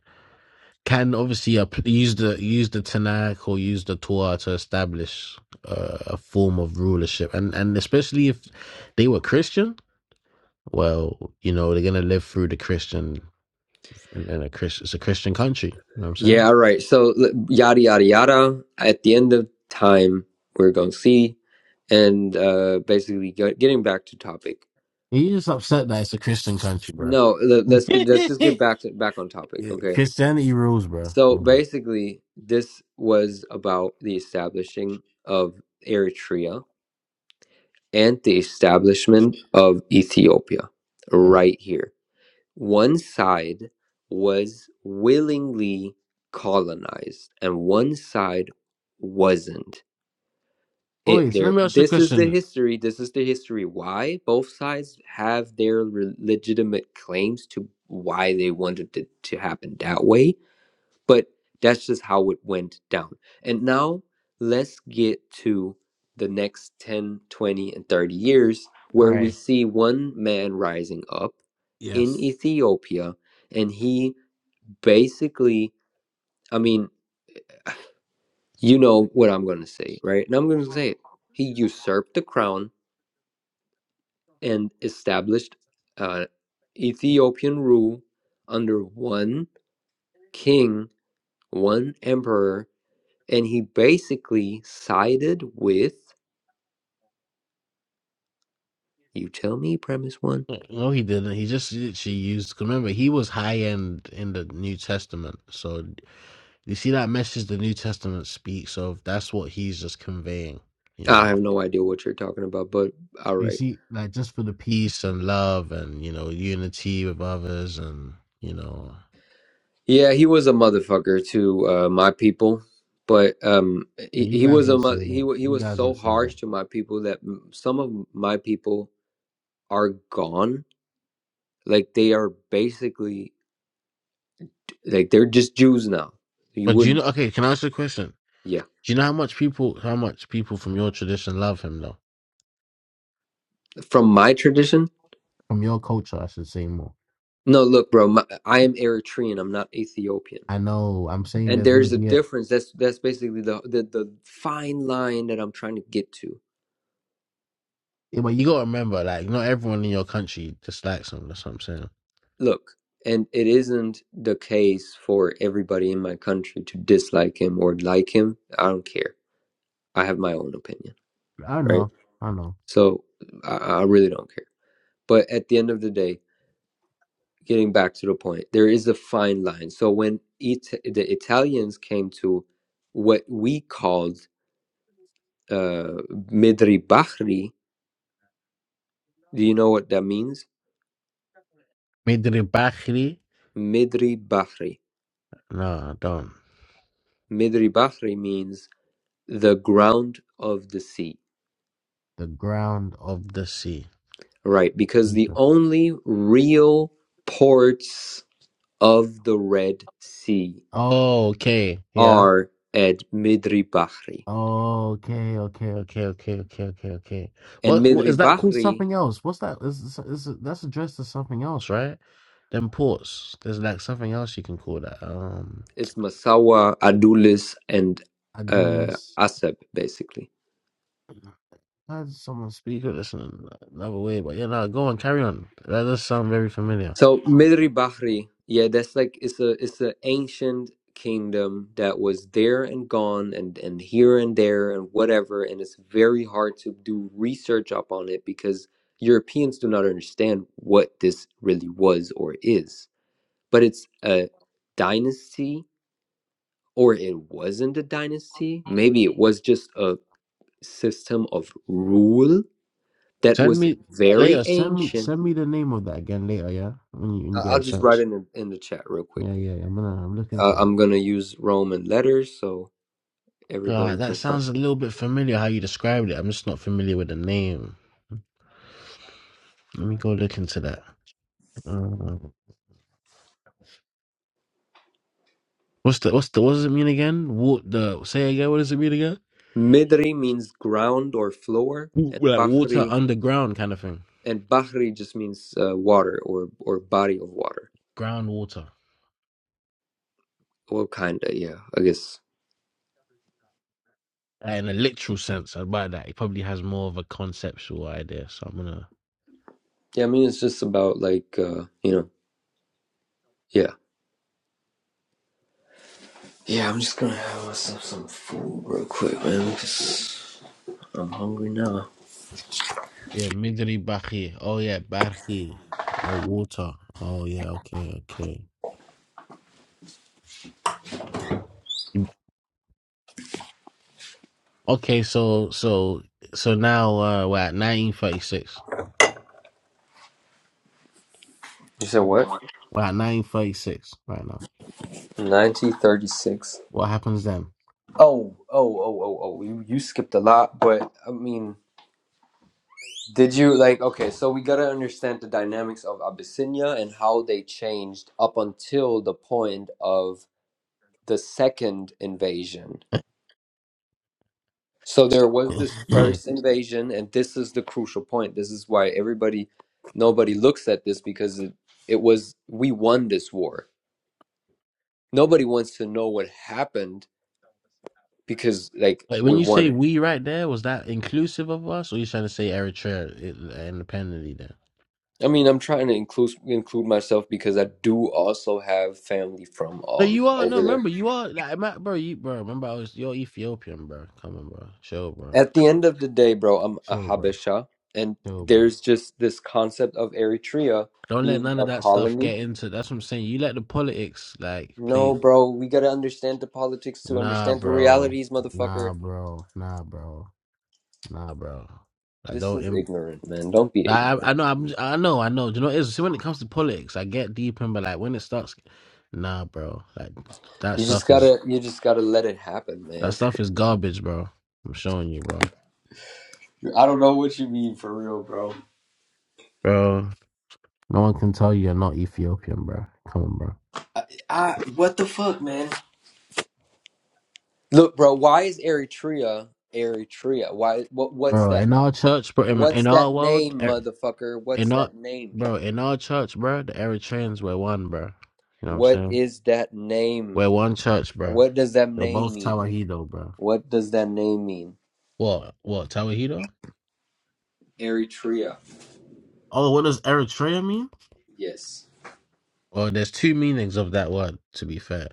[SPEAKER 4] can obviously app- use the use the Tanakh or use the Torah to establish uh, a form of rulership, and and especially if they were Christian, well, you know, they're going to live through the Christian in, in a Christian. It's a Christian country. You know what I'm
[SPEAKER 5] Yeah,
[SPEAKER 4] saying?
[SPEAKER 5] all right. So yada yada yada. At the end of time, we're going to see, and uh, basically get, getting back to topic.
[SPEAKER 4] You just upset that it's a Christian country, bro.
[SPEAKER 5] No, let, let's get let's just get back to back on topic.
[SPEAKER 4] Yeah,
[SPEAKER 5] Okay.
[SPEAKER 4] Christianity rules, bro.
[SPEAKER 5] So
[SPEAKER 4] Mhm.
[SPEAKER 5] basically, this was about the establishing of Eritrea and the establishment of Ethiopia
[SPEAKER 4] Yeah.
[SPEAKER 5] right here. One side was willingly colonized and one side wasn't. It
[SPEAKER 4] Wait, so let
[SPEAKER 5] there
[SPEAKER 4] me ask you a
[SPEAKER 5] this is the
[SPEAKER 4] question.
[SPEAKER 5] history, this is the history why both sides have their re- legitimate claims to why they wanted it to happen that way but that's just how it went down. And now let's get to the next 10, 20, and 30 years where we
[SPEAKER 4] Right.
[SPEAKER 5] see one man rising up in
[SPEAKER 4] Yes.
[SPEAKER 5] Ethiopia and he basically, I mean, you know what I'm going to say, right? And I'm going to say it. He usurped the crown and established uh, Ethiopian rule under one king, one emperor, and he basically sided with you tell me premise one
[SPEAKER 4] Uh, No, he didn't. He just she used. 'cause Remember, he was high end in the New Testament. So you see that message the New Testament speaks of. That's what he's just conveying. You
[SPEAKER 5] i
[SPEAKER 4] know.
[SPEAKER 5] have no idea what you're talking about but all
[SPEAKER 4] So you
[SPEAKER 5] right
[SPEAKER 4] see, like just for the peace and love and you know unity with others and you know.
[SPEAKER 5] yeah he was a motherfucker to uh, my people but um he,
[SPEAKER 4] You
[SPEAKER 5] he
[SPEAKER 4] guys
[SPEAKER 5] was a
[SPEAKER 4] would
[SPEAKER 5] mo-
[SPEAKER 4] say
[SPEAKER 5] he,
[SPEAKER 4] that.
[SPEAKER 5] wa- he
[SPEAKER 4] You
[SPEAKER 5] was
[SPEAKER 4] guys
[SPEAKER 5] so
[SPEAKER 4] would say that.
[SPEAKER 5] harsh to my people that m- some of my people are gone like they are basically like they're just jews now you
[SPEAKER 4] But do you
[SPEAKER 5] wouldn't
[SPEAKER 4] know? Okay, can I ask you a question?
[SPEAKER 5] yeah
[SPEAKER 4] Do you know how much people, how much people from your tradition love him though?
[SPEAKER 5] from my tradition
[SPEAKER 4] From your culture, I should say more.
[SPEAKER 5] no look bro my, i am eritrean i'm not ethiopian
[SPEAKER 4] I know. I'm saying
[SPEAKER 5] and
[SPEAKER 4] there's gonna
[SPEAKER 5] there's a
[SPEAKER 4] be a.
[SPEAKER 5] difference that's that's basically the, the the fine line that i'm trying to get to
[SPEAKER 4] Yeah, but you gotta remember, like, not everyone in your country dislikes them. That's what I'm saying.
[SPEAKER 5] look and it isn't the case for everybody in my country to dislike him or like him i don't care i have my own opinion
[SPEAKER 4] I
[SPEAKER 5] right
[SPEAKER 4] know, I know.
[SPEAKER 5] so i, I really don't care but at the end of the day getting back to the point there is a fine line so when it, the italians came to what we called uh, midri bahri do you know what that means
[SPEAKER 4] Midri Bakhri?
[SPEAKER 5] midri bahri
[SPEAKER 4] No, I don't.
[SPEAKER 5] Midri Bahri means the ground of the sea.
[SPEAKER 4] The ground. Of the sea.
[SPEAKER 5] Right, because the only real ports of the Red Sea
[SPEAKER 4] Oh, okay. Yeah.
[SPEAKER 5] are at Midri Bahri.
[SPEAKER 4] Oh, Okay, okay, Okay, okay, okay, okay, okay.
[SPEAKER 5] And
[SPEAKER 4] What, what
[SPEAKER 5] Midri
[SPEAKER 4] is that called?
[SPEAKER 5] Bahri,
[SPEAKER 4] something else. What's that? Is, is, is that's addressed to something else, right? Right? Them ports. There's like something else you can call that. Um,
[SPEAKER 5] it's Masawa, Adulis, and uh,
[SPEAKER 4] Adonis.
[SPEAKER 5] Asab, basically.
[SPEAKER 4] I had someone speak of this in another way, but yeah, nah, go on, carry on. That does sound very familiar.
[SPEAKER 5] So Midri Bahri, yeah, that's like it's a it's an ancient kingdom that was there and gone and and here and there and whatever, and it's very hard to do research up on it because Europeans do not understand what this really was or is. But it's a dynasty, or it wasn't a dynasty. Maybe it was just a system of rule that
[SPEAKER 4] Send
[SPEAKER 5] was
[SPEAKER 4] me uh,
[SPEAKER 5] very
[SPEAKER 4] later. Send me,
[SPEAKER 5] ancient.
[SPEAKER 4] send me the name of that again later. Yeah, when you, when
[SPEAKER 5] I-
[SPEAKER 4] you get
[SPEAKER 5] I'll
[SPEAKER 4] a
[SPEAKER 5] just write
[SPEAKER 4] chance.
[SPEAKER 5] it in, in the chat real quick.
[SPEAKER 4] Yeah, yeah. yeah, I'm gonna. I'm looking
[SPEAKER 5] Uh,
[SPEAKER 4] for that.
[SPEAKER 5] I'm gonna use Roman letters so everybody
[SPEAKER 4] God, that
[SPEAKER 5] can find.
[SPEAKER 4] sounds a little bit familiar how you described it. I'm just not familiar with the name. Let me go look into that. Uh, what's the what's the what does it mean again? What the say again? What does it mean again?
[SPEAKER 5] Midri means ground or floor,
[SPEAKER 4] W-
[SPEAKER 5] and
[SPEAKER 4] Like water
[SPEAKER 5] Bahri
[SPEAKER 4] underground kind of thing.
[SPEAKER 5] and Bahri just means uh, water or or body of water.
[SPEAKER 4] Groundwater.
[SPEAKER 5] Well, kinda, yeah, I guess.
[SPEAKER 4] Uh, in a literal sense about that. He probably has more of a conceptual idea. So I'm gonna
[SPEAKER 5] Yeah, I mean it's just about like uh, you know, yeah, yeah. I'm just gonna have myself some food real quick, man, because I'm hungry now.
[SPEAKER 4] Yeah, Midri Bahi. Oh yeah, Bahi. Oh water. Oh yeah, okay, okay. Okay, so so so now uh we're at nineteen thirty six.
[SPEAKER 5] You said what?
[SPEAKER 4] We're at nineteen thirty six right now.
[SPEAKER 5] 1936.
[SPEAKER 4] What happens then?
[SPEAKER 5] Oh, oh, oh, oh, oh. You you skipped a lot, but I mean. Did you like okay, so we gotta understand the dynamics of Abyssinia and how they changed up until the point of the second invasion. So there was this first invasion, and this is the crucial point. This is why everybody nobody looks at this because it, it was we won this war. Nobody wants to know what happened because like
[SPEAKER 4] Like when
[SPEAKER 5] we
[SPEAKER 4] you
[SPEAKER 5] won
[SPEAKER 4] say
[SPEAKER 5] it.
[SPEAKER 4] we right there, was that inclusive of us, or you trying to say Eritrea i- independently
[SPEAKER 5] I mean, I'm trying to include include myself because I do also have family from
[SPEAKER 4] No,
[SPEAKER 5] all
[SPEAKER 4] you are no.
[SPEAKER 5] over there.
[SPEAKER 4] Remember, you are like, my, bro. You bro. Remember, I was you're Ethiopian, bro. Come on, bro. Chill, bro.
[SPEAKER 5] At the end of the day, bro, I'm a
[SPEAKER 4] Chill, bro.
[SPEAKER 5] Habesha, and
[SPEAKER 4] Chill, bro.
[SPEAKER 5] there's just this concept of Eritrea
[SPEAKER 4] Don't let
[SPEAKER 5] being
[SPEAKER 4] none of
[SPEAKER 5] a
[SPEAKER 4] that stuff
[SPEAKER 5] colony.
[SPEAKER 4] get into. That's what I'm saying. You let the politics like
[SPEAKER 5] No,
[SPEAKER 4] play.
[SPEAKER 5] bro, we gotta understand the politics to
[SPEAKER 4] Nah,
[SPEAKER 5] understand the
[SPEAKER 4] bro.
[SPEAKER 5] realities, motherfucker.
[SPEAKER 4] Nah, bro. Nah, bro. Nah, bro. Like
[SPEAKER 5] This
[SPEAKER 4] don't.
[SPEAKER 5] is
[SPEAKER 4] Im-
[SPEAKER 5] ignorant, man. Don't be
[SPEAKER 4] I
[SPEAKER 5] ignorant.
[SPEAKER 4] I I know. I'm. j- I know. I know. Do you know what it is? See, when it comes to politics, I get deep in, but like when it starts, nah, bro. Like that
[SPEAKER 5] You just
[SPEAKER 4] stuff is
[SPEAKER 5] gotta, you just gotta let it happen,
[SPEAKER 4] that
[SPEAKER 5] man.
[SPEAKER 4] stuff is garbage, bro. I'm showing you, bro.
[SPEAKER 5] I don't know what you mean for real, bro.
[SPEAKER 4] Bro. No one can tell you you're not Ethiopian, bro. Come on, bro.
[SPEAKER 5] I, I, what the fuck, man? Look, bro, why is Eritrea Eritrea? Why? What? What's
[SPEAKER 4] Bro, in
[SPEAKER 5] that name?
[SPEAKER 4] our church, bro, in, in
[SPEAKER 5] What's
[SPEAKER 4] our
[SPEAKER 5] that
[SPEAKER 4] world,
[SPEAKER 5] name,
[SPEAKER 4] er,
[SPEAKER 5] motherfucker? What's
[SPEAKER 4] in our
[SPEAKER 5] that name?
[SPEAKER 4] bro, in our church, bro, the Eritreans were one, bro. You know what I'm
[SPEAKER 5] What
[SPEAKER 4] saying?
[SPEAKER 5] is that name?
[SPEAKER 4] We're one church, bro.
[SPEAKER 5] What does that
[SPEAKER 4] We're
[SPEAKER 5] name
[SPEAKER 4] both
[SPEAKER 5] mean?
[SPEAKER 4] Tawahedo, bro.
[SPEAKER 5] What does that name mean?
[SPEAKER 4] What? What? Tawahedo?
[SPEAKER 5] Eritrea.
[SPEAKER 4] Oh, what does Eritrea mean?
[SPEAKER 5] Yes.
[SPEAKER 4] Well, there's two meanings of that word, to be fair.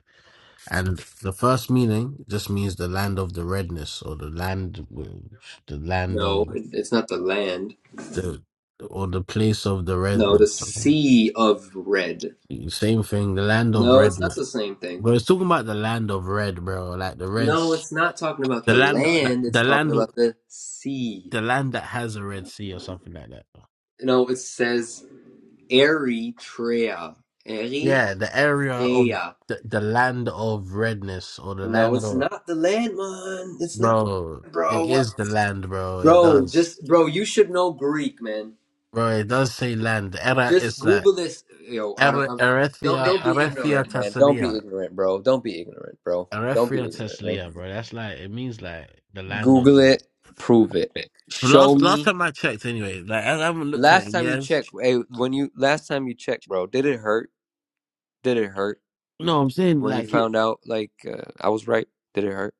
[SPEAKER 4] And the first meaning just means the land of the redness, or the land, w- the land
[SPEAKER 5] No,
[SPEAKER 4] of
[SPEAKER 5] it- it's not the land.
[SPEAKER 4] the, or the place of the
[SPEAKER 5] No, the
[SPEAKER 4] redness.
[SPEAKER 5] sea of red.
[SPEAKER 4] Same thing, the land of
[SPEAKER 5] No, it's
[SPEAKER 4] red.
[SPEAKER 5] not the same
[SPEAKER 4] But
[SPEAKER 5] thing.
[SPEAKER 4] it's talking about the land of red, bro. Like the red,
[SPEAKER 5] No, it's not talking about
[SPEAKER 4] the
[SPEAKER 5] the
[SPEAKER 4] land, the,
[SPEAKER 5] land. It's
[SPEAKER 4] the
[SPEAKER 5] talking
[SPEAKER 4] land,
[SPEAKER 5] about the sea.
[SPEAKER 4] the land that has a red sea or something like that.
[SPEAKER 5] No, it says Eritrea.
[SPEAKER 4] Yeah,
[SPEAKER 5] Eritrea.
[SPEAKER 4] the area of the, the land of redness or the
[SPEAKER 5] No,
[SPEAKER 4] land
[SPEAKER 5] it's
[SPEAKER 4] of
[SPEAKER 5] not the land, man. It's not,
[SPEAKER 4] bro.
[SPEAKER 5] bro.
[SPEAKER 4] It
[SPEAKER 5] What,
[SPEAKER 4] is the land, bro. It
[SPEAKER 5] bro?
[SPEAKER 4] does,
[SPEAKER 5] Just, bro. You should know Greek, man.
[SPEAKER 4] bro. It does say land. Era
[SPEAKER 5] Just
[SPEAKER 4] is like
[SPEAKER 5] Google this. Yo, I don't.
[SPEAKER 4] Ere-
[SPEAKER 5] I'm, don't
[SPEAKER 4] Erethia,
[SPEAKER 5] don't be
[SPEAKER 4] Erethia
[SPEAKER 5] ignorant, man. Don't be
[SPEAKER 4] Tessalia,
[SPEAKER 5] ignorant, bro. Don't be ignorant, bro. Don't be
[SPEAKER 4] Erethia
[SPEAKER 5] ignorant, man.
[SPEAKER 4] Tessalia, bro. That's like it means like the land of.
[SPEAKER 5] Google it. Prove it. Show
[SPEAKER 4] Last last
[SPEAKER 5] me.
[SPEAKER 4] time I checked, anyway, like I haven't looked at it
[SPEAKER 5] Last
[SPEAKER 4] in
[SPEAKER 5] time you
[SPEAKER 4] years.
[SPEAKER 5] checked, hey, when you last time you checked, bro, did it hurt? Did it hurt
[SPEAKER 4] No, I'm saying
[SPEAKER 5] when you
[SPEAKER 4] like it.
[SPEAKER 5] found out? Like uh, I was right. Did it hurt?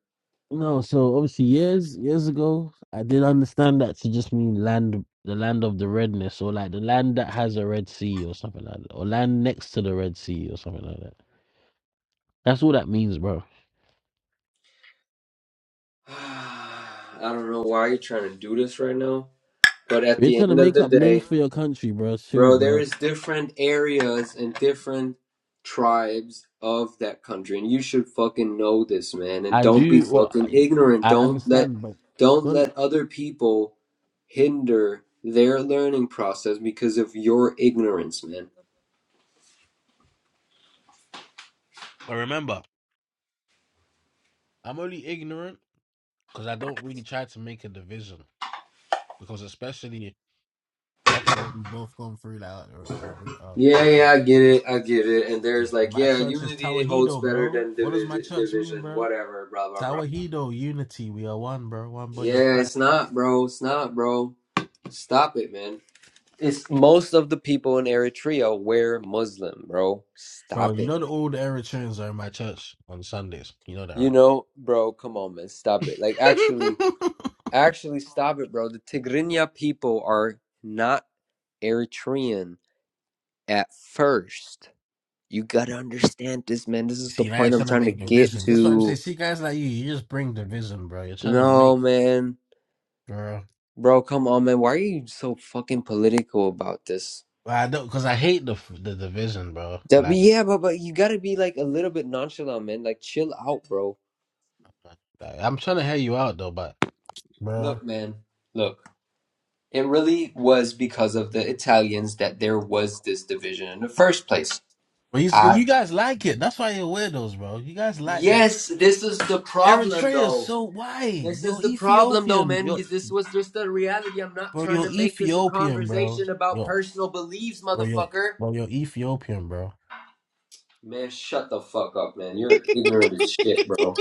[SPEAKER 4] No, so obviously years years ago, I did understand that to just mean land, the land of the redness, or like the land that has a red sea, or something like that, or land next to the red sea, or something like that. That's all that means, bro.
[SPEAKER 5] I don't know why you're trying to do this right now, but at
[SPEAKER 4] You're
[SPEAKER 5] the
[SPEAKER 4] trying to
[SPEAKER 5] end of
[SPEAKER 4] make
[SPEAKER 5] the
[SPEAKER 4] up
[SPEAKER 5] day,
[SPEAKER 4] names for your country, bro. Chill,
[SPEAKER 5] Bro, there
[SPEAKER 4] bro.
[SPEAKER 5] is different areas and different tribes of that country, and you should fucking know this, man. And
[SPEAKER 4] I
[SPEAKER 5] don't be
[SPEAKER 4] do. Well,
[SPEAKER 5] fucking
[SPEAKER 4] I,
[SPEAKER 5] ignorant.
[SPEAKER 4] I
[SPEAKER 5] Don't let
[SPEAKER 4] understand, but
[SPEAKER 5] don't
[SPEAKER 4] don't.
[SPEAKER 5] let other people hinder their learning process because of your ignorance, man.
[SPEAKER 4] But remember, I'm only ignorant because I don't really try to make a division. Because especially after what we both gone through, like, uh, uh, uh,
[SPEAKER 5] Yeah,
[SPEAKER 4] uh,
[SPEAKER 5] yeah, I get it, I get it. And
[SPEAKER 4] and
[SPEAKER 5] there's
[SPEAKER 4] and
[SPEAKER 5] like,
[SPEAKER 4] my
[SPEAKER 5] yeah,
[SPEAKER 4] church is
[SPEAKER 5] unity holds
[SPEAKER 4] Tawahedo,
[SPEAKER 5] better
[SPEAKER 4] bro.
[SPEAKER 5] than
[SPEAKER 4] What does my
[SPEAKER 5] division,
[SPEAKER 4] church mean,
[SPEAKER 5] division,
[SPEAKER 4] bro?
[SPEAKER 5] whatever, blah blah blah.
[SPEAKER 4] Tawahedo, unity. We are one, bro. One body of
[SPEAKER 5] Yeah,
[SPEAKER 4] Christ,
[SPEAKER 5] it's not, bro. It's not, bro. Stop it, man. It's most of the people in Eritrea were Muslim, bro.
[SPEAKER 4] bro.
[SPEAKER 5] Stop
[SPEAKER 4] You
[SPEAKER 5] it.
[SPEAKER 4] know that all the old Eritreans are in my church on Sundays. You know that,
[SPEAKER 5] You
[SPEAKER 4] right?
[SPEAKER 5] know, bro, come on, man. Stop it. Like, actually, actually, stop it, bro. The Tigrinya people are not Eritrean at first. You gotta understand this, man. This is the
[SPEAKER 4] See, now you're
[SPEAKER 5] point I'm
[SPEAKER 4] trying to
[SPEAKER 5] trying to
[SPEAKER 4] make
[SPEAKER 5] get
[SPEAKER 4] division. That's what I'm saying.
[SPEAKER 5] to.
[SPEAKER 4] See, guys like you, you just bring division, bro. You're trying to
[SPEAKER 5] No,
[SPEAKER 4] make,
[SPEAKER 5] man.
[SPEAKER 4] bro.
[SPEAKER 5] Bro, come on, man. Why are you so fucking political about this?
[SPEAKER 4] Well, I don't, cause I hate the the division, bro.
[SPEAKER 5] That, but
[SPEAKER 4] Like,
[SPEAKER 5] yeah, but, but you gotta be like a little bit nonchalant, man. Like, chill out, bro.
[SPEAKER 4] like, like, I'm trying to hear you out though, but, bro.
[SPEAKER 5] Look, man. Look. It really was because of the Italians that there was this division in the first place.
[SPEAKER 4] Well, he's,
[SPEAKER 5] I,
[SPEAKER 4] you guys like it. That's why you're weirdos, bro. You guys like that.
[SPEAKER 5] yes, this is the problem
[SPEAKER 4] Eritrea is
[SPEAKER 5] though.
[SPEAKER 4] so wide.
[SPEAKER 5] This
[SPEAKER 4] You're
[SPEAKER 5] is the problem though,
[SPEAKER 4] Ethiopian.
[SPEAKER 5] man.
[SPEAKER 4] You're,
[SPEAKER 5] You- This was just the reality. I'm not
[SPEAKER 4] bro,
[SPEAKER 5] trying
[SPEAKER 4] you're
[SPEAKER 5] to make this a
[SPEAKER 4] Ethiopian, bro.
[SPEAKER 5] conversation about
[SPEAKER 4] Yo,
[SPEAKER 5] personal beliefs,
[SPEAKER 4] bro, you're,
[SPEAKER 5] motherfucker.
[SPEAKER 4] bro, you're Ethiopian, bro.
[SPEAKER 5] Man, shut the fuck up, man. You're ignorant as shit, bro.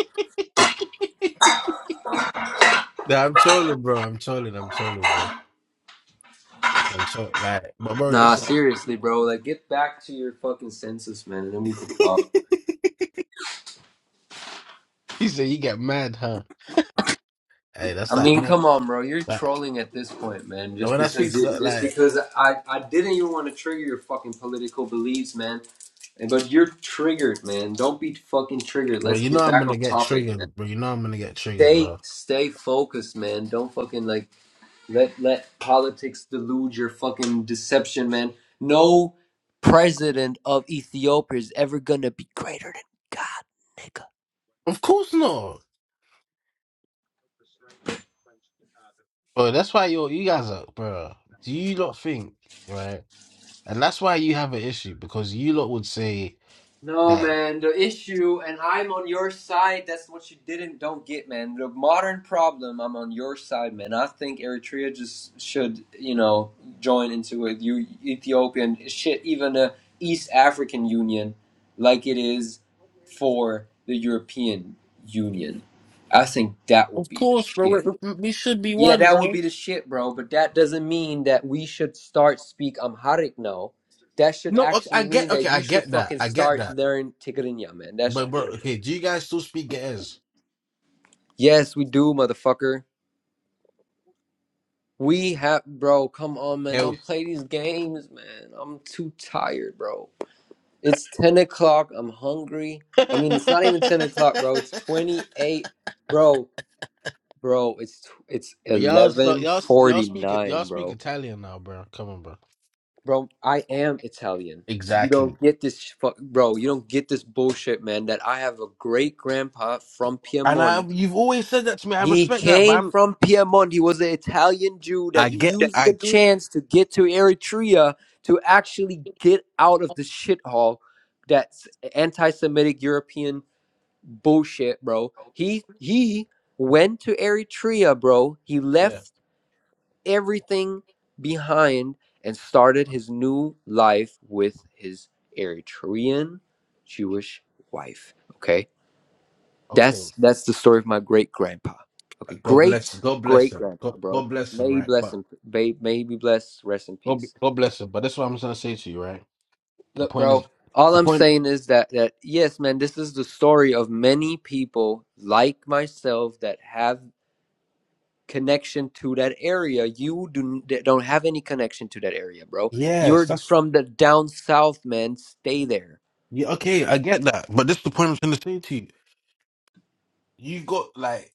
[SPEAKER 4] Nah, I'm trolling, bro. I'm trolling. I'm trolling, bro. I'm trolling. Like, but bro,
[SPEAKER 5] Nah,
[SPEAKER 4] this.
[SPEAKER 5] seriously, bro. Like, get back to your fucking senses, man, and then we can talk.
[SPEAKER 4] He said you get mad, huh? Hey, that's
[SPEAKER 5] I
[SPEAKER 4] like,
[SPEAKER 5] mean,
[SPEAKER 4] when I-
[SPEAKER 5] come on, bro. You're
[SPEAKER 4] like
[SPEAKER 5] trolling at this point, man. Just
[SPEAKER 4] when I
[SPEAKER 5] because,
[SPEAKER 4] speak to that,
[SPEAKER 5] just
[SPEAKER 4] like,
[SPEAKER 5] because I, I didn't even want to trigger your fucking political beliefs, man. But you're triggered, man. Don't be fucking triggered.
[SPEAKER 4] bro,
[SPEAKER 5] Let's
[SPEAKER 4] you know
[SPEAKER 5] get
[SPEAKER 4] I'm
[SPEAKER 5] back on
[SPEAKER 4] gonna get
[SPEAKER 5] topic, man.
[SPEAKER 4] triggered, bro. You know I'm gonna get triggered,
[SPEAKER 5] Stay,
[SPEAKER 4] bro.
[SPEAKER 5] stay focused, man. Don't fucking like let let politics delude your fucking deception, man. No president of Ethiopia is ever gonna be greater than God, nigga.
[SPEAKER 4] Of course not, bro. That's why you you guys are, bro. Do you not think, right? And that's why you have an issue because you lot would say
[SPEAKER 5] No,
[SPEAKER 4] that.
[SPEAKER 5] man, the issue, and I'm on your side, that's what you didn't, don't get, man. The modern problem, I'm on your side, man. I think Eritrea just should, you know, join into a U- Ethiopian, shit, even a East African Union, like it is for the European Union. I think that would be the shit. Yeah, that would be the shit, bro. But that doesn't mean that we should start speak Amharic now. That should
[SPEAKER 4] No, okay, I
[SPEAKER 5] actually mean
[SPEAKER 4] get. Okay,
[SPEAKER 5] that
[SPEAKER 4] I
[SPEAKER 5] you should
[SPEAKER 4] get that.
[SPEAKER 5] fucking
[SPEAKER 4] I get
[SPEAKER 5] start
[SPEAKER 4] that.
[SPEAKER 5] learn Tigrinya, man. That
[SPEAKER 4] But
[SPEAKER 5] should
[SPEAKER 4] bro,
[SPEAKER 5] work.
[SPEAKER 4] okay, do you guys still speak Getters?
[SPEAKER 5] Yes, we do, motherfucker. We have, bro. Come on, man. Don't
[SPEAKER 4] Hell-
[SPEAKER 5] play these games, man. I'm too tired, bro. It's ten o'clock. I'm hungry. I mean, it's not even ten o'clock, bro. It's twenty eight, bro. Bro, it's it's
[SPEAKER 4] But y'all, so,
[SPEAKER 5] eleven
[SPEAKER 4] y'all, y'all
[SPEAKER 5] forty
[SPEAKER 4] speak it. Y'all
[SPEAKER 5] nine, bro.
[SPEAKER 4] speak Italian now, bro. Come on, bro.
[SPEAKER 5] Bro, I am Italian. You
[SPEAKER 4] Exactly.
[SPEAKER 5] don't get this, sh- fu- bro. You don't get this bullshit, man. That I have a great grandpa from
[SPEAKER 4] And I,
[SPEAKER 5] Piedmont.
[SPEAKER 4] you've always said that to me. I
[SPEAKER 5] He
[SPEAKER 4] respect that, but
[SPEAKER 5] came
[SPEAKER 4] I'm.
[SPEAKER 5] from Piedmont. He was an Italian Jew that
[SPEAKER 4] I get.
[SPEAKER 5] used the
[SPEAKER 4] I.
[SPEAKER 5] chance to get to Eritrea to actually get out of the shithole that's anti-Semitic European bullshit, bro. He he went to Eritrea, bro. He
[SPEAKER 4] Yeah.
[SPEAKER 5] left everything behind and started his new life with his Eritrean Jewish wife. Okay,
[SPEAKER 4] Okay.
[SPEAKER 5] that's that's the story of my great grandpa. Okay,
[SPEAKER 4] God
[SPEAKER 5] great
[SPEAKER 4] bless. God bless
[SPEAKER 5] great
[SPEAKER 4] him.
[SPEAKER 5] grandpa,
[SPEAKER 4] God,
[SPEAKER 5] bro.
[SPEAKER 4] God bless him.
[SPEAKER 5] May he
[SPEAKER 4] Right.
[SPEAKER 5] bless
[SPEAKER 4] But
[SPEAKER 5] him. may, may he be blessed. Rest in
[SPEAKER 4] God,
[SPEAKER 5] peace.
[SPEAKER 4] God bless him. But that's what I'm trying to say to you. Right. The
[SPEAKER 5] Look,
[SPEAKER 4] point is.
[SPEAKER 5] bro. All
[SPEAKER 4] The
[SPEAKER 5] I'm
[SPEAKER 4] point.
[SPEAKER 5] saying is that that yes, man, this is the story of many people like myself that have connection to that area. You do don't have any connection to that area, bro.
[SPEAKER 4] Yes,
[SPEAKER 5] You're
[SPEAKER 4] that's
[SPEAKER 5] from the down south, man. Stay there.
[SPEAKER 4] yeah, okay, I get that. But this is the point I'm trying to say to you. You got like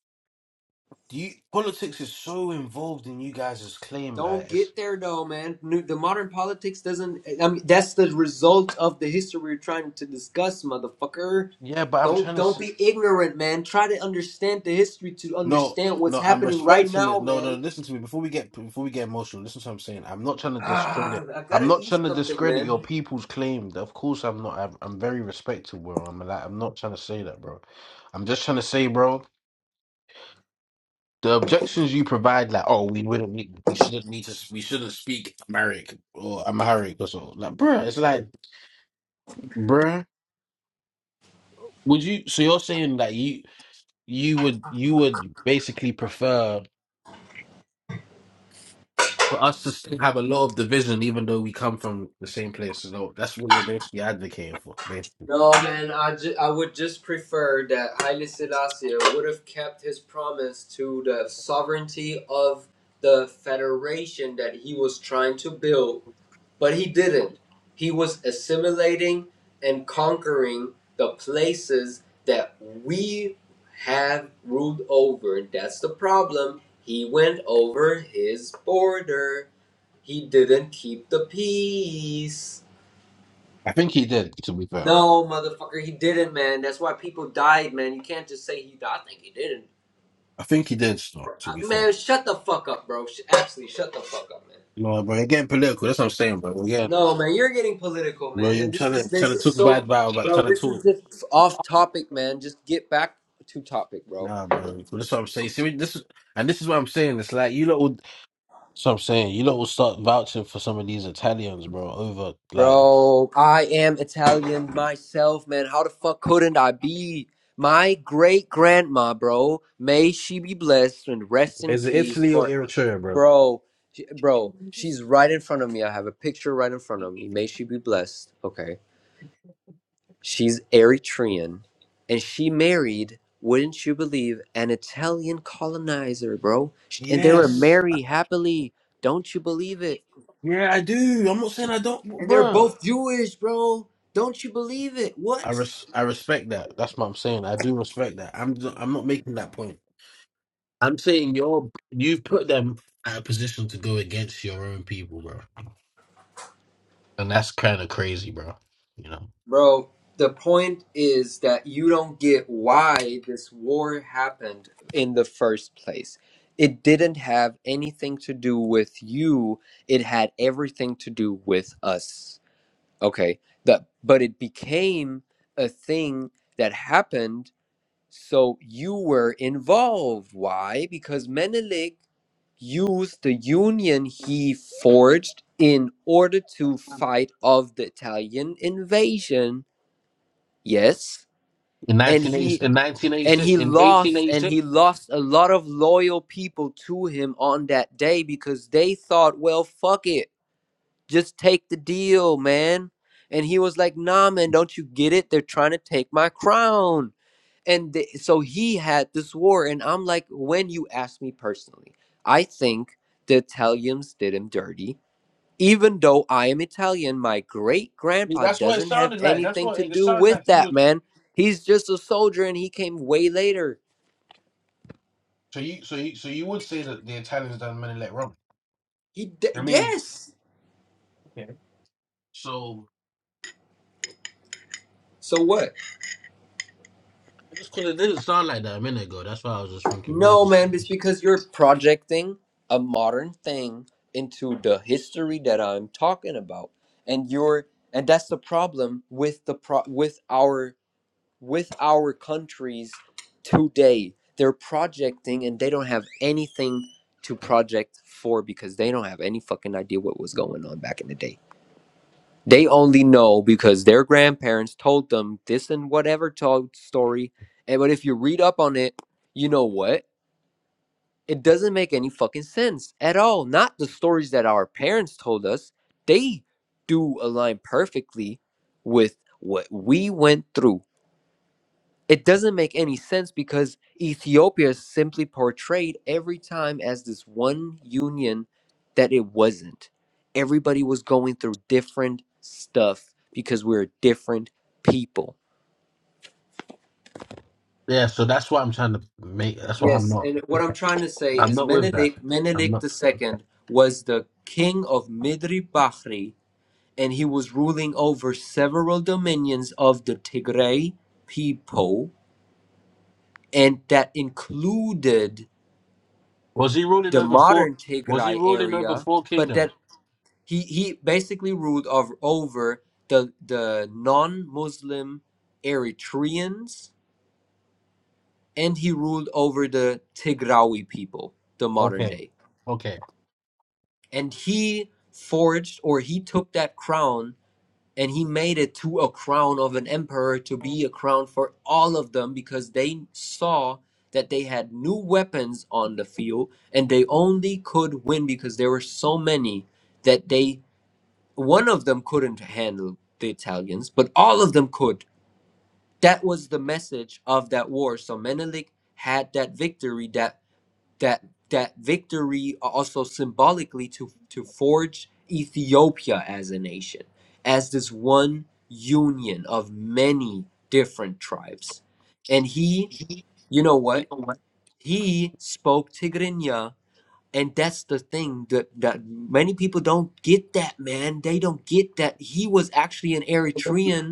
[SPEAKER 4] do you politics is so involved in you guys' claim,
[SPEAKER 5] Don't
[SPEAKER 4] like it's
[SPEAKER 5] get there though, man. New- The modern politics doesn't. I mean, that's the result of the history we're trying to discuss, motherfucker.
[SPEAKER 4] yeah, but I'm
[SPEAKER 5] Don't
[SPEAKER 4] trying to
[SPEAKER 5] don't
[SPEAKER 4] s
[SPEAKER 5] be ignorant, man. Try to understand the history to
[SPEAKER 4] no,
[SPEAKER 5] understand what's
[SPEAKER 4] no, I'm
[SPEAKER 5] happening right
[SPEAKER 4] respecting
[SPEAKER 5] now,
[SPEAKER 4] it. No, no,
[SPEAKER 5] man.
[SPEAKER 4] listen to me before we get before we get emotional, listen to what I'm saying. I'm not trying to
[SPEAKER 5] Ah,
[SPEAKER 4] discredit
[SPEAKER 5] I
[SPEAKER 4] I'm
[SPEAKER 5] gotta
[SPEAKER 4] not
[SPEAKER 5] eat
[SPEAKER 4] trying to
[SPEAKER 5] something,
[SPEAKER 4] discredit
[SPEAKER 5] man.
[SPEAKER 4] your people's claim. Of course I'm not I'm, I'm very respectful, bro. I'm like I'm not trying to say that, bro. I'm just trying to say, bro. The objections you provide, like, oh, we wouldn't need, we shouldn't need to, we shouldn't speak Amharic or Amharic or so. Like, bruh, it's like, bruh, would you? So you're saying that you you would you would basically prefer for us to still have a lot of division, even though we come from the same place. So that's what you're basically advocating for. Basically,
[SPEAKER 5] No, man, I, ju- I would just prefer that Haile Selassie would have kept his promise to the sovereignty of the federation that he was trying to build, but he didn't. He was assimilating and conquering the places that we have ruled over, and that's the problem. He went over his border, he didn't keep the peace.
[SPEAKER 4] I think he did. To be fair,
[SPEAKER 5] No, motherfucker, he didn't, man. That's why people died, man. You can't just say he died. I think he didn't.
[SPEAKER 4] I think he did. Still, to
[SPEAKER 5] Uh,
[SPEAKER 4] be fair,
[SPEAKER 5] man, shut the fuck up, bro. Sh- Absolutely, shut the fuck up, man.
[SPEAKER 4] no, but again, political. That's what I'm saying, bro. Again,
[SPEAKER 5] No, man, you're getting political,
[SPEAKER 4] well,
[SPEAKER 5] man.
[SPEAKER 4] you're
[SPEAKER 5] And this
[SPEAKER 4] trying to
[SPEAKER 5] is this
[SPEAKER 4] trying to
[SPEAKER 5] is
[SPEAKER 4] talk bad
[SPEAKER 5] so,
[SPEAKER 4] about, about
[SPEAKER 5] bro.
[SPEAKER 4] trying to
[SPEAKER 5] This is
[SPEAKER 4] talk.
[SPEAKER 5] just off topic, man. Just get back to topic, bro.
[SPEAKER 4] Nah, bro. That's what I'm saying. See, this is, and this is what I'm saying. It's like you lot will. That's what I'm saying. You lot will start vouching for some of these Italians, bro. Over like,
[SPEAKER 5] Bro, I am Italian myself, man. How the fuck couldn't I be? My great grandma, bro, may she be blessed and rest in
[SPEAKER 4] is it
[SPEAKER 5] peace
[SPEAKER 4] Italy or
[SPEAKER 5] for.
[SPEAKER 4] Eritrea, bro?
[SPEAKER 5] Bro, she, bro, she's right in front of me. I have a picture right in front of me. May she be blessed. Okay. She's Eritrean and she married, wouldn't you believe, an Italian colonizer, bro. Sh- And they were
[SPEAKER 4] Yes.
[SPEAKER 5] married happily. Don't you believe it?
[SPEAKER 4] Yeah, I do. I'm not saying I don't,
[SPEAKER 5] And they're
[SPEAKER 4] bro.
[SPEAKER 5] both Jewish, bro. Don't you believe it?
[SPEAKER 4] I
[SPEAKER 5] What?
[SPEAKER 4] res- I respect that. That's what I'm saying. I do respect that. I'm I'm not making that point. I'm saying you're you've put them at a position to go against your own people, bro. And that's kind of crazy, bro. You know?
[SPEAKER 5] Bro, the point is that you don't get why this war happened in the first place. It didn't have anything to do with you. It had everything to do with us. Okay. The, but it became a thing that happened so you were involved. Why? Because Menelik Used the union he forged in order to fight of the Italian invasion. Yes,
[SPEAKER 4] In
[SPEAKER 5] and
[SPEAKER 4] nineteen eighty,
[SPEAKER 5] he
[SPEAKER 4] in
[SPEAKER 5] and he
[SPEAKER 4] 1986, in
[SPEAKER 5] lost and
[SPEAKER 4] 1886,
[SPEAKER 5] he lost a lot of loyal people to him on that day because they thought, well, fuck it, just take the deal, man. And he was like, nah, man, don't you get it? They're trying to take my crown and the, so he had this war and i'm like when you ask me personally i think the italians did him dirty even though i am italian my great grandpa
[SPEAKER 4] That's what it
[SPEAKER 5] doesn't have
[SPEAKER 4] sounded like. That's
[SPEAKER 5] anything
[SPEAKER 4] what
[SPEAKER 5] to
[SPEAKER 4] it, it
[SPEAKER 5] do
[SPEAKER 4] sounded like.
[SPEAKER 5] with
[SPEAKER 4] You
[SPEAKER 5] that
[SPEAKER 4] was
[SPEAKER 5] man he's just a soldier and he came way later
[SPEAKER 4] so you so you so you would say that the Italians done many let Rome.
[SPEAKER 5] he d- yes
[SPEAKER 4] so
[SPEAKER 5] so what
[SPEAKER 4] I just couldn't, it didn't sound like that a minute ago. That's why I was just thinking, what is
[SPEAKER 5] no
[SPEAKER 4] this?
[SPEAKER 5] man it's because you're projecting a modern thing into the history that i'm talking about and you're and that's the problem with the pro with our with our countries today. They're projecting and they don't have anything to project for because they don't have any fucking idea what was going on back in the day. They only know because their grandparents told them this and whatever told story. And but if you read up on it, you know what? It doesn't make any fucking sense at all. Not the stories that our parents told us. They do align perfectly with what we went through it doesn't make any sense because Ethiopia is simply portrayed every time as this one union that it wasn't. Everybody was going through different stuff because we're different people.
[SPEAKER 4] Yeah, so that's why I'm trying to make. That's why I'm
[SPEAKER 5] Yes,
[SPEAKER 4] not.
[SPEAKER 5] and what I'm trying to say
[SPEAKER 4] I'm
[SPEAKER 5] is
[SPEAKER 4] not with that.
[SPEAKER 5] Menelik
[SPEAKER 4] I'm
[SPEAKER 5] Menelik
[SPEAKER 4] not.
[SPEAKER 5] II was the king of Midri Bahri and he was ruling over several dominions of the Tigray people and that included
[SPEAKER 4] Was he ruling
[SPEAKER 5] the
[SPEAKER 4] over four?
[SPEAKER 5] modern
[SPEAKER 4] Was he
[SPEAKER 5] Tigray
[SPEAKER 4] ruling over
[SPEAKER 5] area,
[SPEAKER 4] four
[SPEAKER 5] but that
[SPEAKER 4] kingdoms?
[SPEAKER 5] he, he basically ruled over, over the the non-Muslim Eritreans, and he ruled over the Tigrawi people, the modern
[SPEAKER 4] Okay,
[SPEAKER 5] day.
[SPEAKER 4] okay.
[SPEAKER 5] And he forged or he took that crown and he made it to a crown of an emperor to be a crown for all of them because they saw that they had new weapons on the field and they only could win because there were so many that they one of them couldn't handle the Italians but all of them could that was the message of that war so Menelik had that victory that that that victory also symbolically to to forge Ethiopia as a nation, as this one union of many different tribes. And he, you know what? He spoke Tigrinya, and that's the thing that that many people don't get that, man. They don't get that he was actually an Eritrean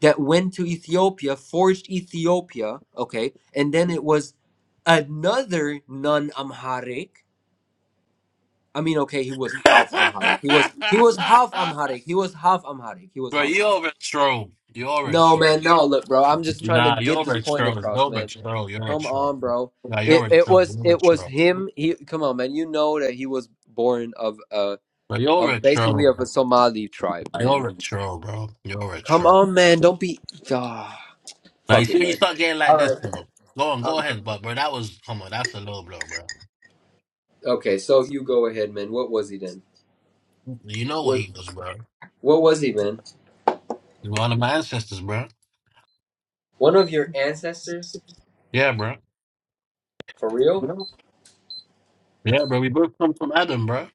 [SPEAKER 5] that went to Ethiopia, forged Ethiopia, okay, and then it was another non-Amharic. I mean, okay, he was half Amharic. He was he was half Amharic. He was half Amharic. He was
[SPEAKER 4] Bro,
[SPEAKER 5] half
[SPEAKER 4] you
[SPEAKER 5] Amharic.
[SPEAKER 4] are a troll. You are a
[SPEAKER 5] No
[SPEAKER 4] troll.
[SPEAKER 5] man, no look, bro. I'm just trying to
[SPEAKER 4] Nah, you
[SPEAKER 5] get
[SPEAKER 4] are
[SPEAKER 5] this
[SPEAKER 4] a
[SPEAKER 5] point
[SPEAKER 4] troll. You
[SPEAKER 5] across,
[SPEAKER 4] are a
[SPEAKER 5] man.
[SPEAKER 4] troll. You're a
[SPEAKER 5] Come
[SPEAKER 4] troll.
[SPEAKER 5] on, bro.
[SPEAKER 4] Nah,
[SPEAKER 5] It
[SPEAKER 4] you're a
[SPEAKER 5] it
[SPEAKER 4] troll.
[SPEAKER 5] was
[SPEAKER 4] You're a
[SPEAKER 5] it was
[SPEAKER 4] troll.
[SPEAKER 5] him. He come on, man. You know that he was born of uh
[SPEAKER 4] But you're
[SPEAKER 5] of
[SPEAKER 4] a troll.
[SPEAKER 5] basically of
[SPEAKER 4] Bro.
[SPEAKER 5] a Somali tribe, man.
[SPEAKER 4] You're a troll, bro. You're a
[SPEAKER 5] Come
[SPEAKER 4] troll.
[SPEAKER 5] on, man. Don't be. Ah,
[SPEAKER 4] Now you
[SPEAKER 5] fuck it,
[SPEAKER 4] see when you
[SPEAKER 5] man.
[SPEAKER 4] start getting like this, bro. Go on, go ahead, but bro, that was come on. That's a low blow, bro.
[SPEAKER 5] Okay, so you go ahead, man. What was he then?
[SPEAKER 4] You know what
[SPEAKER 5] What
[SPEAKER 4] he was, bro.
[SPEAKER 5] what was he, man?
[SPEAKER 4] You're one of my ancestors, bro.
[SPEAKER 5] One of your ancestors?
[SPEAKER 4] Yeah, bro.
[SPEAKER 5] For real?
[SPEAKER 4] Yeah, bro. We both come from Adam, bro.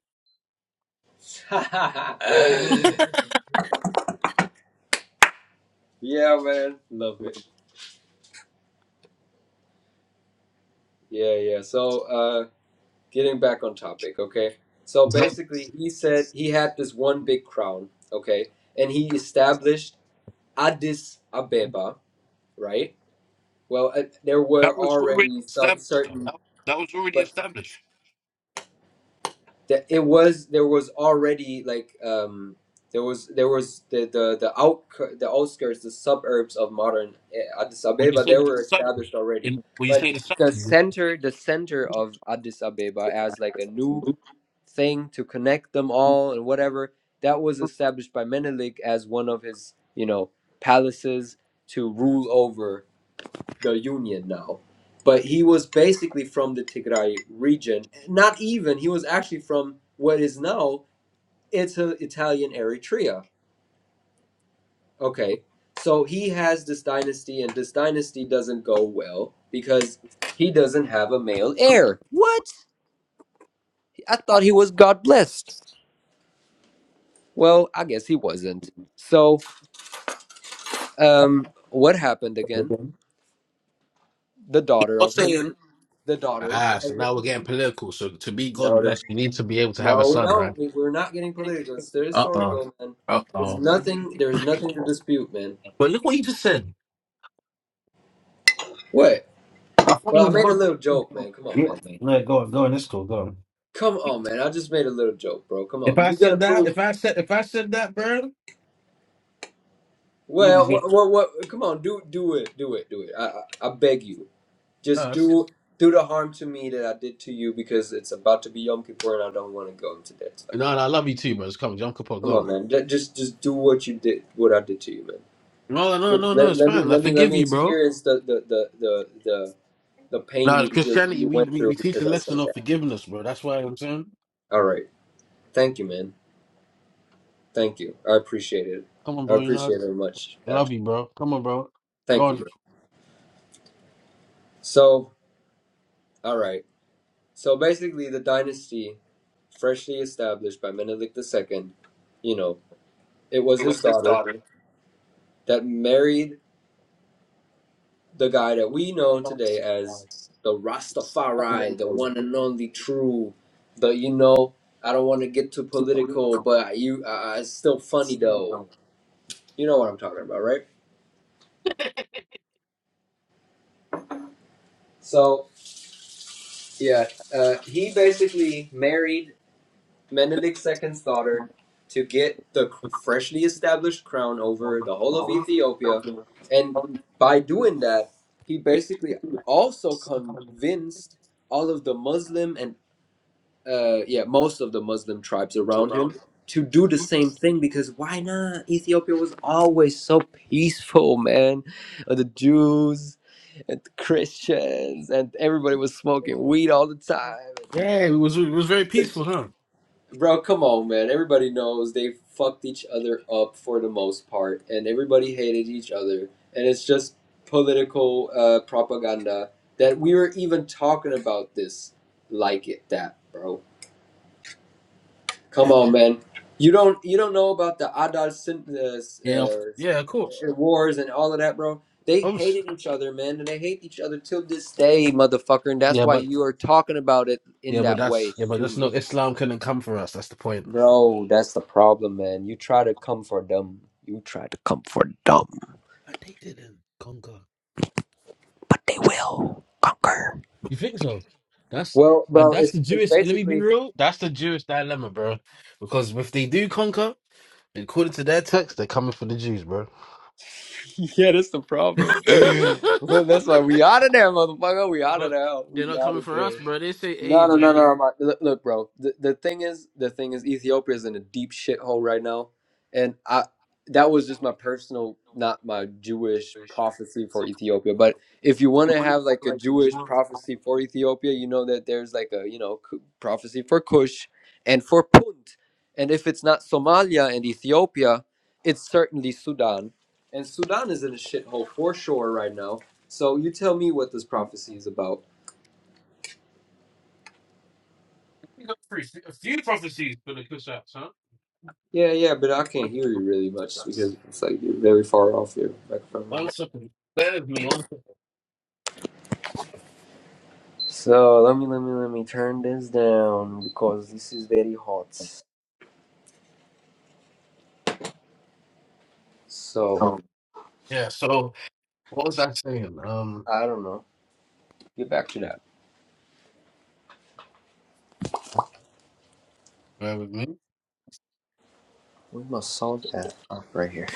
[SPEAKER 5] yeah, man. Love it. Yeah, yeah. So, uh getting back on topic, okay? So
[SPEAKER 4] That,
[SPEAKER 5] basically, he said he had this one big crown, okay? And he established Addis Ababa, right? Well, uh, there were
[SPEAKER 4] that was already
[SPEAKER 5] already some
[SPEAKER 4] established, though.
[SPEAKER 5] certain
[SPEAKER 4] That, that was already
[SPEAKER 5] but
[SPEAKER 4] established.
[SPEAKER 5] that it was there was already like um there was there was the the the out the outskirts the suburbs of modern eh, Addis
[SPEAKER 4] When you
[SPEAKER 5] Ababa
[SPEAKER 4] say
[SPEAKER 5] they
[SPEAKER 4] that
[SPEAKER 5] were
[SPEAKER 4] southern,
[SPEAKER 5] established already
[SPEAKER 4] in, when you
[SPEAKER 5] but
[SPEAKER 4] say the
[SPEAKER 5] the
[SPEAKER 4] southern,
[SPEAKER 5] center the center of Addis Ababa as like a new thing to connect them all and whatever that was established by Menelik as one of his you know palaces to rule over the Union now. But he was basically from the Tigray region. Not even, he was actually from what is now Ita- Italian Eritrea. Okay, so he has this dynasty, and this dynasty doesn't go well because he doesn't have a male heir. What? I thought he was God blessed. Well, I guess he wasn't. So, um, what happened again?
[SPEAKER 4] you're
[SPEAKER 5] The daughter of him.
[SPEAKER 4] saying
[SPEAKER 5] The daughter
[SPEAKER 4] ah.
[SPEAKER 5] of
[SPEAKER 4] So
[SPEAKER 5] him.
[SPEAKER 4] now we're getting political. So to be God
[SPEAKER 5] No, the
[SPEAKER 4] blessed, you need to be able to have a
[SPEAKER 5] No, we
[SPEAKER 4] son, right?
[SPEAKER 5] don't. We, we're not getting political. It's their
[SPEAKER 4] Uh oh.
[SPEAKER 5] historical, man.
[SPEAKER 4] Uh
[SPEAKER 5] There's
[SPEAKER 4] oh.
[SPEAKER 5] nothing. There's nothing to dispute, man.
[SPEAKER 4] But look what you just said.
[SPEAKER 5] What?
[SPEAKER 4] I thought he
[SPEAKER 5] Well, I
[SPEAKER 4] was
[SPEAKER 5] made a
[SPEAKER 4] God.
[SPEAKER 5] little joke, man. Come on,
[SPEAKER 4] Yeah.
[SPEAKER 5] man.
[SPEAKER 4] No, go on, go on. It's cool. Go on.
[SPEAKER 5] Come on, man. I just made a little joke, bro. Come
[SPEAKER 4] If
[SPEAKER 5] on.
[SPEAKER 4] I
[SPEAKER 5] You gotta
[SPEAKER 4] said that,
[SPEAKER 5] prove.
[SPEAKER 4] if I said, if I said that, bro, you would
[SPEAKER 5] Well,
[SPEAKER 4] get
[SPEAKER 5] what? What? what come on. Do do it. Do it. Do it. I, I I beg you. Just do do the harm to me that I did to you because it's about to be Yom Kippur and I don't want to go into that stuff.
[SPEAKER 4] No, no, I love you too, bro. It's coming. Jump
[SPEAKER 5] Come on,
[SPEAKER 4] Pogrom.
[SPEAKER 5] man. Ju- Just just do what you did. What I did to you, man.
[SPEAKER 4] No, no,
[SPEAKER 5] Let,
[SPEAKER 4] no, no,
[SPEAKER 5] let,
[SPEAKER 4] it's
[SPEAKER 5] let me
[SPEAKER 4] fine. I
[SPEAKER 5] let me let
[SPEAKER 4] forgive
[SPEAKER 5] me
[SPEAKER 4] you, bro.
[SPEAKER 5] experience the the the the. the the pain you,
[SPEAKER 4] No,
[SPEAKER 5] you
[SPEAKER 4] Christianity,
[SPEAKER 5] you
[SPEAKER 4] we,
[SPEAKER 5] went
[SPEAKER 4] we,
[SPEAKER 5] through
[SPEAKER 4] we teach the
[SPEAKER 5] because I
[SPEAKER 4] lesson
[SPEAKER 5] said
[SPEAKER 4] of
[SPEAKER 5] that.
[SPEAKER 4] forgiveness, bro. That's why I'm saying.
[SPEAKER 5] All right. Thank you, man. Thank you. I appreciate it.
[SPEAKER 4] Come on,
[SPEAKER 5] I
[SPEAKER 4] bro. You
[SPEAKER 5] appreciate
[SPEAKER 4] know,
[SPEAKER 5] it very much.
[SPEAKER 4] I
[SPEAKER 5] Actually,
[SPEAKER 4] love you, bro. Come on, bro.
[SPEAKER 5] thank you,
[SPEAKER 4] God.
[SPEAKER 5] bro. So, all right. So basically, the dynasty, freshly established by Menelik II, you know, it was his daughter that married the guy that we know today as the Rastafari, the one and only true, the you know. I don't want to get too political, but you, uh, it's still funny though. You know what I'm talking about, right? So yeah, uh, he basically married Menelik II's daughter to get the freshly established crown over the whole of Ethiopia, and by doing that, he basically also convinced all of the Muslim and uh, yeah, most of the Muslim tribes around him to do the same thing because why not? Ethiopia was always so peaceful, man. Uh, The Jews and the Christians and everybody was smoking weed all the time.
[SPEAKER 4] Yeah, it was it was very peaceful, huh?
[SPEAKER 5] Bro, come on, man. Everybody knows they fucked each other up for the most part, and everybody hated each other, and it's just political uh, propaganda that we were even talking about this like it that, bro. Come on, man. You don't you don't know about the Adal Sin- uh,
[SPEAKER 4] Yeah, of- yeah, of course.
[SPEAKER 5] uh, uh, wars and all of that, bro. They
[SPEAKER 4] Obviously.
[SPEAKER 5] hated each other, man, and they hate each other till this day, motherfucker. And that's
[SPEAKER 4] Yeah,
[SPEAKER 5] why
[SPEAKER 4] but
[SPEAKER 5] you are talking about it in
[SPEAKER 4] yeah, but
[SPEAKER 5] that way
[SPEAKER 4] that's yeah, but
[SPEAKER 5] to
[SPEAKER 4] that's
[SPEAKER 5] me,
[SPEAKER 4] not Islam couldn't come for us. That's the point.
[SPEAKER 5] bro. That's the problem, man. You try to come for them. You try to come for them,
[SPEAKER 4] And they didn't conquer.
[SPEAKER 5] but they will conquer.
[SPEAKER 4] You think so? That's
[SPEAKER 5] Well,
[SPEAKER 4] and
[SPEAKER 5] bro,
[SPEAKER 4] that's
[SPEAKER 5] it's
[SPEAKER 4] the
[SPEAKER 5] it's
[SPEAKER 4] Jewish. Let me be
[SPEAKER 5] basically
[SPEAKER 4] real. That's the Jewish dilemma, bro. Because if they do conquer. According to their text, they're coming for the Jews, bro.
[SPEAKER 5] yeah, that's the problem. well, that's why we out of there, motherfucker. We out of
[SPEAKER 4] but
[SPEAKER 5] there.
[SPEAKER 4] they're
[SPEAKER 5] We
[SPEAKER 4] not
[SPEAKER 5] out
[SPEAKER 4] coming
[SPEAKER 5] of
[SPEAKER 4] for us,
[SPEAKER 5] there.
[SPEAKER 4] bro. They say, hey,
[SPEAKER 5] No, no, no, no.
[SPEAKER 4] man.
[SPEAKER 5] no, My, look, look, bro. The, the thing is, the thing is, Ethiopia is in a deep shithole right now, and I that was just my personal, not my Jewish prophecy for Ethiopia. But if you want to have like a Jewish prophecy for Ethiopia, you know that there's like a you know Ku- prophecy for Kush and for Punt, and if it's not Somalia and Ethiopia, it's certainly Sudan, and Sudan is in a shithole for sure right now. So you tell me what this prophecy is about.
[SPEAKER 4] We got three, a few prophecies for the Kushites, huh?
[SPEAKER 5] Yeah, yeah, but I can't hear you really much because it's like you're very far off your microphone. Right
[SPEAKER 4] One
[SPEAKER 5] now.
[SPEAKER 4] second. Bear with me. One second.
[SPEAKER 5] So let me, let me, let me turn this down because this is very hot. So
[SPEAKER 4] Yeah, so what was I saying? Um,
[SPEAKER 5] I don't know. Get back to that.
[SPEAKER 4] bear with me.
[SPEAKER 5] Where's my sound at? Oh, right here.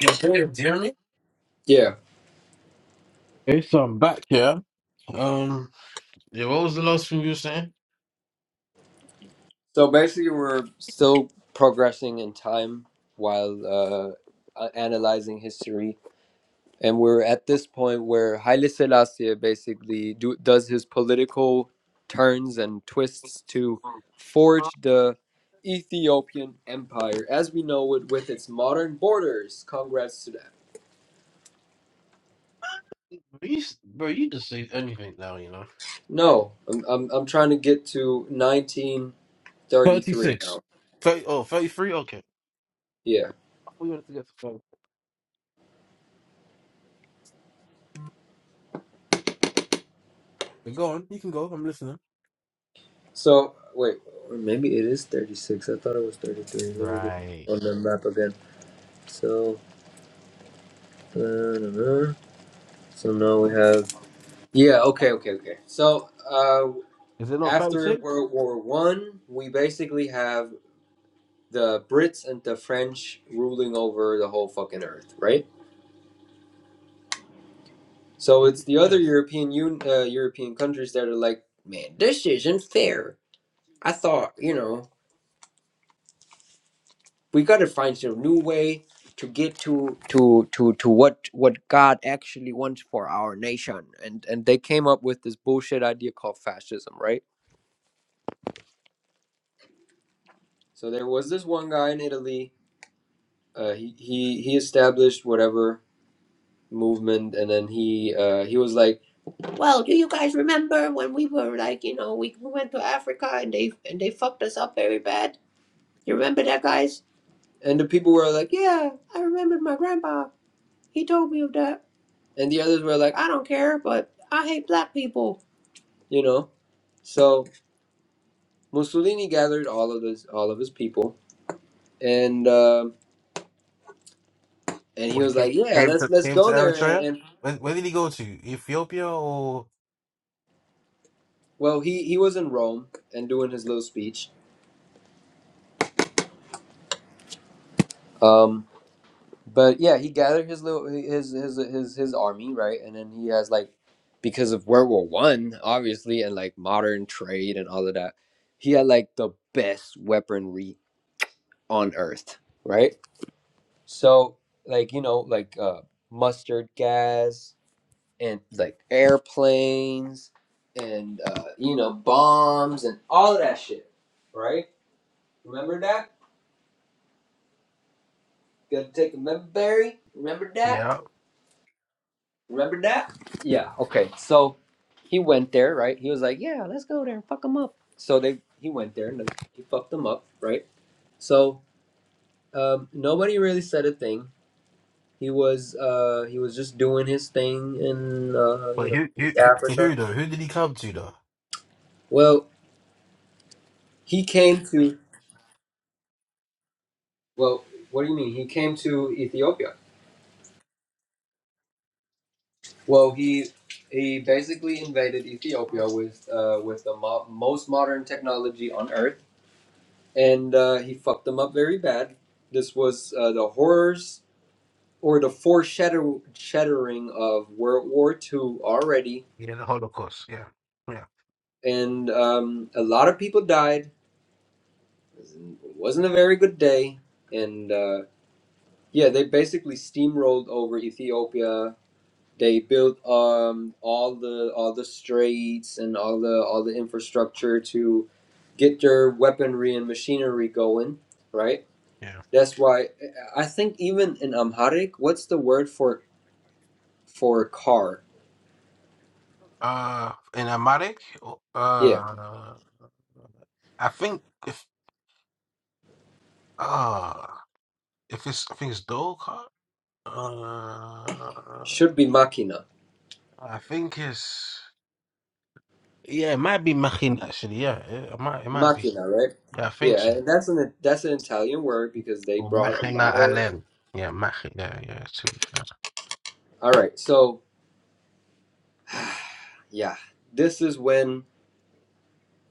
[SPEAKER 4] Yeah, bear with Jeremy.
[SPEAKER 5] Yeah.
[SPEAKER 4] Okay, so I'm back here. Um, yeah, what was the last thing you were saying?
[SPEAKER 5] So basically, we're still progressing in time while uh, analyzing history And we're at this point where Haile Selassie basically do, does his political turns and twists to forge the Ethiopian empire as we know it with its modern borders. Congrats to that.
[SPEAKER 4] Bro, you, bro, you just say anything now, you know.
[SPEAKER 5] No, I'm, I'm, I'm trying to get to 1933 now.
[SPEAKER 4] 36. 30, oh, thirty-three? Okay. I
[SPEAKER 5] Yeah.
[SPEAKER 4] thought you wanted to get to 30. Go on, you can go. I'm listening.
[SPEAKER 5] So, wait, or maybe it is 36. I thought it was 33. Let me get on the map again. So, uh, so now we have Yeah, okay, okay, okay. So uh,
[SPEAKER 4] Is it not
[SPEAKER 5] after
[SPEAKER 4] 36?
[SPEAKER 5] World War One, we basically have the Brits and the French ruling over the whole fucking earth, right? So it's the other
[SPEAKER 4] Yeah.
[SPEAKER 5] European un- uh, European countries that are like, man, this isn't fair. I thought, you know, we got to find some new way to get to to to to what what God actually wants for our nation, and and they came up with this bullshit idea called fascism, right? So there was this one guy in Italy uh, he he he established whatever movement, and then he uh, he was like, "Remember when we were like, you know, we, went to Africa and they and they fucked us up very bad. You remember that, guys?" And the people were like, "Yeah, I remembered my grandpa. He told me of that." And the others were like, "I don't care, but I hate black people." You know, so Mussolini gathered all of his all of his people, and uh, and he
[SPEAKER 4] Wait,
[SPEAKER 5] was
[SPEAKER 4] he ca-
[SPEAKER 5] like, "Yeah,
[SPEAKER 4] came
[SPEAKER 5] let's
[SPEAKER 4] to
[SPEAKER 5] let's
[SPEAKER 4] came to
[SPEAKER 5] go there." And,
[SPEAKER 4] Eritrea.
[SPEAKER 5] and
[SPEAKER 4] When when did he go to? Ethiopia or
[SPEAKER 5] well, he he was in Rome and doing his little speech Um, but yeah, he gathered his little his his his his army, right? And then he has like because of World War One, obviously, and like modern trade and all of that, he had like the best weaponry on Earth, right? So like you know like uh, mustard gas and like airplanes and uh, you know bombs and all of that shit, right? Remember that? Gotta take a member, Barry. Remember that?
[SPEAKER 4] Yeah.
[SPEAKER 5] Remember that? Yeah, okay. So he went there, right? He was like, "Yeah, let's go there and fuck them up." So they he went there and he fucked them up, right? So um, nobody really said a thing. He was uh, he was just doing his thing in uh, you know East
[SPEAKER 4] to who
[SPEAKER 5] Africa.
[SPEAKER 4] though? Who did he come to though?
[SPEAKER 5] Well, he came to well, what do you mean? He came to Ethiopia. Well, he he basically invaded Ethiopia with uh, with the mo- most modern technology on earth and uh, he fucked them up very bad. This was uh, the horrors or the foreshadowing of World War II already,
[SPEAKER 4] Yeah, the Holocaust. Yeah. Yeah.
[SPEAKER 5] and um, a lot of people died. It wasn't a very good day, and uh, yeah, they basically steamrolled over Ethiopia. They built um, all the all the straits and all the all the infrastructure to get their weaponry and machinery going, right?
[SPEAKER 4] Yeah.
[SPEAKER 5] That's why I think even in Amharic, what's the word for for car?
[SPEAKER 4] Uh, in Amharic,
[SPEAKER 5] Yeah,
[SPEAKER 4] uh, I think if uh if it's I think it's Dolcart. Uh,
[SPEAKER 5] should be machina.
[SPEAKER 4] I think it's yeah, it might be Machin actually. Yeah, it, it might it might be.
[SPEAKER 5] Machina, right?
[SPEAKER 4] Yeah, I think
[SPEAKER 5] Yeah,
[SPEAKER 4] so.
[SPEAKER 5] and that's an that's an Italian word because they
[SPEAKER 4] Well,
[SPEAKER 5] brought a
[SPEAKER 4] Machina
[SPEAKER 5] lot of.
[SPEAKER 4] Allen. Yeah, Mach. Yeah, yeah. To be fair.
[SPEAKER 5] All right, so yeah, this is when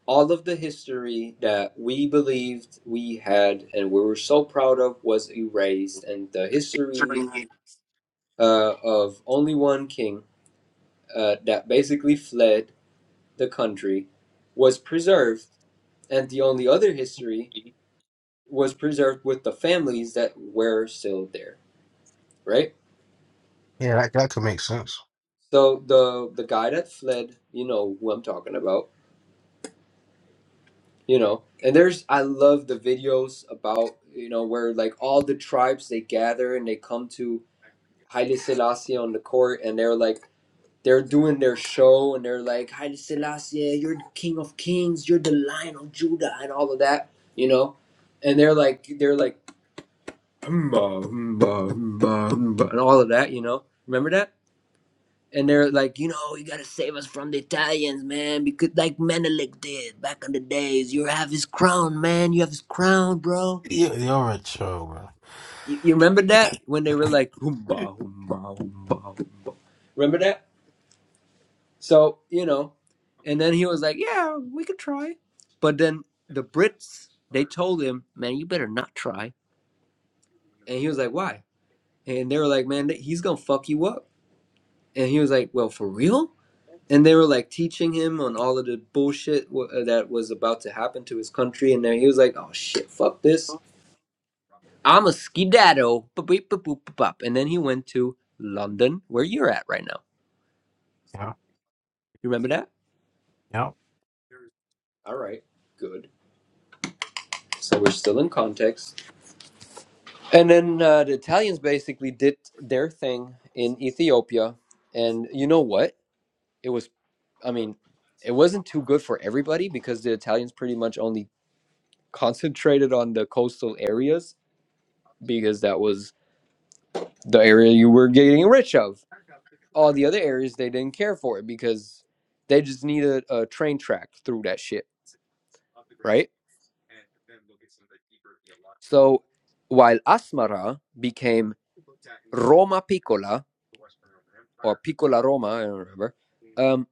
[SPEAKER 5] all of the history that we believed we had and we were so proud of was erased, and the history uh, of only one king uh, that basically fled the country was preserved and the only other history was preserved with the families that were still there, right?
[SPEAKER 4] Yeah, that, that could make sense.
[SPEAKER 5] So the the guy that fled, you know who I'm talking about, you know. And there's I love the videos about you know where like all the tribes they gather and they come to Haile Selassie on the court and they're like they're doing their show and they're like Haile Selassie, you're the king of kings, you're the lion of Judah and all of that, you know. And they're like they're like Humba, humba, humba, humba, and all of that, you know. Remember that? And they're like, you know, you gotta save us from the Italians, man, because like Menelik did back in the days. You have his crown, man. You have his crown, bro.
[SPEAKER 4] You, you're a troll, bro.
[SPEAKER 5] You, you remember that when they were
[SPEAKER 4] Yeah.
[SPEAKER 5] like, humba, humba, humba, humba. Remember that? So you know, and then he was like, yeah, we could try, but then the Brits they told him, man, you better not try. And he was like, why? And they were like, man, he's gonna fuck you up and he was like, "Well, for real?" And they were like teaching him on all of the bullshit w- uh, that was about to happen to his country, and then he was like, "Oh shit, fuck this! I'm a skedaddle." Boop, boop, boop, boop, boop, boop. And then he went to London, where you're at right now. You remember that?
[SPEAKER 4] Yep.
[SPEAKER 5] All right, good. So we're still in context. And then uh, the Italians basically did their thing in Ethiopia, and you know what? It was, I mean, it wasn't too good for everybody because the Italians pretty much only concentrated on the coastal areas because that was the area you were getting rich of. All the other areas they didn't care for it because they just needed a train track through that shit, right? So while Asmara became Roma Piccola or Piccola Roma, I don't remember. Um,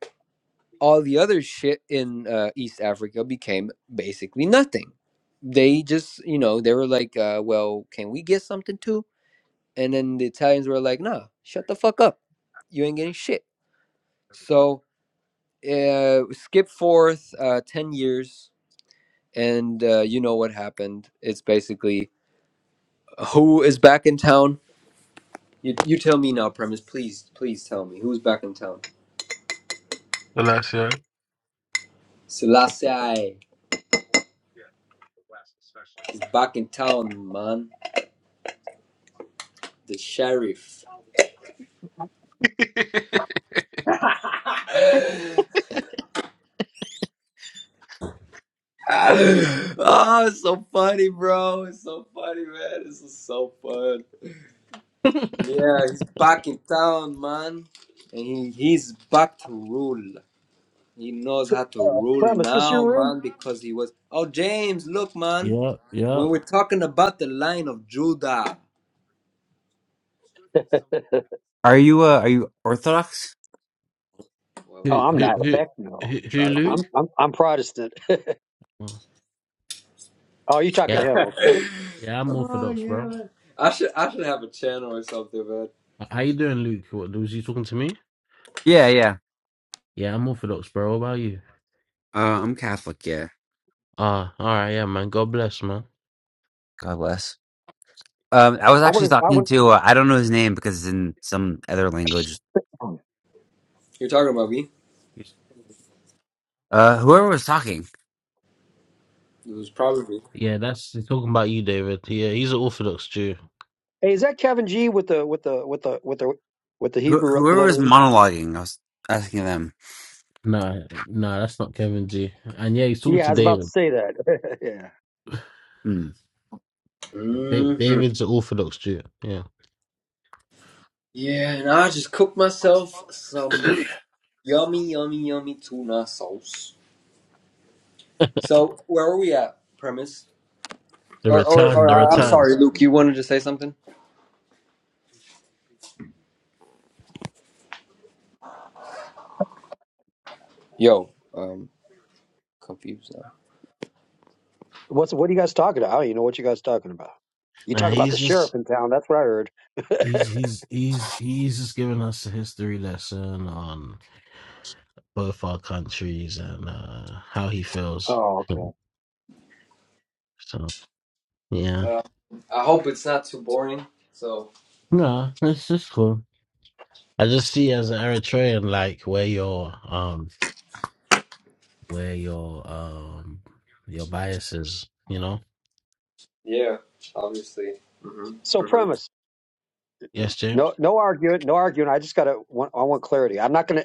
[SPEAKER 5] all the other shit in uh, East Africa became basically nothing. They just, you know, they were like, uh, well, can we get something too? And then the Italians were like, nah, shut the fuck up. You ain't getting shit. So uh, skip forth uh, 10 years, and uh, you know what happened. It's basically who is back in town? You, you tell me now, Premise. Please, please tell me. Who's back in town?
[SPEAKER 4] The last year.
[SPEAKER 5] Selassie is back in town, man. The sheriff. oh, it's so funny, bro. It's so funny, man. This is so fun. Yeah, he's back in town, man. And he, he's back to rule. He knows
[SPEAKER 10] Tr-
[SPEAKER 5] how to
[SPEAKER 10] Uh,
[SPEAKER 5] rule
[SPEAKER 10] Prem, this your
[SPEAKER 5] now,
[SPEAKER 10] room?
[SPEAKER 5] man, because he was. Oh, James, look, man.
[SPEAKER 4] Yep,
[SPEAKER 5] When
[SPEAKER 4] yep.
[SPEAKER 5] we're talking about the line of Judah,
[SPEAKER 11] Are you uh, are you Orthodox?
[SPEAKER 5] well,
[SPEAKER 10] Oh,
[SPEAKER 4] Who,
[SPEAKER 10] I'm
[SPEAKER 5] uh,
[SPEAKER 4] who,
[SPEAKER 10] not.
[SPEAKER 4] who,
[SPEAKER 10] Heck no.
[SPEAKER 4] who, who,
[SPEAKER 5] try to be.
[SPEAKER 4] Luke?
[SPEAKER 10] I'm I'm I'm Protestant.
[SPEAKER 4] Oh,
[SPEAKER 10] Oh, you talking to
[SPEAKER 4] Yeah,
[SPEAKER 10] him? Okay.
[SPEAKER 4] yeah. I'm
[SPEAKER 5] oh
[SPEAKER 4] Orthodox,
[SPEAKER 5] yeah,
[SPEAKER 4] bro.
[SPEAKER 5] man. I should I should have a channel or something, but
[SPEAKER 4] H- How you doing, Luke? What was you talking to me?
[SPEAKER 11] Yeah, yeah.
[SPEAKER 4] Yeah, I'm Orthodox, bro. What about you?
[SPEAKER 11] Uh, I'm Catholic. Yeah.
[SPEAKER 4] Ah, all right, yeah, man. God bless, man.
[SPEAKER 11] God bless. Um, I was
[SPEAKER 10] I
[SPEAKER 11] actually
[SPEAKER 10] want to. I
[SPEAKER 11] talking
[SPEAKER 10] want.
[SPEAKER 11] to uh, I don't know his name because it's in some other language.
[SPEAKER 10] oh.
[SPEAKER 5] you're talking about me.
[SPEAKER 11] Uh, whoever was talking,
[SPEAKER 5] It was probably
[SPEAKER 4] Yeah, that's he's talking about you, David. Yeah, he's an Orthodox Jew.
[SPEAKER 10] Hey, is that Kevin G with the with the with the with the with the
[SPEAKER 11] who
[SPEAKER 10] Hebrew
[SPEAKER 11] whoever
[SPEAKER 10] letter?
[SPEAKER 11] was monologuing, I was asking them.
[SPEAKER 4] No, no, that's not Kevin G. And yeah, he's talking
[SPEAKER 10] Yeah, I
[SPEAKER 4] to
[SPEAKER 10] was about to
[SPEAKER 4] David.
[SPEAKER 10] say that. yeah.
[SPEAKER 11] Hmm.
[SPEAKER 4] Da-
[SPEAKER 5] hmm
[SPEAKER 4] David's an Orthodox Jew. Yeah,
[SPEAKER 5] Yeah, and I just cooked myself some yummy, yummy, yummy tuna sauce. So where are we at? Premise.
[SPEAKER 4] the
[SPEAKER 5] Or, or,
[SPEAKER 4] return,
[SPEAKER 5] or
[SPEAKER 4] the
[SPEAKER 5] I- I'm sorry,
[SPEAKER 4] returns.
[SPEAKER 5] Luke. You wanted to say something? Yo, um, confused now.
[SPEAKER 10] What's what are you guys talking about? I don't even know what you guys talking about. You
[SPEAKER 4] Now
[SPEAKER 10] talk about the
[SPEAKER 4] he's just
[SPEAKER 10] sheriff in town. That's what I heard.
[SPEAKER 4] he's he's he's he's just giving us a history lesson on both our countries and uh how he feels.
[SPEAKER 10] Oh, okay.
[SPEAKER 4] So, so, yeah,
[SPEAKER 5] Well, I hope it's not too boring. So
[SPEAKER 4] no, it's just cool. I just see as an Eritrean, like where your um where your um your biases, you know.
[SPEAKER 5] yeah, obviously. hmm
[SPEAKER 10] So
[SPEAKER 5] hmm
[SPEAKER 10] premise.
[SPEAKER 4] Yes,
[SPEAKER 10] No,
[SPEAKER 4] James.
[SPEAKER 10] no argument. No arguing. I just gotta. Want, I want clarity. I'm not gonna.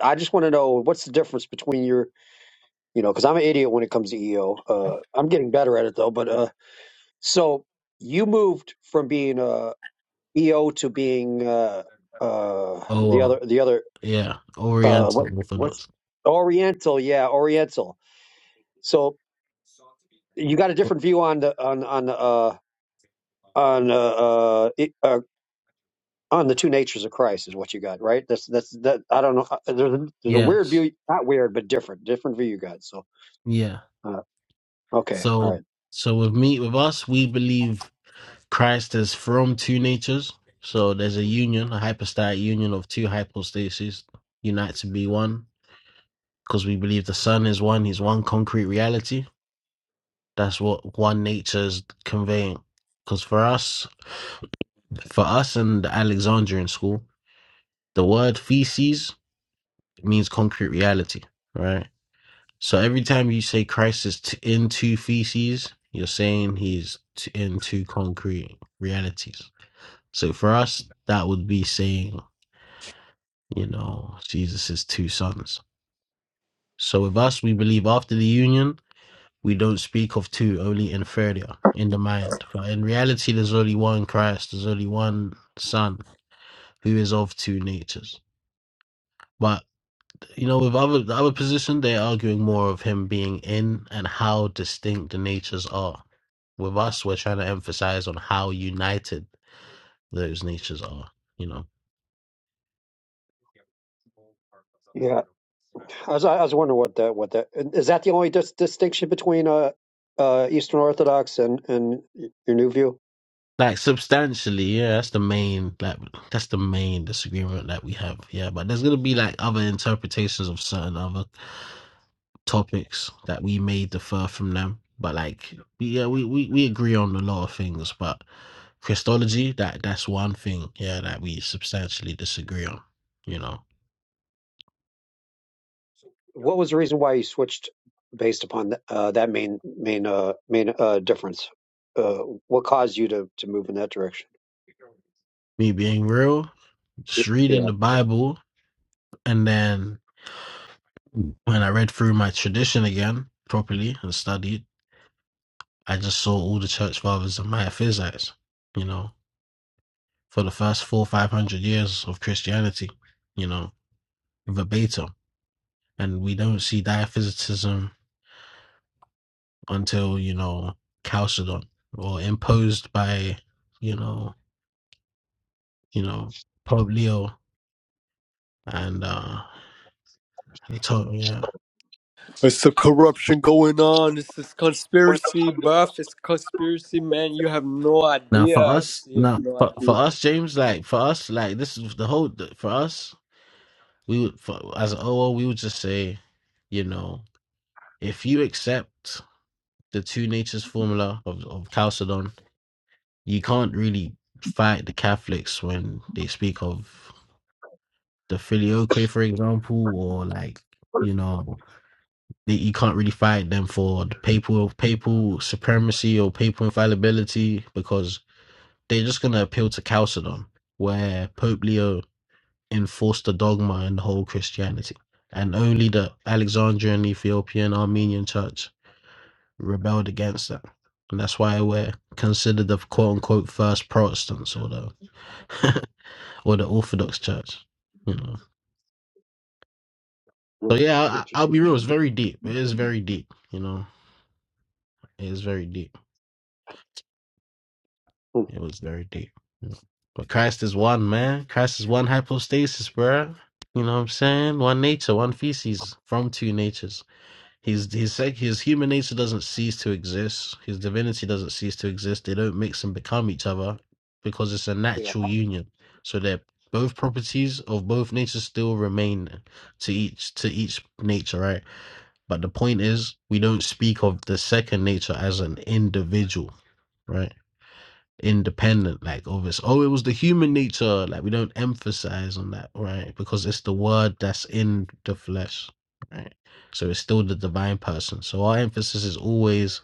[SPEAKER 10] I just want to know what's the difference between your you know, because I'm an idiot when it comes to EO. Uh, I'm getting better at it though. But uh, so you moved from being uh, EO to being uh, uh,
[SPEAKER 4] Oh,
[SPEAKER 10] the other
[SPEAKER 4] well,
[SPEAKER 10] the other
[SPEAKER 4] yeah,
[SPEAKER 10] uh, what
[SPEAKER 4] Oriental
[SPEAKER 10] what's
[SPEAKER 4] Orthodox.
[SPEAKER 10] Oriental? Yeah, Oriental. So you got a different view on the on on uh, on uh, uh, it- uh, on the two natures of Christ is what you got, right? That's that's that. I don't know. uh, There's a, there's a weird
[SPEAKER 4] Yes,
[SPEAKER 10] view, not weird, but different, different view you got. So
[SPEAKER 4] yeah.
[SPEAKER 10] uh, okay, all right.
[SPEAKER 4] So, so with me, with us, we believe Christ is from two natures. So there's a union, a hypostatic union of two hypostases, unite to be one. Because we believe the Son is one; He's one concrete reality. That's what one nature is conveying. Because for us, for us in the Alexandrian school, the word feces means concrete reality, right? So every time you say Christ is t- in two feces, you're saying he's t- in two concrete realities. So for us, that would be saying, you know, Jesus is two sons. So with us, we believe after the union, we don't speak of two, only inferior in the mind. But in reality, there's only one Christ, there's only one Son who is of two natures. but. you know, with other the other position, they're arguing more of him being in and how distinct the natures are. With us, we're trying to emphasize on how united those natures are. You know,
[SPEAKER 10] yeah. I was, I was wondering what that what that is that the only dis- distinction between uh, uh, Eastern Orthodox and and your new view?
[SPEAKER 4] like substantially, yeah. That's the main like that's the main disagreement that we have. Yeah, but there's gonna be like other interpretations of certain other. topics that we may differ from them, but like yeah, we, we, we agree on a lot of things, but Christology, that that's one thing, yeah, that we substantially disagree on, you know.
[SPEAKER 10] What was the reason why you switched based upon th- uh, that main main uh, main uh, difference? Uh, what caused you to, to move in that direction?
[SPEAKER 4] Me being real,
[SPEAKER 10] Y-
[SPEAKER 4] just reading
[SPEAKER 10] Yeah,
[SPEAKER 4] the Bible and then when I read through my tradition again properly and studied, I just saw all the church fathers and Maitaphysites, you know, for the first four, five hundred years of Christianity, you know, verbatim. And we don't see diaphysitism until you know calcid on or imposed by you know you know Pope Leo and uh they told me. yeah.
[SPEAKER 5] It's the corruption going on. It's this conspiracy, buff. It's conspiracy, man. You have no
[SPEAKER 4] Now for
[SPEAKER 5] idea.
[SPEAKER 4] us,
[SPEAKER 5] You have
[SPEAKER 4] now
[SPEAKER 5] no
[SPEAKER 4] for, for
[SPEAKER 5] idea.
[SPEAKER 4] us, James, like for us, like this is the whole the- for us. We would for, as an OO, we would just say, you know, if you accept the two natures formula of of Chalcedon, you can't really fight the Catholics when they speak of the filioque, for example, or like you know that you can't really fight them for the papal papal supremacy or papal infallibility because they're just gonna appeal to Chalcedon, where Pope Leo enforced the dogma in the whole Christianity, and only the Alexandrian, Ethiopian, Armenian Church rebelled against that, and that's why we're considered the quote unquote first Protestants or the or the Orthodox Church, you know.
[SPEAKER 10] Hmm.
[SPEAKER 4] So yeah, I, I'll
[SPEAKER 10] interesting.
[SPEAKER 4] be real. It's very deep. It is very deep. You know, it is very deep.
[SPEAKER 10] Hmm.
[SPEAKER 4] It was very deep. But Christ is one, man. Christ is one hypostasis, bro. You know what I'm saying? One nature, one feces from two natures. His his his human nature doesn't cease to exist. His divinity doesn't cease to exist. They don't mix and become each other because it's a natural union. So that both properties of both natures still remain to each to each nature, right? But the point is, we don't speak of the second nature as an individual, right? independent like of its oh it was the human nature like we don't emphasize on that right because it's the word that's in the flesh right so it's still the divine person so our emphasis is always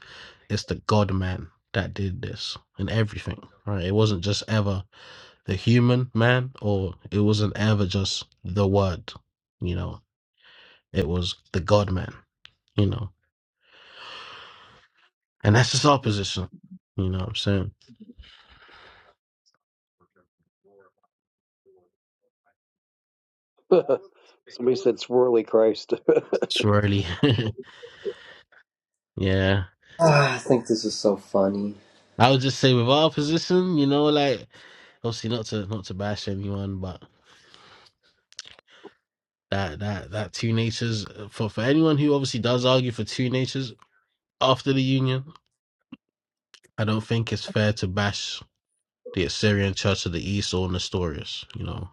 [SPEAKER 4] it's the god man that did this and everything right it wasn't just ever the human man or it wasn't ever just the word you know it was the god man you know and that's just our position you know what i'm saying
[SPEAKER 10] Somebody said swirly Christ.
[SPEAKER 4] it's really yeah
[SPEAKER 5] Ah, I think this is so funny.
[SPEAKER 4] I would just say with our position, you know, like obviously not to not to bash anyone, but that that that two natures uh, for for anyone who obviously does argue for two natures after the union, I don't think it's fair to bash the Assyrian Church of the East or Nestorius. You know,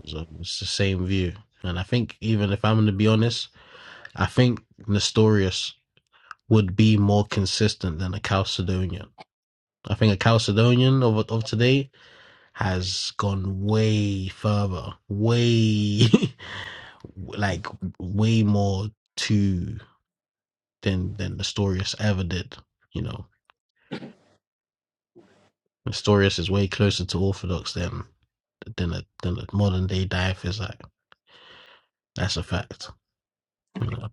[SPEAKER 4] 'cause, um, it's the same view, and I think even if I'm going to be honest, I think Nestorius would be more consistent than a Chalcedonian. I think a Chalcedonian of of today has gone way further, way like way more to than than Nestorius ever did. You know, Nestorius is way closer to Orthodox than than a than a modern day diaphysite. That's a fact. You know,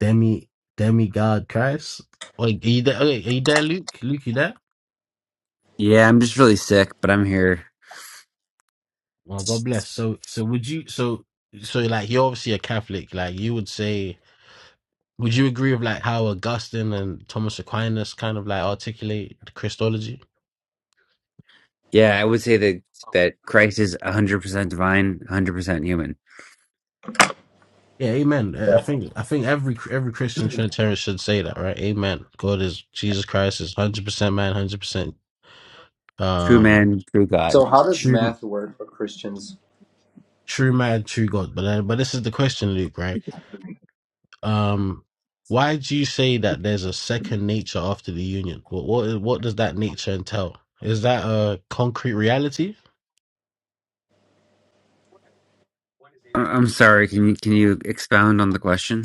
[SPEAKER 4] demi demigod Christ. Wait, are you there? Okay, are you there, Luke? Luke, you there?
[SPEAKER 11] Yeah, I'm just really sick, but I'm here.
[SPEAKER 4] Well, God bless. So, so would you? So, so like you're obviously a Catholic. Like you would say Would you agree with like how Augustine and Thomas Aquinas kind of like articulate Christology?
[SPEAKER 11] Yeah, I would say that that Christ is 100 percent divine, 100 percent human,
[SPEAKER 4] Yeah, Amen. Uh, I
[SPEAKER 5] Yeah.
[SPEAKER 4] think I think every every Christian Trinitarian should say that, right? Amen. God is Jesus Christ is hundred percent man, hundred percent
[SPEAKER 11] true
[SPEAKER 4] um
[SPEAKER 11] man, true God.
[SPEAKER 5] So how does
[SPEAKER 4] true
[SPEAKER 5] math work for Christians?
[SPEAKER 4] true man, true God. But then, but this is the question, Luke, right? Um, why do you say that there's a second nature after the union? What what what does that nature entail? Is that a concrete reality?
[SPEAKER 11] I- I'm sorry. Can you can you expound on the question?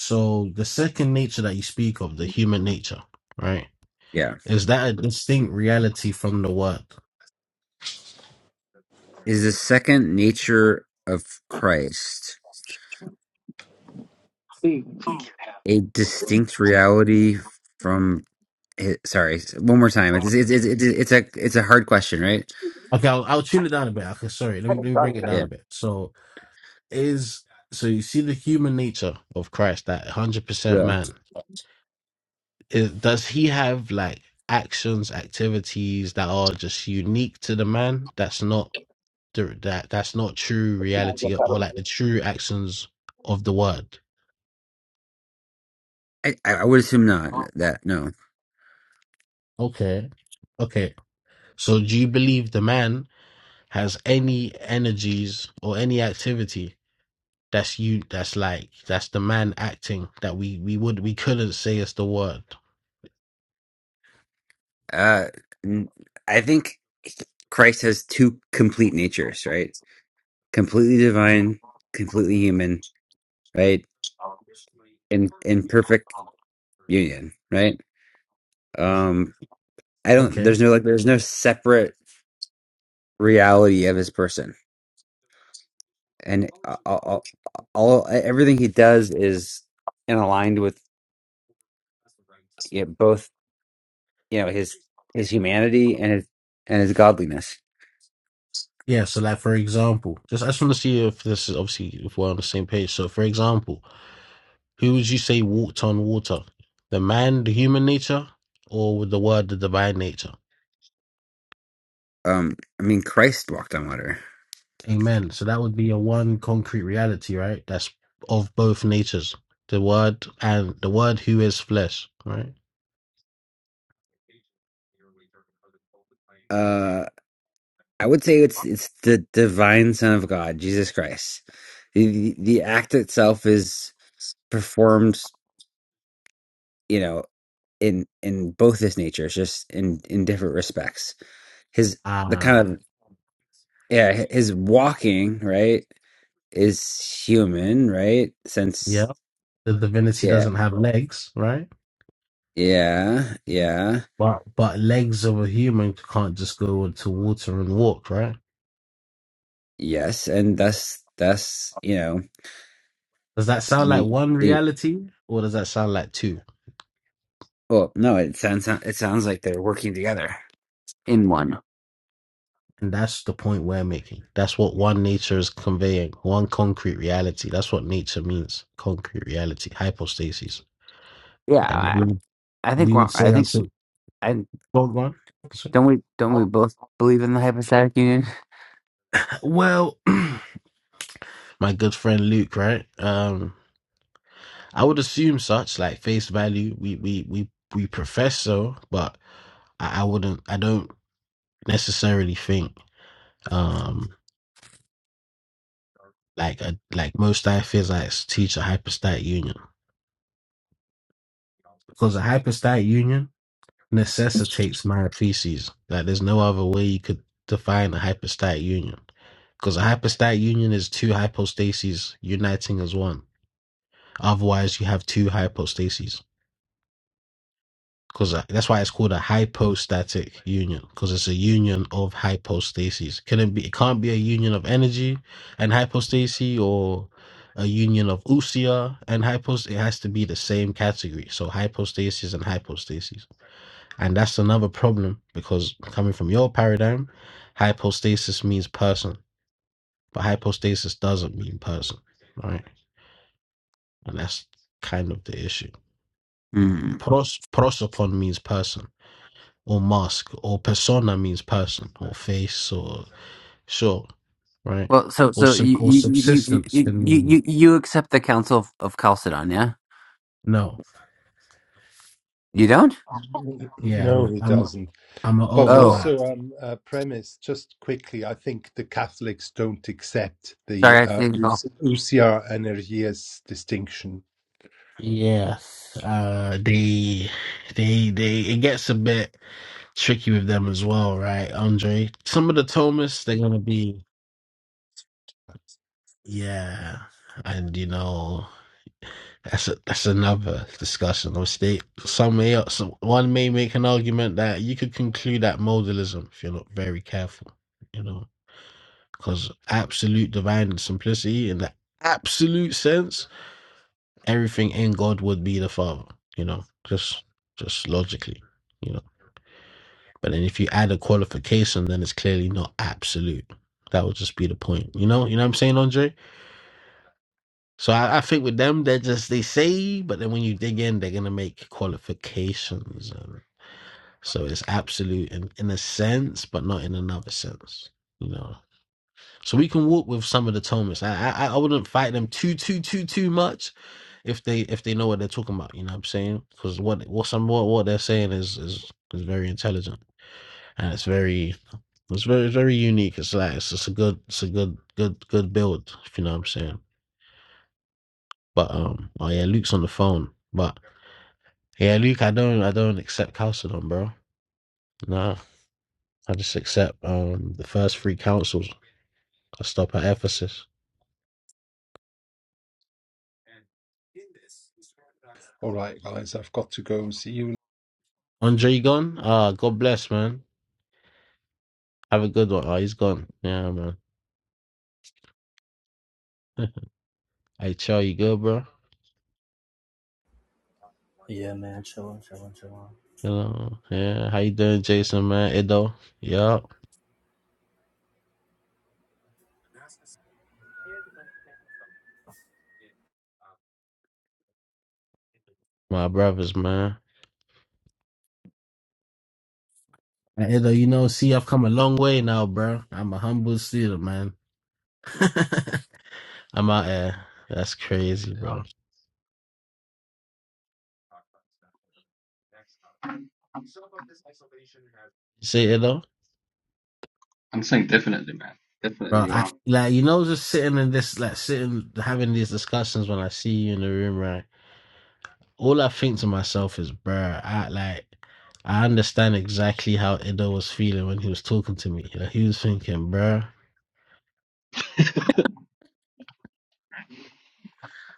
[SPEAKER 4] So the second nature that you speak of, the human nature, right?
[SPEAKER 11] Yeah,
[SPEAKER 4] Is that a distinct reality from the word?
[SPEAKER 11] is the second nature of Christ.
[SPEAKER 10] See,
[SPEAKER 11] a distinct reality from hi- sorry one more time it's it's it's, it's, it's a it's a hard question right
[SPEAKER 4] Okay, I'll, I'll tune it down a bit. Okay, sorry. Let me let me bring it down
[SPEAKER 11] yeah
[SPEAKER 4] a bit. So is so you see the human nature of Christ, that hundred percent
[SPEAKER 11] yeah
[SPEAKER 4] man. Is, does he have like actions, activities that are just unique to the man? That's not the- that that's not true reality or like the true actions of the word.
[SPEAKER 11] I, I would assume not that no
[SPEAKER 4] Okay. Okay. So do you believe the man has any energies or any activity That's you. That's like that's the man acting that we we would we couldn't say is the word.
[SPEAKER 11] uh n- i think christ has two complete natures right completely divine completely human right in in perfect union right um i don't
[SPEAKER 4] Okay.
[SPEAKER 11] there's no like there's no separate reality of his person and all, all, all everything he does is and aligned with you know, both you know his his humanity and his and his godliness.
[SPEAKER 4] Yeah. So like for example, just I just want to see if this is obviously if we're on the same page. So for example, who would you say walked on water? The man, the human nature, or with the word the divine nature?
[SPEAKER 11] Um, I mean, Christ walked on water.
[SPEAKER 4] Amen. So that would be a one concrete reality, right? That's of both natures. The word and the word who is flesh, right?
[SPEAKER 11] Uh, I would say it's it's the divine Son of God, Jesus Christ. The the, the act itself is performed, you know, in in both his natures, just in in different respects. His the kind
[SPEAKER 4] Ah,
[SPEAKER 11] of yeah, his walking right is human, right? Since
[SPEAKER 4] yeah. The divinity
[SPEAKER 11] yeah,
[SPEAKER 4] doesn't have legs, right?
[SPEAKER 11] yeah, yeah
[SPEAKER 4] But but legs of a human can't just go into water and walk, right?
[SPEAKER 11] Yes, and that's that's you know
[SPEAKER 4] Does that sound like
[SPEAKER 11] the
[SPEAKER 4] one
[SPEAKER 11] the
[SPEAKER 4] reality or does that sound like two?
[SPEAKER 11] well no it sounds it sounds like they're working together in one.
[SPEAKER 4] And that's the point we're making. That's what one nature is conveying, one concrete reality. That's what nature means, concrete reality, hypostasis.
[SPEAKER 11] Yeah,
[SPEAKER 4] And
[SPEAKER 11] I,
[SPEAKER 4] we,
[SPEAKER 11] I think
[SPEAKER 4] we
[SPEAKER 11] we're-
[SPEAKER 4] would
[SPEAKER 11] I
[SPEAKER 4] say
[SPEAKER 11] think
[SPEAKER 4] until
[SPEAKER 11] I
[SPEAKER 4] well, go So-
[SPEAKER 11] don't we don't we both believe in the hypostatic union.
[SPEAKER 4] well, my good Luke, right? Um, I would assume such, like face value. We we we we profess so, but I, I wouldn't. I don't necessarily think. um like a, like most diaphysites teach a hypostatic union because a hypostatic union necessitates myophysis. Like there's no other way you could define a hypostatic union because a hypostatic union is two hypostases uniting as one. Otherwise, you have two hypostases. because that's why it's called a hypostatic union because it's a union of hypostases. Can it be? It can't be a union of energy and hypostasis or a union of usia and hypost. It has to be the same category. So hypostasis and hypostasis. and that's another problem because coming from your paradigm, hypostasis means person, but hypostasis doesn't mean person, right? And that's kind of the issue.
[SPEAKER 11] Hmm.
[SPEAKER 4] Pros prosopon means person or mask or persona means person or face or sure right
[SPEAKER 11] Well, so
[SPEAKER 4] or
[SPEAKER 11] so
[SPEAKER 4] sub-
[SPEAKER 11] you
[SPEAKER 4] or
[SPEAKER 11] you you
[SPEAKER 4] subsistence
[SPEAKER 11] you
[SPEAKER 4] can
[SPEAKER 11] you,
[SPEAKER 4] mean
[SPEAKER 11] you you accept the Council of, of Chalcedon, yeah?
[SPEAKER 4] no
[SPEAKER 11] You don't?
[SPEAKER 4] yeah
[SPEAKER 7] No,
[SPEAKER 4] i'm
[SPEAKER 7] he
[SPEAKER 4] i'm
[SPEAKER 7] doesn't.
[SPEAKER 4] i'm an
[SPEAKER 7] But
[SPEAKER 4] oo
[SPEAKER 11] Oh,
[SPEAKER 4] app
[SPEAKER 7] also, on um, uh, premise just quickly, I think the Catholics don't accept the
[SPEAKER 11] sorry, I
[SPEAKER 7] uh,
[SPEAKER 11] think. Oh,
[SPEAKER 7] usia energias distinction.
[SPEAKER 4] yes uh they they they it gets a bit tricky with them as well right andre some of the thomas they're gonna be yeah and you know That's a, that's another discussion. Or state some may so one may make an argument that you could conclude that modalism if you're not very careful, you know, because absolute divine simplicity in the absolute sense, everything in God would be the Father, you know, just just logically, you know. But then if you add a qualification, then it's clearly not absolute. That would just be the point, you know. You know what I'm saying, Andre? So I, I think with them, they just they say, but then when you dig in, they're gonna make qualifications, and so it's absolute in, in a sense, but not in another sense, you know. So we can walk with some of the Thomas. I, I I wouldn't fight them too too too too much if they if they know what they're talking about. You know what I'm saying? Because what what some what, what they're saying is is is very intelligent and it's very it's very very unique. It's like it's, it's a good it's a good good good build. If you know what I'm saying. But um, oh yeah, Luke's on the phone, but. Yeah, Luke, I don't I don't accept Chalcedon, bro. Nah. I just accept um the first three councils. I stop at Ephesus.
[SPEAKER 7] All right, guys, I've got to go. See you
[SPEAKER 4] Andre you gone? Ah, God bless, man. Have a good one. Ah, he's gone. Yeah, man. Hey Cho, you good, bro?
[SPEAKER 2] Yeah, man, chillin', chillin', chillin'.
[SPEAKER 4] Hello. Yeah, how you doing, Jason, man? Ido. Yup. My brothers, man. Hey, Ido, you know, see, I've come a long way now, bro. I'm a humble student, man. I'm out here. That's crazy, bro.
[SPEAKER 12] Yeah,
[SPEAKER 4] You see, Ido?
[SPEAKER 12] I'm saying definitely, man.
[SPEAKER 4] Bro,
[SPEAKER 12] Definitely you
[SPEAKER 4] I,
[SPEAKER 12] are.
[SPEAKER 4] like you know, just sitting in this, like sitting having these discussions. When I see you in the room, right, all I think to myself is, bro, I like I understand exactly how Ido was feeling when he was talking to me. Like, he was thinking, bro,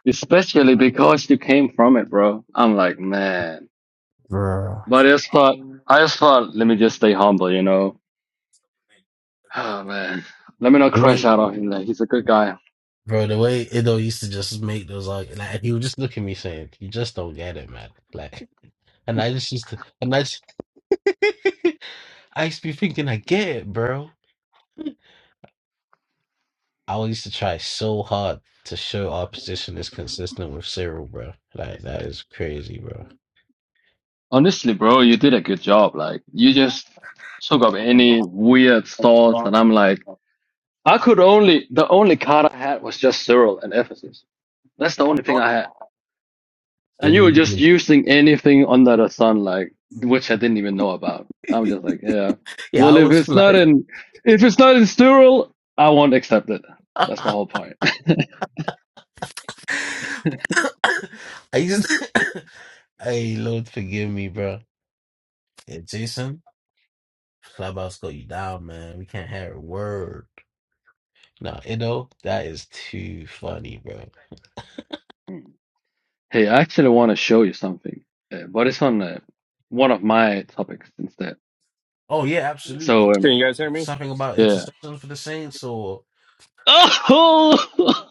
[SPEAKER 12] Especially because you came from it, bro. I'm like, man.
[SPEAKER 4] bro,
[SPEAKER 12] But I just thought, I just thought, let me just stay humble, you know? Oh, man. Let me not crash
[SPEAKER 4] wait,
[SPEAKER 12] out on him. Like, he's a good guy.
[SPEAKER 4] bro, the way Ido used to just make those like, like he would just look at me saying, "You just don't get it, man." Like, and I just used to, and I, just, I used to be thinking, I get it, bro. I used to try so hard to show our position is consistent with Cyril, bro. Like that is crazy, bro.
[SPEAKER 12] Honestly, bro, you did a good job. Like, you just took up any weird thoughts. And I'm like, I could only, the only card I had was just Cyril and Ephesus. That's the only thing I had. And
[SPEAKER 4] So
[SPEAKER 12] you were just
[SPEAKER 4] you-
[SPEAKER 12] using anything under the sun, like which I didn't even know about. I'm just like, yeah.
[SPEAKER 4] yeah,
[SPEAKER 12] Well,
[SPEAKER 4] I
[SPEAKER 12] if
[SPEAKER 4] was
[SPEAKER 12] it's not
[SPEAKER 4] like,
[SPEAKER 12] in, if it's not in sterile, I won't accept it. That's my whole point.
[SPEAKER 4] I used. To, hey, Lord, forgive me, bro. Yeah, Jason, Clubhouse got you down, man. We can't hear a word. Nah, you know that is too funny, bro.
[SPEAKER 12] Hmm. hey, I actually want to show you something, uh, but it's on uh, one of my topics instead.
[SPEAKER 4] Oh yeah,
[SPEAKER 12] So
[SPEAKER 4] absolutely.
[SPEAKER 13] Can
[SPEAKER 12] um,
[SPEAKER 13] you guys hear me?
[SPEAKER 4] Something about
[SPEAKER 12] yeah.
[SPEAKER 4] intercession for the saints, or
[SPEAKER 12] Oh,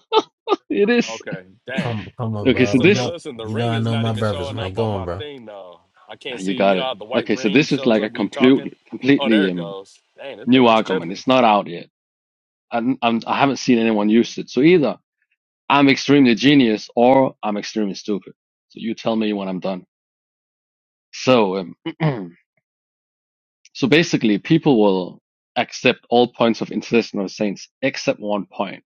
[SPEAKER 12] it is.
[SPEAKER 13] Okay, damn.
[SPEAKER 4] come, come on,
[SPEAKER 12] Okay, so
[SPEAKER 4] bro.
[SPEAKER 13] So
[SPEAKER 4] We
[SPEAKER 13] the
[SPEAKER 12] this
[SPEAKER 4] know,
[SPEAKER 13] listen, the
[SPEAKER 4] you know,
[SPEAKER 13] ring
[SPEAKER 4] I
[SPEAKER 13] is
[SPEAKER 4] know
[SPEAKER 13] not
[SPEAKER 4] my
[SPEAKER 13] even
[SPEAKER 4] brothers,
[SPEAKER 13] showing
[SPEAKER 4] man.
[SPEAKER 13] up
[SPEAKER 4] Go
[SPEAKER 13] on
[SPEAKER 4] on,
[SPEAKER 13] my
[SPEAKER 4] bro.
[SPEAKER 13] thing though. I can't see.
[SPEAKER 12] you
[SPEAKER 13] You
[SPEAKER 12] got
[SPEAKER 13] know
[SPEAKER 12] it.
[SPEAKER 13] how the white
[SPEAKER 12] Okay, so
[SPEAKER 13] ring
[SPEAKER 12] this is
[SPEAKER 13] shows
[SPEAKER 12] like
[SPEAKER 13] up
[SPEAKER 12] a
[SPEAKER 13] when you're talking?
[SPEAKER 12] complete,
[SPEAKER 13] Oh, there
[SPEAKER 12] completely
[SPEAKER 13] it
[SPEAKER 12] um,
[SPEAKER 13] goes. Dang, that
[SPEAKER 12] new
[SPEAKER 13] thing was
[SPEAKER 12] argument.
[SPEAKER 13] tripping.
[SPEAKER 12] It's not out yet. I'm, I'm, I i am i have not seen anyone use it. So either I'm extremely genius or I'm extremely stupid. So you tell me when I'm done. So, um, so basically, people will accept all points of intercession of saints except one point.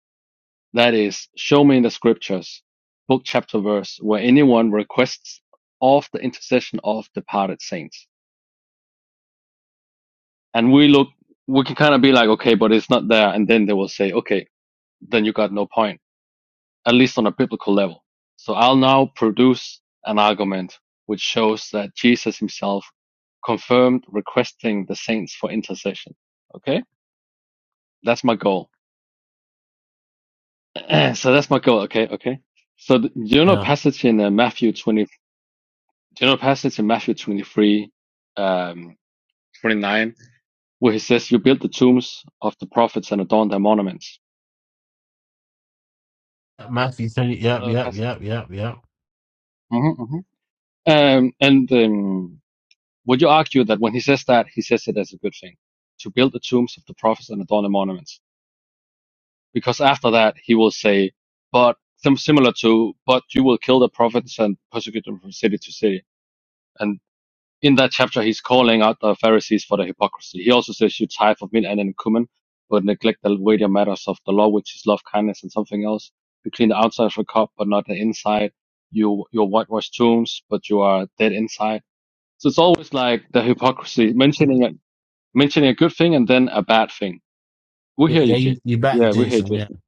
[SPEAKER 12] That is, show me in the scriptures, book, chapter, verse, where anyone requests of the intercession of departed saints. And we look, we can kind of be like, okay, but it's not there. And then they will say, okay, then you got no point, at least on a biblical level. So I'll now produce an argument which shows that Jesus himself confirmed requesting the saints for intercession. Okay. That's my goal. so that's my goal. Okay. Okay. So th- you know a
[SPEAKER 4] Yeah.
[SPEAKER 12] passage in uh, Matthew 24:26. General passage in Matthew 23, um, 29, where he says, You build the tombs of the prophets and adorn their monuments.
[SPEAKER 4] Matthew twenty.
[SPEAKER 12] Do you
[SPEAKER 4] Yep,
[SPEAKER 12] know the
[SPEAKER 4] yep,
[SPEAKER 12] passage?
[SPEAKER 4] yep, yep, yep.
[SPEAKER 12] hmm hmm Um, and um, would you argue that when he says that, he says it as a good thing to build the tombs of the prophets and adorn their monuments? Because after that, he will say, But some similar to, but you will kill the prophets and persecute them from city to city. And in that chapter, he's calling out the Pharisees for their hypocrisy. He also says, You tithe of meat and cumin, but neglect the weightier matters of the law, which is love, kindness, and something else. You clean the outside of a cup, but not the inside. You, you whitewash tombs, but you are dead inside. So it's always like the hypocrisy, mentioning a, mentioning a good thing and then a bad thing. We
[SPEAKER 4] Yeah,
[SPEAKER 12] hear
[SPEAKER 4] yeah
[SPEAKER 12] you,
[SPEAKER 4] you
[SPEAKER 12] Jay.
[SPEAKER 4] you back,
[SPEAKER 12] Yeah, we hear you,
[SPEAKER 4] Jason. Yeah,
[SPEAKER 12] Jason.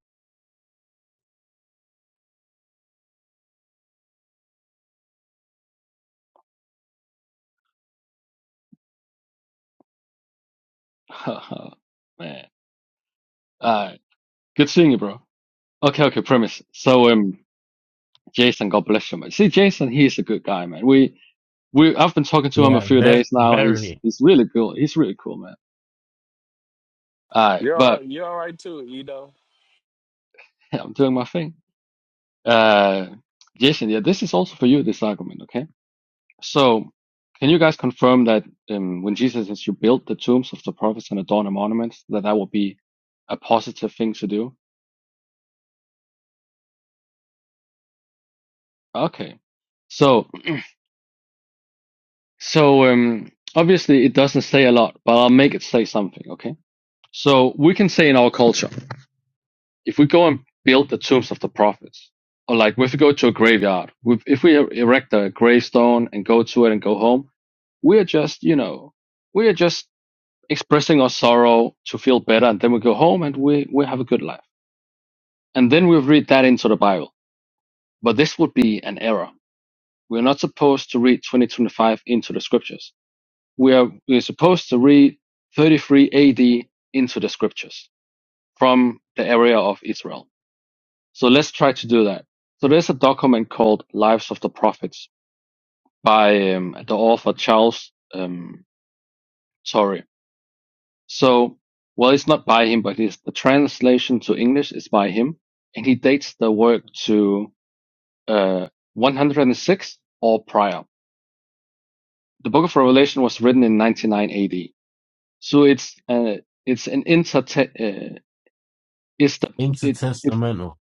[SPEAKER 12] Man. Uh, good seeing you, bro. Okay, okay, premise. So, um, Jason, God bless you, man. See, Jason, he's a good guy, man. We, we I've been talking to him a
[SPEAKER 4] yeah.
[SPEAKER 12] few
[SPEAKER 4] Very,
[SPEAKER 12] days now. He's
[SPEAKER 4] very
[SPEAKER 12] he's really cool. He's really cool, man. All right,
[SPEAKER 13] You're all
[SPEAKER 12] but
[SPEAKER 13] right. You're all right too, Edo.
[SPEAKER 12] yeah, I'm doing my thing. Uh, Jason, yeah, this is also for you. This argument, okay? So, can you guys confirm that um, when Jesus says you build the tombs of the prophets and adorn the monuments, that that will be a positive thing to do? Okay. So so um obviously it doesn't say a lot, but I'll make it say something, okay? So we can say in our culture. if we go and build the tombs of the prophets, or like if we go to a graveyard, if we er, erect a gravestone and go to it and go home, we are just, you know, we are just expressing our sorrow to feel better, and then we go home and we, we have a good life. And then we read that into the Bible. But this would be an error. We're not supposed to read 2025 into the scriptures. We are we're supposed to read 33 AD into the scriptures from the area of Israel So let's try to do that. So there's a document called Lives of the Prophets by um, the author Charles um, Torrey. So, well, it's not by him, but it's, the translation to English is by him. And he dates the work to uh, 106 or prior. The Book of Revelation was written in 99 AD. So it's uh, it's an inter uh, it's the, it, it
[SPEAKER 4] intertestamental.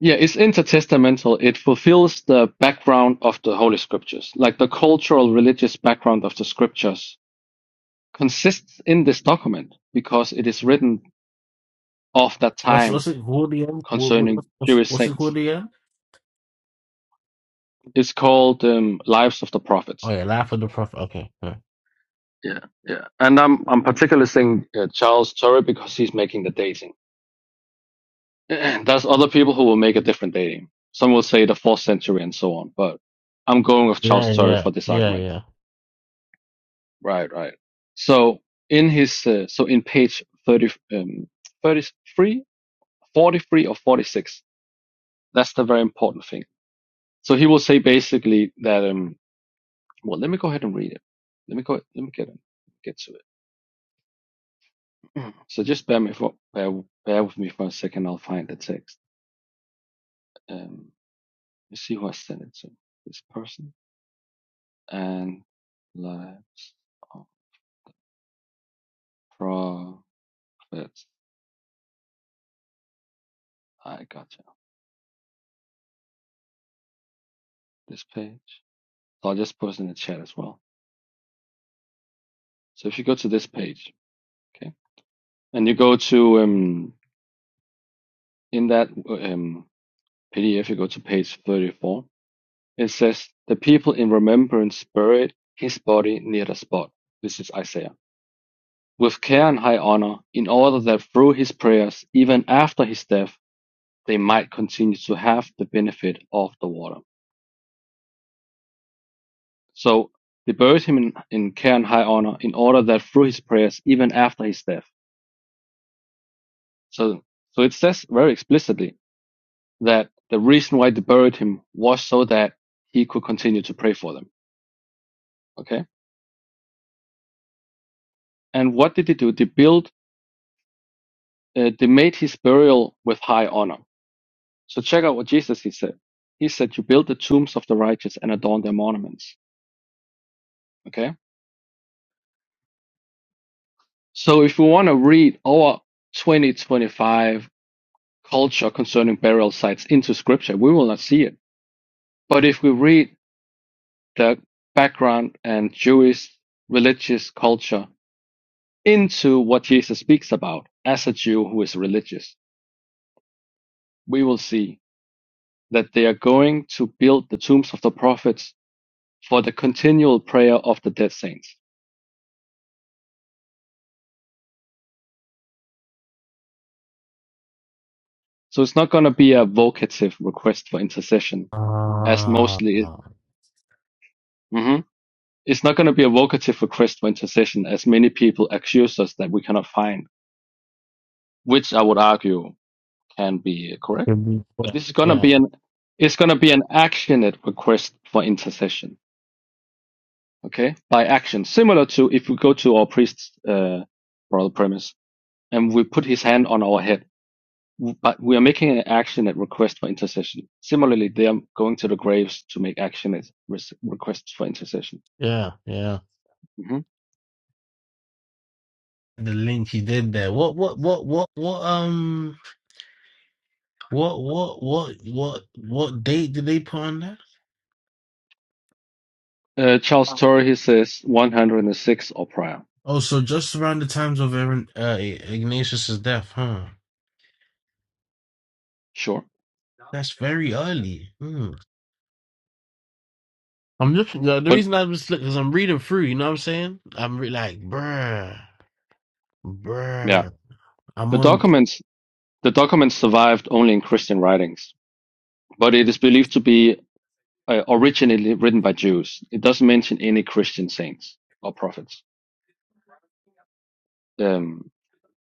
[SPEAKER 12] Yeah, it's intertestamental. It fulfills the background of the Holy Scriptures, like the cultural religious background of the Scriptures consists in this document because it is written of that
[SPEAKER 4] What's
[SPEAKER 12] time
[SPEAKER 4] what's it called again? What, what,
[SPEAKER 12] concerning
[SPEAKER 4] what's what's
[SPEAKER 12] Jewish
[SPEAKER 4] what's it
[SPEAKER 12] saints.
[SPEAKER 4] called again?
[SPEAKER 12] It's called um, Lives of the
[SPEAKER 4] Oh
[SPEAKER 12] Prophets.
[SPEAKER 4] yeah, Life of the Prophet. Okay. Yeah,
[SPEAKER 12] Yeah, yeah. And I'm I'm particularly saying uh, Charles Torrey because he's making the dating. There's other people who will make a different dating. Some will say the fourth century and so on, but I'm going with Charles
[SPEAKER 4] yeah,
[SPEAKER 12] Torrey
[SPEAKER 4] yeah,
[SPEAKER 12] for this
[SPEAKER 4] yeah.
[SPEAKER 12] argument.
[SPEAKER 4] yeah.
[SPEAKER 12] Right, right. So in his uh, so in page 30, um, 33, forty-three, or 46, that's the very important thing. So he will say basically that um well let me go ahead and read it. Let me go let me get it. get to it. So just bear me for bear, bear with me for a second, I'll find the text. Um let's see who I sent it to. This person and lives of prophets. I gotcha. This page. So I'll just post in the chat as well. So if you go to this page, okay, and you go to um, in that um, PDF, you go to page 34. It says, "The people in remembrance buried his body near the spot." This is Isaiah. With care and high honor, in order that through his prayers, even after his death, they might continue to have the benefit of the water. So they buried him in, in care and high honor, in order that through his prayers, even after his death. So, so it says very explicitly that the reason why they buried him was so that he could continue to pray for them. Okay. And what did they do? They built, uh, they made his burial with high honor. So check out what Jesus he said. He said, "You build the tombs of the righteous and adorn their monuments." Okay. So if we want to read our 2025 culture concerning burial sites into Scripture, we will not see it. But if we read the background and Jewish religious culture into what Jesus speaks about as a Jew who is religious, we will see that they are going to build the tombs of the prophets for the continual prayer of the dead saints. So it's not going to be a vocative request for intercession, as
[SPEAKER 4] Ah,
[SPEAKER 12] mostly. hmm It's not going to be a vocative request for intercession, as many people accuse us that we cannot find, which I would argue can be
[SPEAKER 4] it
[SPEAKER 12] correct.
[SPEAKER 4] could be.
[SPEAKER 12] But
[SPEAKER 4] quite-
[SPEAKER 12] this is going to
[SPEAKER 4] Yeah,
[SPEAKER 12] be an it's going to be an actionate request for intercession. okay, by action, similar to if we go to our priest's uh, moral premise and we put his hand on our head, but we are making an action at request for intercession. Similarly, they are going to the graves to make action at res- requests for intercession.
[SPEAKER 4] yeah, yeah.
[SPEAKER 12] hmm
[SPEAKER 4] The link he did there. What, what, what, what, what? Um, what, what, what, what, what date did they put on that?
[SPEAKER 12] Uh, Charles Torrey, he says 106 or prior.
[SPEAKER 4] Oh, so just around the times of Aaron, uh, Ignatius's death, huh?
[SPEAKER 12] Sure.
[SPEAKER 4] That's very early. Mm. I'm just the, the
[SPEAKER 12] But
[SPEAKER 4] reason I was because I'm reading through. You know what I'm saying? I'm re- like, bruh,
[SPEAKER 12] yeah,
[SPEAKER 4] bruh. I'm
[SPEAKER 12] the
[SPEAKER 4] on.
[SPEAKER 12] documents, the documents survived only in Christian writings, but it is believed to be uh, originally written by Jews. It doesn't mention any Christian saints or prophets. Um,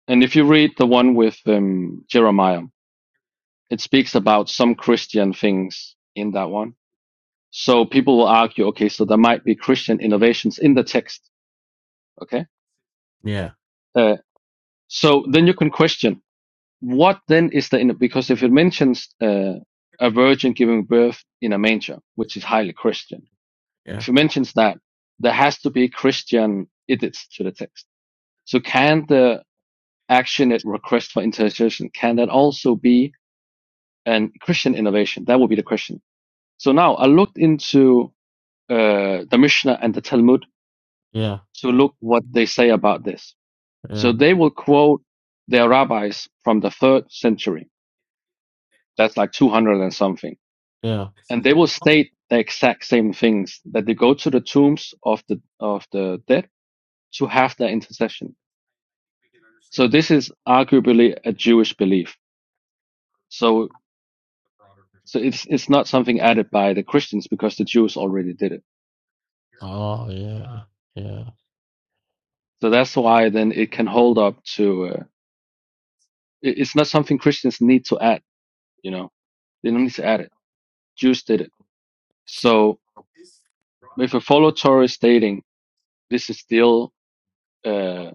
[SPEAKER 12] And if you read the one with um, Jeremiah, it speaks about some Christian things in that one. So people will argue, okay, so there might be Christian innovations in the text. Okay.
[SPEAKER 4] Yeah,
[SPEAKER 12] Uh, so then you can question what then is the, because if it mentions uh, a virgin giving birth in a manger, which is highly Christian, if
[SPEAKER 4] yeah,
[SPEAKER 12] it mentions that, there has to be Christian edits to the text. So can the action it request for intercession, can that also be and Christian innovation. That would be the question. So now I looked into uh, the Mishnah and the Talmud
[SPEAKER 4] yeah,
[SPEAKER 12] to look what they say about this. So
[SPEAKER 4] yeah,
[SPEAKER 12] they will quote their rabbis from the third century. That's like 200 and something.
[SPEAKER 4] yeah.
[SPEAKER 12] And they will state the exact same things that they go to the tombs of the, of the dead to have their intercession. So this is arguably a Jewish belief. So, so it's, it's not something added by the Christians because the Jews already did it.
[SPEAKER 4] Oh yeah, yeah.
[SPEAKER 12] So that's why then it can hold up to. Uh, it- it's not something Christians need to add. You know, they don't need to add it. Jews did it. So if a follow Torah is stating this is still uh,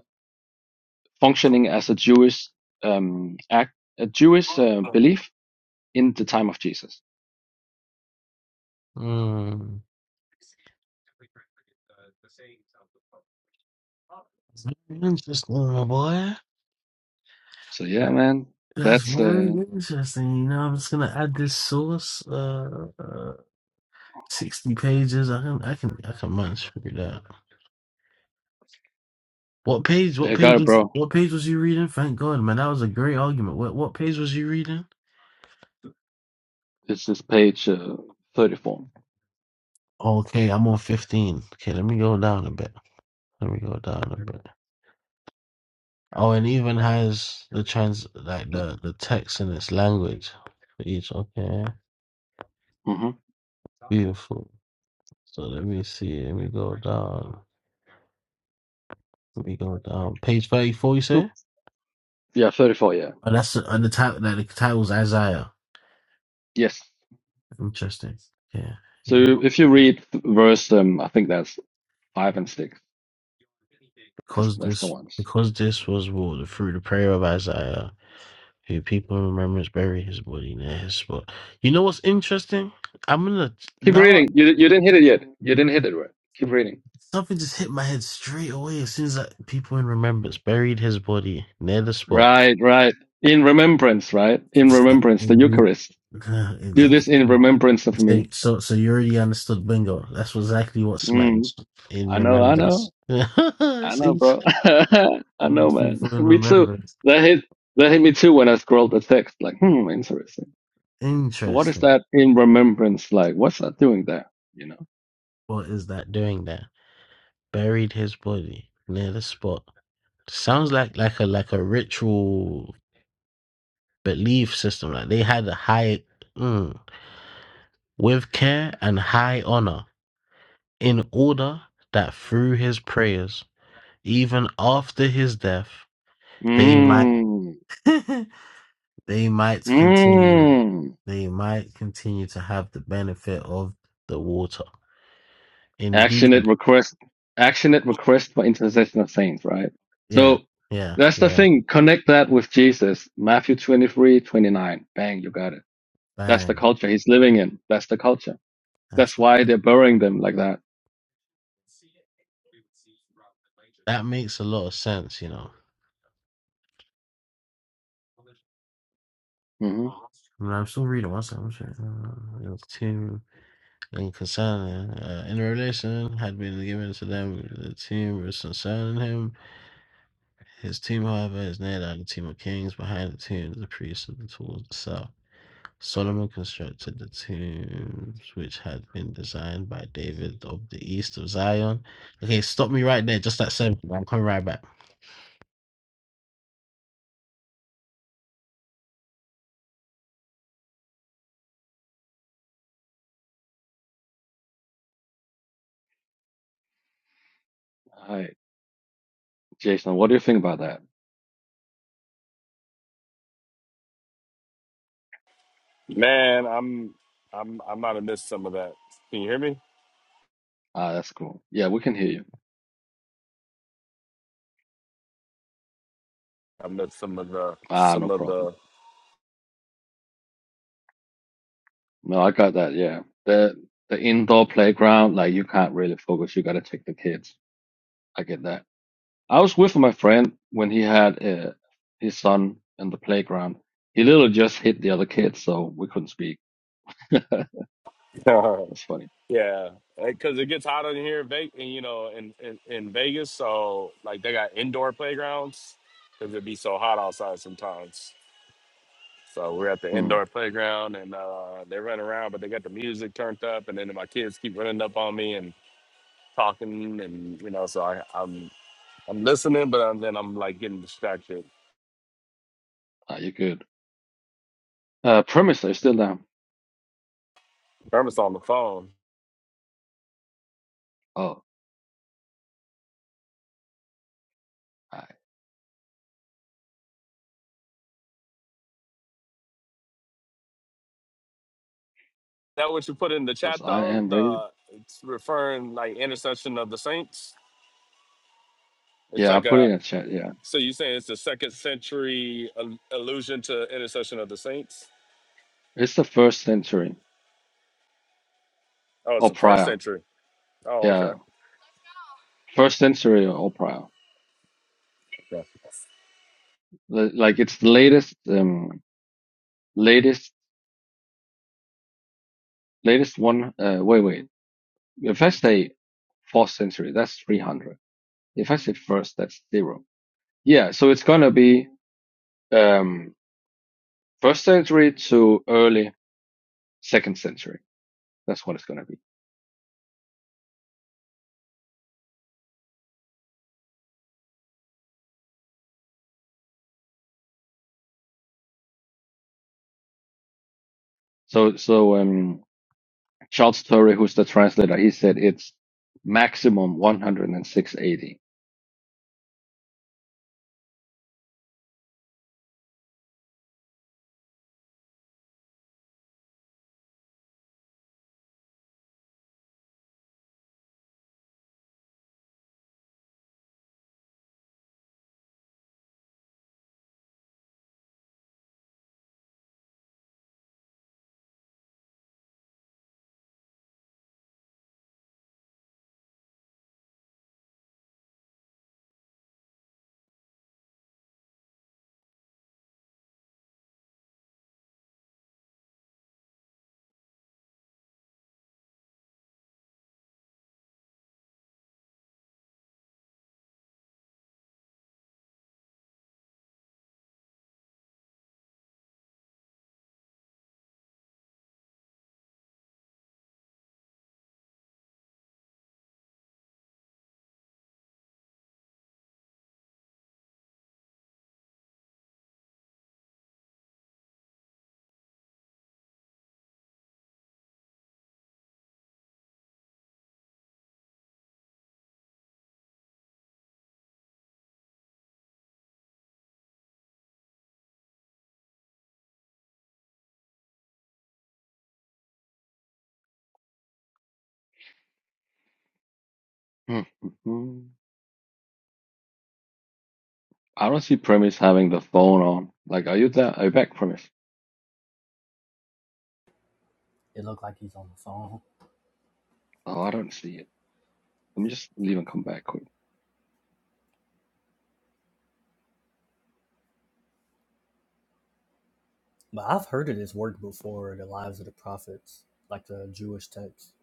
[SPEAKER 12] functioning as a Jewish um, act, a Jewish uh, belief in the time of Jesus.
[SPEAKER 4] Mm. Interesting, my boy.
[SPEAKER 12] So yeah,
[SPEAKER 4] That-
[SPEAKER 12] man,
[SPEAKER 4] That's
[SPEAKER 12] that's
[SPEAKER 4] very
[SPEAKER 12] uh,
[SPEAKER 4] interesting. You know, I'm just gonna add this source. Uh, uh sixty pages. I can, I can, I can manage through that. What page?
[SPEAKER 12] I
[SPEAKER 4] What
[SPEAKER 12] got
[SPEAKER 4] page
[SPEAKER 12] it,
[SPEAKER 4] was?
[SPEAKER 12] bro.
[SPEAKER 4] What page was you reading? Thank God, man. That was a great argument. What What page was you reading?
[SPEAKER 12] It's this page uh, thirty-four.
[SPEAKER 4] Okay, I'm on 15. Okay, let me go down a bit. Let me go down a bit. Oh, and even has the trans like
[SPEAKER 12] Yeah.
[SPEAKER 4] the the text in its language for each. Okay,
[SPEAKER 12] hmm
[SPEAKER 4] beautiful. So let me see. Let me go down. Let me go down. Page 34, you
[SPEAKER 12] So
[SPEAKER 4] say?
[SPEAKER 12] Yeah, thirty-four. Yeah.
[SPEAKER 4] Oh, that's the and the title. Like the title's Isaiah.
[SPEAKER 12] Yes.
[SPEAKER 4] Interesting. Yeah,
[SPEAKER 12] So if you read verse, um, I think that's five and six. That's
[SPEAKER 4] because
[SPEAKER 12] that's the
[SPEAKER 4] this
[SPEAKER 12] ones.
[SPEAKER 4] because this was ruled through the prayer of Isaiah, who people in remembrance bury his body near his spot. You know what's interesting? I'm gonna
[SPEAKER 12] Keep
[SPEAKER 4] now.
[SPEAKER 12] reading. You you didn't hit it yet. You didn't hit it right. Keep reading.
[SPEAKER 4] Something just hit my head straight away as soon as I, people in remembrance buried his body near the spot.
[SPEAKER 12] Right, right. In remembrance, right? In remembrance, the
[SPEAKER 4] Exactly.
[SPEAKER 12] Eucharist.
[SPEAKER 4] Uh,
[SPEAKER 12] Do
[SPEAKER 4] exactly.
[SPEAKER 12] this in remembrance of me.
[SPEAKER 4] So, so, so you already understood bingo. That's exactly what
[SPEAKER 12] Mm.
[SPEAKER 4] smacked in
[SPEAKER 12] I know, I know,
[SPEAKER 4] remembrance.
[SPEAKER 12] I
[SPEAKER 4] It's
[SPEAKER 12] know,
[SPEAKER 4] in-
[SPEAKER 12] bro. I know, man.
[SPEAKER 4] people in
[SPEAKER 12] me too.
[SPEAKER 4] remembrance.
[SPEAKER 12] That hit that hit me too when I scrolled the text. Like, hmm, interesting. So what is
[SPEAKER 4] Interesting.
[SPEAKER 12] that in remembrance like? What's that doing there? You know?
[SPEAKER 4] What is that doing there? Buried his body near the spot. Sounds like like a like a ritual belief system. Like they had a high. hmm. with care and high honor, in order that through his prayers, even after his death, they might
[SPEAKER 12] Mm.
[SPEAKER 4] they might continue
[SPEAKER 12] Mm.
[SPEAKER 4] they might continue to have the benefit of the water.
[SPEAKER 12] action at
[SPEAKER 4] Indeed,
[SPEAKER 12] request action at request for intercession of saints right
[SPEAKER 4] yeah,
[SPEAKER 12] so
[SPEAKER 4] yeah,
[SPEAKER 12] that's the
[SPEAKER 4] yeah.
[SPEAKER 12] thing connect that with jesus matthew 23 29. bang you got it that's the
[SPEAKER 4] Bang.
[SPEAKER 12] culture he's living in that's the culture
[SPEAKER 4] That's
[SPEAKER 12] that's why they're burying them like that
[SPEAKER 4] that makes a lot of sense, you know.
[SPEAKER 12] mm-hmm.
[SPEAKER 4] I am still reading. What's that? What's it? Uh, it was two. and concerning uh, in relation had been given to them the team was concerning him. His team, however, is named like the team of kings behind the team of the priests of the tools itself. Solomon constructed the tombs which had been designed by David of the east of Zion. Okay, stop me right there, just that seven. I'm coming right back.
[SPEAKER 12] all right jason what do you think about that
[SPEAKER 13] Man, I'm I'm I might have missed some of that. Can you hear me?
[SPEAKER 12] ah that's cool yeah we can hear you
[SPEAKER 13] I missed some of the
[SPEAKER 12] ah
[SPEAKER 13] some
[SPEAKER 12] no
[SPEAKER 13] of
[SPEAKER 12] problem
[SPEAKER 13] the
[SPEAKER 12] no i got that yeah the the indoor playground like you can't really focus you gotta check the kids i get that I was with my friend when he had uh, his son in the playground. He literally just hit the other kid, so we couldn't speak. That's funny.
[SPEAKER 13] yeah. Because it gets hot in here, in Ve- and, you know, in, in in Vegas. So like they got indoor playgrounds because it'd be so hot outside sometimes. So we're at the
[SPEAKER 12] Hmm.
[SPEAKER 13] indoor playground and uh, they run around, but they got the music turned up, and then my kids keep running up on me and talking, and you know, so I, I'm I'm listening, but I'm, then I'm like getting distracted.
[SPEAKER 12] Are you good? Uh, premise, are you still down?
[SPEAKER 13] Irma's on the phone.
[SPEAKER 12] Oh, because
[SPEAKER 13] That what you put in the chat
[SPEAKER 12] I
[SPEAKER 13] though,
[SPEAKER 12] am rated.
[SPEAKER 13] the it's referring like intercession of the saints. It's
[SPEAKER 12] Yeah, I
[SPEAKER 13] like
[SPEAKER 12] put it
[SPEAKER 13] a
[SPEAKER 12] in a chat. Yeah,
[SPEAKER 13] so you saying it's the second century al- allusion to intercession of the saints?
[SPEAKER 12] it's the first century
[SPEAKER 13] Oh, it's
[SPEAKER 12] or
[SPEAKER 13] the first
[SPEAKER 12] prior.
[SPEAKER 13] century. Oh, okay.
[SPEAKER 12] Yeah, first century or prior.
[SPEAKER 13] Yeah,
[SPEAKER 12] Li- Like it's the latest, um, latest, latest one. Uh, wait, wait. If I say fourth century, that's 300. If I say first, that's zero. Yeah, so it's gonna be um, first century to early second century. That's what it's gonna be. So, so um, Charles Torrey, who's the translator, he said it's maximum one hundred and six eighty. AD. Hmm. Mhm. I don't see Premise having the phone on. Like, are you there? Are you back, Premise?
[SPEAKER 2] It looked like he's on the phone.
[SPEAKER 12] Oh, I don't see it. Let me just leave and come back quick.
[SPEAKER 2] But I've heard of this work before, the lives of the prophets, like the Jewish text.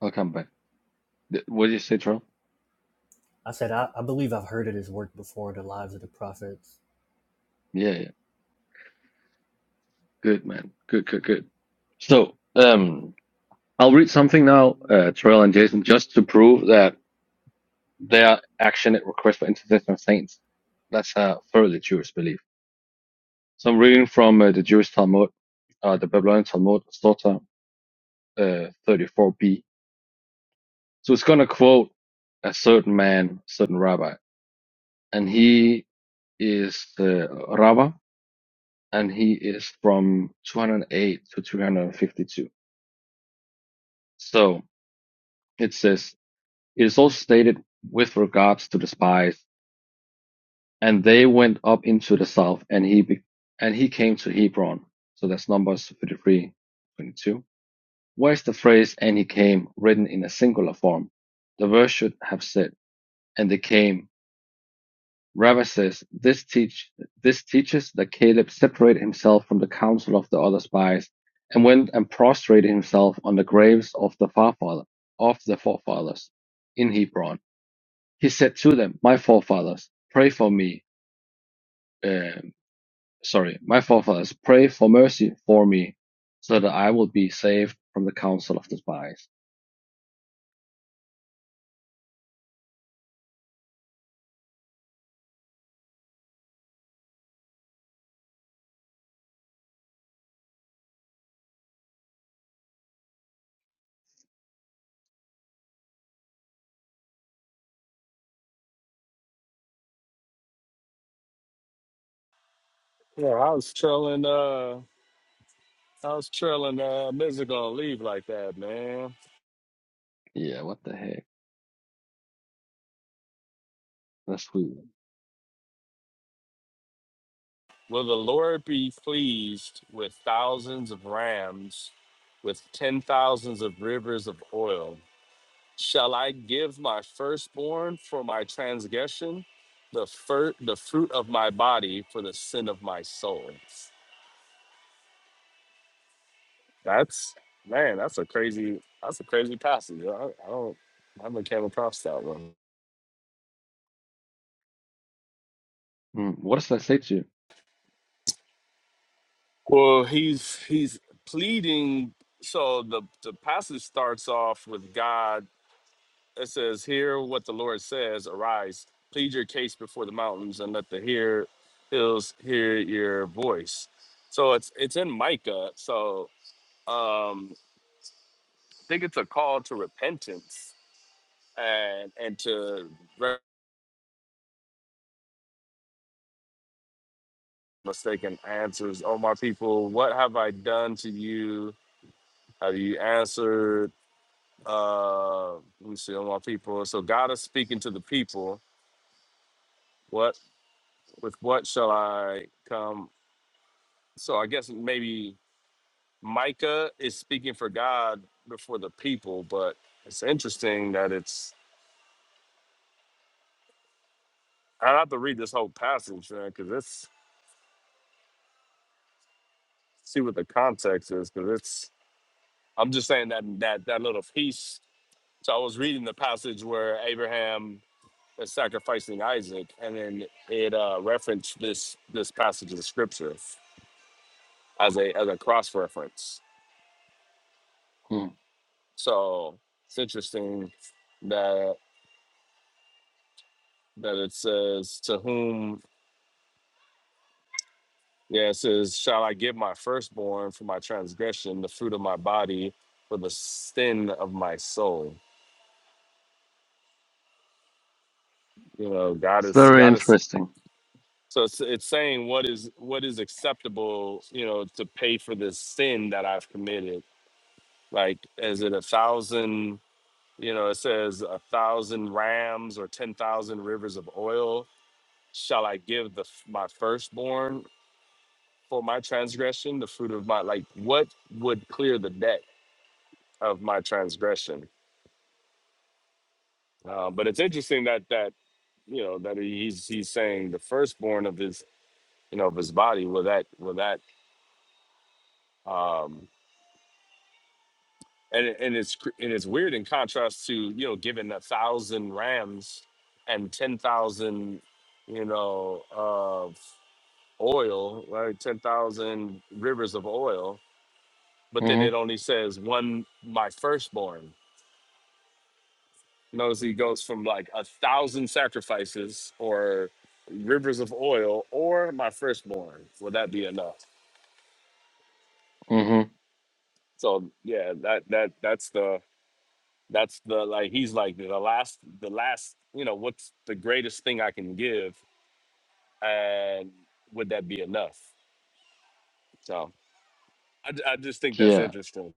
[SPEAKER 12] I'll come back. Th- What did you say, Charles?
[SPEAKER 2] I said I, I believe I've heard of this work before, the lives of the prophets.
[SPEAKER 12] Yeah, yeah. Good man. Good, good, good. So, um, I'll read something now, uh, Terrell and Jason, just to prove that. their action at request for intercession of saints. That's uh, thoroughly Jewish belief. So I'm reading from uh, the Jewish Talmud, uh, the Babylonian Talmud, Sota uh, 34b. So it's going to quote a certain man, certain rabbi, and he is the rabbi, and he is from 208 to 352. So it says, it is also stated with regards to the spies and they went up into the south, and he be- and he came to Hebron. So that's Numbers 33, 22. Where's the phrase "and he came" written in a singular form? The verse should have said "and they came." Rabbi says this teach this teaches that Caleb separated himself from the counsel of the other spies and went and prostrated himself on the graves of the forefather of the forefathers in Hebron. He said to them, "My forefathers, pray for me." um, sorry, my forefathers, pray for mercy for me, so that I will be saved from the counsel of the spies.
[SPEAKER 13] yeah I was trolling. Uh, I was trailing uh music gonna leave like that, man.
[SPEAKER 12] Yeah, what the heck? That's weird.
[SPEAKER 13] Will the Lord be pleased with thousands of rams, with ten thousands of rivers of oil? Shall I give my firstborn for my transgression, the fir- the fruit of my body for the sin of my soul? That's man, that's a crazy that's a crazy passage. I, I don't I haven't came across that one.
[SPEAKER 12] Mm, what does that say to you?
[SPEAKER 13] Well, he's he's pleading. So the the passage starts off with God. It says, "Hear what the Lord says. Arise, plead your case before the mountains, and let the hear hills hear your voice." So it's it's in Micah. So um, I think it's a call to repentance and and to re- mistaken answers. Oh my people, what have I done to you? Have you answered? Uh, let me see, all my people. So God is speaking to the people. What with what shall I come? So I guess maybe Micah is speaking for God before the people, but it's interesting that it's. I have to read this whole passage, man, because it's see what the context is, because it's. I'm just saying that that that little piece. So I was reading the passage where Abraham is sacrificing Isaac, and then it uh, referenced this this passage of scripture. as a as a cross reference.
[SPEAKER 12] Mm,
[SPEAKER 13] So it's interesting that that it says to whom yeah it says shall I give my firstborn for my transgression, the fruit of my body for the sin of my soul. You know, God
[SPEAKER 12] it's
[SPEAKER 13] is
[SPEAKER 12] very
[SPEAKER 13] God is
[SPEAKER 12] interesting.
[SPEAKER 13] so it's, it's saying what is what is acceptable. You know, to pay for this sin that I've committed. Like, is it a thousand? You know, it says a thousand rams or ten thousand rivers of oil shall I give the my firstborn for my transgression, the fruit of my like what would clear the debt of my transgression? Uh, but it's interesting that that you know that he's he's saying the firstborn of his you know of his body will that will that um and it- and it's cr- and it's weird in contrast to you know giving a thousand rams and ten thousand you know of oil right ten thousand rivers of oil but then
[SPEAKER 12] hmm
[SPEAKER 13] it only says one my firstborn notice he goes from like a thousand sacrifices or rivers of oil or my firstborn will that be enough
[SPEAKER 12] hmm
[SPEAKER 13] so yeah that that that's the that's the like he's like the last the last you know what's the greatest thing i can give and would that be enough so i, I just think that's
[SPEAKER 12] Yeah,
[SPEAKER 13] interesting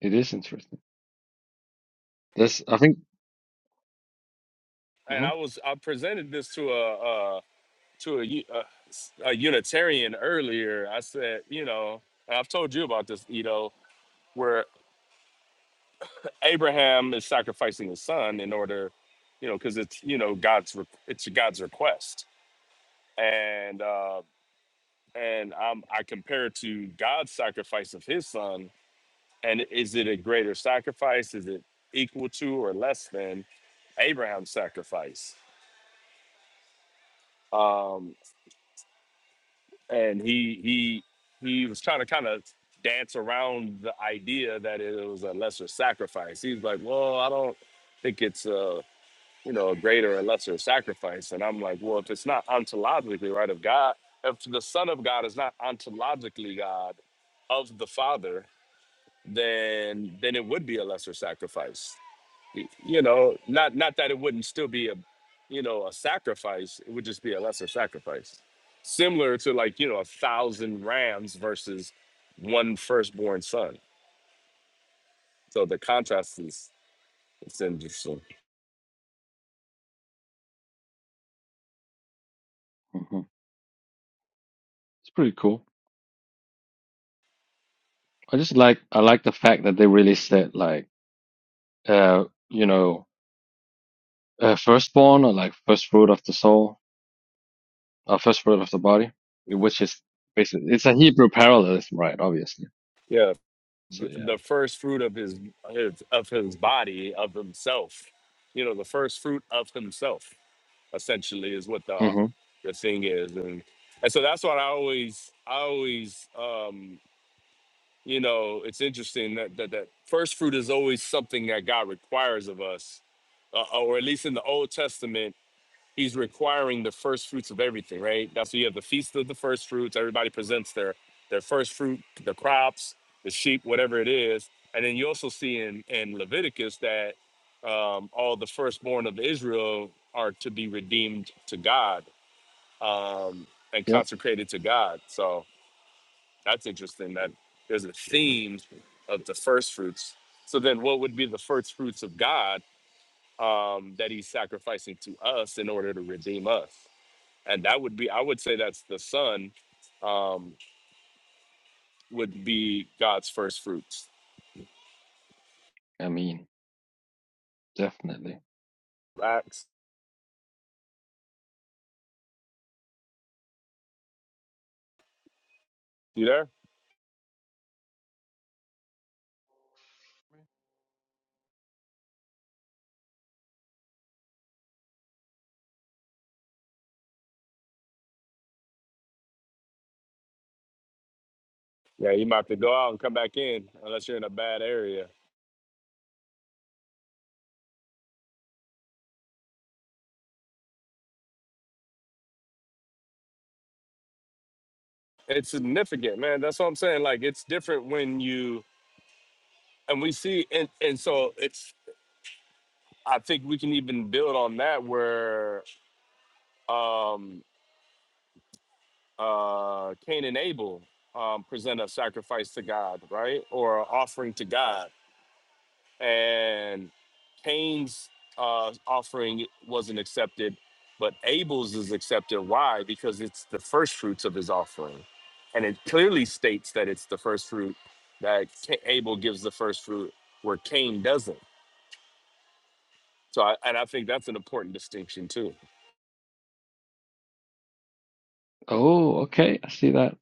[SPEAKER 12] it is interesting. This, I think,
[SPEAKER 13] and
[SPEAKER 12] hmm
[SPEAKER 13] i was i presented this to a to a, u- a s- a Unitarian earlier. I said, you know, and I've told you about this, you know, where Abraham is sacrificing his son in order, you know, because it's you know God's re- it's God's request, and uh, and I'm, I compare it to God's sacrifice of His son, and is it a greater sacrifice? Is it equal to or less than Abraham's sacrifice? Um, and he he he was trying to kind of dance around the idea that it was a lesser sacrifice. He's like, well, I don't think it's a you know a greater or lesser sacrifice, and I'm like, well, if it's not ontologically right of God, if the Son of God is not ontologically God of the Father, then then it would be a lesser sacrifice y- you know not not that it wouldn't still be a you know a sacrifice it would just be a lesser sacrifice similar to like you know a thousand rams versus one firstborn son so the contrast is it's interesting
[SPEAKER 12] hmm it's pretty cool. I just like, I like the fact that they really said like, uh, you know, uh, firstborn or like first fruit of the soul, or first fruit of the body, which is basically, it's a Hebrew parallelism, right? Obviously.
[SPEAKER 13] yeah
[SPEAKER 12] So
[SPEAKER 13] th-
[SPEAKER 12] yeah.
[SPEAKER 13] the first fruit of his, his of his body of himself you know the first fruit of himself essentially is what the
[SPEAKER 12] Mm-hmm.
[SPEAKER 13] the thing is and and so that's what i always i always um you know, it's interesting that that, that first fruit is always something that God requires of us, uh, or at least in the Old Testament, He's requiring the first fruits of everything, right? That's why you have the feast of the first fruits. Everybody presents their their first fruit, the crops, the sheep, whatever it is, and then you also see in in Leviticus that um, all the firstborn of Israel are to be redeemed to God um, and
[SPEAKER 12] Yep.
[SPEAKER 13] consecrated to God. So. That's interesting that there's a theme of the first fruits. So then what would be the first fruits of God um, that he's sacrificing to us in order to redeem us? And that would be, I would say that's the son um, would be God's first fruits.
[SPEAKER 12] I mean, definitely.
[SPEAKER 13] Acts, you there? Yeah, you might have to go out and come back in unless you're in a bad area. It's significant, man. That's what I'm saying. Like it's different when you and we see and and so it's I think we can even build on that where um uh, Cain and Abel um, present a sacrifice to God, right, or an offering to God, and Cain's uh, offering wasn't accepted, but Abel's is accepted. Why? Because it's the first fruits of his offering, and it clearly states that it's the first fruit that Ca- Abel gives the first fruit, where Cain doesn't. So, I, and I think that's an important distinction too.
[SPEAKER 12] Oh, okay. I see that.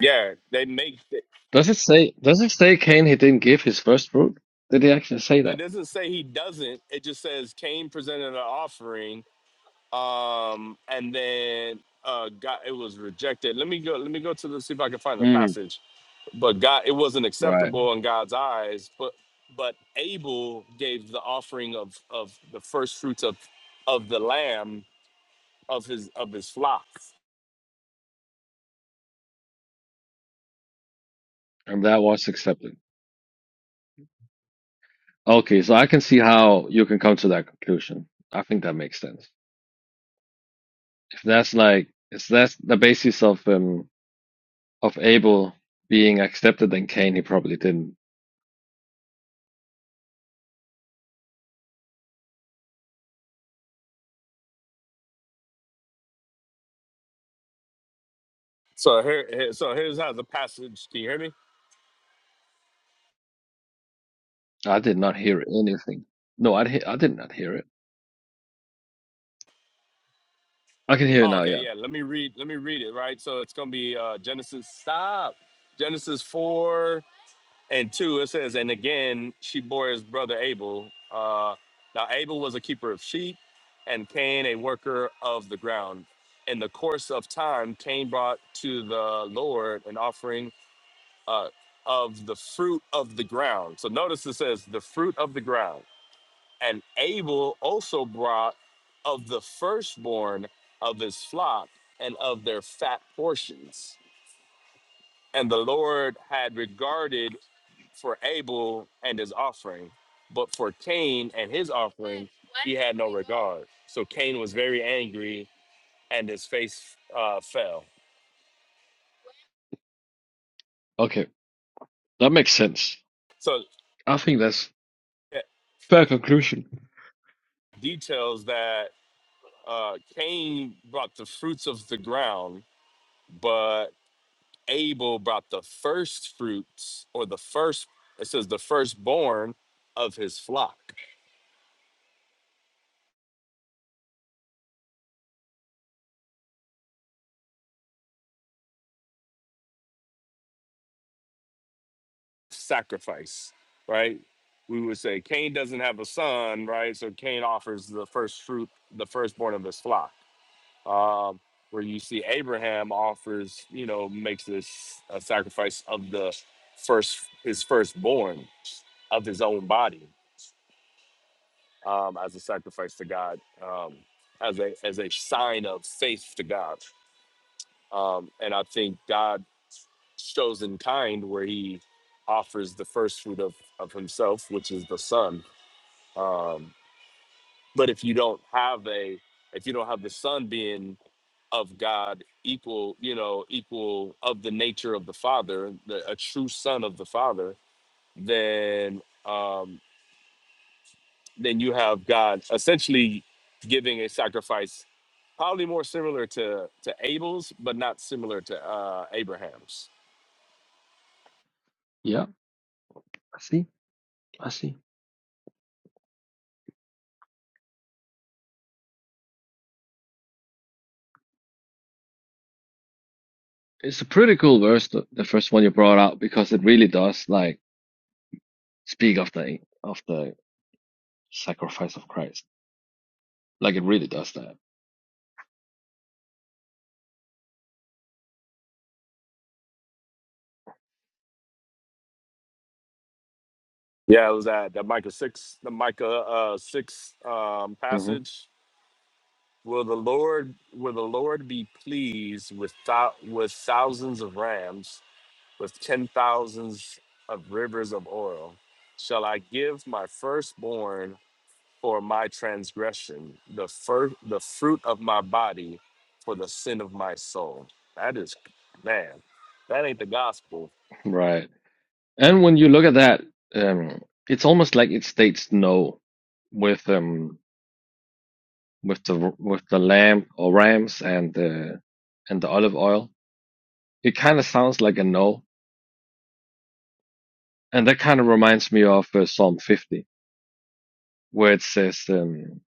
[SPEAKER 13] Yeah, they make. It
[SPEAKER 12] Does it say, does it say Cain he didn't give his first fruit? Did he actually say
[SPEAKER 13] but it
[SPEAKER 12] that?
[SPEAKER 13] doesn't say he doesn't. It just says Cain presented an offering um, and then uh, God, it was rejected. Let me go. Let me go to the see if I can find the
[SPEAKER 12] Mm,
[SPEAKER 13] passage. But God, it wasn't
[SPEAKER 12] right.
[SPEAKER 13] acceptable in God's eyes. But but Abel gave the offering of of the first fruits of of the lamb of his of his flock.
[SPEAKER 12] And that was accepted. Okay, so I can see how you can come to that conclusion. I think that makes sense. If that's like, if that's the basis of um of Abel being accepted, then Cain he probably didn't.
[SPEAKER 13] So here, here so here's how the passage. Can you hear me?
[SPEAKER 12] I did not hear anything. No, I he- I did not hear it. I can hear it
[SPEAKER 13] Oh,
[SPEAKER 12] now.
[SPEAKER 13] okay,
[SPEAKER 12] Yeah.
[SPEAKER 13] yeah. Let me read. Let me read it. Right. So it's gonna be uh, Genesis. Stop. Genesis four. And two, it says, and again, she bore his brother Abel. Uh, now, Abel was a keeper of sheep, and Cain a worker of the ground. In the course of time, Cain brought to the Lord an offering uh, of the fruit of the ground. So notice it says, the fruit of the ground. And Abel also brought of the firstborn of his flock and of their fat portions. And the Lord had regarded for Abel and his offering, but for Cain and his offering, he had no regard. So Cain was very angry and his face uh, fell.
[SPEAKER 12] Okay, that makes sense.
[SPEAKER 13] So
[SPEAKER 12] I think that's
[SPEAKER 13] it
[SPEAKER 12] fair conclusion.
[SPEAKER 13] details that uh, Cain brought the fruits of the ground, but Abel brought the first fruits or the first, it says the firstborn of his flock. sacrifice, right? We would say Cain doesn't have a son, right? So Cain offers the first fruit, the firstborn of his flock. Um, where you see Abraham offers, you know, makes this a sacrifice of the first, his firstborn of his own body um, as a sacrifice to God, um, as a as a sign of faith to God. Um, and I think God shows in kind where He offers the first fruit of of Himself, which is the Son, Um, but if you don't have a, if you don't have the Son being of God, equal, you know, equal of the nature of the Father, the, a true Son of the Father, then um, then you have God essentially giving a sacrifice, probably more similar to to Abel's, but not similar to uh, Abraham's.
[SPEAKER 12] Yeah, I see. I see. it's a pretty cool verse, the, the first one you brought out, because it really does like speak of the of the sacrifice of Christ. Like it really does that.
[SPEAKER 13] Yeah, it was that that Micah six, the Micah uh, six um,
[SPEAKER 12] hmm
[SPEAKER 13] passage Will the Lord will the Lord be pleased with thou, with thousands of rams, with ten thousands of rivers of oil? Shall I give my firstborn for my transgression, the fir- the fruit of my body for the sin of my soul? That is man, that ain't the gospel.
[SPEAKER 12] Right. And when you look at that, um, it's almost like it states no with um with the with the lamb or rams and the and the olive oil. It kind of sounds like a no, and that kind of reminds me of uh, Psalm 50. where it says um,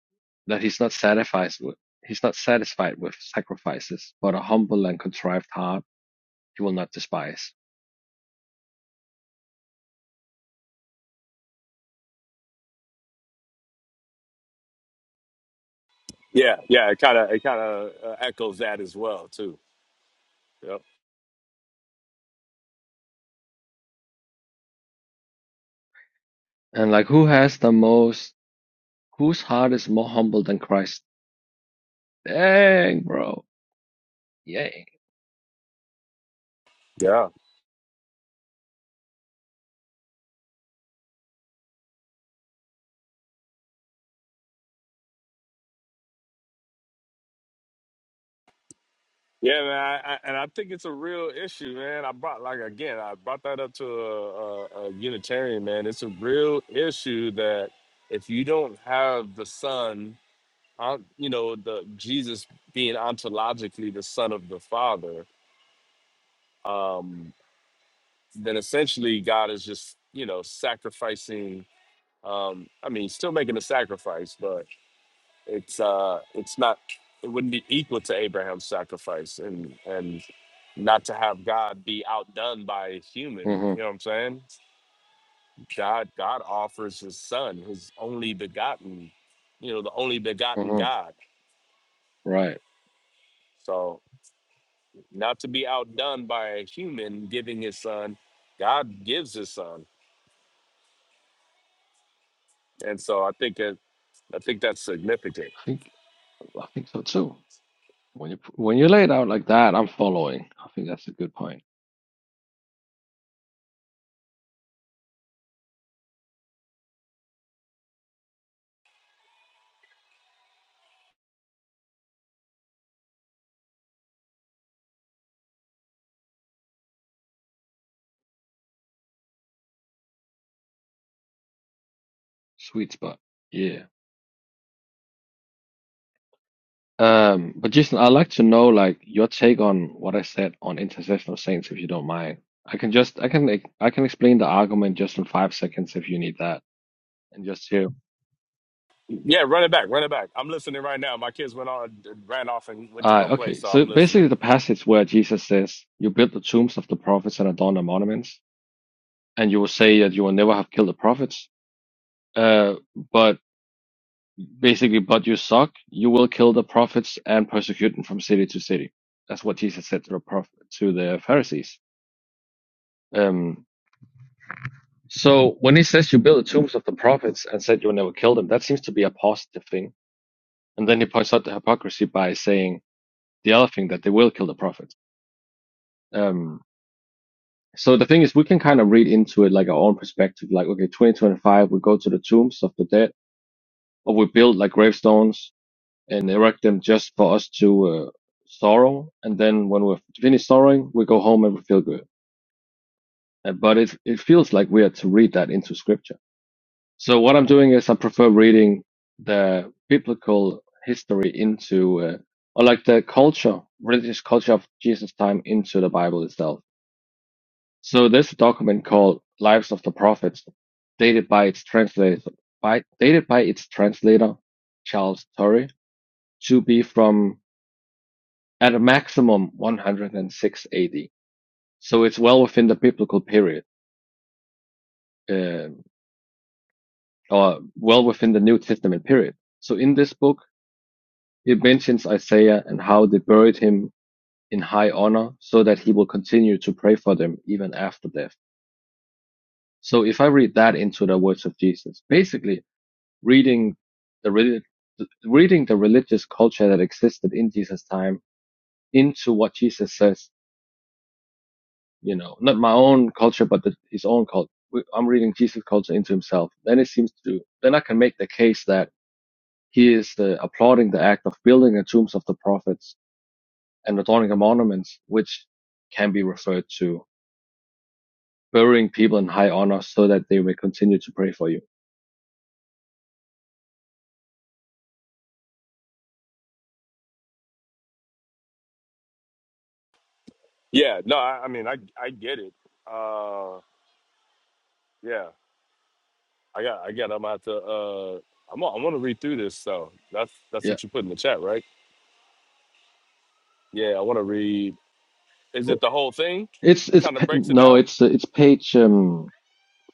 [SPEAKER 12] that he's not satisfied with he's not satisfied with sacrifices, but a humble and contrived heart he will not despise.
[SPEAKER 13] Yeah, yeah, it kind of it kind of uh, echoes that as well too.
[SPEAKER 12] And like who has the most whose heart is more humble than Christ? Dang, bro. Yay.
[SPEAKER 13] Yep. Yeah, man, I, I, and I think it's a real issue, man. I brought like again, I brought that up to a, a, a Unitarian man. It's a real issue that if you don't have the Son, on- you know, the Jesus being ontologically the Son of the Father, um, then essentially God is just you know sacrificing. Um, I mean, still making a sacrifice, but. it's uh it's not it wouldn't be equal to Abraham's sacrifice and and not to have God be outdone by a human, you know
[SPEAKER 12] Mm-hmm.
[SPEAKER 13] what I'm saying? God God offers his son, his only begotten, you know, the only begotten
[SPEAKER 12] Mm-hmm.
[SPEAKER 13] God.
[SPEAKER 12] Right.
[SPEAKER 13] So not to be outdone by a human giving his son, God gives his son. And so I think it I think that's significant.
[SPEAKER 12] I think I think so too. When you when you lay it out like that, I'm following. I think that's a good point. Sweet spot. Yeah. Um, but Jason, I'd like to know like your take on what I said on intercessional saints, if you don't mind. I can just I can like, I can explain the argument just in five seconds if you need that, and just hear.
[SPEAKER 13] Yeah, run it back, run it back. I'm listening right now. My kids went on ran off and went to go
[SPEAKER 12] Uh,
[SPEAKER 13] play,
[SPEAKER 12] okay,
[SPEAKER 13] so
[SPEAKER 12] so
[SPEAKER 13] I'm listening.
[SPEAKER 12] basically the passage where Jesus says, "You build the tombs of the prophets and adorn their monuments, and you will say that you will never have killed the prophets." Uh, but basically, but you suck. You will kill the prophets and persecute them from city to city. That's what Jesus said to the prophet to the Pharisees. Um, So when he says you build the tombs of the prophets and said you will never kill them, that seems to be a positive thing. And then he points out the hypocrisy by saying the other thing that they will kill the prophets. Um, so the thing is, we can kind of read into it like our own perspective. Like, okay, 2025, we go to the tombs of the dead, or we build like gravestones and erect them just for us to uh, sorrow. And then when we're finished sorrowing, we go home and we feel good. Uh, But it it feels like we are to read that into scripture So what I'm doing is I prefer reading the biblical history into, uh, or like the culture, religious culture of Jesus' time into the Bible itself. So there's a document called Lives of the Prophets, dated by its translator, by, dated by its translator, Charles Torrey, to be from at a maximum 106 AD. So it's well within the biblical period, uh, or well within the New Testament period. So in this book, It mentions Isaiah and how they buried him in high honor so that he will continue to pray for them even after death. So if I read that into the words of Jesus, basically reading the reading the religious culture that existed in Jesus' time into what Jesus says, you know, not my own culture, but the, his own culture. I'm reading Jesus' culture into himself. Then it seems to, then I can make the case that he is uh, applauding the act of building the tombs of the prophets and adorning of monuments, which can be referred to burying people in high honor so that they may continue to pray for you.
[SPEAKER 13] Yeah, no, I, I mean, I I get it. Uh, yeah, I got, I got. I'm out to. Uh, I'm. I want to read through this. So that's that's
[SPEAKER 12] Yeah.
[SPEAKER 13] what you put in the chat, right? Yeah, I want to read. Is it the whole thing?
[SPEAKER 12] It's, it's,
[SPEAKER 13] Kind of breaks it
[SPEAKER 12] no,
[SPEAKER 13] down.
[SPEAKER 12] it's, it's page, um,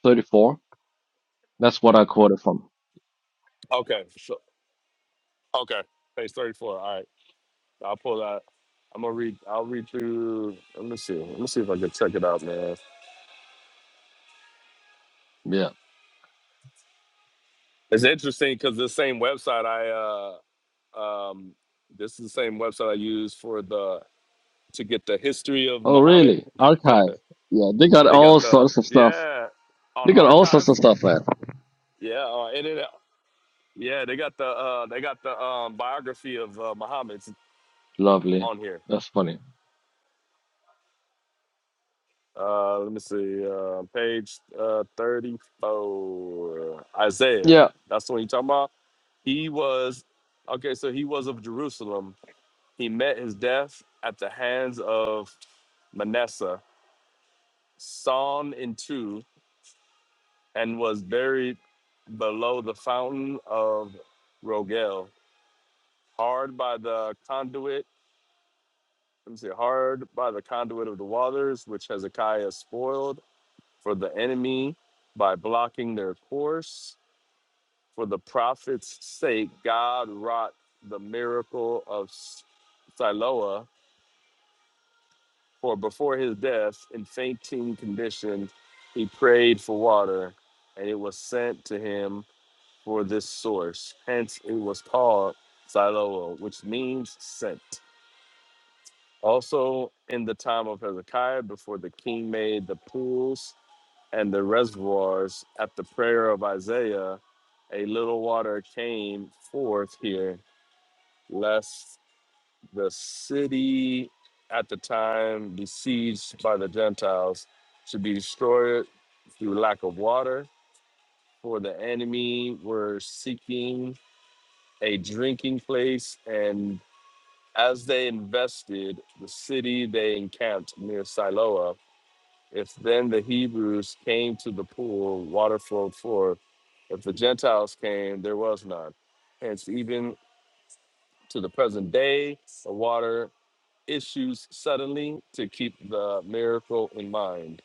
[SPEAKER 12] 34. That's what I quoted from.
[SPEAKER 13] Okay. So okay, page thirty-four. All right, I'll pull that. I'm gonna read. I'll read through. Let me see. Let me see if I can check it out, man.
[SPEAKER 12] Yeah.
[SPEAKER 13] It's interesting because the same website I uh um this is the same website I use for the to get the history of
[SPEAKER 12] Oh,
[SPEAKER 13] Muhammad.
[SPEAKER 12] really? Archive. Yeah. They got
[SPEAKER 13] They got
[SPEAKER 12] all
[SPEAKER 13] the
[SPEAKER 12] sorts of stuff.
[SPEAKER 13] yeah on
[SPEAKER 12] They got all sorts
[SPEAKER 13] archive.
[SPEAKER 12] of stuff there.
[SPEAKER 13] Yeah, uh, it, it, yeah. They got the uh, they got the um, biography of uh, Muhammad
[SPEAKER 12] Lovely.
[SPEAKER 13] on here.
[SPEAKER 12] That's funny.
[SPEAKER 13] Uh, let me see, uh, page uh, thirty-four, Isaiah.
[SPEAKER 12] Yeah.
[SPEAKER 13] That's what you talking about. He was okay. So he was of Jerusalem. He met his death at the hands of Manasseh, sawn in two, and was buried below the fountain of Rogel hard by the conduit. Let me see, hard by the conduit of the waters, which Hezekiah spoiled for the enemy by blocking their course. For the prophet's sake, God wrought the miracle of Siloah. For before his death, in fainting condition, he prayed for water, and it was sent to him for this source. Hence, it was called Siloah, which means sent. Also, in the time of Hezekiah, before the king made the pools and the reservoirs, at the prayer of Isaiah, a little water came forth here, lest the city at the time besieged by the Gentiles should be destroyed through lack of water. For the enemy were seeking a drinking place, and as they invested the city, they encamped near Siloah. If then the Hebrews came to the pool, water flowed forth. If the Gentiles came, there was none. Hence, even to the present day, the water issues suddenly to keep the miracle in mind,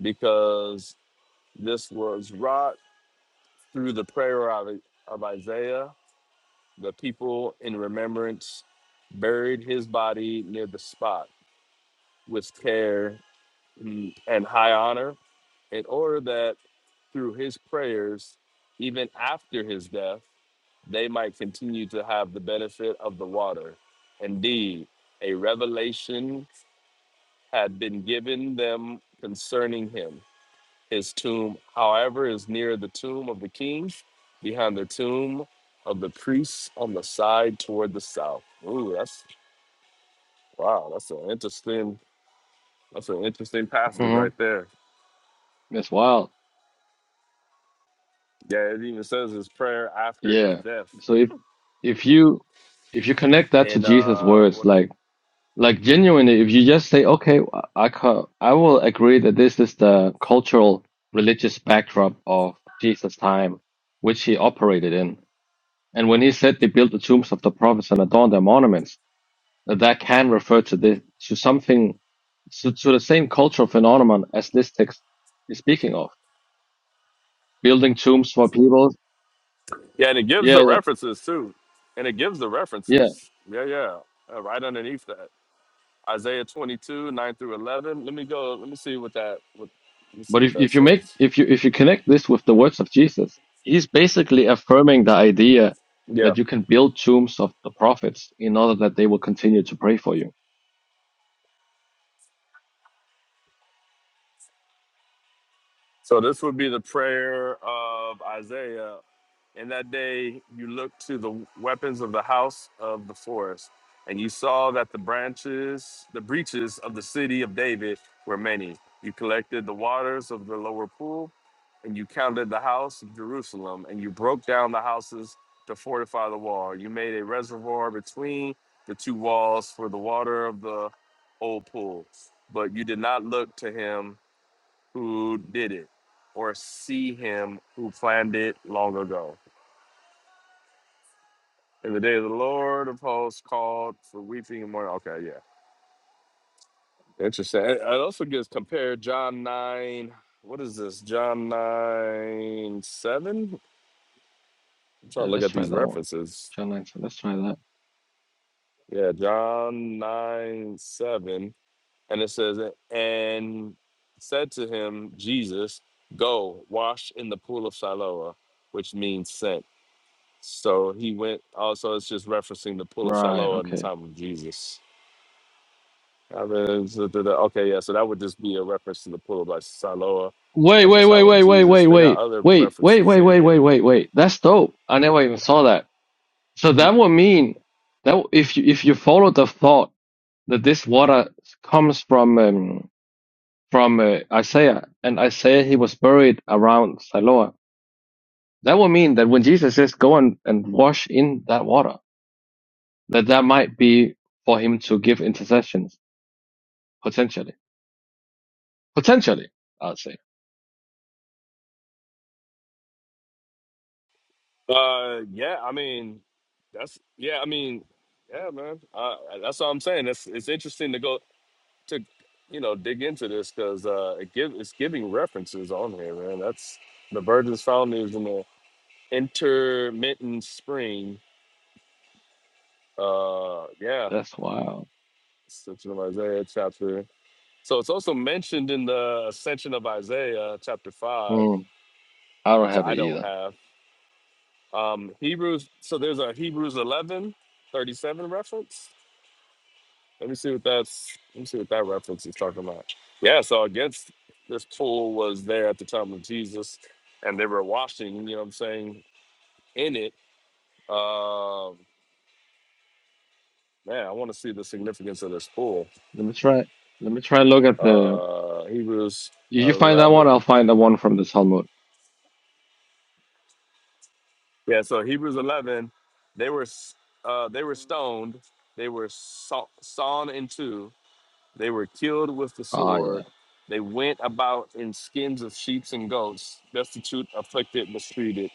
[SPEAKER 13] because this was wrought through the prayer of, of Isaiah. The people, in remembrance, buried his body near the spot with care and high honor in order that through his prayers, even after his death, they might continue to have the benefit of the water. Indeed, a revelation had been given them concerning him. His tomb, however, is near the tomb of the king, behind the tomb of the priests on the side toward the south. Ooh, that's wow, that's an interesting that's an interesting passage
[SPEAKER 12] hmm
[SPEAKER 13] right there.
[SPEAKER 12] That's wild.
[SPEAKER 13] Yeah, it even says his prayer after his
[SPEAKER 12] Yeah.
[SPEAKER 13] death.
[SPEAKER 12] So if, if you, if you connect that to
[SPEAKER 13] and
[SPEAKER 12] Jesus'
[SPEAKER 13] uh
[SPEAKER 12] words,
[SPEAKER 13] what is
[SPEAKER 12] like, Like genuinely, if you just say, okay, I co- I will agree that this is the cultural religious backdrop of Jesus' time, which he operated in. And when he said they built the tombs of the prophets and adorned their monuments, that that can refer to this, to something, to, to the same cultural phenomenon as this text is speaking of. Building tombs for people.
[SPEAKER 13] yeah and it gives the
[SPEAKER 12] Yeah, yeah,
[SPEAKER 13] references too and it gives the
[SPEAKER 12] yeah.
[SPEAKER 13] references yeah yeah uh, right underneath that isaiah 22 9 through 11 let me go let me see what that what let me see
[SPEAKER 12] But
[SPEAKER 13] what
[SPEAKER 12] if,
[SPEAKER 13] that
[SPEAKER 12] if you make
[SPEAKER 13] says
[SPEAKER 12] if you if you connect this with the words of Jesus, he's basically affirming the idea
[SPEAKER 13] yeah
[SPEAKER 12] that you can build tombs of the prophets in order that they will continue to pray for you.
[SPEAKER 13] so this would be the prayer of isaiah In that day you looked to the weapons of the house of the forest, and you saw that the branches, the breaches of the city of David were many. You collected the waters of the lower pool, and you counted the house of Jerusalem, and you broke down the houses to fortify the wall. You made a reservoir between the two walls for the water of the old pool, but you did not look to him who did it or see him who planned it long ago in the day of the Lord, the post called for weeping and mourning. Okay, yeah. Interesting. It it also gets compared John 9. What is this? John 9 7? I'm trying
[SPEAKER 12] Yeah,
[SPEAKER 13] to look
[SPEAKER 12] let's
[SPEAKER 13] at
[SPEAKER 12] try
[SPEAKER 13] these
[SPEAKER 12] that one.
[SPEAKER 13] references.
[SPEAKER 12] John 9, so let's try that.
[SPEAKER 13] Yeah, John 9 7. And it says, And said to him, Jesus, go wash in the pool of Siloah, which means sent. So he went, also, it's just referencing the pool of
[SPEAKER 12] Right,
[SPEAKER 13] Siloah in the
[SPEAKER 12] okay.
[SPEAKER 13] time of Jesus. I mean, so the- the- okay, yeah. So that would just be a reference to the pool by Siloa
[SPEAKER 12] Wait,
[SPEAKER 13] at the
[SPEAKER 12] wait, wait,
[SPEAKER 13] time of
[SPEAKER 12] wait, wait,
[SPEAKER 13] Jesus.
[SPEAKER 12] wait,
[SPEAKER 13] They got
[SPEAKER 12] wait.
[SPEAKER 13] other
[SPEAKER 12] Wait, wait,
[SPEAKER 13] references
[SPEAKER 12] wait,
[SPEAKER 13] in
[SPEAKER 12] wait,
[SPEAKER 13] here.
[SPEAKER 12] wait, wait, wait. That's dope. I never even saw that. So
[SPEAKER 13] Y-
[SPEAKER 12] that would mean that if you if you follow the thought that this water comes from um, from uh, Isaiah, and Isaiah he was buried around Siloam. That would mean that when Jesus says, "Go and, and wash in that water," that that might be for him to give intercessions potentially. Potentially, I'd say
[SPEAKER 13] Uh, yeah. I mean, that's yeah. I mean, yeah, man. Uh, that's what I'm saying. It's it's interesting to go to, you know, dig into this because uh, it give it's giving references on here, man. That's the virgin's found is in the intermittent spring. Uh, yeah,
[SPEAKER 12] that's wild.
[SPEAKER 13] it's it's in Isaiah chapter. So it's also mentioned in the Ascension of Isaiah, chapter 5,
[SPEAKER 12] Hmm. I don't
[SPEAKER 13] which
[SPEAKER 12] have it
[SPEAKER 13] I don't
[SPEAKER 12] either.
[SPEAKER 13] have. Um, Hebrews, so there's a Hebrews 11 37 reference. Let me see what that's, let me see what that reference is talking about. Yeah, so against this pool was there at the time of Jesus, and they were washing, you know what I'm saying, in it. Um, man, I want to see the significance of this pool.
[SPEAKER 12] Let me try. Let me try and look at the.
[SPEAKER 13] Uh, Hebrews
[SPEAKER 12] You you find that
[SPEAKER 13] 11.
[SPEAKER 12] one, I'll find the one from the Talmud.
[SPEAKER 13] Yeah, so Hebrews 11, they were s- uh, they were stoned, they were saw, sawn in two, they were killed with the
[SPEAKER 12] Ah, yeah.
[SPEAKER 13] sword, they went about in skins of sheep and goats, destitute, afflicted, mistreated,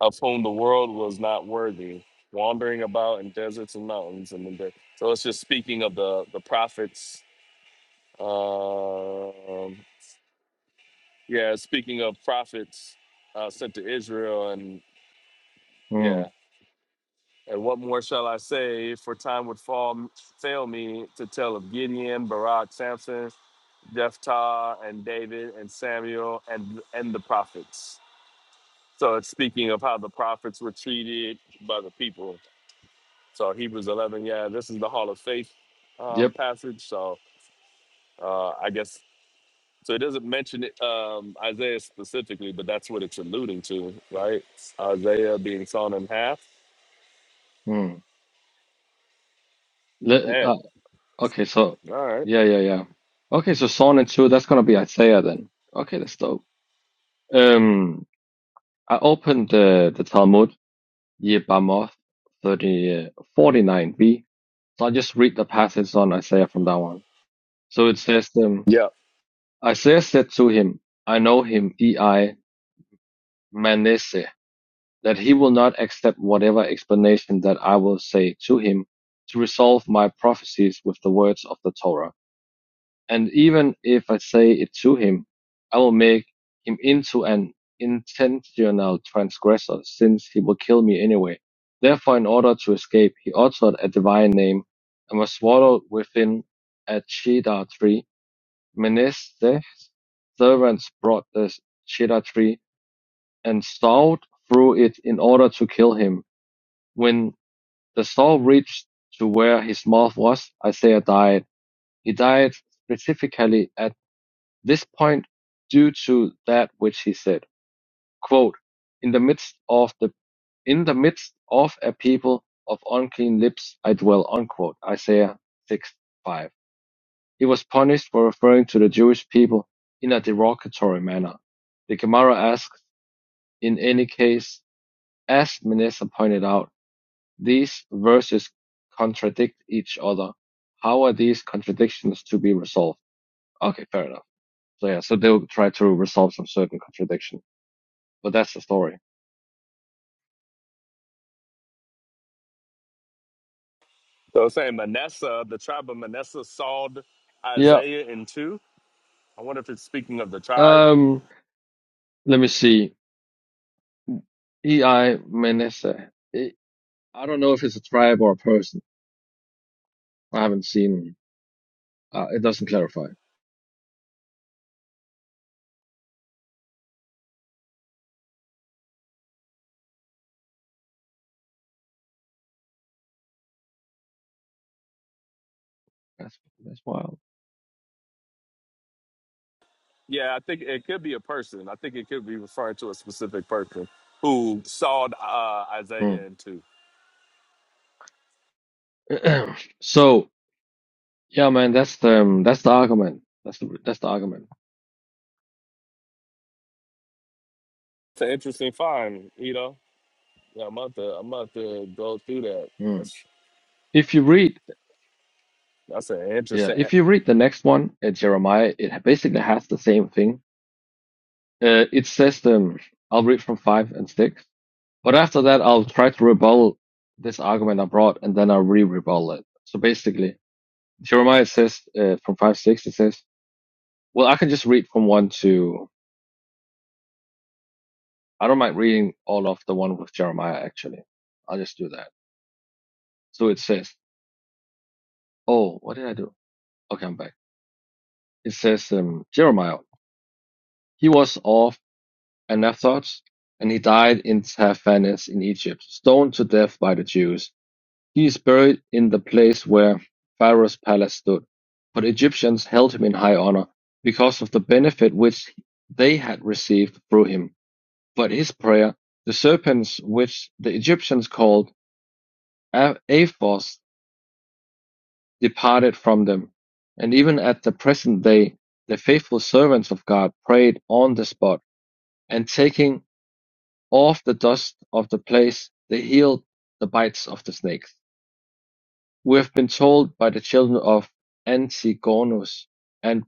[SPEAKER 13] of whom the world was not worthy, wandering about in deserts and mountains. And in the, so it's just speaking of the the prophets. Um, yeah, it's speaking of prophets uh, sent to Israel, and
[SPEAKER 12] Hmm.
[SPEAKER 13] yeah, And what more shall I say? For time would fall, fail me to tell of Gideon, Barak, Samson, Jephthah, and David, and Samuel, and and the prophets. So it's speaking of how the prophets were treated by the people. So Hebrews 11, yeah, this is the Hall of Faith um,
[SPEAKER 12] Yep.
[SPEAKER 13] passage. So uh, I guess so. It doesn't mention it, um, Isaiah specifically, but that's what it's alluding to, right? Isaiah being sawn in half.
[SPEAKER 12] Hmm. Le-
[SPEAKER 13] Man,
[SPEAKER 12] uh, okay, so
[SPEAKER 13] all right.
[SPEAKER 12] yeah, yeah, yeah. Okay, so Psalm and two. That's gonna be Isaiah then. Okay, that's dope. Um, I opened the, the Talmud, Yebamoth 30, 49b. So I'll just read the passage on Isaiah from that one. So it says, um, Isaiah said to him, I know him, E.I. Manasseh, that he will not accept whatever explanation that I will say to him to resolve my prophecies with the words of the Torah. And even if I say it to him, I will make him into an intentional transgressor, since he will kill me anyway. Therefore, in order to escape, he uttered a divine name and was swallowed within a cedar tree. Menesteh's servants brought the cedar tree and sawed through it in order to kill him. When the saw reached to where his mouth was, Isaiah died. He died specifically at this point due to that which he said, quote, "In the midst of the the in the midst of a people of unclean lips I dwell." unquote, Isaiah 6:5. He was punished for referring to the Jewish people in a derogatory manner. The Gemara asks, in any case, as Manessa pointed out, these verses contradict each other. How are these contradictions to be resolved? Okay, fair enough. So yeah, so they'll try to resolve some certain contradictions. But that's the story.
[SPEAKER 13] So it's saying Manasseh, the tribe of Manasseh, sawed
[SPEAKER 12] Yeah.
[SPEAKER 13] Isaiah in two. I wonder if it's speaking of the tribe.
[SPEAKER 12] Um. Let me see. E.I. Menese. I don't know if it's a tribe or a person. I haven't seen. Uh, it doesn't clarify. That's that's wild.
[SPEAKER 13] Yeah, I think it could be a person. I think it could be referring to a specific person who sawed uh,
[SPEAKER 12] Hmm.
[SPEAKER 13] Isaiah in two.
[SPEAKER 12] so yeah, man. That's the um, that's the argument. That's the that's the argument.
[SPEAKER 13] It's an interesting find, you know. Yeah, I'm about to I'm about to go through that.
[SPEAKER 12] Hmm.
[SPEAKER 13] That's
[SPEAKER 12] If you read,
[SPEAKER 13] that's an
[SPEAKER 12] yeah,
[SPEAKER 13] interesting
[SPEAKER 12] if you read the next one, uh, Jeremiah, it basically has the same thing. Uh, it says, um, I'll read from five and six. But after that, I'll try to rebuttal this argument I brought, and then I'll re-rebuttal it. So basically, Jeremiah says uh, from five six, it says, "Well, I can just read from one to. I don't mind reading all of the one with Jeremiah. Actually, I'll just do that. So it says, "Oh, what did I do? Okay, I'm back. It says, um, Jeremiah, he was of Anathoth, and he died in Taphanes in Egypt, stoned to death by the Jews." He is buried in the place where Pharaoh's palace stood, but Egyptians held him in high honor because of the benefit which they had received through him. But his prayer, the serpents which the Egyptians called Aphos, departed from them. And even at the present day, the faithful servants of God prayed on the spot, and taking off the dust of the place, they healed the bites of the snakes. We have been told by the children of Antigonus and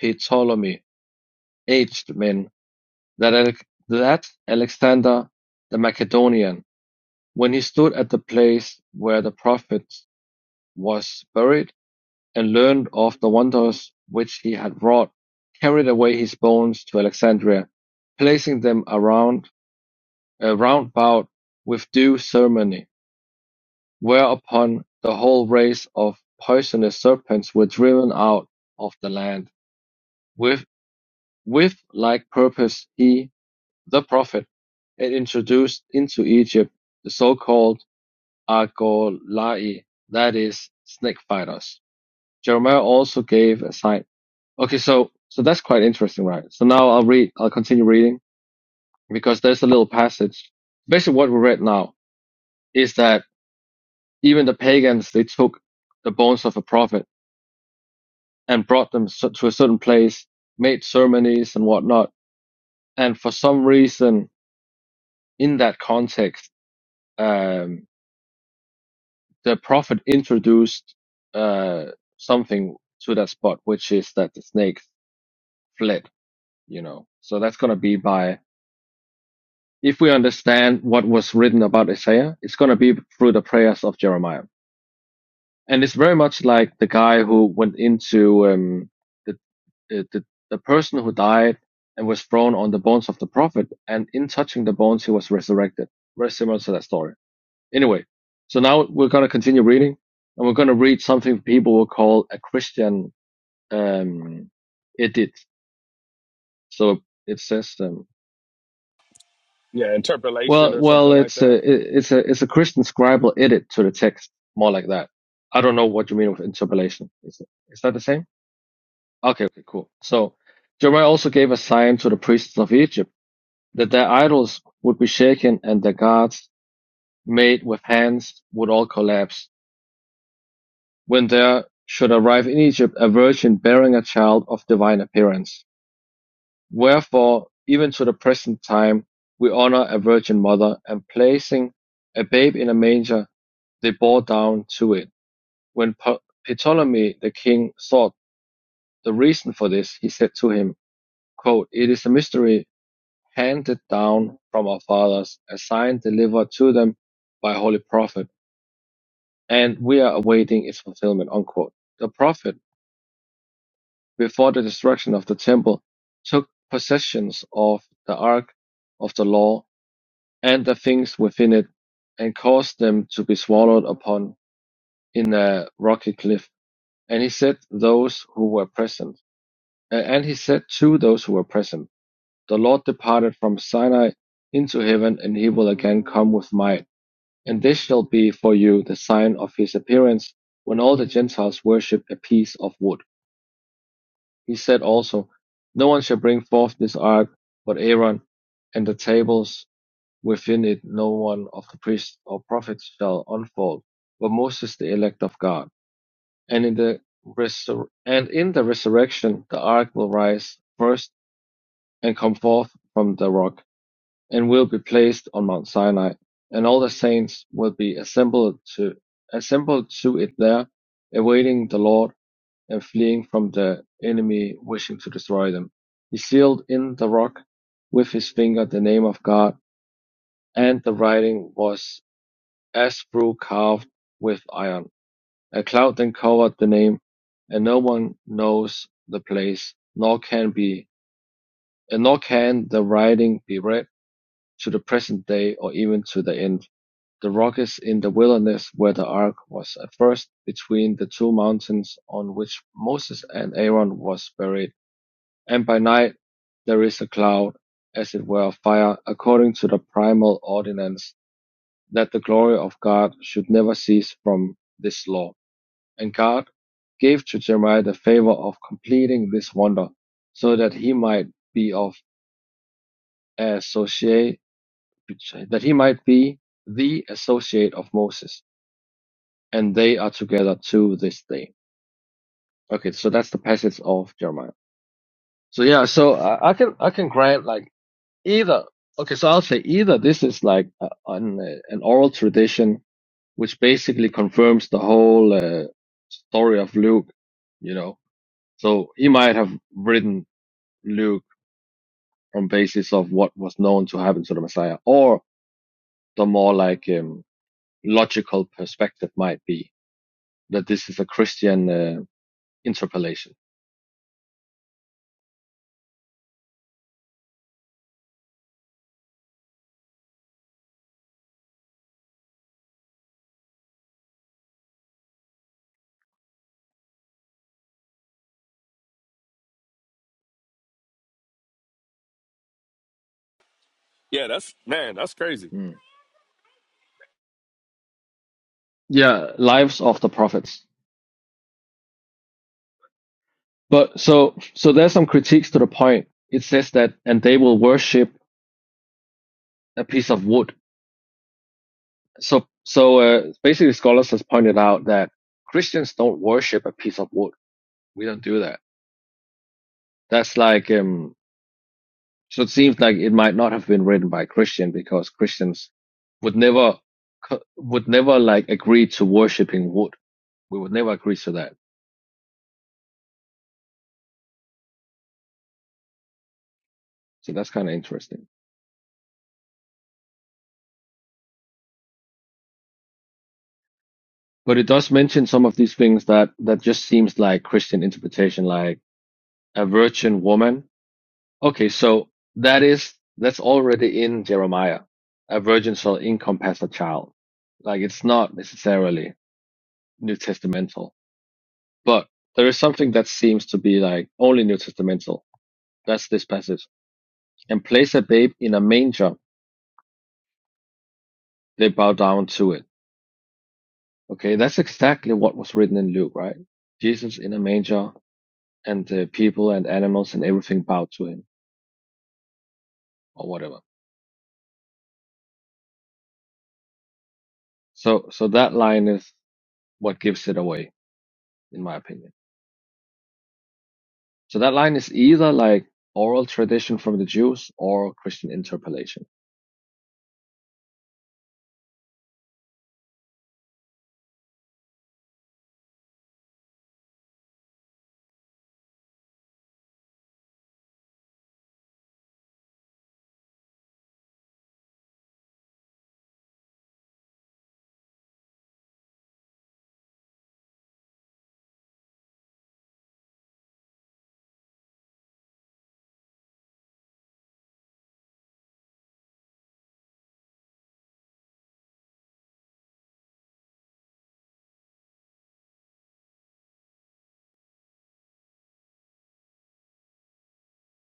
[SPEAKER 12] Ptolemy, aged men, that Ale that Alexander the Macedonian, when he stood at the place where the prophet was buried, and learned of the wonders which he had wrought, carried away his bones to Alexandria, placing them around, uh, round about with due ceremony. Whereupon the whole race of poisonous serpents were driven out of the land. With, with like purpose he, the prophet, had introduced into Egypt the so-called Argolai, that is, snake fighters. Jeremiah also gave a sign. Okay, so, so that's quite interesting, right? So now I'll read, I'll continue reading because there's a little passage. Basically what we read now is that even the pagans, they took the bones of a prophet and brought them so- to a certain place, made ceremonies and whatnot. And for some reason, in that context, um, the prophet introduced uh, something to that spot, which is that the snakes fled. You know, so that's gonna be by if we understand what was written about Isaiah, it's gonna be through the prayers of Jeremiah, and it's very much like the guy who went into um, the uh, the, the, person who died and was thrown on the bones of the prophet, and in touching the bones, he was resurrected. Very similar to that story. Anyway, so now we're going to continue reading, and we're going to read something people will call a Christian um, edit. So it says, um,
[SPEAKER 13] yeah interpolation
[SPEAKER 12] well,
[SPEAKER 13] or
[SPEAKER 12] well,
[SPEAKER 13] something like
[SPEAKER 12] it's a,
[SPEAKER 13] that.
[SPEAKER 12] it's a, it's a Christian scribal edit to the text, more like that. I don't know what you mean with interpolation. Is, it, is that the same? Okay, okay, cool. So Jeremiah also gave a sign to the priests of Egypt that their idols would be shaken and their gods, made with hands, would all collapse, when there should arrive in Egypt a virgin bearing a child of divine appearance. Wherefore, even to the present time, we honor a virgin mother, and placing a babe in a manger, they bore down to it. When Ptolemy the king sought the reason for this, he said to him, quote, It is a mystery handed down from our fathers, a sign delivered to them by Holy Prophet, and we are awaiting its fulfillment. Unquote. The Prophet, before the destruction of the temple, took possessions of the Ark of the Law and the things within it, and caused them to be swallowed upon in a rocky cliff. And he said those who were present, and he said to those who were present, the Lord departed from Sinai into heaven, and he will again come with might And this shall be for you the sign of his appearance, when all the Gentiles worship a piece of wood. He said also, No one shall bring forth this ark but Aaron, and the tables within it no one of the priests or prophets shall unfold, but Moses the elect of God. And in the resur- and in the resurrection the ark will rise first and come forth from the rock. and will be placed on Mount Sinai, and all the saints will be assembled to assembled to it there, awaiting the Lord and fleeing from the enemy wishing to destroy them. He sealed in the rock with his finger the name of God, and the writing was as through carved with iron. A cloud then covered the name, and no one knows the place, nor can be and nor can the writing be read to the present day or even to the end. The rock is in the Wilderness where the ark was at first between the two mountains on which Moses and Aaron was buried, and by night there is a cloud, as it were of fire, according to the primal ordinance, that the glory of God should never cease from this law. And God gave to Jeremiah the favor of completing this wonder, so that he might be of associate, that he might be the associate of Moses. and they are together to this day. Okay, so that's the passage of Jeremiah. So yeah, so I, I can I can grant like either. Okay, so I'll say either this is like a, an uh, an oral tradition which basically confirms the whole uh, story of Luke. You know, so he might have written Luke on basis of what was known to happen to the Messiah, or the more like um, logical perspective might be that this is a Christian uh, interpolation.
[SPEAKER 13] Yeah, that's man, that's crazy.
[SPEAKER 12] Hmm. Yeah, lives of the prophets. But so so there's some critiques to the point. It says that and they will worship a piece of wood. So so uh, basically scholars has pointed out that Christians don't worship a piece of wood. We don't do that. That's like um so it seems like it might not have been written by a Christian because Christians would never co- would never like agree to worshiping wood. We would never agree to that. So that's kind of interesting. But it does mention some of these things that that just seems like Christian interpretation, like a virgin woman. Okay, so that is that's already in Jeremiah. A virgin shall encompass a child. Like it's not necessarily New Testamental, but there is something that seems to be like only New Testamental. That's this passage. And place a babe in a manger, they bow down to it. Okay, that's exactly what was written in Luke, right? Jesus in a manger, and the people and animals and everything bow to him or whatever. So so that line is what gives it away, in my opinion. So that line is either like oral tradition from the Jews or Christian interpolation.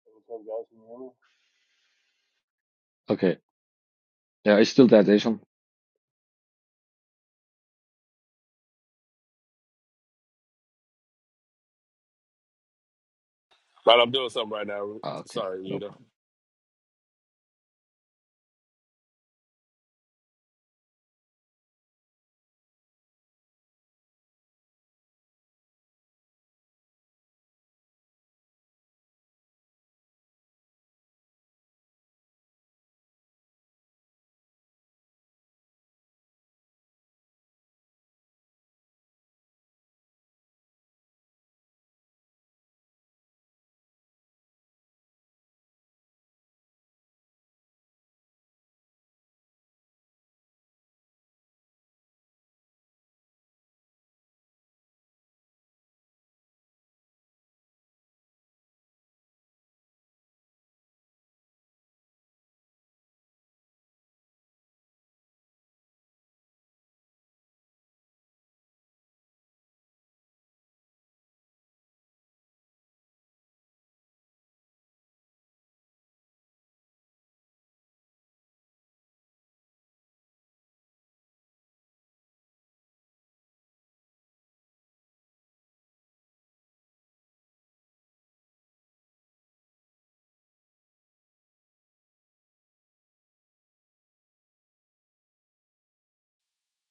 [SPEAKER 14] Hey, What's up, guys? Can you hear
[SPEAKER 12] Okay. Yeah, it's still that Asian.
[SPEAKER 13] But I'm doing something right now.
[SPEAKER 12] Ah, okay,
[SPEAKER 13] Sorry,
[SPEAKER 12] no
[SPEAKER 13] Nita.
[SPEAKER 12] problem.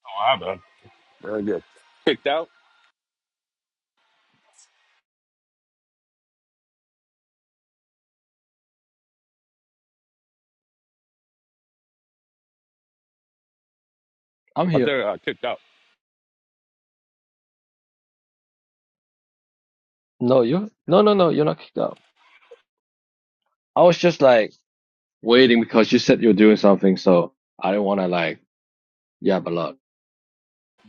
[SPEAKER 13] Oh, I'm done. Very good. Kicked out.
[SPEAKER 12] I'm
[SPEAKER 13] I
[SPEAKER 12] here.
[SPEAKER 13] think I kicked out.
[SPEAKER 12] No, you no no no, you're not kicked out. I was just like waiting because you said you were doing something, so I didn't wanna like yab a lot.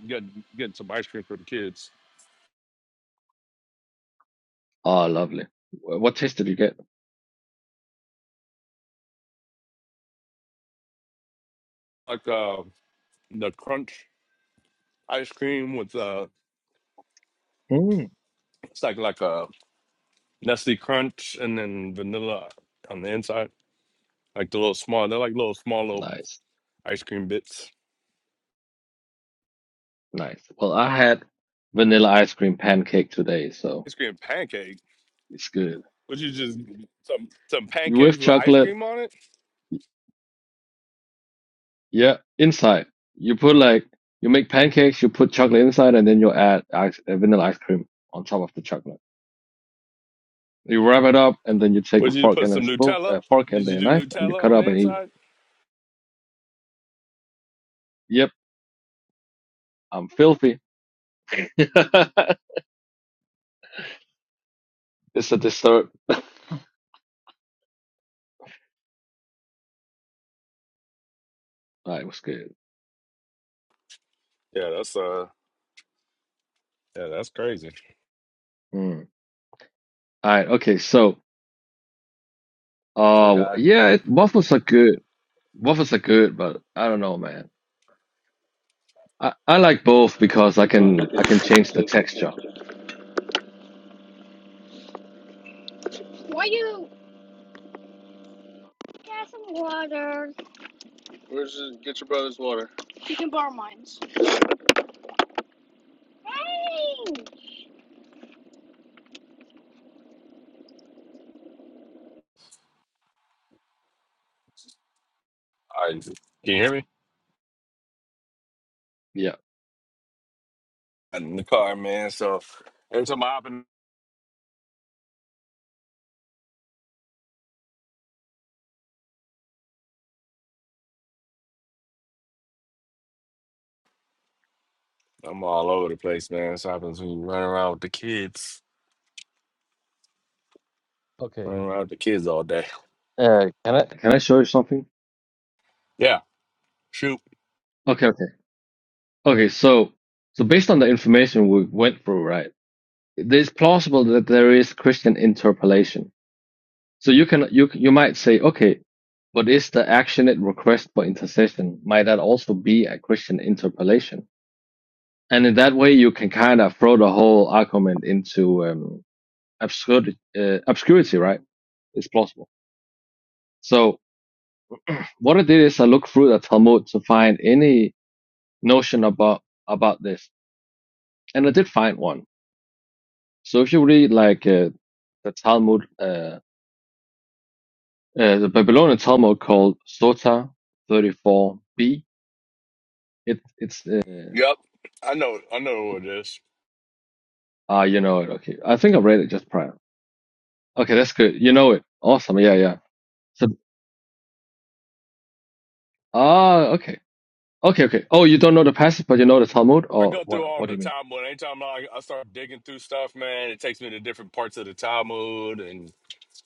[SPEAKER 13] getting getting some ice cream for the kids,
[SPEAKER 12] Oh lovely. Wh- What taste did you get?
[SPEAKER 13] like uh, the crunch ice cream with uh,
[SPEAKER 12] Mm,
[SPEAKER 13] it's like like a Nestle Crunch and then vanilla on the inside, like the little small. They're like little small little
[SPEAKER 12] nice.
[SPEAKER 13] ice cream bits.
[SPEAKER 12] Nice. Well, I had vanilla ice cream pancake today, so
[SPEAKER 13] Ice cream pancake.
[SPEAKER 12] it's good.
[SPEAKER 13] Would you just some some pancakes
[SPEAKER 12] With
[SPEAKER 13] with ice
[SPEAKER 12] chocolate,
[SPEAKER 13] cream on it?
[SPEAKER 12] yeah, inside. You put like, you make pancakes, you put chocolate inside, and then you add ice, uh, vanilla ice cream on top of the chocolate. You wrap it up, and then you take a
[SPEAKER 13] Would you
[SPEAKER 12] fork
[SPEAKER 13] put
[SPEAKER 12] and a
[SPEAKER 13] some
[SPEAKER 12] spoon, a
[SPEAKER 13] Nutella?
[SPEAKER 12] fork
[SPEAKER 13] Did
[SPEAKER 12] and
[SPEAKER 13] you
[SPEAKER 12] a
[SPEAKER 13] do
[SPEAKER 12] knife, and you
[SPEAKER 13] Nutella
[SPEAKER 12] cut
[SPEAKER 13] on the
[SPEAKER 12] up and eat. it.
[SPEAKER 13] inside?
[SPEAKER 12] Yep, I'm filthy. It's a dessert. That was good.
[SPEAKER 13] Yeah, that's uh, yeah, that's crazy.
[SPEAKER 12] Mm. All right, okay, so,
[SPEAKER 13] Full
[SPEAKER 12] uh,
[SPEAKER 13] guy.
[SPEAKER 12] yeah, it, waffles are good. Waffles are good, but I don't know, man. I, I like both because I can I can change the texture.
[SPEAKER 13] Why you get some water? Where's the, get your brother's water? You can borrow mine. Hey! I can you hear me?
[SPEAKER 12] Yeah.
[SPEAKER 13] I'm in the car, man. So every time I hop in, I'm all over the place, man. This happens when you run around with the kids,
[SPEAKER 12] Okay.
[SPEAKER 13] run around with the kids all day.
[SPEAKER 12] Uh, can I? Can I show you something?
[SPEAKER 13] Yeah, shoot.
[SPEAKER 12] Okay, okay. Okay, so so based on the information we went through, right? It is plausible that there is Christian interpolation. So you can you you might say, okay, but is the actionate request for intercession might that also be a Christian interpolation? And in that way, you can kind of throw the whole argument into um, obscurity, uh, obscurity, right? It's plausible. So What I did is I looked through the Talmud to find any notion about about this, and I did find one. So if you read like uh, the Talmud, uh, uh, the Babylonian Talmud called Sota 34b, it it's uh,
[SPEAKER 13] Yep, I know. I know what it is.
[SPEAKER 12] ah you know it. Okay, I think I read it just prior. Okay, that's good. You know it. Awesome. Yeah, yeah. So ah okay, okay, okay. Oh, you don't know the passage, but you know the Talmud,
[SPEAKER 13] I
[SPEAKER 12] or
[SPEAKER 13] go through
[SPEAKER 12] what?
[SPEAKER 13] all
[SPEAKER 12] What
[SPEAKER 13] the
[SPEAKER 12] do you mean?
[SPEAKER 13] Talmud. Anytime I, I start digging through stuff, man, it takes me to different parts of the Talmud and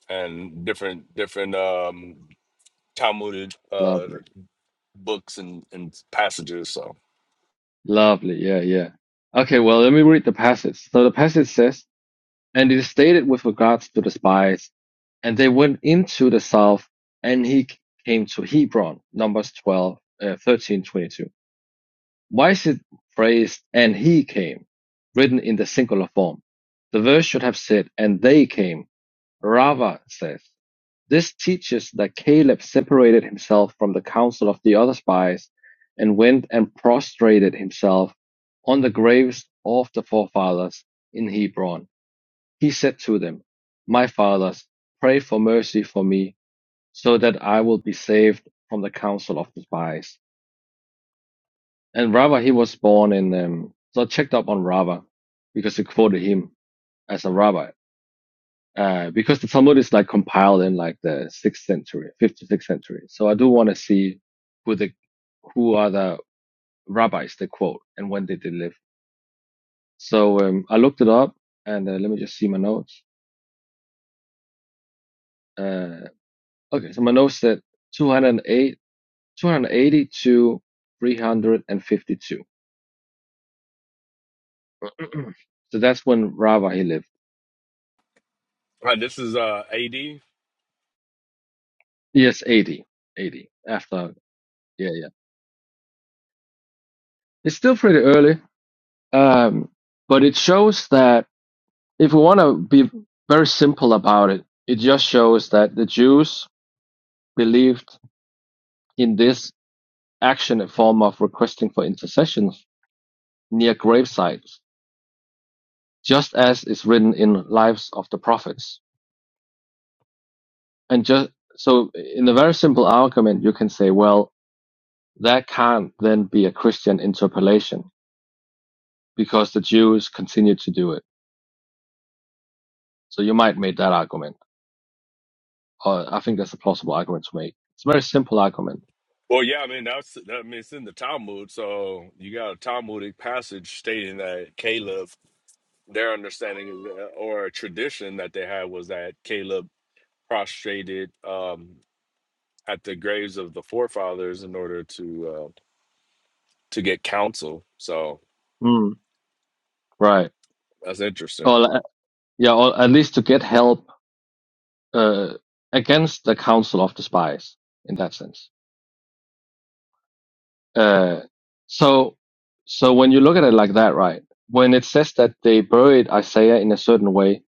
[SPEAKER 13] and different different um Talmudic uh
[SPEAKER 12] Lovely,
[SPEAKER 13] books and and passages. So
[SPEAKER 12] lovely. Yeah, yeah. Okay, well, let me read the passage. So the passage says. And it is stated with regards to the spies, and they went into the south, and he came to Hebron, Numbers 12, uh, 13, twenty-two. Why is it phrased, and he came, written in the singular form? The verse should have said, and they came. Rava says, this teaches that Caleb separated himself from the council of the other spies and went and prostrated himself on the graves of the forefathers in Hebron he said to them, My fathers, pray for mercy for me, so that I will be saved from the counsel of the spies." And Rava, he was born in, um, so I checked up on Rava because they quoted him as a rabbi. Uh, because the Talmud is like compiled in like the sixth century, fifth to sixth century. So I do want to see who the, who are the rabbis they quote and when did they live. So, um, I looked it up and uh, let me just see my notes. Uh, okay. So my notes said 208 280 to 352. so that's when Rava he lived.
[SPEAKER 13] All right, this is uh, AD.
[SPEAKER 12] Yes, eighty, eighty after. Yeah, yeah. It's still pretty early, um, but it shows that if we want to be very simple about it, it just shows that the Jews believed in this action and form of requesting for intercessions near gravesites, just as is written in Lives of the Prophets. And just so, in a very simple argument, you can say, well, That can't then be a Christian interpolation because the Jews continued to do it. So you might make that argument. or I think that's a plausible argument to make. It's a very simple argument.
[SPEAKER 13] Well, yeah, I mean that's that, I mean it's in the Talmud, so you got a Talmudic passage stating that Caleb, their understanding is that- or a tradition that they had was that Caleb prostrated um, at the graves of the forefathers in order to uh, to get counsel. So
[SPEAKER 12] Mm, right.
[SPEAKER 13] that's interesting.
[SPEAKER 12] Or uh, yeah, or at least to get help uh, against the council of the spies in that sense. Uh, so so when you look at it like that, right? When it says that they buried Isaiah in a certain way,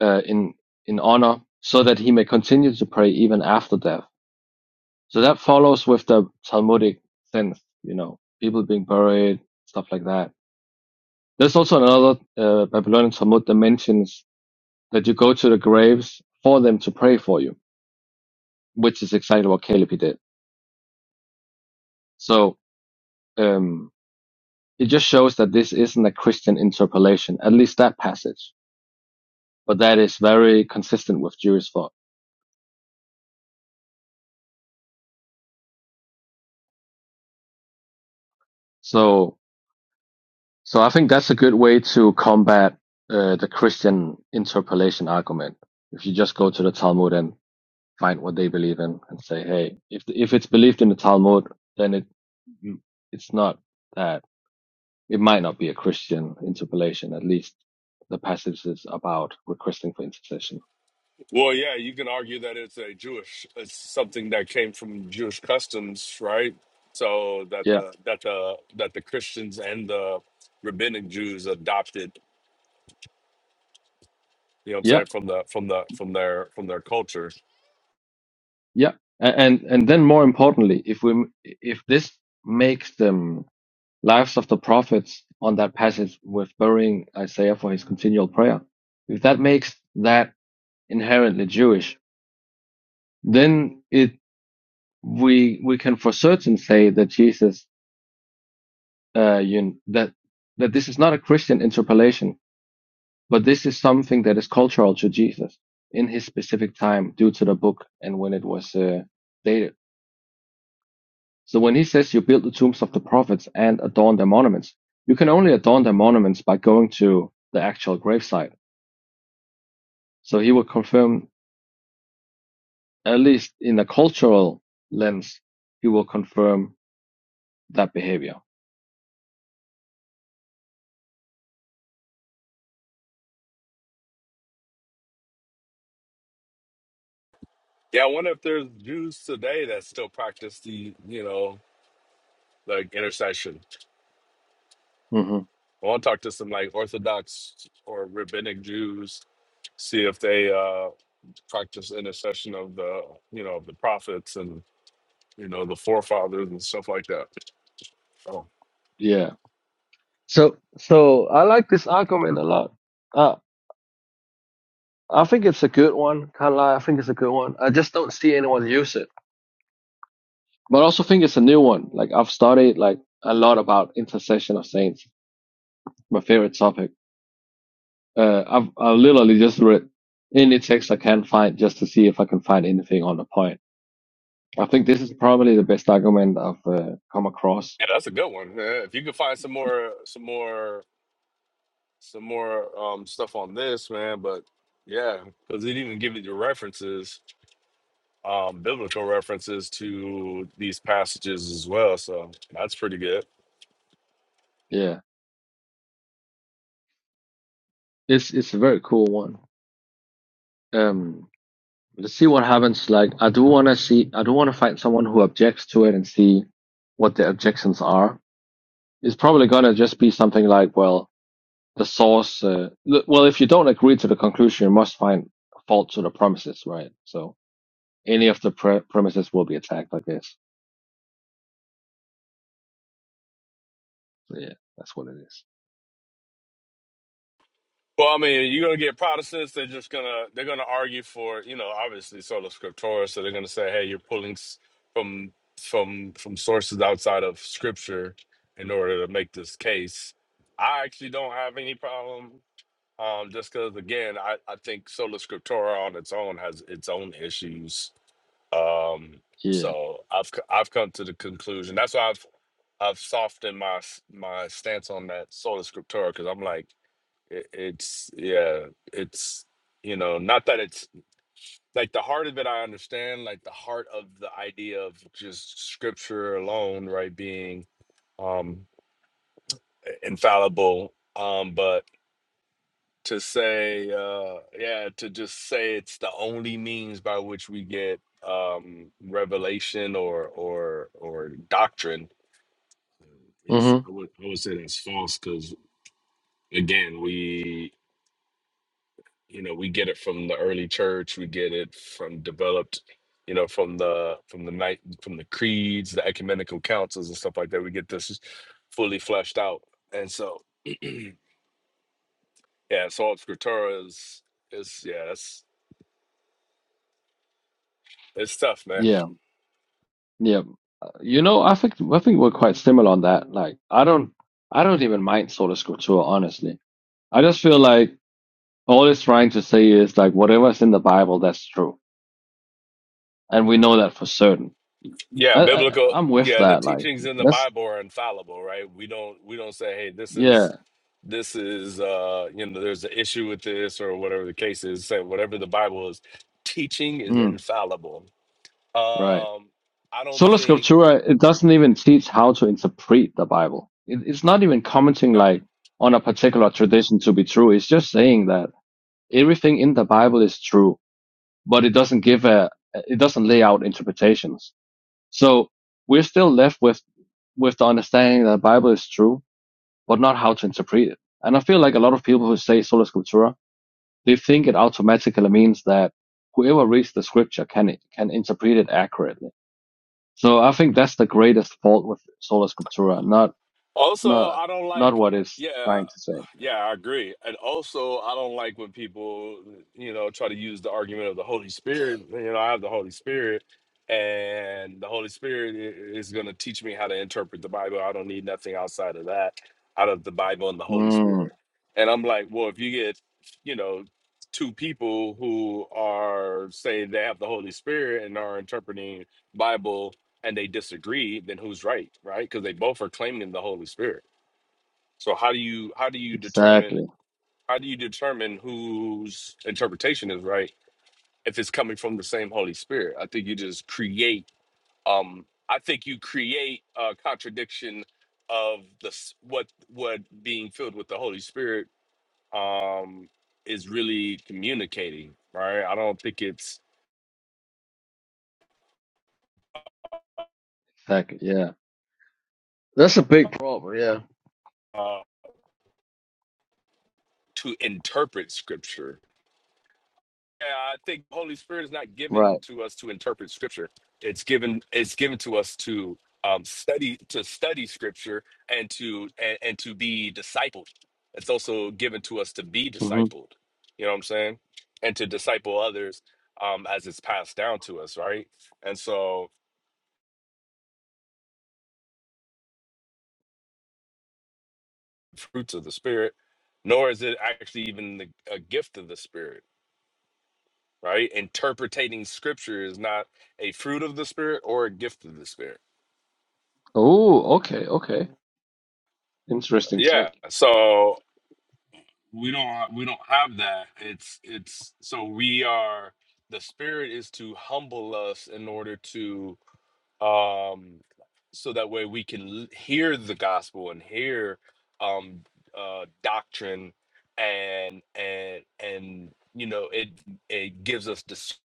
[SPEAKER 12] uh, in in honor, so that he may continue to pray even after death So that follows with the Talmudic sense, you know, people being buried, stuff like that. There's also another uh, Babylonian Talmud that mentions that you go to the graves for them to pray for you, which is exactly what Caleb did. So um, it just shows that this isn't a Christian interpolation, at least that passage, but that is very consistent with Jewish thought. So, so I think that's a good way to combat uh, the Christian interpolation argument if you just go to the Talmud and find what they believe in and say, hey, if if it's believed in the Talmud, then it it's not that it might not be a Christian interpolation. At least the passage is about requesting for intercession.
[SPEAKER 13] Well, yeah, you can argue that it's a Jewish, it's something that came from Jewish customs, right? So that
[SPEAKER 12] Yeah,
[SPEAKER 13] the that the that the Christians and the rabbinic Jews adopted, you know what I'm
[SPEAKER 12] yeah,
[SPEAKER 13] saying, from the from the from their from their culture.
[SPEAKER 12] yeah. A- And and then more importantly, if we if this makes them lives of the prophets on that passage with burying Isaiah for his continual prayer, if that makes that inherently Jewish, then it we we can for certain say that Jesus uh, you, that that this is not a Christian interpolation, but this is something that is cultural to Jesus in his specific time due to the book and when it was uh, dated. So when he says you build the tombs of the prophets and adorn their monuments, you can only adorn their monuments by going to the actual gravesite. So he will confirm, at least in a cultural lens, he will confirm that behavior.
[SPEAKER 13] Yeah, I wonder if there's Jews today that still practice the, you know, like intercession.
[SPEAKER 12] hmm
[SPEAKER 13] I want to talk to some like Orthodox or rabbinic Jews, see if they uh practice intercession of the, you know, of the prophets and. you know, the forefathers and stuff like that. So
[SPEAKER 12] Yeah. So so I like this argument a lot. Uh, I think it's a good one. Can't lie, I think it's a good one. I just don't see anyone use it. But I also think it's a new one. Like I've studied like a lot about intercession of saints, my favorite topic. Uh, I've I literally just read any text I can find just to see if I can find anything on the point. I think this is probably the best argument I've uh, come across.
[SPEAKER 13] yeah, that's a good one. Man. If you could find some more, some more, some more um, stuff on this, man. But yeah, because it even gives you the references, um, biblical references to these passages as well. So that's pretty good.
[SPEAKER 12] Yeah, it's it's a very cool one. Um, let's see what happens. Like, I do want to see. I do want to find someone who objects to it and see what their objections are. It's probably gonna just be something like, well, the source. Uh, l- well, if you don't agree to the conclusion, you must find fault to the premises, right? So. Any of the pre- premises will be attacked, I guess. Yeah, that's what it is.
[SPEAKER 13] Well, I mean, you're gonna get Protestants. They're just gonna they're gonna argue for you know obviously sola scriptura. So they're gonna say, hey, you're pulling s- from from from sources outside of Scripture in order to make this case. I actually don't have any problem, um, just because again, I I think sola scriptura on its own has its own issues. Um,
[SPEAKER 12] Yeah.
[SPEAKER 13] so I've c- I've come to the conclusion. That's why I've I've softened my s- my stance on that sola scriptura because I'm like it, it's yeah it's you know not that it's like the heart of it i understand like the heart of the idea of just scripture alone right being um infallible um but to say uh yeah to just say it's the only means by which we get um revelation or or or doctrine is
[SPEAKER 12] Mm-hmm.
[SPEAKER 13] i would i would say that's false because again we. you know we get it from the early church we get it from developed you know from the from the night from the creeds the ecumenical councils and stuff like that we get this fully fleshed out and so yeah so scriptura is is yeah that's it's tough man
[SPEAKER 12] Yeah. Yeah. You know, I think I think we're quite similar on that. Like, I don't, I don't even mind sola scriptura, honestly. I just feel like all it's trying to say is like whatever's in the Bible, that's true, and we know that for certain.
[SPEAKER 13] yeah
[SPEAKER 12] I, I,
[SPEAKER 13] biblical
[SPEAKER 12] I'm with
[SPEAKER 13] yeah the
[SPEAKER 12] that. Like,
[SPEAKER 13] teachings in the
[SPEAKER 12] that's
[SPEAKER 13] bible are infallible right we don't we don't say hey this
[SPEAKER 12] yeah.
[SPEAKER 13] is this is uh you know there's an issue with this or whatever the case is say whatever the bible is teaching is
[SPEAKER 12] Mm,
[SPEAKER 13] infallible
[SPEAKER 12] right.
[SPEAKER 13] Um, I don't
[SPEAKER 12] Sola
[SPEAKER 13] think.
[SPEAKER 12] Scriptura, it doesn't even teach how to interpret the Bible. It, it's not even commenting
[SPEAKER 13] no.
[SPEAKER 12] like on a particular tradition to be true. It's just saying that everything in the Bible is true, but it doesn't give a, it doesn't lay out interpretations. So we're still left with, with the understanding that the Bible is true, but not how to interpret it. And I feel like a lot of people who say Sola Scriptura, they think it automatically means that whoever reads the scripture can, can interpret it accurately so I think that's the greatest fault with sola scriptura, not
[SPEAKER 13] Also,
[SPEAKER 12] not
[SPEAKER 13] I don't
[SPEAKER 12] not
[SPEAKER 13] like.
[SPEAKER 12] what it's
[SPEAKER 13] Yeah,
[SPEAKER 12] trying to say.
[SPEAKER 13] yeah, I agree. And also, I don't like when people, you know, try to use the argument of the Holy Spirit. You know, I have the Holy Spirit, and the Holy Spirit i- is going to teach me how to interpret the Bible. I don't need nothing outside of that, out of the Bible and the Holy
[SPEAKER 12] Mm,
[SPEAKER 13] Spirit. And I'm like, well, if you get, you know, two people who are saying they have the Holy Spirit and are interpreting Bible and they disagree, then who's right, right? Because they both are claiming the Holy Spirit. So how do you how do you determine
[SPEAKER 12] exactly,
[SPEAKER 13] how do you determine whose interpretation is right if it's coming from the same Holy Spirit? I think you just create. Um, I think you create a contradiction of the s- what what being filled with the Holy Spirit um, is really communicating, right? I don't think it's
[SPEAKER 12] exactly. Yeah, That's a big problem, yeah.
[SPEAKER 13] uh, to interpret Scripture. Yeah, I think the Holy Spirit is not given
[SPEAKER 12] right.
[SPEAKER 13] to us to interpret Scripture. It's given it's given to us to um, study to study Scripture and to and, and to be discipled. It's also given to us to be
[SPEAKER 12] hmm
[SPEAKER 13] discipled. You know what I'm saying? And to disciple others um, as it's passed down to us, right? And so fruits of the Spirit, nor is it actually even the, a gift of the Spirit, right? Interpreting Scripture is not a fruit of the Spirit or a gift of the Spirit
[SPEAKER 12] Oh, okay, okay. Interesting
[SPEAKER 13] Yeah.
[SPEAKER 12] take.
[SPEAKER 13] So we don't we don't have that. It's it's so we are the spirit is to humble us in order to um so that way we can l- hear the gospel and hear um uh doctrine and and and you know it it gives us dis-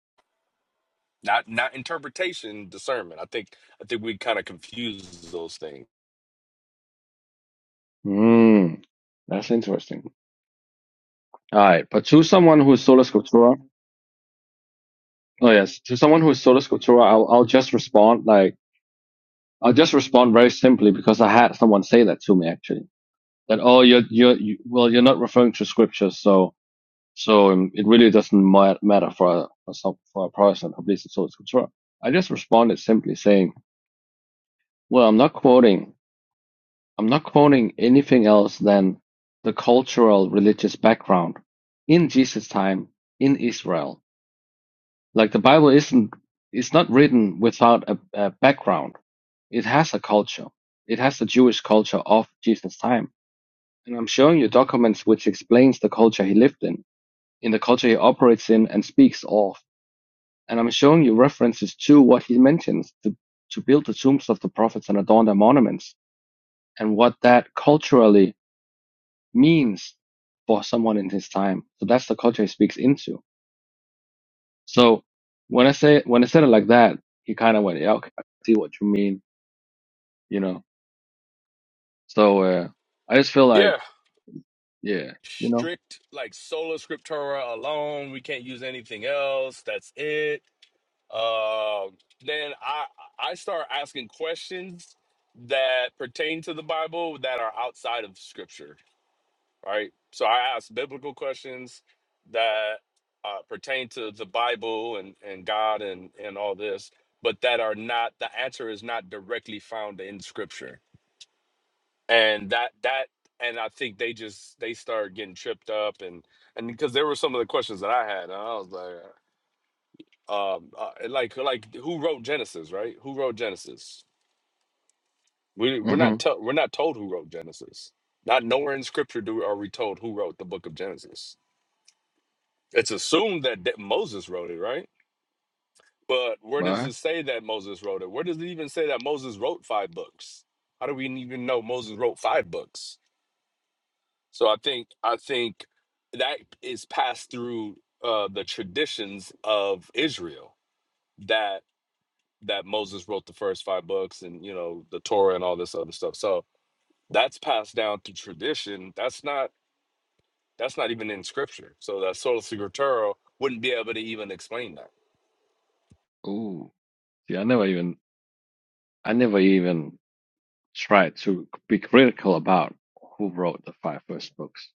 [SPEAKER 13] not not interpretation discernment. I think I think we kind of confuse those things.
[SPEAKER 12] Mm, that's interesting. All right, but to someone who is sola scriptura, oh yes, to someone who is sola scriptura, I'll I'll just respond like I'll just respond very simply because I had someone say that to me actually. That oh, you're you're you, well, you're not referring to scripture, so. So um, it really doesn't ma- matter for a, for, some, for a Protestant who believes in source control. I just responded simply saying, well, I'm not quoting, I'm not quoting anything else than the cultural religious background in Jesus' time in Israel. Like the Bible isn't, it's not written without a, a background. It has a culture. It has the Jewish culture of Jesus' time. And I'm showing you documents which explains the culture he lived in, in the culture he operates in and speaks of And I'm showing you references to what he mentions to, to build the tombs of the prophets and adorn their monuments and what that culturally means for someone in his time. So that's the culture he speaks into. So when I say when I said it like that, he kind of went, "Yeah, okay, I see what you mean," you know. So uh, I just feel like,
[SPEAKER 13] Yeah.
[SPEAKER 12] yeah, you know,
[SPEAKER 13] strict like sola scriptura alone. We can't use anything else. That's it. Uh, then I I start asking questions that pertain to the Bible that are outside of Scripture, right? So I ask biblical questions that uh, pertain to the Bible and and God and and all this, but that are not the answer is not directly found in Scripture and that that and I think they just they started getting tripped up and and because there were some of the questions that I had and I was like um uh, and like like who wrote Genesis right who wrote Genesis we we're
[SPEAKER 12] hmm
[SPEAKER 13] not to, we're not told who wrote Genesis not nowhere in scripture do are we told who wrote the book of Genesis it's assumed that, that Moses wrote it right but where does
[SPEAKER 12] right?
[SPEAKER 13] it say that Moses wrote it where does it even say that Moses wrote five books how do we even know Moses wrote five books So I think I think that is passed through uh, the traditions of Israel that that Moses wrote the first five books and you know the Torah and all this other stuff. So that's passed down through tradition. That's not that's not even in scripture. So that sola scriptura wouldn't be able to even explain that.
[SPEAKER 12] Ooh, see, I never even I never even tried to be critical about who wrote the five first books.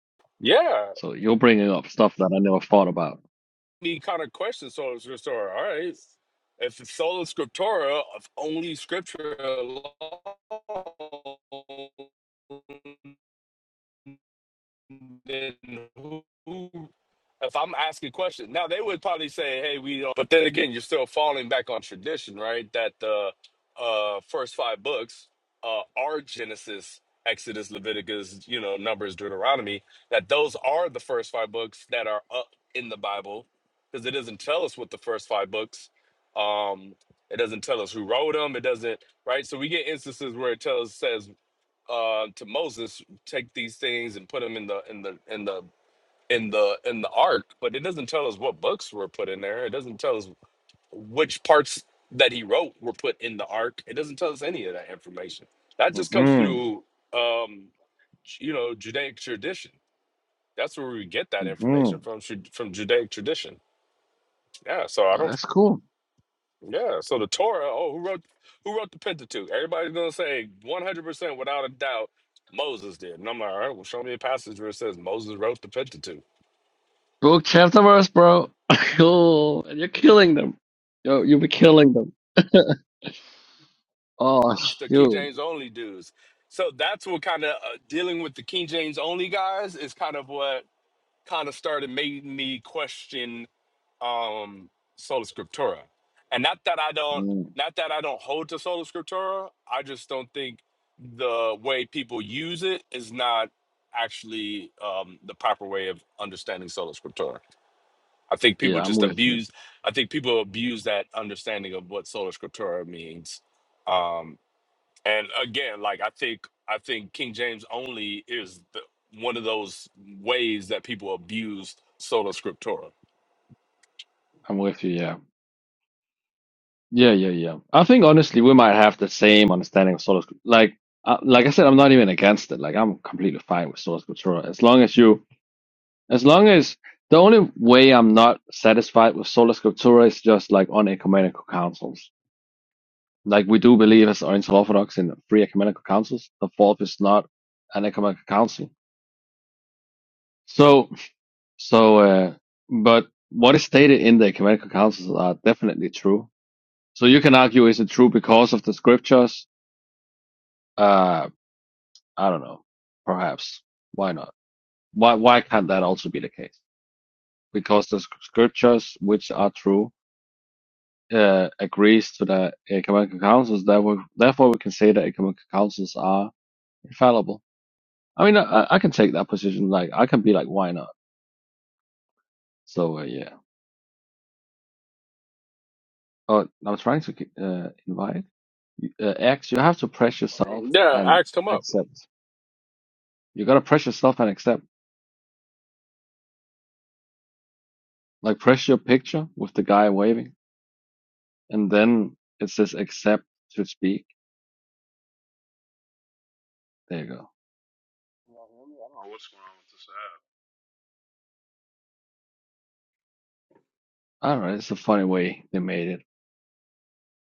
[SPEAKER 13] Yeah,
[SPEAKER 12] So you're bringing up stuff that I never thought about.
[SPEAKER 13] me kind of question sola scriptura. All right, if it's sola scriptura if only scripture alone, then who, who- if I'm asking questions, now they would probably say, "Hey, we," don't, but then again, you're still falling back on tradition, right? That the uh, first five books uh, are Genesis, Exodus, Leviticus, you know, Numbers, Deuteronomy. That those are the first five books that are up in the Bible, because it doesn't tell us what the first five books. Um, it doesn't tell us who wrote them. It doesn't, right? So we get instances where it tells says uh, to Moses, take these things and put them in the in the in the in the in the ark, but it doesn't tell us what books were put in there. It doesn't tell us which parts that he wrote were put in the ark. It doesn't tell us any of that information. That just comes
[SPEAKER 12] Mm-hmm.
[SPEAKER 13] through, um, you know, Judaic tradition. That's where we get that
[SPEAKER 12] Mm-hmm.
[SPEAKER 13] information from. Ju- From Judaic tradition. Yeah. So I
[SPEAKER 12] Oh,
[SPEAKER 13] don't.
[SPEAKER 12] that's cool.
[SPEAKER 13] Yeah. So the Torah. Oh, who wrote who wrote the Pentateuch? Everybody's gonna say one hundred percent without a doubt Moses did. And I'm like, all right, well, show me a passage where it says Moses wrote the Pentateuch.
[SPEAKER 12] Book chapter verse, bro. cool. And you're killing them. Yo, you'll be killing them. Oh,
[SPEAKER 13] It's the King
[SPEAKER 12] shoot.
[SPEAKER 13] James only dudes. So that's what kind of uh, dealing with the King James only guys is kind of what kind of started making me question. um sola scriptura and not that i don't
[SPEAKER 12] Mm.
[SPEAKER 13] not that i don't hold to sola scriptura i just don't think the way people use it is not actually um the proper way of understanding sola scriptura i think people
[SPEAKER 12] Yeah, I'm
[SPEAKER 13] just
[SPEAKER 12] with you.
[SPEAKER 13] abuse i think people abuse that understanding of what sola scriptura means um and again like i think i think king james only is the, one of those ways that people abuse sola scriptura
[SPEAKER 12] I'm with you. Yeah. Yeah, yeah, yeah. I think honestly, we might have the same understanding of source. Like, uh, like I said, I'm not even against it. Like, I'm completely fine with source scriptura as long as you, as long as the only way I'm not satisfied with sola scriptura is just like on ecumenical councils Like we do believe as Oriental Orthodox in free ecumenical councils, the fourth is not an ecumenical council. So, so, uh, but what is stated in the ecumenical councils are definitely true. So you can argue, is it true because of the scriptures? Uh, I don't know. Perhaps. Why not? Why, why can't that also be the case? Because the scriptures, which are true, uh, agrees to the ecumenical councils. Therefore, therefore we can say that ecumenical councils are infallible. I mean, I, I can take that position. Like, I can be like, why not? So, uh, yeah. Oh, I am trying to uh, invite uh, X. You have to press yourself
[SPEAKER 13] yeah
[SPEAKER 12] and
[SPEAKER 13] ask him up
[SPEAKER 12] accept. You gotta press yourself and accept. Like, press your picture with the guy waving, and then it says accept to speak. There you go.
[SPEAKER 14] me? Can y'all hear me? I don't know what's going on with this app.
[SPEAKER 12] All right, it's a funny way they made it.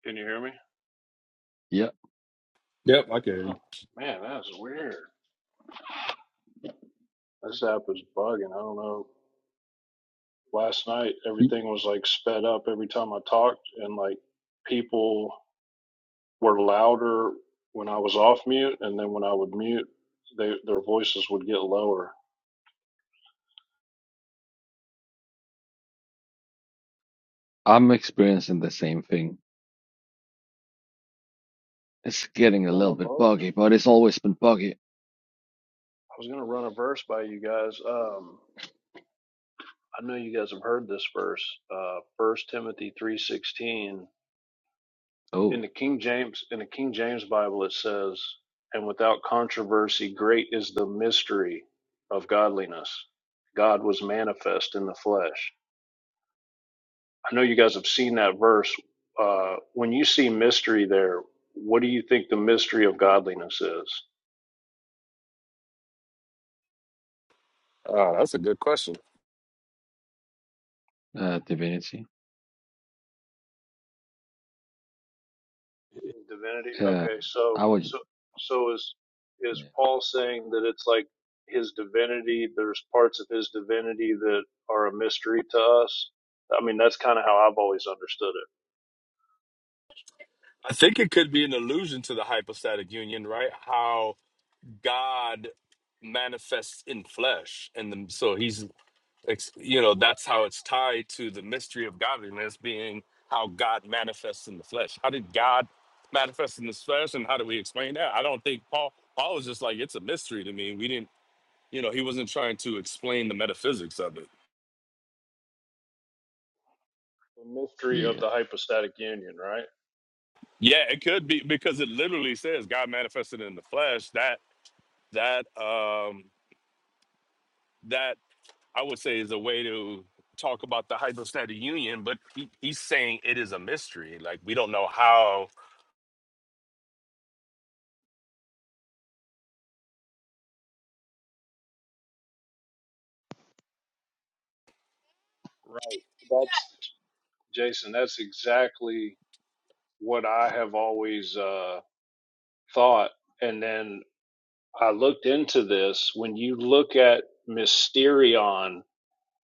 [SPEAKER 14] Can you hear me?
[SPEAKER 12] Yeah,
[SPEAKER 14] Huh. Man, that's weird. This app is bugging. I don't know. Last night,
[SPEAKER 12] Y-
[SPEAKER 14] everything was like sped up every time I talked, and like people were louder when I was off mute, and then when I would mute, they, their voices would get lower.
[SPEAKER 12] I'm experiencing the same thing. It's getting a
[SPEAKER 14] Run
[SPEAKER 12] little
[SPEAKER 14] a
[SPEAKER 12] bit
[SPEAKER 14] verse.
[SPEAKER 12] buggy, but it's always been buggy.
[SPEAKER 14] I was gonna run a verse by you guys. Um, I know you guys have heard this verse. Uh, First Timothy three sixteen. in
[SPEAKER 12] Oh,
[SPEAKER 14] the King James in the King James Bible it says, "And without controversy, great is the mystery of godliness. God was manifest in the flesh." I know you guys have seen that verse. Uh, when you see mystery there, what do you think the mystery of godliness is?
[SPEAKER 13] Oh, that's a good question.
[SPEAKER 12] uh, divinity.
[SPEAKER 14] Divinity.
[SPEAKER 12] Uh,
[SPEAKER 14] Okay,
[SPEAKER 12] I
[SPEAKER 14] so
[SPEAKER 12] would.
[SPEAKER 14] so so is is
[SPEAKER 12] Yeah.
[SPEAKER 14] Paul saying that it's like his divinity? There's parts of his divinity that are a mystery to us. I mean, that's kind of how I've always understood it.
[SPEAKER 13] I think it could be an allusion to the hypostatic union, right? How God manifests in flesh, and the, so he's, ex- you know, that's how it's tied to the mystery of godliness being how God manifests in the flesh. How did God manifest in the flesh, and how do we explain that? I don't think Paul. Paul was just like, it's a mystery to me. We didn't, you know, he wasn't trying to explain the metaphysics of it.
[SPEAKER 14] The mystery
[SPEAKER 12] yeah.
[SPEAKER 14] of the hypostatic union, right?
[SPEAKER 13] Yeah, it could be because it literally says God manifested in the flesh. That that um that I would say is a way to talk about the hydrostatic union, but he, he's saying it is a mystery. Like we don't know how.
[SPEAKER 14] Right. That's Jason. That's exactly what I have always uh, thought. And then I looked into this. When you look at mysterion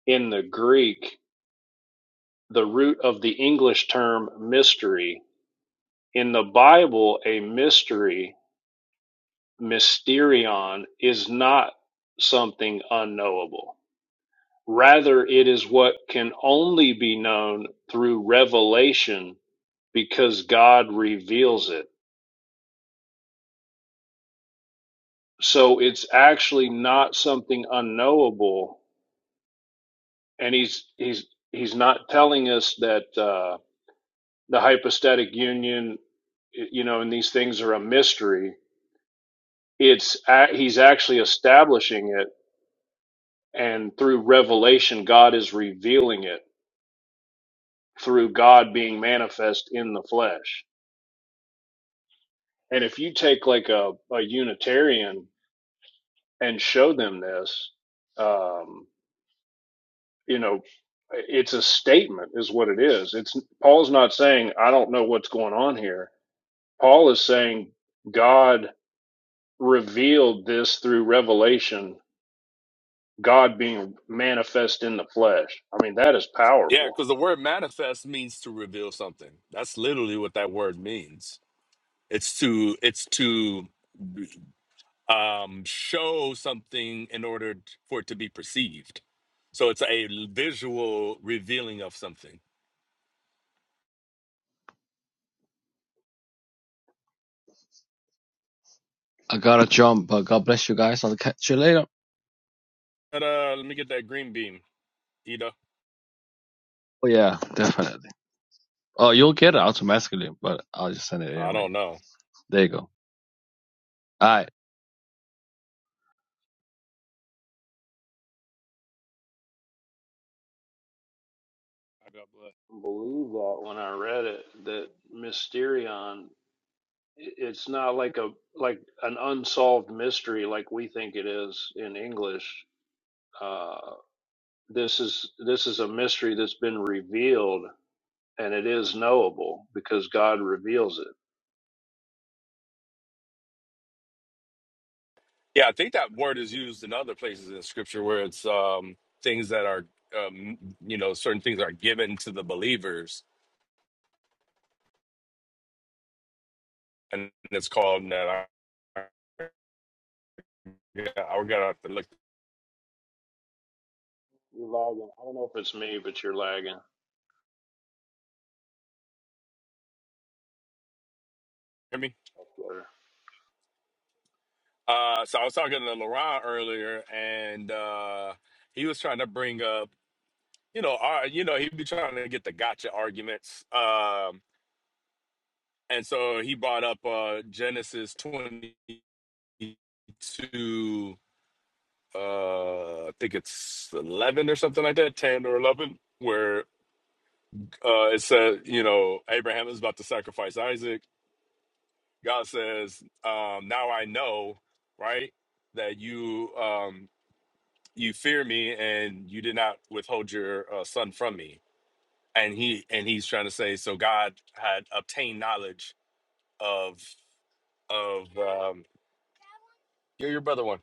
[SPEAKER 14] in the Greek, the root of the English term mystery, in the Bible, a mystery, mysterion, is not something unknowable. Rather, it is what can only be known through revelation because God reveals it. So it's actually not something unknowable. And he's, he's, he's not telling us that, uh, the hypostatic union, you know, and these things are a mystery. It's, a- he's actually establishing it. And through revelation, God is revealing it through God being manifest in the flesh. And if you take like a, a Unitarian and show them this, um, you know, it's a statement, is what it is. It's Paul's not saying I don't know what's going on here. Paul is saying God revealed this through revelation, God being manifest in the flesh. I mean, that is
[SPEAKER 13] Yeah,
[SPEAKER 14] powerful.
[SPEAKER 13] because the word manifest means to reveal something. That's literally what that word means. It's to it's to um, show something in order t- for it to be perceived. So it's a l- visual revealing of something.
[SPEAKER 12] I gotta jump, but God bless you guys. I'll catch you later.
[SPEAKER 13] But uh, let me get that green beam, Ida.
[SPEAKER 12] Oh yeah, definitely. Oh, you'll get it automatically, but I'll just send it
[SPEAKER 13] I
[SPEAKER 12] anyway.
[SPEAKER 13] don't know.
[SPEAKER 12] There you go. All right.
[SPEAKER 14] I got blessed. I believe that when I read it, that Mysterion it's not like a like an unsolved mystery like we think it is in English. Uh, this is this is a mystery that's been revealed, and it is knowable because God reveals it.
[SPEAKER 13] Yeah, I think that word is used in other places in scripture where it's um, things that are, um, you know, certain things are given to the believers. And it's called that. I, yeah, I got to have to look.
[SPEAKER 14] You're lagging. I don't know if it's me, but you're lagging.
[SPEAKER 13] Hear me?
[SPEAKER 14] That's better.
[SPEAKER 13] Uh, so I was talking to Laurent earlier, and uh, he was trying to bring up, you know, our, you know, he'd be trying to get the gotcha arguments. Um, and so he brought up uh, Genesis 22 uh I think it's 11 or something like that, 10 or 11, where uh it says, you know, Abraham is about to sacrifice Isaac. God says, um now I know, right? That you um you fear me and you did not withhold your uh, son from me. And he and he's trying to say so God had obtained knowledge of of um you're your brother one.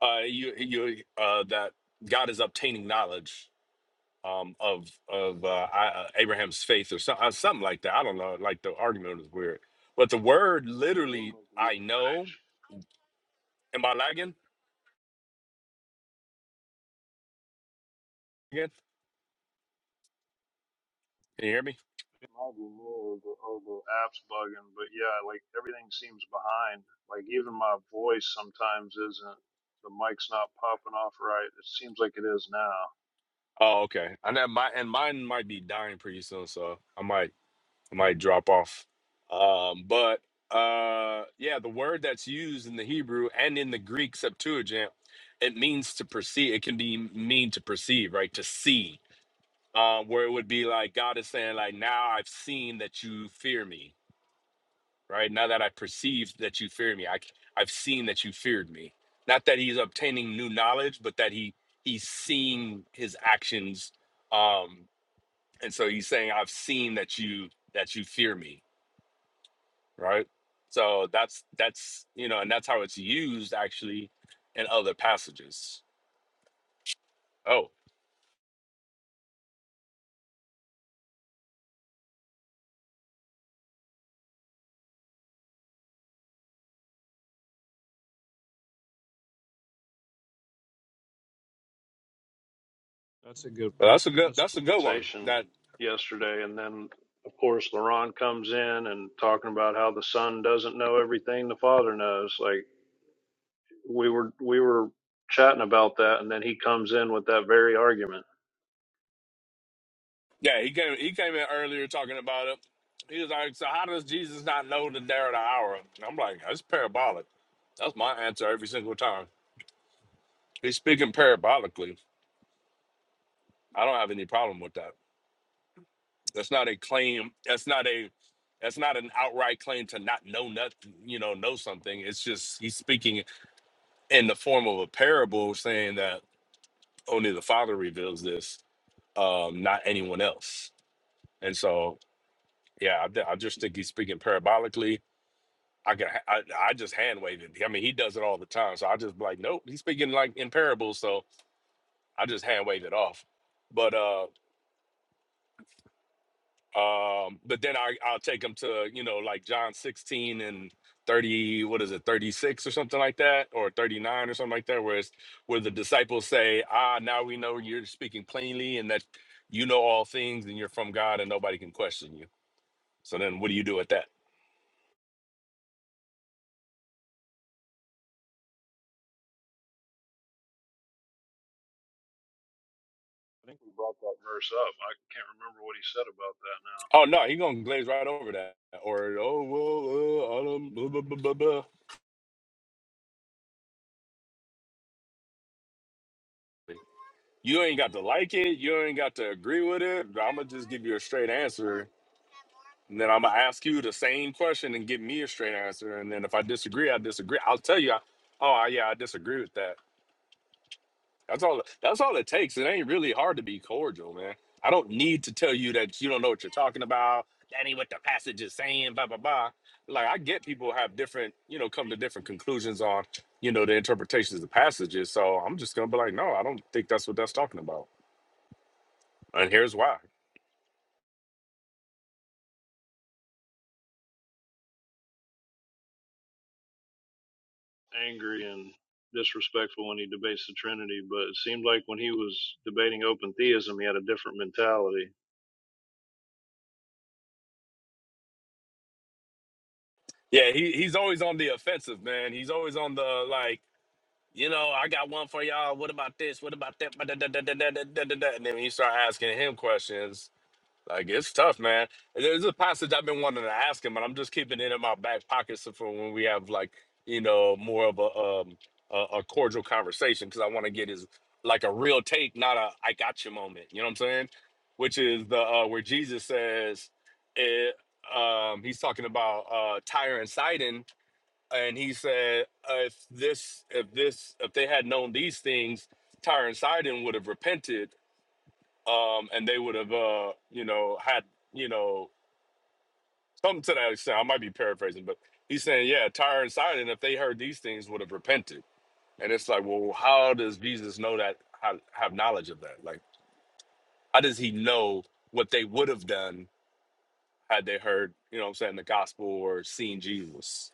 [SPEAKER 13] Uh you you uh that God is obtaining knowledge um, of of uh, I, uh, Abraham's faith or so, uh, something like that. I don't know. Like the argument is weird, but the word literally, I
[SPEAKER 14] Yesterday,
[SPEAKER 13] know. Am I lagging again? Can you hear me?
[SPEAKER 14] it might be me or the, or the app's bugging, but yeah, like everything seems behind. Like even my voice sometimes isn't. The mic's not popping off right. It seems like it is now.
[SPEAKER 13] Oh, okay. And that my and mine might be dying pretty soon, so I might I might drop off. Um, but uh, yeah, the word that's used in the Hebrew and in the Greek Septuagint, it means to perceive. It can be mean to perceive, right? To see um, where it would be like God is saying, like, now I've seen that you fear me, right? Now that I perceived that you fear me, I, I've seen that you feared me. Not that he's obtaining new knowledge, but that he he's seeing his actions, um, and so he's saying, I've seen that you that you fear me, right? So that's that's you know, and that's how it's used actually in other passages. Oh,
[SPEAKER 14] That's a good.
[SPEAKER 13] well, that's a good
[SPEAKER 14] That's
[SPEAKER 13] that's a good one.
[SPEAKER 14] conversation
[SPEAKER 13] that.
[SPEAKER 14] yesterday, and then of course LaRon comes in and talking about how the son doesn't know everything the father knows. Like we were we were chatting about that, and then he comes in with that very argument.
[SPEAKER 13] Yeah, he came he came in earlier talking about it. He was like, So how does Jesus not know the day or the hour? And I'm like, that's parabolic. That's my answer every single time. He's speaking parabolically. I don't have any problem with that. That's not a claim. That's not a that's not an outright claim to not know nothing, you know, know something. It's just he's speaking in the form of a parable saying that only the father reveals this, um, not anyone else. And so yeah, I, I just think he's speaking parabolically I can ha- I, I just hand wave it. I mean, he does it all the time. So I just be like, nope, he's speaking like in parables. So I just hand wave it off. But uh um but then I I'll take him to, you know, like John 16 and 30, what is it, 36 or something like that, or 39 or something like that, where it's where the disciples say, Ah, now we know you're speaking plainly and that you know all things and you're from God and nobody can question you. So then what do you do at that?
[SPEAKER 14] I think we brought that verse up. I can't remember what he said about that now.
[SPEAKER 13] Oh no, he gonna glaze right over that. Or oh well, uh, I don't- blah, blah, blah, blah, blah. you ain't got to like it. You ain't got to agree with it. I'm gonna just give you a straight answer, and then I'm gonna ask you the same question and give me a straight answer. And then if I disagree, I disagree. I'll tell you, I, oh yeah, I disagree with that. That's all. That's all it takes. It ain't really hard to be cordial, man. I don't need to tell you that you don't know what you're talking about. That ain't what the passage is saying. Blah blah blah. Like I get people have different, you know, come to different conclusions on, you know, the interpretations of passages. So I'm just gonna be like, no, I don't think that's what that's talking about. And here's why.
[SPEAKER 14] Angry and disrespectful when he debates the Trinity, but it seemed like when he was debating open theism, he had a different mentality.
[SPEAKER 13] Yeah, he he's always on the offensive, man. He's always on the like, you know, I got one for y'all. What about this? What about that? Ba- da- da- da- da- da- da- da- da- da. And then when you start asking him questions, Like it's tough, man. There's a passage I've been wanting to ask him, and I'm just keeping it in my back pocket so for when we have like you know more of a um a, a cordial conversation because I want to get his like a real take, not a I got you moment. You know what I'm saying? Which is the uh, where Jesus says, it, um, he's talking about uh, Tyre and Sidon, and he said uh, if this if this if they had known these things, Tyre and Sidon would have repented um, and they would have, uh, you know, had, you know, something to that extent. I might be paraphrasing, but he's saying, yeah, Tyre and Sidon, if they heard these things, would have repented. And it's like, well, how does Jesus know that? How have knowledge of that? Like, how does he know what they would have done had they heard, you know, what I'm saying the gospel or seen Jesus?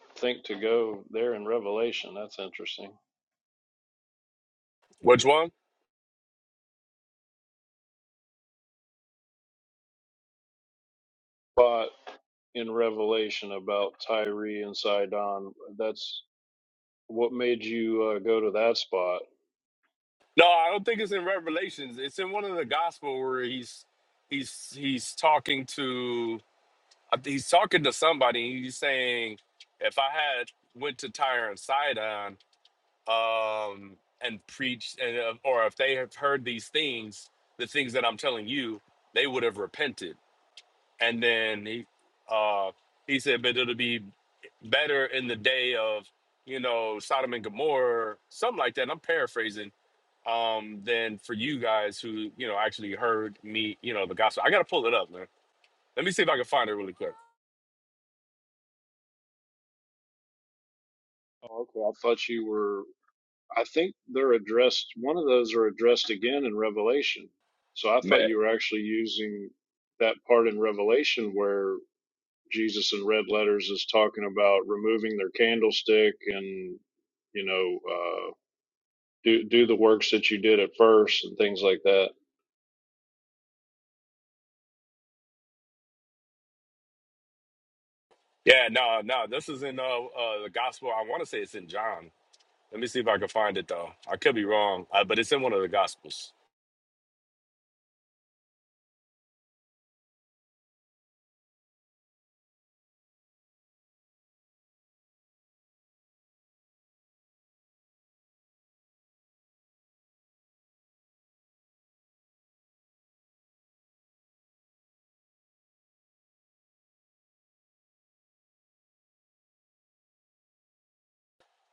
[SPEAKER 14] I think to go there in Revelation, that's interesting.
[SPEAKER 13] Which one?
[SPEAKER 14] spot in Revelation about Tyre and Sidon. That's what made you uh, go to that spot.
[SPEAKER 13] No, I don't think it's in Revelations. It's in one of the gospel where he's he's he's talking to I think he's talking to somebody. and He's saying, if I had went to Tyre and Sidon um, and preached, and, uh, or if they have heard these things, the things that I'm telling you, they would have repented. And then he, uh, he said, but it'll be better in the day of, you know, Sodom and Gomorrah, something like that. I'm paraphrasing um than for you guys who you know actually heard me you know the gospel i gotta pull it up man let me see if i can find it really quick
[SPEAKER 14] Oh, okay. I thought you were. I think they're addressed. One of those are addressed again in Revelation. So I thought you were actually using that part in Revelation where Jesus in red letters is talking about removing their candlestick and you know uh, do do the works that you did at first and things like that.
[SPEAKER 13] Yeah, no, no. This is in uh, uh the gospel. I want to say it's in John. Let me see if I can find it though. I could be wrong, uh, but it's in one of the gospels.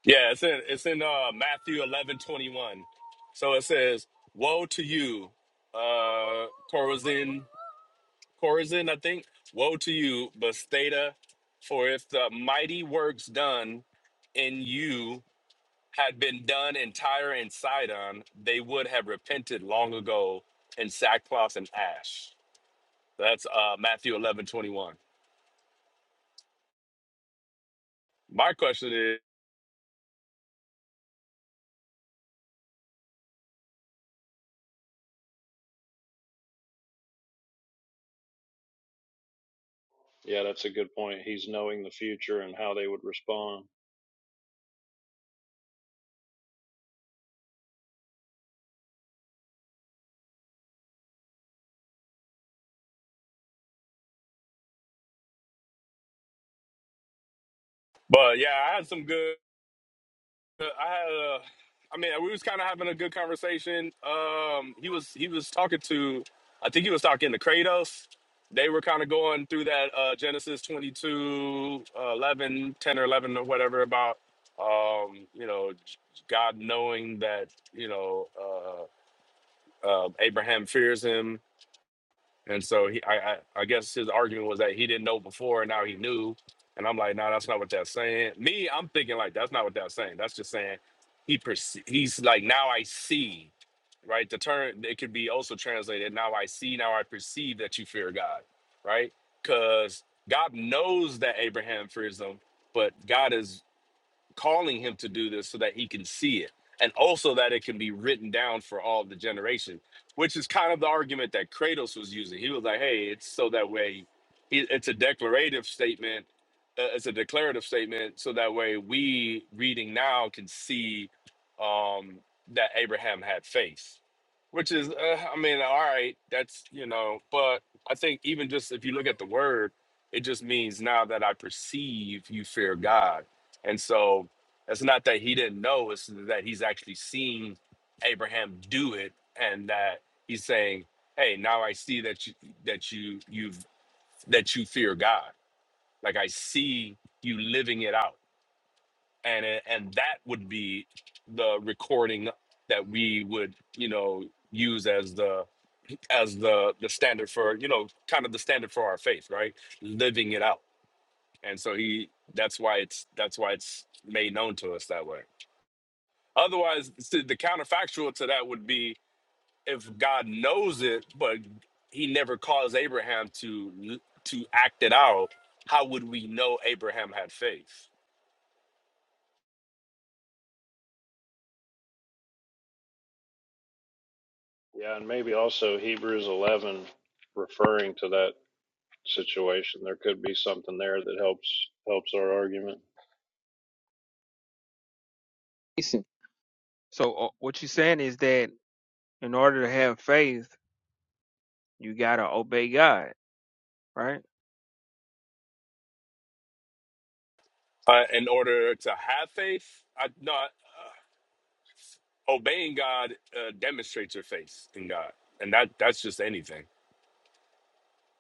[SPEAKER 13] Yeah, it's in it's in uh Matthew eleven twenty one. So it says, "Woe to you, uh Chorazin, Chorazin, I think. Woe to you, Bethsaida, for if the mighty works done in you had been done in Tyre and Sidon, they would have repented long ago in sackcloth and ash." That's uh, Matthew eleven twenty one. My question is,
[SPEAKER 14] Yeah, that's a good point. He's knowing the future and how they would respond.
[SPEAKER 13] but yeah, I had some good. uh, I had a. I mean, we was kind of having a good conversation. Um, he was he was talking to, I think he was talking to Kratos. They were kind of going through that uh, Genesis 22, uh, 11, 10 or 11 or whatever about, um, you know, God knowing that, you know, uh, uh, Abraham fears him And so he, I, I, I guess his argument was that he didn't know before, and now he knew. And I'm like, no, nah, that's not what that's saying. Me, I'm thinking like that's not what that's saying. That's just saying he perce- he's like now I see, right? The term it could be also translated now I see, now I perceive that you fear God, right? Because God knows that Abraham fears him, but God is calling him to do this so that he can see it and also that it can be written down for all the generation which is kind of the argument that kratos was using he was like hey it's so that way it- it's a declarative statement uh, it's a declarative statement so that way we reading now can see um that abraham had faith which is uh, i mean all right that's you know but i think even just if you look at the word it just means now that i perceive you fear god and so it's not that he didn't know, it's that he's actually seen Abraham do it and that he's saying, "Hey, now I see that you that you you've that you fear God. Like I see you living it out." And it- and that would be the recording that we would, you know, use as the as the the standard for, you know, kind of the standard for our faith, right? Living it out. And so he that's why it's that's why it's made known to us that way. Otherwise, see, the counterfactual to that would be if God knows it, but He never caused Abraham to to act it out. How would we know Abraham had faith?
[SPEAKER 14] Yeah, and maybe also Hebrews 11 referring to that situation. There could be something there that helps helps our argument.
[SPEAKER 15] Jason. So uh, what you're saying is that in order to have faith, you gotta obey God, right?
[SPEAKER 13] Uh, in order to have faith, I, not obeying God uh, demonstrates your faith in God, and that that's just anything.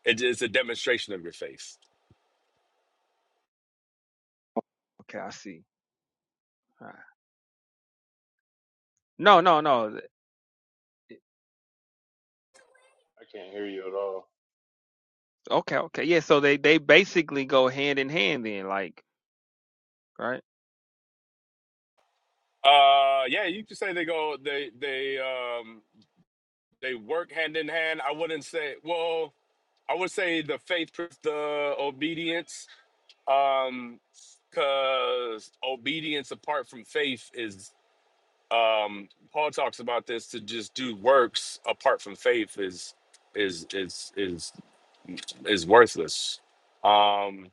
[SPEAKER 13] It is a demonstration of your faith.
[SPEAKER 15] Okay, I see. All right. No, no, no. th-
[SPEAKER 14] I can't hear you at all.
[SPEAKER 15] Okay, okay, yeah. So they they basically go hand in hand then, like, right?
[SPEAKER 13] Uh, yeah, you could say they go they they um They work hand in hand. I wouldn't say, well, I would say the faith, proves the obedience, um, because obedience apart from faith is, um, Paul talks about this to just do works apart from faith is, is, is, is, is worthless. Um,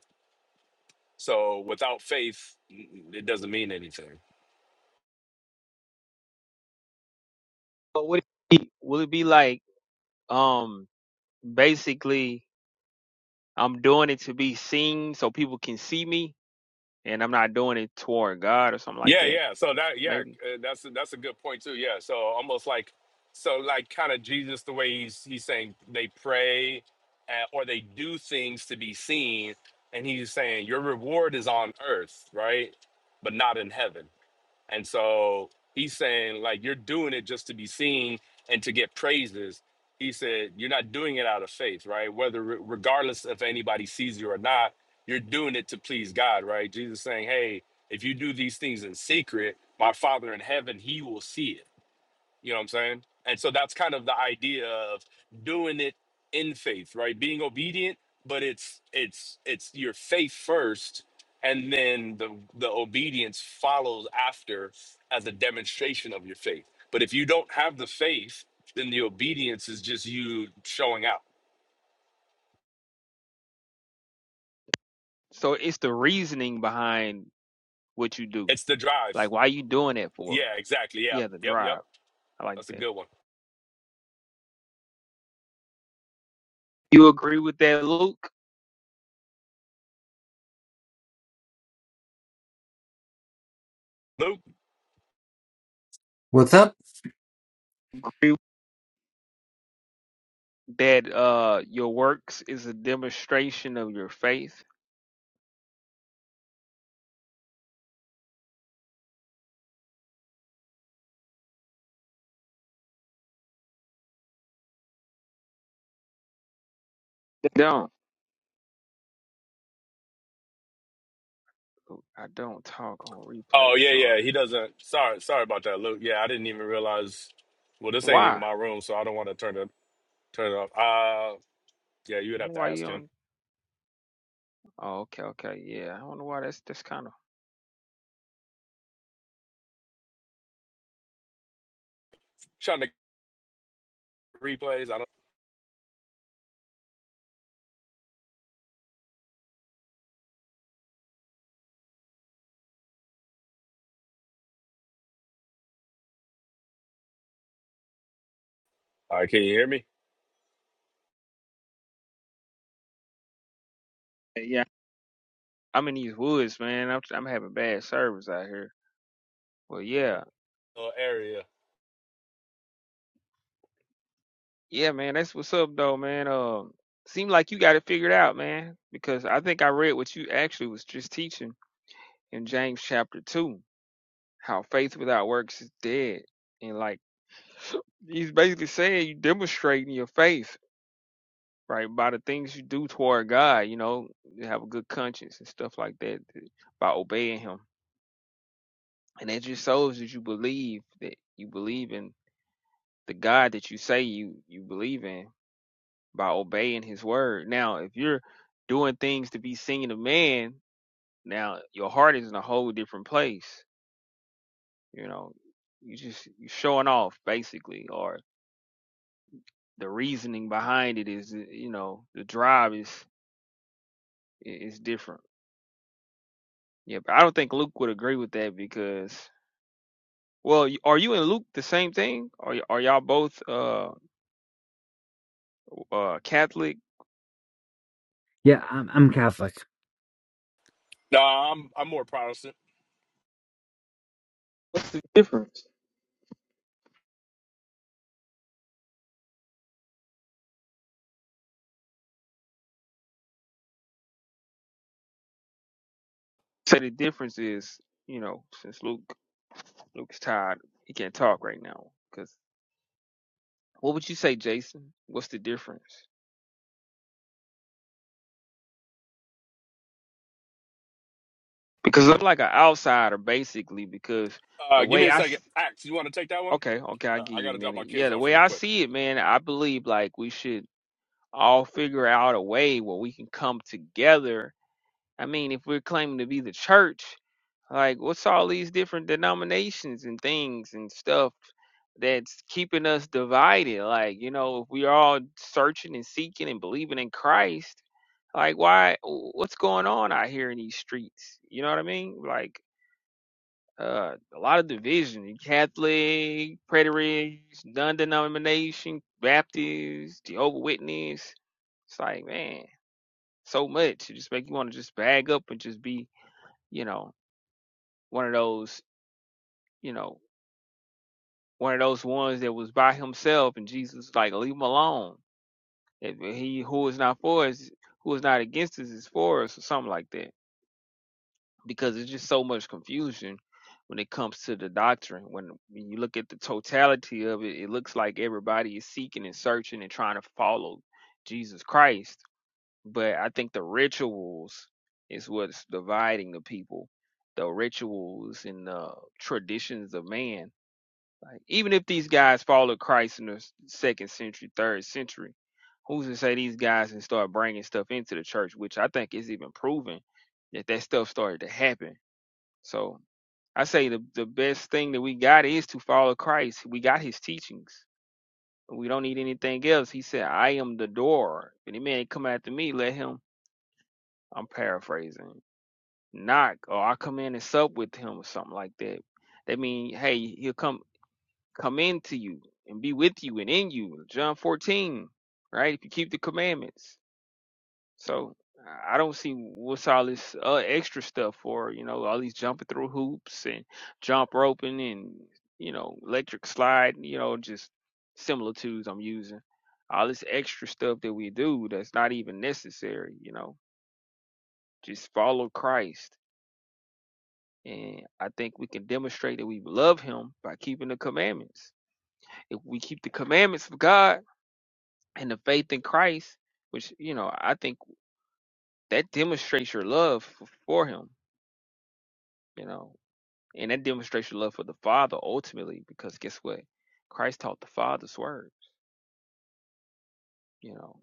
[SPEAKER 13] so without faith, it doesn't mean anything.
[SPEAKER 15] But would it be, will it be like, um, basically, I'm doing it to be seen so people can see me, and I'm not doing it toward God or something like
[SPEAKER 13] Yeah,
[SPEAKER 15] that,
[SPEAKER 13] yeah. So that, yeah,
[SPEAKER 15] maybe.
[SPEAKER 13] uh, that's that's a good point too. Yeah. So almost like, so like kind of Jesus, the way he's he's saying they pray, uh, or they do things to be seen, and he's saying your reward is on earth, right, but not in heaven. And so he's saying, like, you're doing it just to be seen and to get praises. He said, you're not doing it out of faith, right? Whether re- regardless if anybody sees you or not, you're doing it to please God, right? Jesus saying, hey, if you do these things in secret, my Father in heaven, he will see it you know what I'm saying? And so that's kind of the idea of doing it in faith, right? Being obedient, but it's it's it's your faith first and then the the obedience follows after as a demonstration of your faith. But if you don't have the faith, then the obedience is just you showing out.
[SPEAKER 15] So it's the reasoning behind what you do,
[SPEAKER 13] It's the drive.
[SPEAKER 15] like why you doing that for?
[SPEAKER 13] Yeah, exactly. Yep.
[SPEAKER 15] Yeah, the
[SPEAKER 13] Yep, yep.
[SPEAKER 15] drive. I like
[SPEAKER 13] That's a
[SPEAKER 15] that.
[SPEAKER 13] good one.
[SPEAKER 15] You agree with that, Luke?
[SPEAKER 13] Luke.
[SPEAKER 11] What's up?
[SPEAKER 15] Agree that uh your works is a demonstration of your faith? don't. I don't talk on
[SPEAKER 13] Oh,
[SPEAKER 15] replay,
[SPEAKER 13] yeah, yeah.
[SPEAKER 15] sorry.
[SPEAKER 13] He doesn't. Sorry, sorry about that, Luke. Yeah, I didn't even realize well, this ain't even
[SPEAKER 15] Why?
[SPEAKER 13] my room, so I don't want to turn it Turn it off. Uh, yeah, you would have to
[SPEAKER 15] Why you
[SPEAKER 13] ask him.
[SPEAKER 15] on Oh, okay, okay, yeah. I don't know why that's that's kinda
[SPEAKER 13] Trying to replays. I don't. All right, can you hear me?
[SPEAKER 15] Yeah. I'm in these woods, man. I'm I'm having bad service out here. Well yeah.
[SPEAKER 13] Uh, area.
[SPEAKER 15] Yeah, man, that's what's up though, man. Um seem like you got it figured out, man. Because I think I read what you actually was just teaching in James chapter two. how faith without works is dead. And like he's basically saying you demonstrating your faith, right, by the things you do toward God, you know, you have a good conscience and stuff like that th- by obeying him. And that just shows that you believe that you believe in the God that you say you you believe in by obeying his word. Now, if you're doing things to be seen of man, now your heart is in a whole different place, you know. You just you're showing off basically, or the reasoning behind it is you know the drive is is different yeah but i don't think luke would agree with that because well y- are you and luke the same thing are, y- are y'all both uh uh catholic
[SPEAKER 11] yeah, I'm I'm Catholic.
[SPEAKER 13] No, I'm I'm more Protestant.
[SPEAKER 15] What's the difference? say the difference is you know since luke luke's tired he can't talk right now because what would you say jason what's the difference because i'm like an outsider basically because
[SPEAKER 13] Uh,
[SPEAKER 15] the
[SPEAKER 13] give me
[SPEAKER 15] way
[SPEAKER 13] a
[SPEAKER 15] i
[SPEAKER 13] second.
[SPEAKER 15] s-
[SPEAKER 13] Axe, you want to take that one?
[SPEAKER 15] Okay, okay, I'll
[SPEAKER 13] Uh,
[SPEAKER 15] give
[SPEAKER 13] I
[SPEAKER 15] you a
[SPEAKER 13] gotta drop my
[SPEAKER 15] minute. Yeah,
[SPEAKER 13] kids
[SPEAKER 15] the
[SPEAKER 13] off
[SPEAKER 15] way
[SPEAKER 13] really
[SPEAKER 15] I
[SPEAKER 13] quick.
[SPEAKER 15] see it, man, I believe like we should all figure out a way where we can come together. I mean, if we're claiming to be the church, like what's all these different denominations and things and stuff that's keeping us divided? Like, you know, if we are all searching and seeking and believing in Christ, like why what's going on out here in these streets? You know what I mean? Like uh, a lot of division. Catholic, preterists, non-denomination, Baptists, Jehovah Witness. It's like, man, so much. It just make you want to just bag up and just be, you know, one of those, you know, one of those ones that was by himself, and Jesus was like, leave him alone. If he who is not for us, who is not against us, is for us, or something like that. because it's just so much confusion when it comes to the doctrine. When when you look at the totality of it, it looks like everybody is seeking and searching and trying to follow Jesus Christ. But I think the rituals is what's dividing the people. The rituals and the traditions of man. Like even if these guys followed Christ in the s- second century, third century, who's to say these guys can start bringing stuff into the church? Which I think is even proven that that stuff started to happen so I say the, the best thing that we got is to follow Christ. We got his teachings. We don't need anything else. He said, I am the door. If any man come after me, let him, I'm paraphrasing, knock, or I'll come in and sup with him or something like that. That mean, hey, he'll come come into you and be with you and in you. John 14, right? If you keep the commandments. So I don't see what's all this uh, extra stuff for, you know, all these jumping through hoops and jump roping and, you know, electric slide, you know, just similitudes I'm using. All this extra stuff that we do that's not even necessary, you know, just follow Christ. And I think we can demonstrate that we love him by keeping the commandments. If we keep the commandments of God and the faith in Christ, which, you know, I think that demonstrates your love f- for him, you know And that demonstrates your love for the Father ultimately, because guess what? Christ taught the Father's words, you know,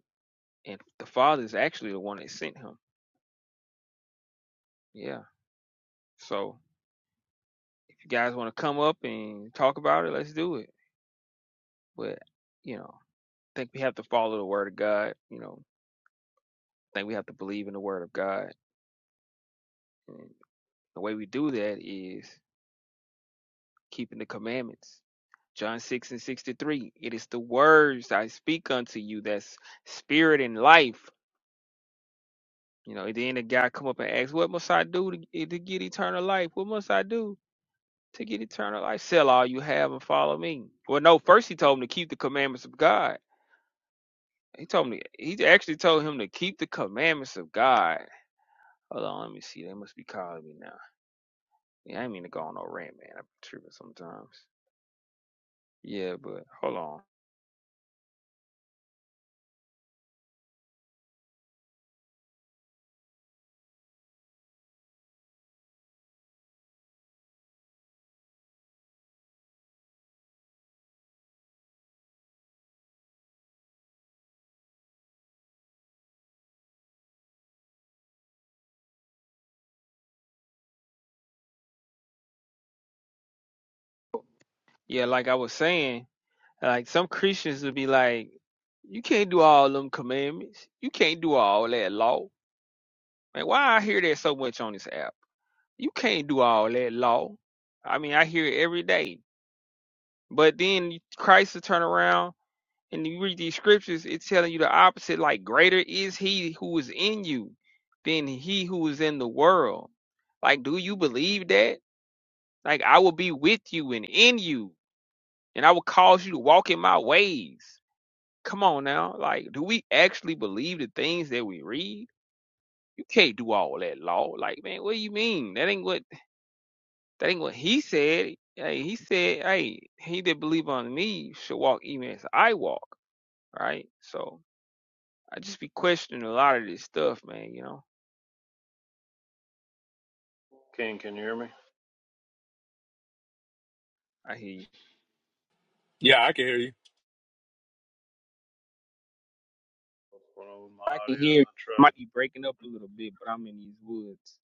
[SPEAKER 15] and the Father is actually the one that sent him. Yeah. So if you guys want to come up and talk about it, let's do it. But, you know, I think we have to follow the Word of God, you know, I think we have to believe in the Word of God. And the way we do that is keeping the commandments. John 6 and 63, it is the words I speak unto you that's spirit and life You know, then the guy come up and ask, "What must I do to, to get eternal life? What must I do to get eternal life? Sell all you have and follow me." Well, no, first he told him to keep the commandments of God. He told me he actually told him to keep the commandments of God. Hold on, let me see. They must be calling me now. Yeah, I ain't mean to go on no rant, man. I'm tripping sometimes. Yeah, but hold on. Yeah, like I was saying, like some Christians would be like, "You can't do all them commandments. You can't do all that law." Man, why I hear that so much on this app? You can't do all that law. I mean, I hear it every day. But then Christ will turn around and you read these scriptures, it's telling you the opposite. Like, greater is he who is in you than he who is in the world. Like, do you believe that? Like, I will be with you and in you, and I will cause you to walk in my ways. Come on now. Like, do we actually believe the things that we read? You can't do all that law. Like, man, what do you mean? That ain't what That ain't what he said. Hey, he said, hey, he that believe on me should walk even as I walk, right? So I just be questioning a lot of this stuff, man, you know.
[SPEAKER 14] King, can you hear me?
[SPEAKER 15] I hear you.
[SPEAKER 13] Yeah, I can hear you.
[SPEAKER 14] What's going on with my
[SPEAKER 15] I can
[SPEAKER 14] audio?
[SPEAKER 15] hear you.
[SPEAKER 14] I
[SPEAKER 15] might
[SPEAKER 14] tried.
[SPEAKER 15] be breaking up a little bit, but I'm in these woods.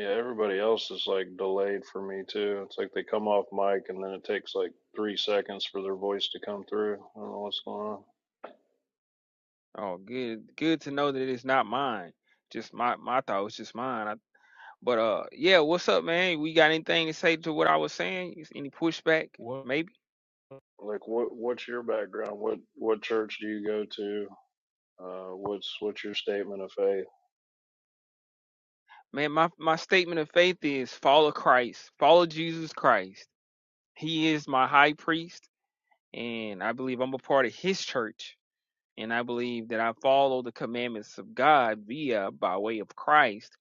[SPEAKER 14] Yeah, everybody else is like delayed for me too. It's like they come off mic and then it takes like three seconds for their voice to come through. I don't know what's going on.
[SPEAKER 15] Oh, good good to know that it's not mine. Just my my thought was just mine. I, but uh yeah, what's up, man? We got anything to say to what I was saying? Is Any pushback?
[SPEAKER 14] What
[SPEAKER 15] Maybe?
[SPEAKER 14] Like, what what's your background? What what church do you go to? Uh, what's what's your statement of faith?
[SPEAKER 15] Man, my, my statement of faith is follow Christ, follow Jesus Christ He is my high priest, and I believe I'm a part of his church. And I believe that I follow the commandments of God via by way of Christ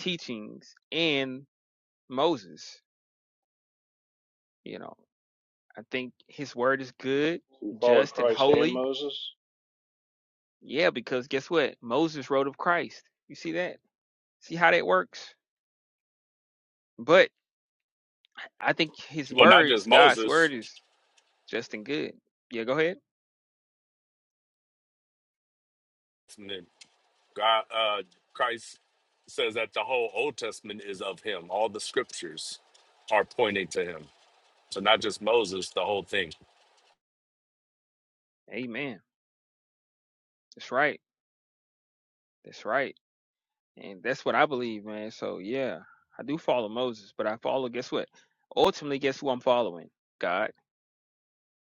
[SPEAKER 15] teachings and Moses. You know, I think his word is good,
[SPEAKER 14] You follow
[SPEAKER 15] just, and
[SPEAKER 14] Christ and
[SPEAKER 15] holy.
[SPEAKER 14] Moses?
[SPEAKER 15] Yeah, because guess what? Moses wrote of Christ. You see that? See how that works? But I think his
[SPEAKER 13] Well, not just
[SPEAKER 15] words, God's
[SPEAKER 13] Moses.
[SPEAKER 15] word, is just and good. Yeah, go ahead.
[SPEAKER 13] God, uh, Christ says that the whole Old Testament is of Him. All the scriptures are pointing to Him. So not just Moses, the whole thing.
[SPEAKER 15] Amen. That's right. That's right. And that's what I believe, man. So yeah, I do follow Moses, but I follow, guess what? Ultimately, guess who I'm following? God.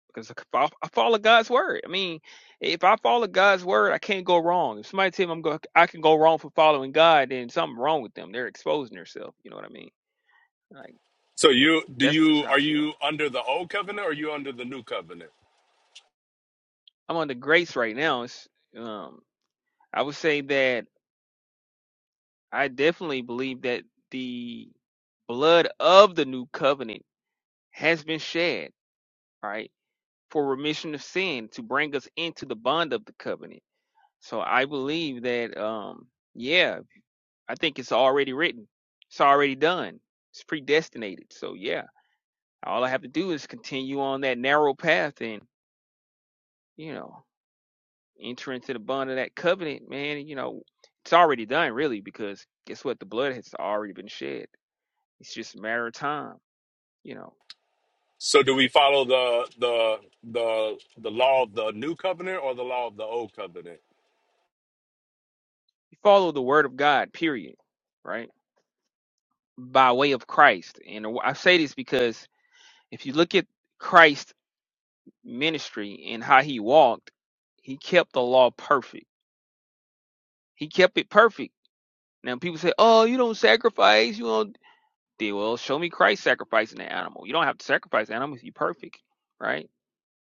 [SPEAKER 15] Because if I I follow God's word. I mean, if I follow God's word, I can't go wrong. If somebody tell me I'm go, I can go wrong for following God, then something wrong with them. They're exposing themselves. You know what I mean? Like
[SPEAKER 13] So you do
[SPEAKER 15] that's just
[SPEAKER 13] you
[SPEAKER 15] how
[SPEAKER 13] are
[SPEAKER 15] I feel.
[SPEAKER 13] you under the old covenant or are you under the new covenant?
[SPEAKER 15] I'm under grace right now. It's, um, I would say that I definitely believe that the blood of the new covenant has been shed. Right for remission of sin to bring us into the bond of the covenant. So I believe that um yeah, I think it's already written. It's already done. It's predestinated. So yeah, all I have to do is continue on that narrow path and, you know, enter into the bond of that covenant, man, you know, it's already done really because guess what? The blood has already been shed. It's just a matter of time, you know.
[SPEAKER 13] So do we follow the the the the law of the new covenant or the law of the old covenant?
[SPEAKER 15] You follow the word of God, period, right? By way of Christ. And I say this because If you look at Christ's ministry and how he walked, he kept the law perfect. He kept it perfect. Now people say, "Oh, you don't sacrifice. You don't." They well, show me Christ sacrificing the animal. You don't have to sacrifice animals. You're perfect, right?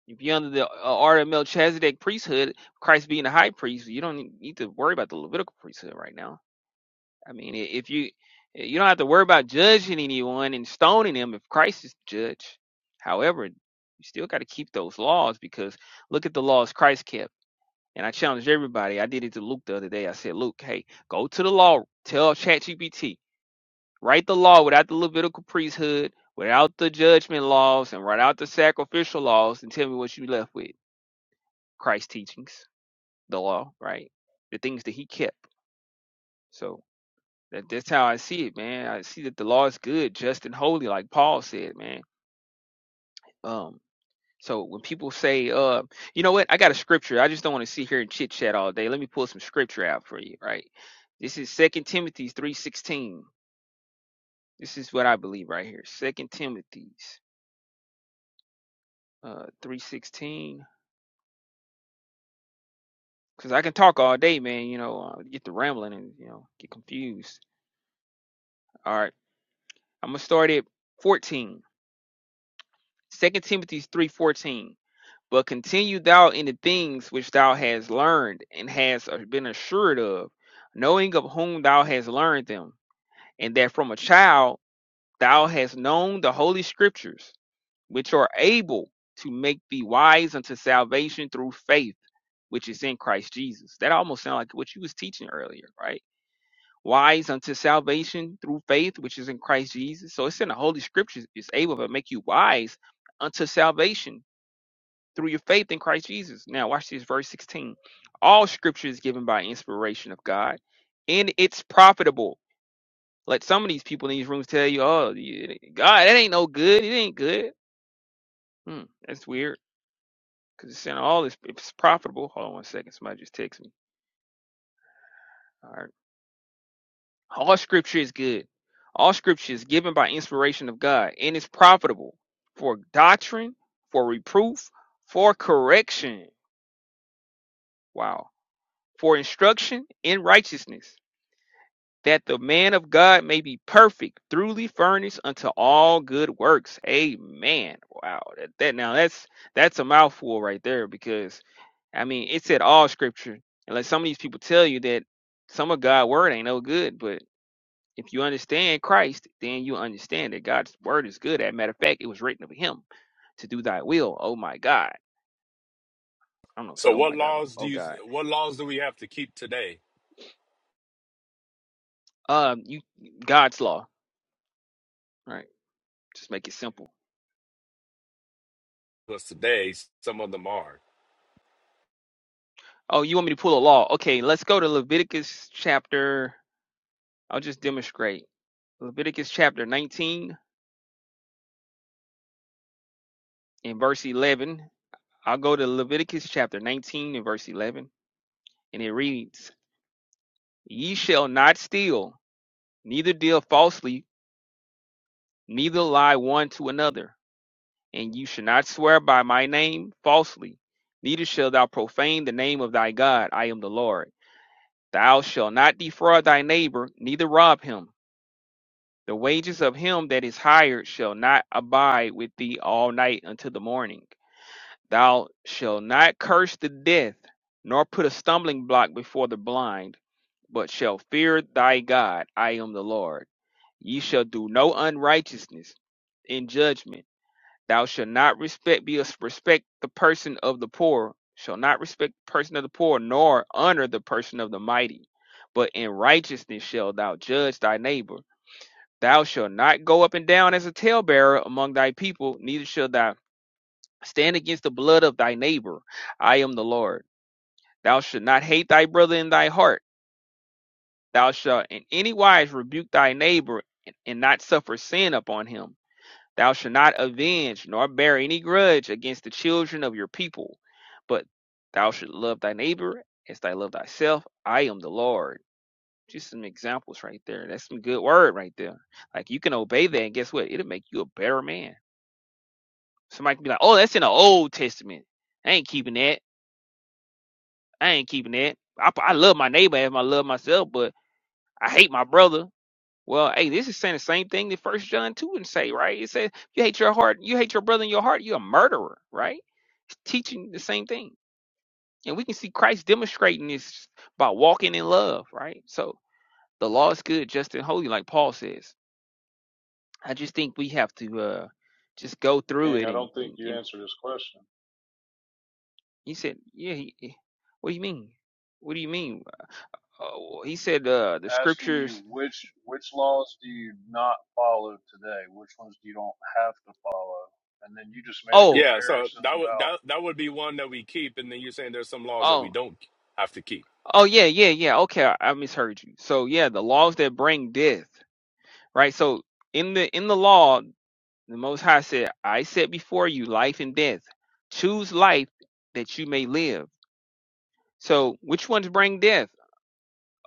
[SPEAKER 15] If you're under the uh, order of Melchizedek priesthood, Christ being the high priest, you don't need to worry about the Levitical priesthood right now I mean, if you you don't have to worry about judging anyone and stoning them if Christ is the judge. However, you still got to keep those laws because look at the laws Christ kept. And I challenged everybody. I did it to Luke the other day. I said, Luke, hey, go to the law. Tell ChatGPT, write the law without the Levitical priesthood, without the judgment laws, and without the sacrificial laws, and tell me what you left with. Christ's teachings, the law, right? The things that he kept. So That that's how I see it, man. I see that the law is good, just and holy, like Paul said, man. Um, so when people say, uh, you know what, I got a scripture. I just don't want to sit here and chit chat all day. Let me pull some scripture out for you, right? This is Second Timothy three sixteen. This is what I believe right here. Second Timothy's uh three sixteen. Cause I can talk all day, man. You know, uh, get the rambling and you know get confused. All right, I'm gonna start at fourteen. Second Timothy three fourteen. But continue thou in the things which thou hast learned and hast uh, been assured of, knowing of whom thou hast learned them, and that from a child thou hast known the holy scriptures, which are able to make thee wise unto salvation through faith, which is in Christ Jesus. That almost sounds like what you was teaching earlier, right? Wise unto salvation through faith, which is in Christ Jesus. So it's in the holy scriptures, it's able to make you wise unto salvation through your faith in Christ Jesus. Now, watch this, verse 16. All scripture is given by inspiration of God, and it's profitable. Like some of these people in these rooms tell you, oh, God, that ain't no good. It ain't good. Hmm, that's weird because it's saying all this, it's profitable. Hold on one second. Somebody just text me. All right. All scripture is good. All scripture is given by inspiration of God, and it's profitable for doctrine, for reproof, for correction. Wow. For instruction in righteousness that the man of God may be perfect, truly furnished unto all good works. Amen. Wow. That, that now that's that's a mouthful right there because I mean it said all scripture. And like some of these people tell you that some of God's word ain't no good, but if you understand Christ, then you understand that God's word is good. As a matter of fact, it was written of him to do thy will. Oh my God. I don't know if
[SPEAKER 13] So
[SPEAKER 15] I say oh
[SPEAKER 13] what
[SPEAKER 15] my God, but
[SPEAKER 13] laws do
[SPEAKER 15] oh
[SPEAKER 13] you
[SPEAKER 15] God.
[SPEAKER 13] what laws do we have to keep today?
[SPEAKER 15] Um you God's law. Right. Just make it simple
[SPEAKER 13] Because today some of them are.
[SPEAKER 15] Oh, you want me to pull a law? Okay, let's go to Leviticus chapter. I'll just demonstrate. Leviticus chapter 19 and verse 11. I'll go to Leviticus chapter 19 and verse 11. And it reads, Ye shall not steal, neither deal falsely, neither lie one to another. And you shall not swear by my name falsely, neither shalt thou profane the name of thy God. I am the Lord. Thou shalt not defraud thy neighbor, neither rob him. The wages of him that is hired shall not abide with thee all night until the morning. Thou shalt not curse the death, nor put a stumbling block before the blind, but shall fear thy God. I am the Lord. Ye shall do no unrighteousness in judgment. Thou shalt not respect be a, respect the person of the poor, shall not respect the person of the poor, nor honor the person of the mighty. But in righteousness shall thou judge thy neighbor Thou shalt not go up and down as a talebearer among thy people, neither shalt thou stand against the blood of thy neighbor. I am the Lord. Thou shalt not hate thy brother in thy heart. Thou shalt in any wise rebuke thy neighbor and not suffer sin upon him. Thou shalt not avenge nor bear any grudge against the children of your people, but thou shalt love thy neighbor as thy love thyself. I am the Lord. Just some examples right there. That's some good word right there. Like you can obey that, and guess what? It'll make you a better man Somebody can be like, "Oh, that's in the Old Testament. I ain't keeping that. I ain't keeping that. I, I love my neighbor as I love myself, but I hate my brother." Well, hey, this is saying the same thing that First John two would say, right? It says, "You hate your heart. You hate your brother in your heart. You're a murderer," right? It's teaching the same thing, and we can see Christ demonstrating this by walking in love, right? So the law is good, just and holy, like Paul says. I just think we have to uh, just go through
[SPEAKER 14] King,
[SPEAKER 15] it
[SPEAKER 14] I
[SPEAKER 15] and,
[SPEAKER 14] don't
[SPEAKER 15] and,
[SPEAKER 14] think you
[SPEAKER 15] and
[SPEAKER 14] answered his question.
[SPEAKER 15] He said, "Yeah, he, he- what do you mean? What do you mean?" Oh, he said,
[SPEAKER 14] I Was
[SPEAKER 15] "Uh, the
[SPEAKER 14] Asking you
[SPEAKER 15] scriptures."
[SPEAKER 14] which which laws do you not follow today? Which ones do you don't have to follow? And then you just made a
[SPEAKER 13] Yeah,
[SPEAKER 15] Oh,
[SPEAKER 13] so
[SPEAKER 14] comparison
[SPEAKER 13] that would
[SPEAKER 14] about.
[SPEAKER 13] that that would be one that we keep, and then you're saying there's some laws that we
[SPEAKER 15] oh,
[SPEAKER 13] don't have to keep.
[SPEAKER 15] oh, yeah, yeah, yeah. Okay, I, I misheard you. So yeah, the laws that bring death, right? So in the in the law, the Most High said, "I set before you life and death. Choose life that you may live." So which ones bring death?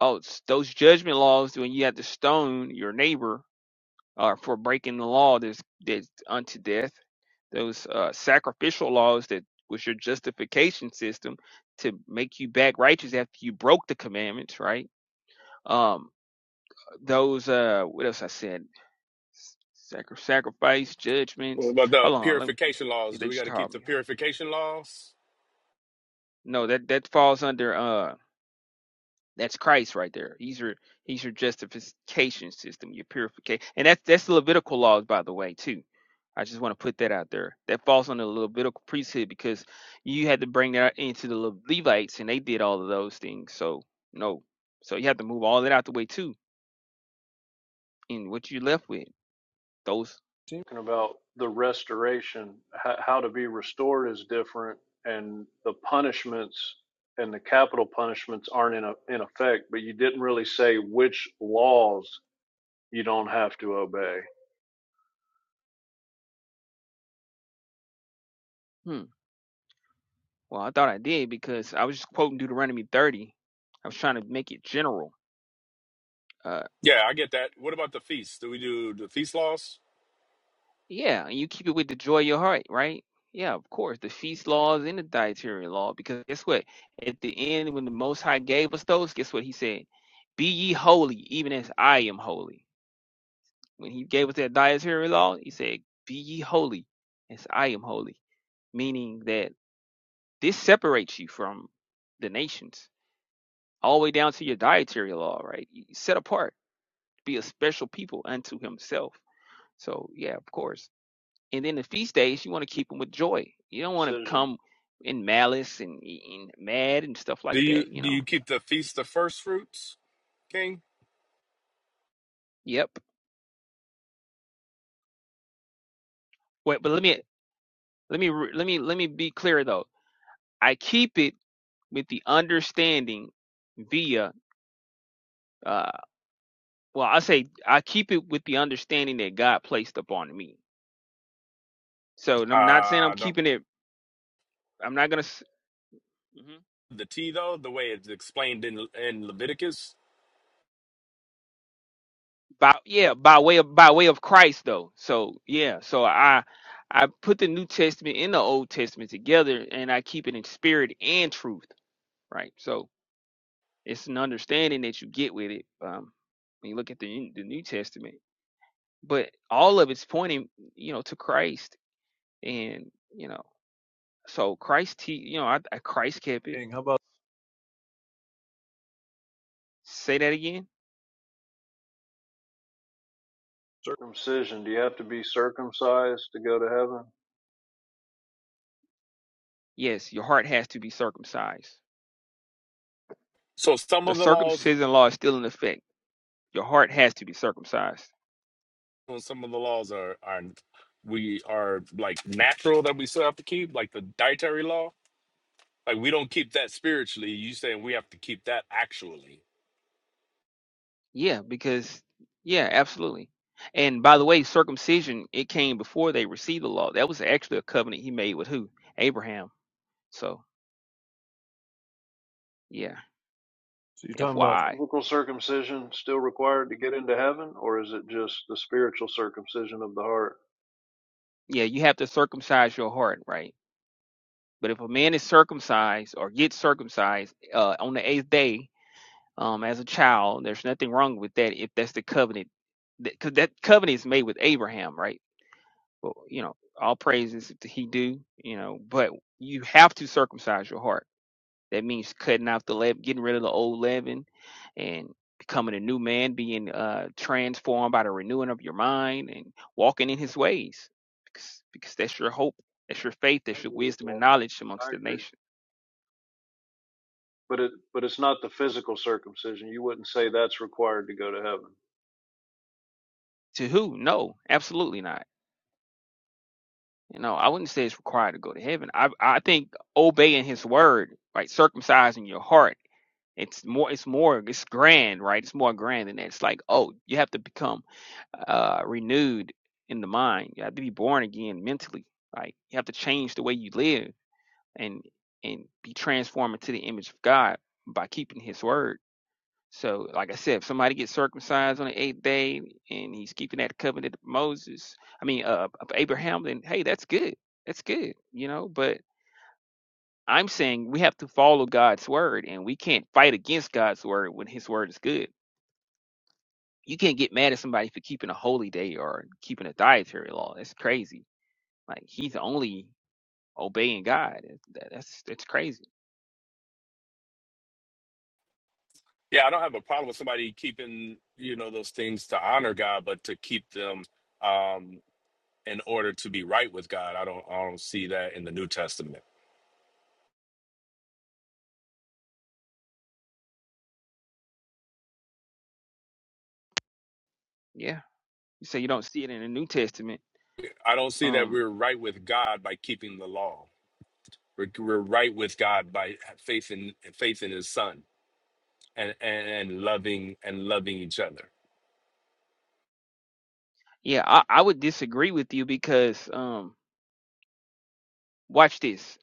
[SPEAKER 15] Oh, it's those judgment laws when you have to stone your neighbor uh, for breaking the law that's, that's unto death. Those uh, sacrificial laws that was your justification system to make you back righteous after you broke the commandments, right? Um, those uh, what else I said? Sacri- sacrifice,
[SPEAKER 13] What
[SPEAKER 15] judgments.
[SPEAKER 13] about the
[SPEAKER 15] Hold on, let me.
[SPEAKER 13] purification laws? Do
[SPEAKER 15] They
[SPEAKER 13] we got
[SPEAKER 15] just
[SPEAKER 13] to keep
[SPEAKER 15] called
[SPEAKER 13] the
[SPEAKER 15] me.
[SPEAKER 13] purification laws?
[SPEAKER 15] No, that that falls under. uh, That's Christ right there. He's your he's your justification system, your purification, and that's that's the Levitical laws, by the way, too. I just want to put that out there. That falls on the Levitical priesthood because you had to bring that into the Le- Levites, and they did all of those things. So no, so you have to move all that out the way too. And what you left with those?
[SPEAKER 14] Talking about the restoration, how, to be restored is different, and the punishments and the capital punishments aren't in, a, in effect, but you didn't really say which laws you don't have to obey.
[SPEAKER 15] Hmm. Well, I thought I did because I was just quoting Deuteronomy 30. I was trying to make it general. Uh,
[SPEAKER 13] Yeah, I get that. What about the feast? Do we do the feast laws?
[SPEAKER 15] Yeah, and you keep it with the joy of your heart, right? Yeah, of course. The feast laws and the dietary law. Because guess what? At the end, when the Most High gave us those, guess what He said? Be ye holy, even as I am holy. When He gave us that dietary law, He said, Be ye holy, as I am holy. Meaning that this separates you from the nations, all the way down to your dietary law, right? You set apart, be a special people unto Himself. So, yeah, of course. And then the feast days, you want to keep them with joy. You don't want to
[SPEAKER 14] Circumcision.
[SPEAKER 15] come in malice and, e, and mad and stuff
[SPEAKER 13] Do
[SPEAKER 15] like
[SPEAKER 13] you
[SPEAKER 15] that. You
[SPEAKER 13] do
[SPEAKER 15] know.
[SPEAKER 13] you keep the feast of first fruits, King?
[SPEAKER 15] Yep. Wait, but let me let me let me let me be clear though. I keep it with the understanding via uh well I say I keep it with the understanding that God placed upon me. So and
[SPEAKER 13] Uh,
[SPEAKER 15] I'm not saying
[SPEAKER 13] I
[SPEAKER 15] I'm
[SPEAKER 13] don't.
[SPEAKER 15] keeping it. I'm not gonna. s- mm-hmm.
[SPEAKER 13] the T though, the way it's explained in in Leviticus.
[SPEAKER 15] by yeah by way of by way of christ though so yeah so i i put the new testament and the old testament together and i keep it in spirit and truth right so it's an understanding that you get with it um when you look at the the new testament but all of it's pointing you know to christ and you know so christ te- you know I, I christ kept it
[SPEAKER 14] King, how about
[SPEAKER 15] say that again
[SPEAKER 14] Circumcision. Do you have to be circumcised to go to heaven?
[SPEAKER 15] yes your heart has to be circumcised
[SPEAKER 13] So some
[SPEAKER 15] the
[SPEAKER 13] of the laws,
[SPEAKER 15] circumcision law is still in effect your heart has to be circumcised
[SPEAKER 13] well, some of the laws are are we are like natural that we still have to keep, like the dietary law. Like we don't keep that spiritually. You saying we have to keep that actually.
[SPEAKER 15] Yeah, because yeah, absolutely. And by the way, circumcision it came before they received the law. That was actually a covenant he made with who? Abraham. So yeah,
[SPEAKER 14] so you're talking about
[SPEAKER 15] FYI.
[SPEAKER 14] Physical circumcision still required to get into heaven, or is it just the spiritual circumcision of the heart?
[SPEAKER 15] Yeah, you have to circumcise your heart, right? But if a man is circumcised or gets circumcised uh, on the eighth day um, as a child, there's nothing wrong with that if that's the covenant. Because that covenant is made with Abraham, right? Well, you know, all praises to he do, you know, but you have to circumcise your heart That means cutting out the leaven, getting rid of the old leaven, and becoming a new man, being uh, transformed by the renewing of your mind and walking in His ways, because because that's your hope, that's your faith,
[SPEAKER 14] I
[SPEAKER 15] that's your
[SPEAKER 14] agree with
[SPEAKER 15] wisdom
[SPEAKER 14] that.
[SPEAKER 15] and knowledge
[SPEAKER 14] I
[SPEAKER 15] amongst the
[SPEAKER 14] agree.
[SPEAKER 15] nation.
[SPEAKER 14] But it but it's not the physical circumcision. You wouldn't say that's required to go to heaven.
[SPEAKER 15] To who? No, absolutely not. You know, I wouldn't say it's required to go to heaven. I I think obeying His word, right, circumcising your heart, it's more it's more it's grand, right? It's more grand than that. It's like oh, you have to become uh, renewed in the mind. You have to be born again mentally, right? You have to change the way you live and and be transformed into the image of God by keeping His word. So, like I said, if somebody gets circumcised on the eighth day and he's keeping that covenant of Moses, I mean, uh, of Abraham, then hey, that's good. That's good, you know. But I'm saying we have to follow God's word, and we can't fight against God's word when His word is good. You can't get mad at somebody for keeping a holy day or keeping a dietary law. That's crazy. Like he's only obeying God. That- That's that's crazy.
[SPEAKER 13] Yeah, I don't have a problem with somebody keeping you know those things to honor God, but to keep them um in order to be right with God, I don't I don't see that in the New Testament.
[SPEAKER 15] Yeah. You say you don't see it in the New Testament.
[SPEAKER 13] I don't see that
[SPEAKER 15] Um.
[SPEAKER 13] we're right with God by keeping the law. We're, we're right with God by faith in faith in His Son and, and and loving and loving each other.
[SPEAKER 15] Yeah, I, I would disagree with you because um Watch this.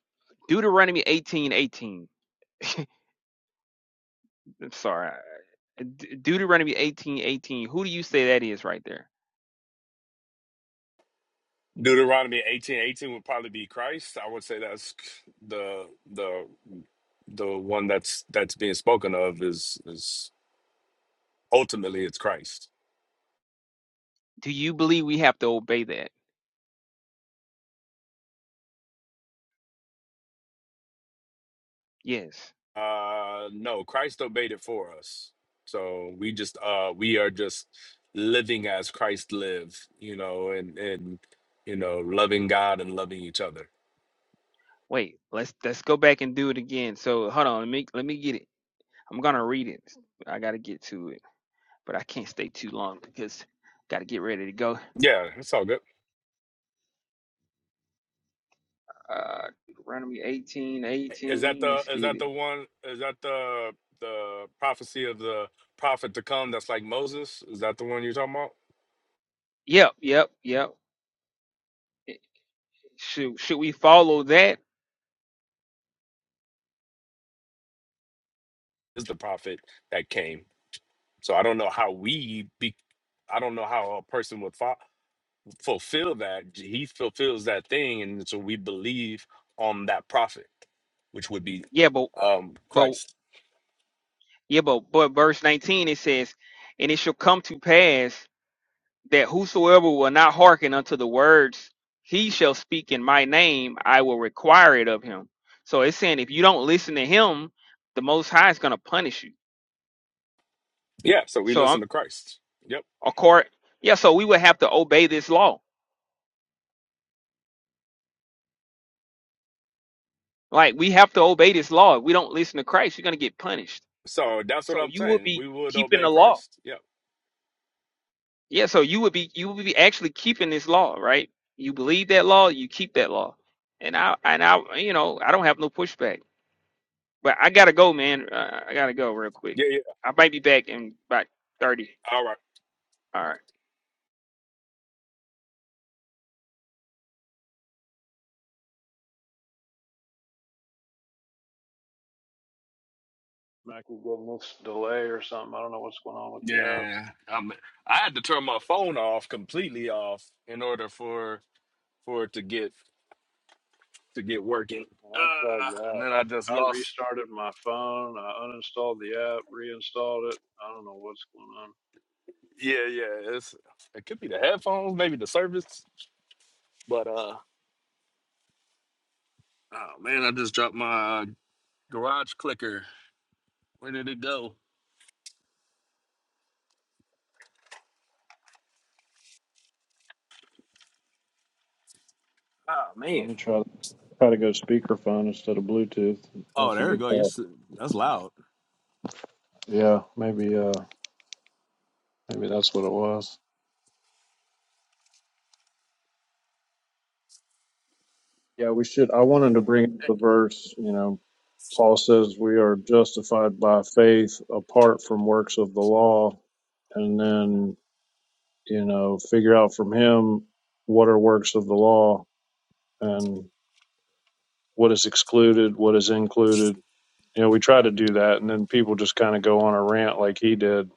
[SPEAKER 15] Deuteronomy eighteen eighteen. I'm sorry. De- Deuteronomy eighteen eighteen. Who do you say that is right there?
[SPEAKER 13] Deuteronomy eighteen eighteen would probably be Christ. I would say that's the the the one that's that's being spoken of is is ultimately it's Christ.
[SPEAKER 15] Do you believe we have to obey that? Yes.
[SPEAKER 13] Uh, no, Christ obeyed it for us. So we just uh we are just living as Christ lived, you know, and and you know loving God and loving each other.
[SPEAKER 15] Wait, let's let's go back and do it again. So hold on, let me let me get it. I'm gonna read it. I gotta get to it. But I can't stay too long because gotta get ready to go.
[SPEAKER 13] Yeah, it's all good.
[SPEAKER 15] Uh Deuteronomy eighteen
[SPEAKER 13] Is that
[SPEAKER 15] eighteen.
[SPEAKER 13] the
[SPEAKER 15] Let's
[SPEAKER 13] is
[SPEAKER 15] get
[SPEAKER 13] that
[SPEAKER 15] it.
[SPEAKER 13] the one is that the the prophecy of the prophet to come that's like Moses? Is that the one you're talking about?
[SPEAKER 15] Yep, yep, yep. Should should we follow that?
[SPEAKER 13] Is the prophet that came. So I don't know how we be I don't know how a person would fo- fulfill that. He fulfills that thing and so we believe on that prophet, which would be
[SPEAKER 15] Yeah, but
[SPEAKER 13] um
[SPEAKER 15] but
[SPEAKER 13] Christ.
[SPEAKER 15] Yeah, but, but verse 19 it says, And it shall come to pass that whosoever will not hearken unto the words he shall speak in my name, I will require it of him. So it's saying if you don't listen to him, the most high is gonna punish you.
[SPEAKER 13] Yeah, so we
[SPEAKER 15] So I'm
[SPEAKER 13] listen to Christ. Yep.
[SPEAKER 15] a court yeah, so we would have to obey this law. Like we have to obey this law. If we don't listen to Christ, you're gonna get punished.
[SPEAKER 13] So that's what
[SPEAKER 15] So
[SPEAKER 13] I'm
[SPEAKER 15] you will
[SPEAKER 13] saying.
[SPEAKER 15] be
[SPEAKER 13] We would
[SPEAKER 15] keeping
[SPEAKER 13] obey
[SPEAKER 15] the law.
[SPEAKER 13] Christ. Yep.
[SPEAKER 15] Yeah, so you would be you would be actually keeping this law, right? You believe that law, you keep that law. And I and I you know, I don't have no pushback. But I gotta go, man. Uh, I gotta go real
[SPEAKER 13] Yeah,
[SPEAKER 15] quick.
[SPEAKER 13] yeah.
[SPEAKER 15] I might be back in about 30.
[SPEAKER 13] All right.
[SPEAKER 15] All right.
[SPEAKER 14] I keep getting this delay or something. I don't know what's going on with the app.
[SPEAKER 13] Yeah, I I had to turn my phone off completely off in order for for it to get to get working.
[SPEAKER 14] I tried
[SPEAKER 13] Uh, and
[SPEAKER 14] that.
[SPEAKER 13] then I just
[SPEAKER 14] I, I
[SPEAKER 13] lost.
[SPEAKER 14] restarted my phone. I uninstalled the app, reinstalled it. I don't know what's going on.
[SPEAKER 13] Yeah, yeah. It's it could be the headphones, maybe the service, but uh, oh man, I just dropped my garage clicker. Where did it go? Oh
[SPEAKER 14] Let
[SPEAKER 13] man.
[SPEAKER 14] me try try to go speakerphone instead of Bluetooth.
[SPEAKER 13] Oh,
[SPEAKER 14] That's a
[SPEAKER 13] there we
[SPEAKER 14] good
[SPEAKER 13] go. You're,
[SPEAKER 14] thought.
[SPEAKER 13] s- that's loud.
[SPEAKER 14] Yeah, maybe uh maybe that's what it was. Yeah, we should I wanted to bring up the verse, you know, Paul says we are justified by faith apart from works of the law. and then you know figure out from him what are works of the law and what is excluded what is included you know we try to do that and then people just kind of go on a rant like he did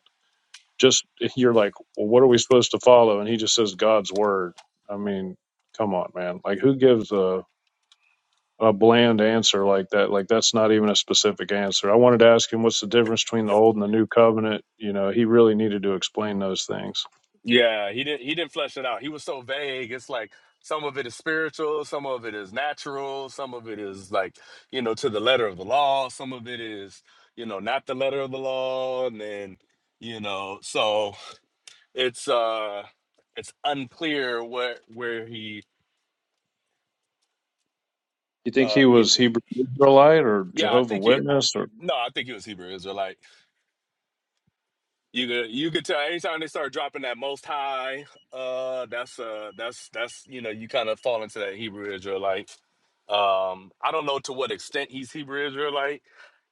[SPEAKER 14] just you're like well what are we supposed to follow and he just says god's word i mean come on man like who gives a a bland answer like that like that's not even a specific answer i wanted to ask him what's the difference between the old and the new covenant you know he really needed to explain those things
[SPEAKER 13] Yeah, he didn't he didn't flesh it out. He was so vague. It's like some of it is spiritual, some of it is natural, some of it is like, you know, to the letter of the law, some of it is, you know, not the letter of the law, and then, you know, so it's uh it's unclear where where he
[SPEAKER 14] You think
[SPEAKER 13] uh
[SPEAKER 14] he
[SPEAKER 13] yeah.
[SPEAKER 14] was Hebrew Israelite or
[SPEAKER 13] Yeah, I
[SPEAKER 14] Jehovah
[SPEAKER 13] think it
[SPEAKER 14] Witness or
[SPEAKER 13] no, I think he was Hebrew Israelite. You could you could tell anytime they start dropping that most high, uh, that's uh that's that's you know, you kind of fall into that Hebrew Israelite. Um, I don't know to what extent he's Hebrew Israelite.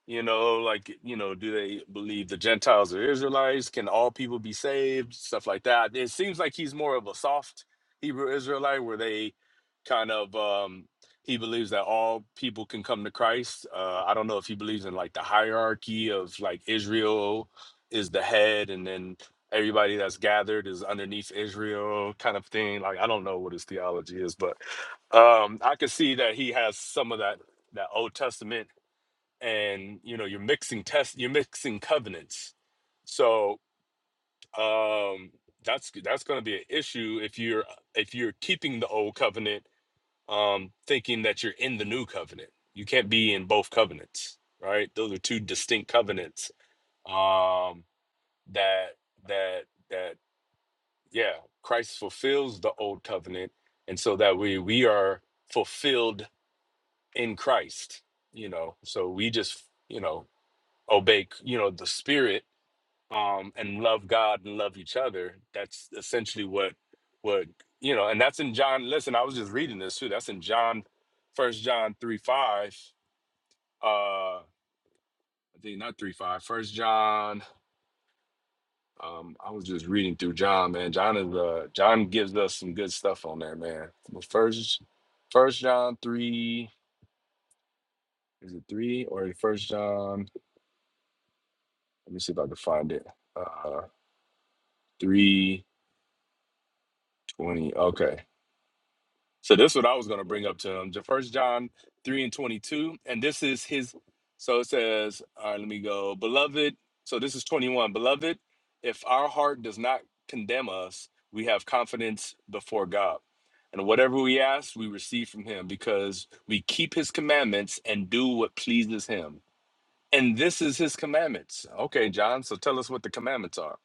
[SPEAKER 13] You know, like you know, do they believe the Gentiles are Israelites? Can all people be saved? Stuff like that. It seems like he's more of a soft Hebrew Israelite, where they kind of um, he believes that all people can come to Christ. Uh, I don't know if he believes in like the hierarchy of like Israel is the head and then everybody that's gathered is underneath Israel kind of thing. Like I don't know what his theology is, but um I could see that he has some of that that Old Testament and you know you're mixing test you're mixing covenants. So um that's that's going to be an issue if you're if you're keeping the old covenant um thinking that you're in the new covenant. You can't be in both covenants, right? Those are two distinct covenants. Um that that that yeah christ fulfills the old covenant and so that we we are fulfilled in christ you know so we just you know obey you know the spirit um and love god and love each other that's essentially what what you know and that's in john listen i was just reading this too that's in john first john 3 5 uh i think not 3 5 first john Um, I was just reading through John, man. John is uh John gives us some good stuff on there, man. But first first John three, is it three or first John? Let me see if I can find it. Uh three twenty. Okay. So this is what I was going to bring up to him. First John three and twenty two, and this is his. So it says, all right, let me go, beloved. So this is twenty one, beloved. If our heart does not condemn us, we have confidence before God, and whatever we ask, we receive from Him because we keep His commandments and do what pleases Him. And this is His commandments. Okay, John. So tell us what the commandments are.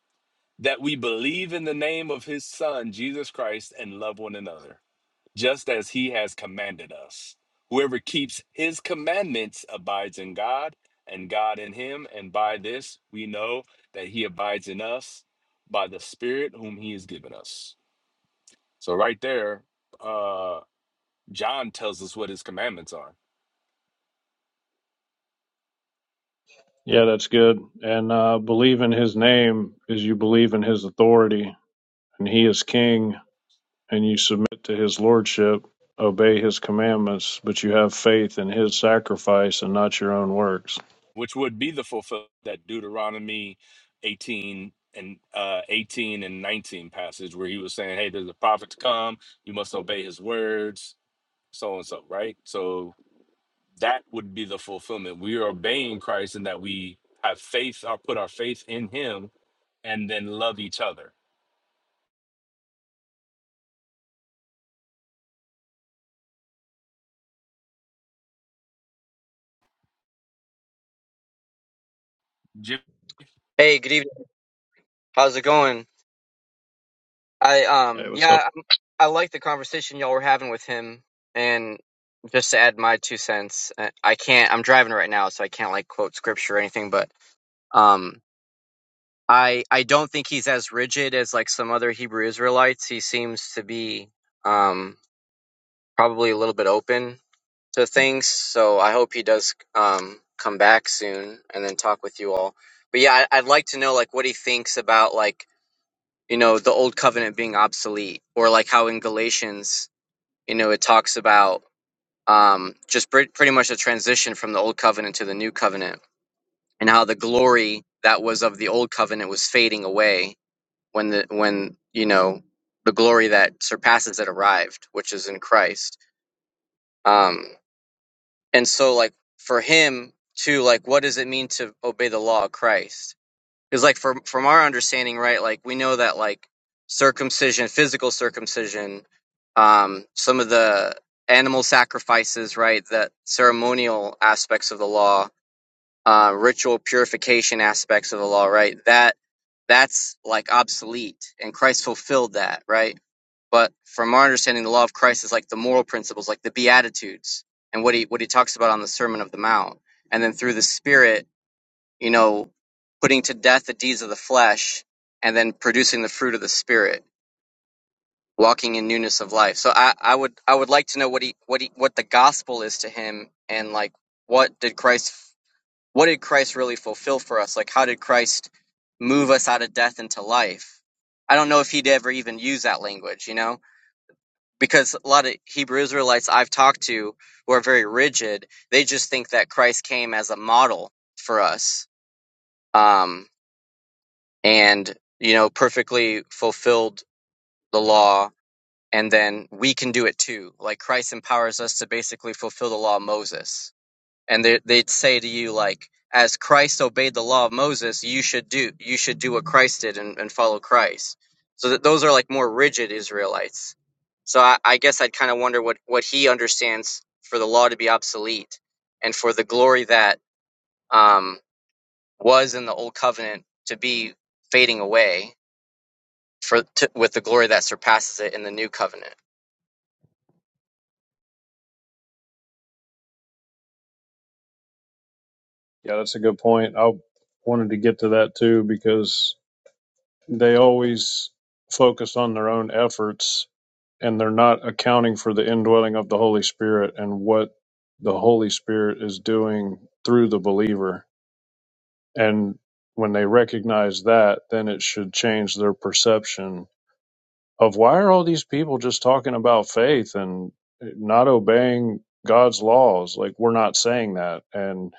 [SPEAKER 13] That we believe in the name of His Son Jesus Christ and love one another just as he has commanded us. Whoever keeps his commandments abides in God, and God in him. And by this we know that he abides in us by the Spirit whom he has given us. So, right there, uh, John tells us what his commandments are,
[SPEAKER 14] yeah, that's good. And uh, believe in his name is you believe in his authority, and he is king, and you submit to his lordship, obey his commandments, but you have faith in his sacrifice and not your own works.
[SPEAKER 13] which would be the fulfillment of that Deuteronomy 18 and uh, 18 and 19 passage where he was saying, Hey, there's a prophet to come, you must obey his words, so and so, right? So that would be the fulfillment. We are obeying Christ in that we have faith or put our faith in him and then love each other. Jim-
[SPEAKER 16] Hey, good evening. How's it going? I
[SPEAKER 14] Hey,
[SPEAKER 16] um
[SPEAKER 14] what's up?
[SPEAKER 16] yeah, I'm- I like the conversation y'all were having with him, and just to add my two cents, uh, I can't. I'm driving right now, so I can't like quote scripture or anything, but um I I don't think he's as rigid as like some other Hebrew Israelites. He seems to be um probably a little bit open to things, so I hope he does um come back soon and then talk with you all. But yeah, I, I'd like to know like what he thinks about like you know, the old covenant being obsolete, or like how in Galatians, you know, it talks about um, just pre- pretty much a transition from the old covenant to the new covenant, and how the glory that was of the old covenant was fading away when the when you know the glory that surpasses it arrived, which is in Christ. Um, and so, like for him to like, what does it mean to obey the law of Christ? Because like from from our understanding, right? Like we know that like circumcision, physical circumcision, um, some of the animal sacrifices, right? That ceremonial aspects of the law, uh, ritual purification aspects of the law, right? That that's like obsolete, and Christ fulfilled that, right? But from our understanding, the law of Christ is like the moral principles, like the Beatitudes, and what he what he talks about on the Sermon of the Mount, and then through the Spirit you know, putting to death the deeds of the flesh and then producing the fruit of the spirit, walking in newness of life. So I, I would I would like to know what he what he what the gospel is to him and like what did Christ what did Christ really fulfill for us? Like how did Christ move us out of death into life? I don't know if he'd ever even use that language, you know? Because a lot of Hebrew Israelites I've talked to who are very rigid, they just think that Christ came as a model for us. Um, and you know perfectly fulfilled the law and then we can do it too like christ empowers us to basically fulfill the law of moses and they, they'd say to you like as christ obeyed the law of moses you should do you should do what christ did and, and follow christ so that those are like more rigid israelites so i, I guess i'd kind of wonder what what he understands for the law to be obsolete and for the glory that um, was in the old covenant to be fading away for to, with the glory that surpasses it in the new covenant.
[SPEAKER 14] Yeah, that's a good point. I wanted to get to that too because they always focus on their own efforts and they're not accounting for the indwelling of the Holy Spirit and what the Holy Spirit is doing through the believer. And when they recognize that, then it should change their perception of why are all these people just talking about faith and not obeying God's laws? Like, we're not saying that. And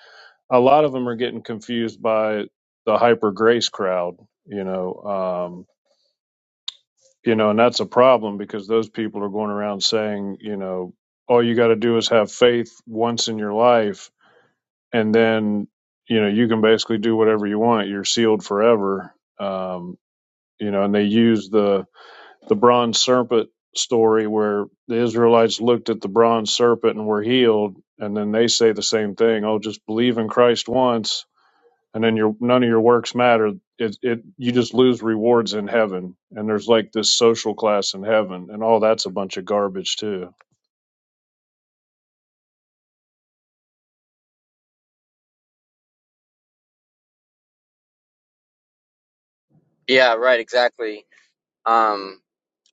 [SPEAKER 14] a lot of them are getting confused by the hyper grace crowd, you know. um, you know, and that's a problem because those people are going around saying, you know, all you got to do is have faith once in your life, and then, you know, you can basically do whatever you want. You're sealed forever. Um, you know, and they use the the bronze serpent story where the Israelites looked at the bronze serpent and were healed, and then they say the same thing. Oh, just believe in Christ once, and then your none of your works matter it, it you just lose rewards in heaven and there's like this social class in heaven and all that's a bunch of garbage too
[SPEAKER 16] Yeah, right, exactly. Um,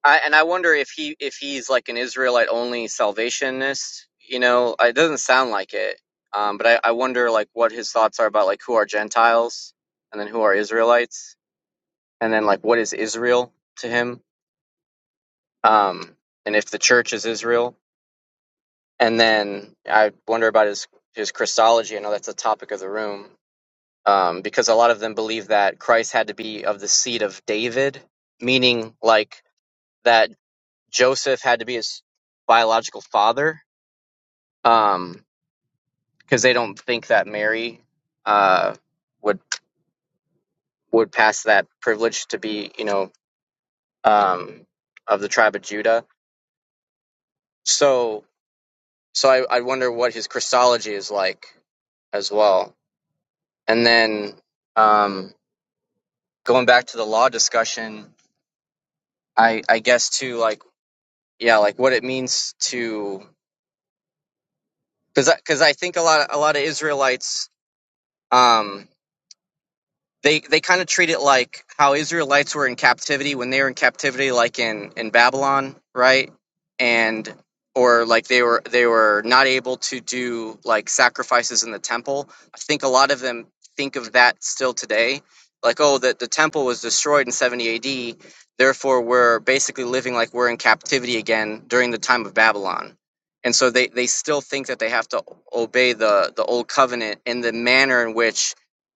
[SPEAKER 16] I and I wonder if he if he's like an Israelite only salvationist. You know, it doesn't sound like it. Um, but I, I wonder like what his thoughts are about like who are Gentiles and then who are Israelites and then like what is Israel to him um, and if the church is Israel. And then I wonder about his his Christology. I know that's the topic of the room um, because a lot of them believe that Christ had to be of the seed of David, meaning like that Joseph had to be his biological father, because they don't think that Mary uh, would would pass that privilege to be, you know, um, of the tribe of Judah. So, so I, I wonder what his Christology is like as well. And then. Um, going back to the law discussion, I I guess too like yeah like what it means to because I, because I think a lot of, a lot of Israelites. Um, they they kind of treat it like how Israelites were in captivity when they were in captivity, like in in Babylon, right? And or like they were they were not able to do like sacrifices in the temple. I think a lot of them think of that still today, like oh that the temple was destroyed in 70 A.D. Therefore, we're basically living like we're in captivity again during the time of Babylon. And so they, they still think that they have to obey the, the old covenant in the manner in which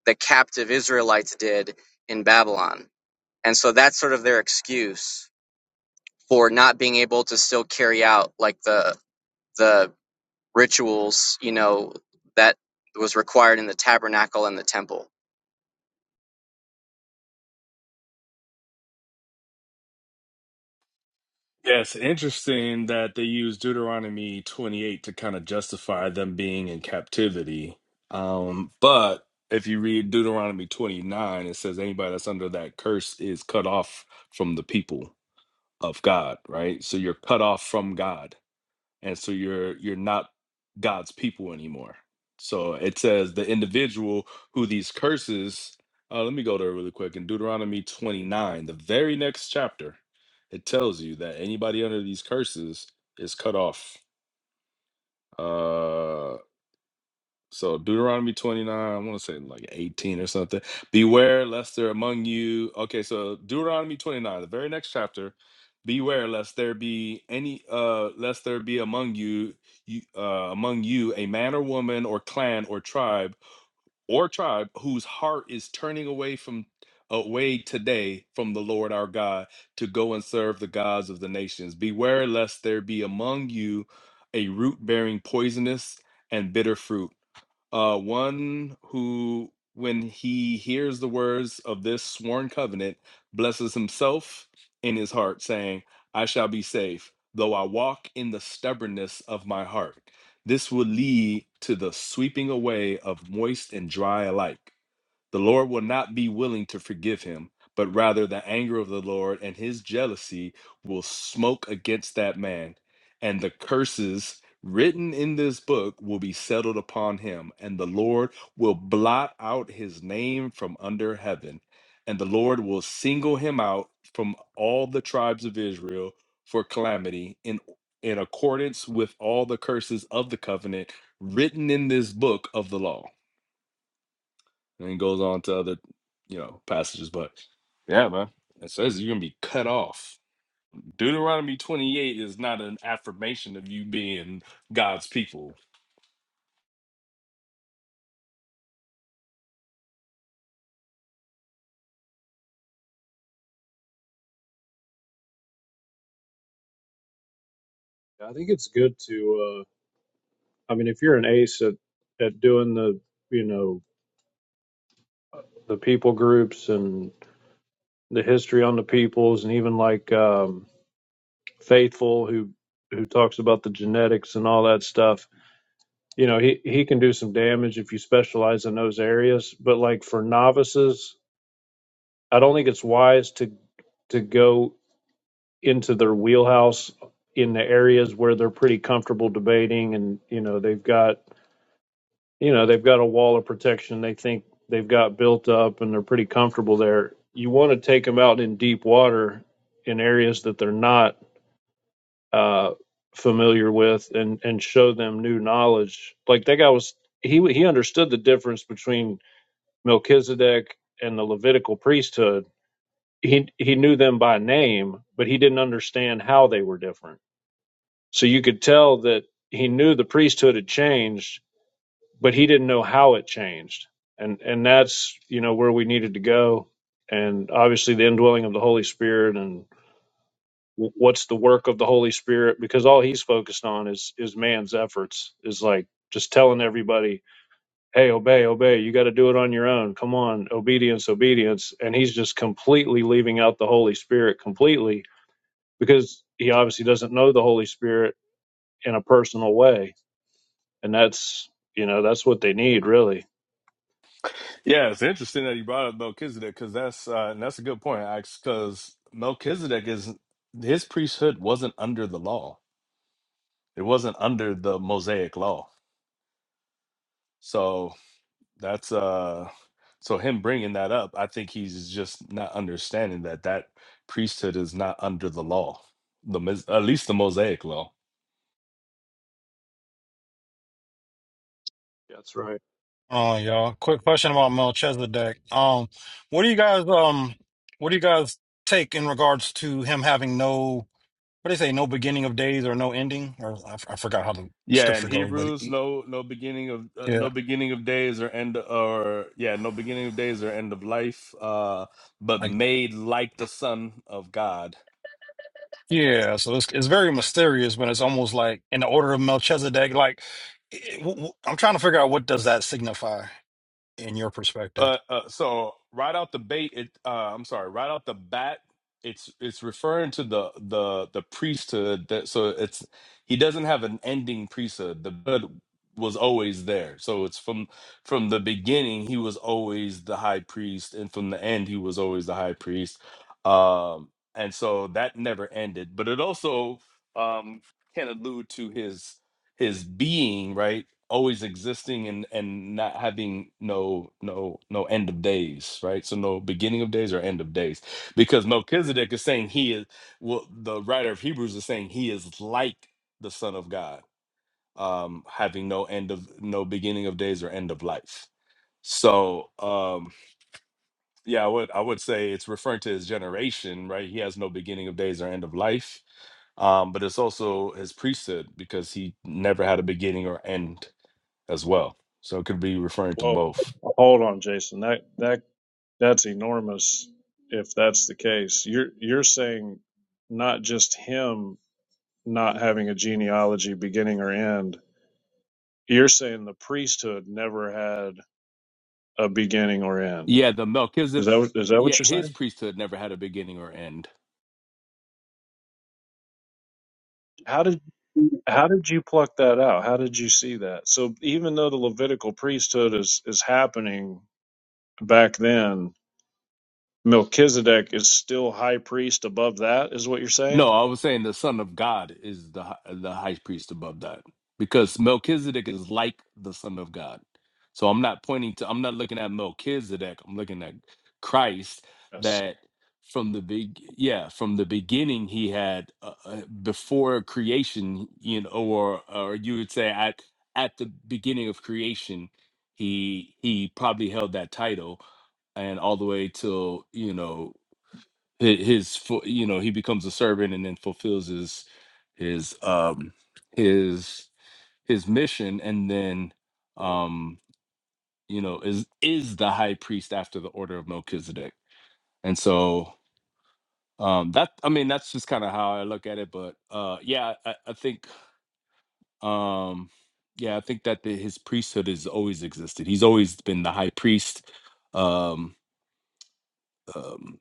[SPEAKER 16] the captive Israelites did in Babylon. And so that's sort of their excuse for not being able to still carry out like the the rituals, you know, that was required in the tabernacle and the temple.
[SPEAKER 13] Yes, interesting that they use Deuteronomy 28 to kind of justify them being in captivity. Um, but if you read Deuteronomy 29, it says anybody that's under that curse is cut off from the people of God, right? So you're cut off from God. and so you're you're not God's people anymore. So it says the individual who these curses. Uh, let me go there really quick. In Deuteronomy 29, the very next chapter, it tells you that anybody under these curses is cut off. Uh, so Deuteronomy 29, I want to say like 18 or something. Beware lest there among you. Okay, so Deuteronomy 29, the very next chapter. Beware lest there be any uh lest there be among you, you uh among you a man or woman or clan or tribe or tribe whose heart is turning away from away today from the Lord our God to go and serve the gods of the nations. Beware lest there be among you a root bearing poisonous and bitter fruit uh, one who, when he hears the words of this sworn covenant, blesses himself in his heart, saying, I shall be safe, though I walk in the stubbornness of my heart. This will lead to the sweeping away of moist and dry alike. The Lord will not be willing to forgive him, but rather the anger of the Lord and his jealousy will smoke against that man, and the curses written in this book will be settled upon him, and the Lord will blot out his name from under heaven, and the Lord will single him out from all the tribes of Israel for calamity in in accordance with all the curses of the covenant written in this book of the law and then goes on to other, you know, passages. But yeah, man, it says you're gonna be cut off. Deuteronomy 28 is not an affirmation of you being God's people.
[SPEAKER 14] I think it's good to. Uh, I mean, if you're an ace at at doing the you know the people groups and the history on the peoples, and even like um, Faithful who who talks about the genetics and all that stuff. You know, he he can do some damage if you specialize in those areas. But like for novices, I don't think it's wise to to go. into their wheelhouse in the areas where they're pretty comfortable debating and you know they've got you know they've got a wall of protection they think they've got built up and they're pretty comfortable there you want to take them out in deep water in areas that they're not uh familiar with and and show them new knowledge like that guy was he he understood the difference between Melchizedek and the Levitical priesthood he he knew them by name but he didn't understand how they were different So you could tell that he knew the priesthood had changed, but he didn't know how it changed. And and that's, you know, where we needed to go. And obviously the indwelling of the Holy Spirit and w- what's the work of the Holy Spirit because all he's focused on is is man's efforts is like just telling everybody, "Hey, obey, obey. You got to do it on your own. Come on, obedience, obedience." And he's just completely leaving out the Holy Spirit completely because he obviously doesn't know the Holy Spirit in a personal way and that's you know that's what they need really
[SPEAKER 13] Yeah, it's interesting that you brought up Melchizedek because that's uh, and that's a good point, Ax, Because Melchizedek is his priesthood wasn't under the law; it wasn't under the Mosaic law. So That's uh so him bringing that up, I think he's just not understanding that that priesthood is not under the law, the Mos- at least the Mosaic law.
[SPEAKER 14] That's right.
[SPEAKER 17] Oh, y'all. Quick question about Melchizedek. Um, what do you guys um what do you guys take in regards to him having no what do they say, no beginning of days or no ending? Or I, f- I forgot how the
[SPEAKER 13] Yeah, in
[SPEAKER 17] scripture goes, but
[SPEAKER 13] Hebrews,
[SPEAKER 17] he-
[SPEAKER 13] no no beginning of uh, no
[SPEAKER 17] yeah,
[SPEAKER 13] beginning of days or end or yeah, no beginning of days or end of life, uh but
[SPEAKER 17] like
[SPEAKER 13] made like the son of God
[SPEAKER 17] yeah. So it's it's very mysterious, but it's almost like in the order of Melchizedek. Like it, w- w- I'm trying to figure out what does that signify in your perspective.
[SPEAKER 13] Uh, uh, so right out the bait, it uh, I'm sorry, right out the bat, it's it's referring to the the the priesthood. That so it's he doesn't have an ending priesthood. The blood was always there. So it's from from the beginning he was always the high priest, and from the end he was always the high priest. Um, and so that never ended. But it also um, can allude to his his being right always existing and and not having no no no end of days right so no beginning of days or end of days because melchizedek is saying he is well the writer of hebrews is saying he is like the son of god um having no end of no beginning of days or end of life so um yeah i would i would say it's referring to his generation right he has no beginning of days or end of life um but it's also his priesthood because he never had a beginning or end as well. So it could be referring to
[SPEAKER 14] well
[SPEAKER 13] both.
[SPEAKER 14] hold on jason that that that's enormous if that's the case you're you're saying not just him not having a genealogy beginning or end you're saying the priesthood never had a beginning or end
[SPEAKER 13] Yeah, the
[SPEAKER 14] is
[SPEAKER 13] Melchizedek.
[SPEAKER 14] that what- is that
[SPEAKER 13] Yeah,
[SPEAKER 14] what you're saying
[SPEAKER 13] his priesthood never had a beginning or end.
[SPEAKER 14] how did how did you pluck that at? so even political priesthood is, is back in milk is what you're
[SPEAKER 13] No,
[SPEAKER 14] saying
[SPEAKER 13] I was saying the Son of God is the hi- the high priest above that because Melchizedek is like the Son of God. So I'm not pointing to. I'm not looking at Melchizedek. I'm looking at Christ. That
[SPEAKER 14] yes
[SPEAKER 13] from the big yeah from the beginning he had uh, uh, before creation you know or or you would say at at the beginning of creation he he probably held that title and all the way till you know hi- his fu- you know he becomes a servant and then fulfills his his um his his mission and then um you know is is the high priest after the order of melchizedek and so um that i mean that's just kind of how i look at it but uh yeah i, I think um yeah i think that the, his priesthood has always existed he's always been the high priest um um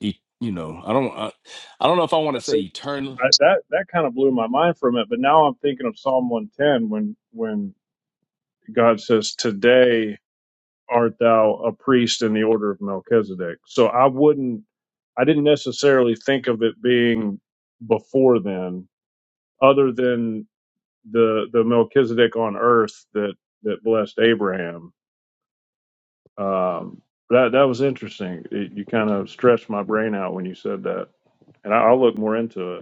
[SPEAKER 13] he, you know i don't I, I don't know if i want to say eternal
[SPEAKER 14] I, that that kind of blew my mind for a minute. But now I'm thinking of Psalm 110 when when God says, "Today art thou a priest in the order of Melchizedek." So I wouldn't, I didn't necessarily think of it being before then, other than the the Melchizedek on earth that that blessed Abraham. Um, that that was interesting. It, you kind of stretched my brain out when you said that, and I, I'll look more into it.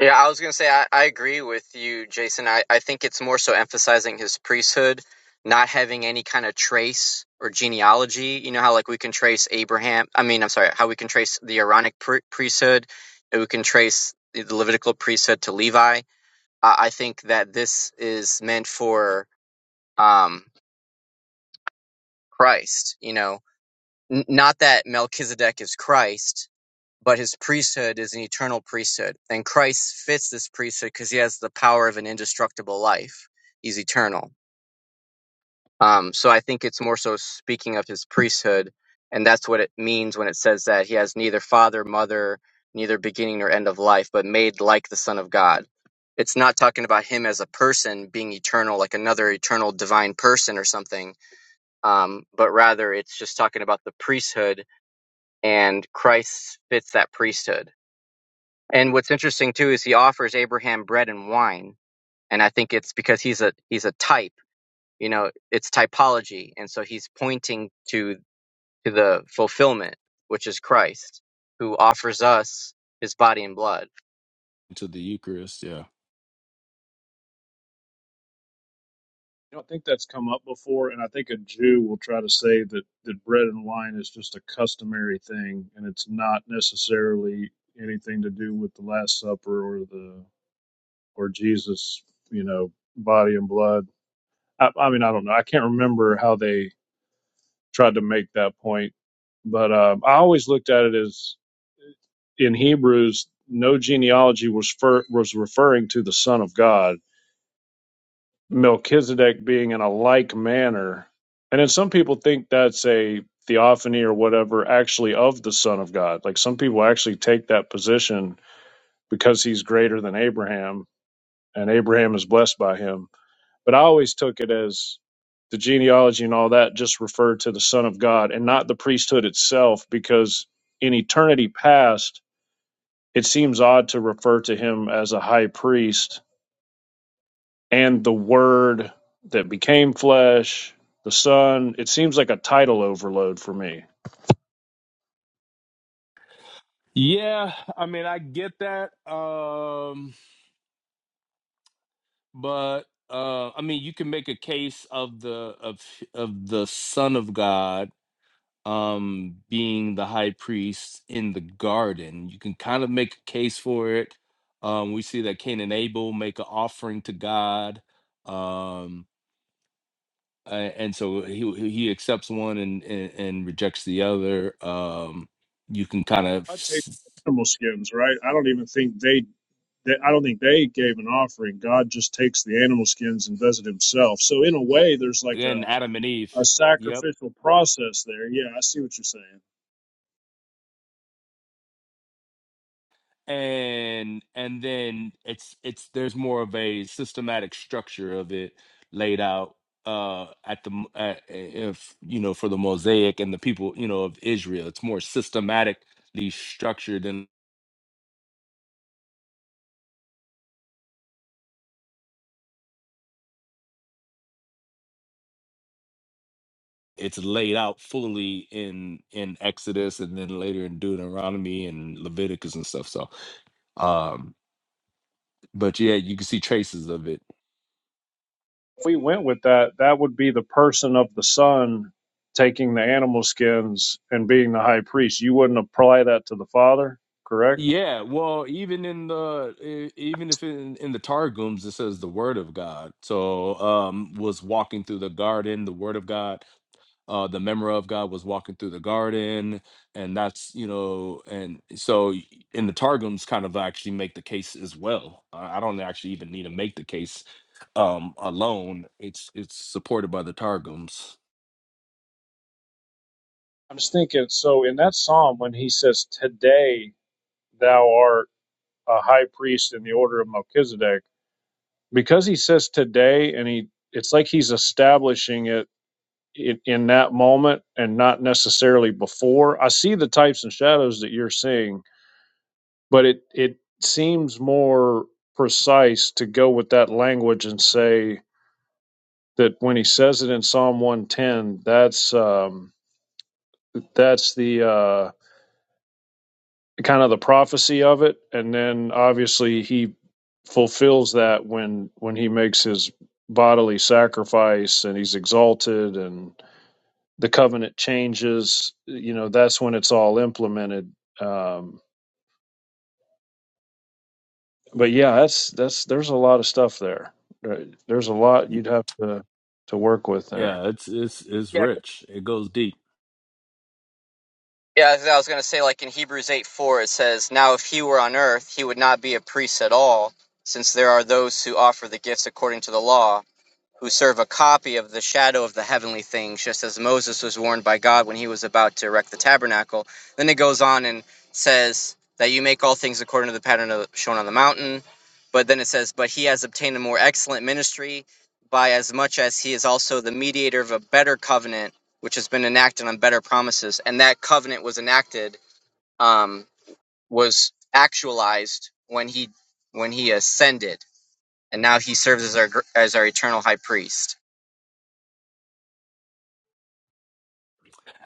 [SPEAKER 16] Yeah, I was gonna say I, I agree with you, Jason. I, I think it's more so emphasizing his priesthood, not having any kind of trace or genealogy. You know how like we can trace Abraham I mean, I'm sorry, how we can trace the Aaronic pri- priesthood, and we can trace the Levitical priesthood to Levi I, I think that this is meant for um, Christ. You know, N- not that Melchizedek is Christ, but his priesthood is an eternal priesthood, and Christ fits this priesthood because he has the power of an indestructible life. He's eternal. Um, so I think it's more so speaking of his priesthood, and that's what it means when it says that he has neither father, mother, neither beginning nor end of life, but made like the Son of God. It's not talking about him as a person being eternal, like another eternal divine person or something, um, but rather it's just talking about the priesthood, and Christ fits that priesthood. And what's interesting too is he offers Abraham bread and wine, and I think it's because he's a he's a type you know it's typology and so he's pointing to to the fulfillment which is christ who offers us his body and blood
[SPEAKER 13] to the Eucharist. Yeah.
[SPEAKER 14] You know, I think that's come up before, and I think a Jew will try to say that, that bread and wine is just a customary thing, and it's not necessarily anything to do with the Last Supper or the or Jesus, you know, body and blood. I, I mean, I don't know. I can't remember how they tried to make that point, but um, I always looked at it as in Hebrews, no genealogy was fer- was referring to the Son of God Melchizedek being in a like manner. And then some people think that's a theophany or whatever, actually of the Son of God. Like some people actually take that position because he's greater than Abraham and Abraham is blessed by him. But I always took it as the genealogy and all that just referred to the Son of God and not the priesthood itself, because in eternity past, it seems odd to refer to him as a high priest and the Word that became flesh, the Son. It seems like a title overload for me.
[SPEAKER 13] Yeah. I mean, I get that. Um, but uh, I mean, you can make a case of the of of the Son of God um being the high priest in the garden. You can kind of make a case for it. Um, we see that Cain and Abel make an offering to God. Um a- and so he he accepts one and, and and rejects the other. Um, you can kind of
[SPEAKER 14] I take animal skins, right? I don't even think they, they. I don't think they gave an offering. God just takes the animal skins and does it Himself. So in a way, there's like
[SPEAKER 13] and
[SPEAKER 14] a
[SPEAKER 13] Adam and Eve.
[SPEAKER 14] a
[SPEAKER 13] Yep.
[SPEAKER 14] sacrificial process. I see what you're saying?
[SPEAKER 13] And and then it's it's there's more of a systematic structure of it laid out uh at the m- at, if you know for the mosaic and the people you know of Israel it's more systematically structured and it's laid out fully in in Exodus and then later in Deuteronomy and Leviticus and stuff so um but yeah you can see traces of it
[SPEAKER 14] If we went with that, that would be the person of the Son taking the animal skins and being the high priest. You wouldn't apply that to the Father, correct?
[SPEAKER 13] Yeah, well, even in the e- even if in, in the Targums it says the word of God. So um was walking through the garden, the word of God, uh the memory of God was walking through the garden, and that's you know, and so y- in the Targums kind of actually make the case as well. I I don't actually even need to make the case um alone. It's it's supported by the Targums.
[SPEAKER 14] I'm just thinking, so in that psalm, when he says, Today thou art a high priest in the order of Melchizedek, because he says today, and he it's like he's establishing it in, in that moment and not necessarily before. I see the types and shadows that you're seeing, but it, it seems more precise to go with that language and say that when he says it in Psalm 110, that's um, that's the. uh, kind of the prophecy of it and then obviously he fulfills that when when he makes his bodily sacrifice and he's exalted and the covenant changes you know that's when it's all implemented um but yeah that's that's there's a lot of stuff there There- there's a lot you'd have to to work with there
[SPEAKER 13] Yeah, it's it's it's
[SPEAKER 16] yeah
[SPEAKER 13] rich. It goes deep.
[SPEAKER 16] yeah i was going to say like in hebrews 8 4 it says now if he were on earth he would not be a priest at all since there are those who offer the gifts according to the law who serve a copy of the shadow of the heavenly things, just as Moses was warned by God when he was about to erect the tabernacle. Then it goes on and says that you make all things according to the pattern of, shown on the mountain. But then it says, But he has obtained a more excellent ministry by as much as he is also the mediator of a better covenant, which has been enacted on better promises. And that covenant was enacted, um, was actualized when he when he ascended, and now he serves as our gr- as our eternal high priest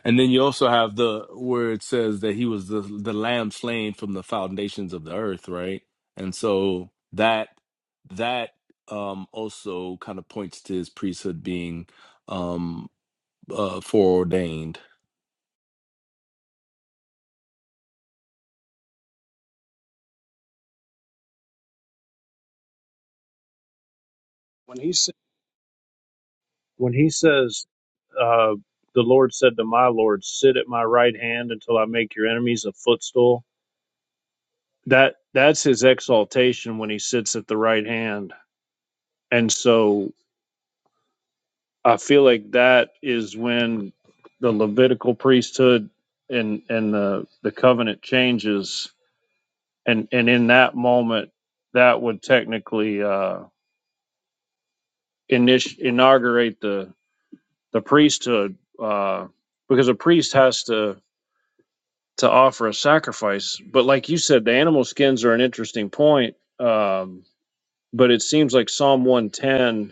[SPEAKER 13] And then you also have the where it says that he was the the lamb slain from the foundations of the earth, right? And so that that um also kind of points to his priesthood being um uh foreordained.
[SPEAKER 14] When he sa- when he says, uh, "The Lord said to my Lord, Sit at my right hand until I make your enemies a footstool," that that's his exaltation when he sits at the right hand and so i feel like that is when the levitical priesthood and and the the covenant changes and and in that moment that would technically uh init- inaugurate the the priesthood uh because a priest has to to offer a sacrifice but like you said the animal skins are an interesting point um but it seems like psalm 110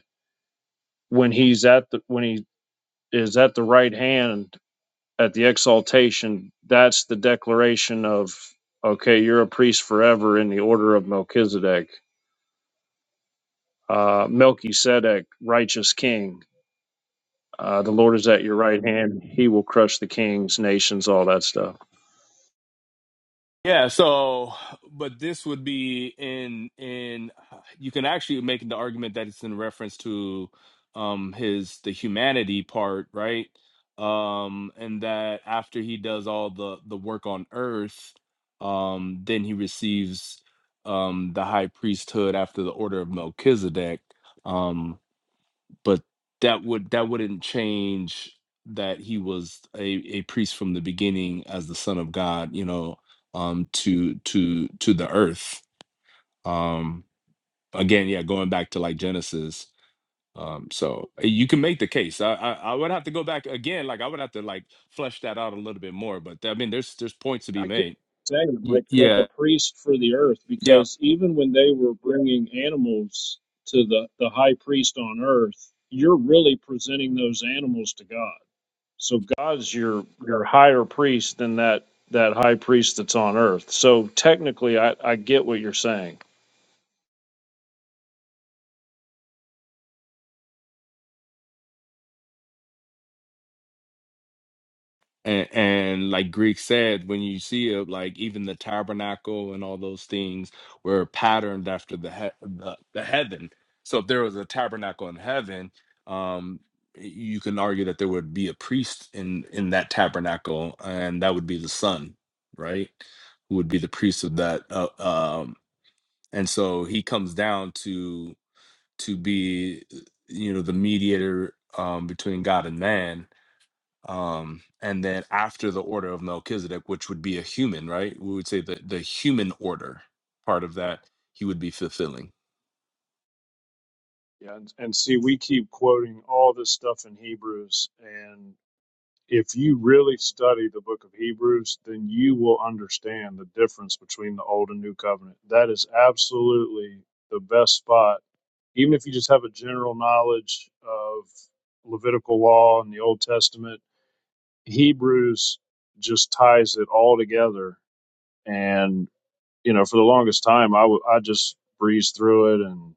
[SPEAKER 14] when he's at the when he is at the right hand at the exaltation that's the declaration of okay you're a priest forever in the order of melchizedek uh, melchizedek righteous king uh, the lord is at your right hand he will crush the kings nations all that stuff
[SPEAKER 13] Yeah, so but this would be in in you can actually make the argument that it's in reference to um his the humanity part, right? Um and that after he does all the the work on earth, um then he receives um the high priesthood after the order of Melchizedek. Um but that would that wouldn't change that he was a, a priest from the beginning as the son of god you know um to to to the earth um again yeah going back to like genesis um so uh, you can make the case i i, I would have to go back again like i would have to like flesh that out a little bit more but i mean there's there's points to be made
[SPEAKER 14] exactly
[SPEAKER 13] Y-
[SPEAKER 14] like, like a
[SPEAKER 13] yeah
[SPEAKER 14] priest for the earth
[SPEAKER 13] yeah
[SPEAKER 14] because he brings to the priest on earth you're really presenting animals to god So God's your your higher priest than that that high priest that's on earth. So technically, I I get what you're saying.
[SPEAKER 13] and, and like Greek said, when you see it, like even the tabernacle and all those things were patterned after the he- the, the heaven. So if there was a tabernacle in heaven, um, you can argue that there would be a priest in in that tabernacle, and that would be the son, right? Who would be the priest of that? Uh, um, and so he comes down to to be, uh, you know, the mediator um, between God and man um and then after the order of melchizedek which would be a human right we would say that the human order part of that he would be fulfilling
[SPEAKER 14] Yeah, and, and see, we keep quoting all this stuff in Hebrews, and if you really study the book of Hebrews, then you will understand the difference between the old and new covenant. That is absolutely the best spot, even if you just have a general knowledge of Levitical law and the Old Testament. Hebrews just ties it all together and you know for the longest time I w- I just breezed through it and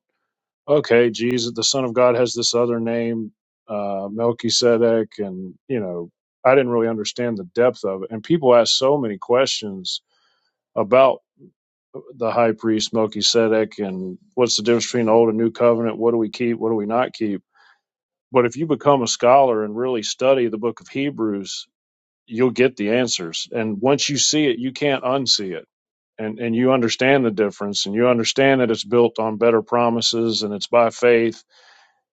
[SPEAKER 14] okay jesus the son of god has this other name uh melchizedek and you know i didn't really understand the depth of it and people ask so many questions about the high priest melchizedek and what's the difference between the old and new covenant what do we keep what do we not keep but if you become a scholar and really study the book of hebrews you'll get the answers and once you see it you can't unsee it and and you understand the difference and you understand that it's built on better promises and it's by faith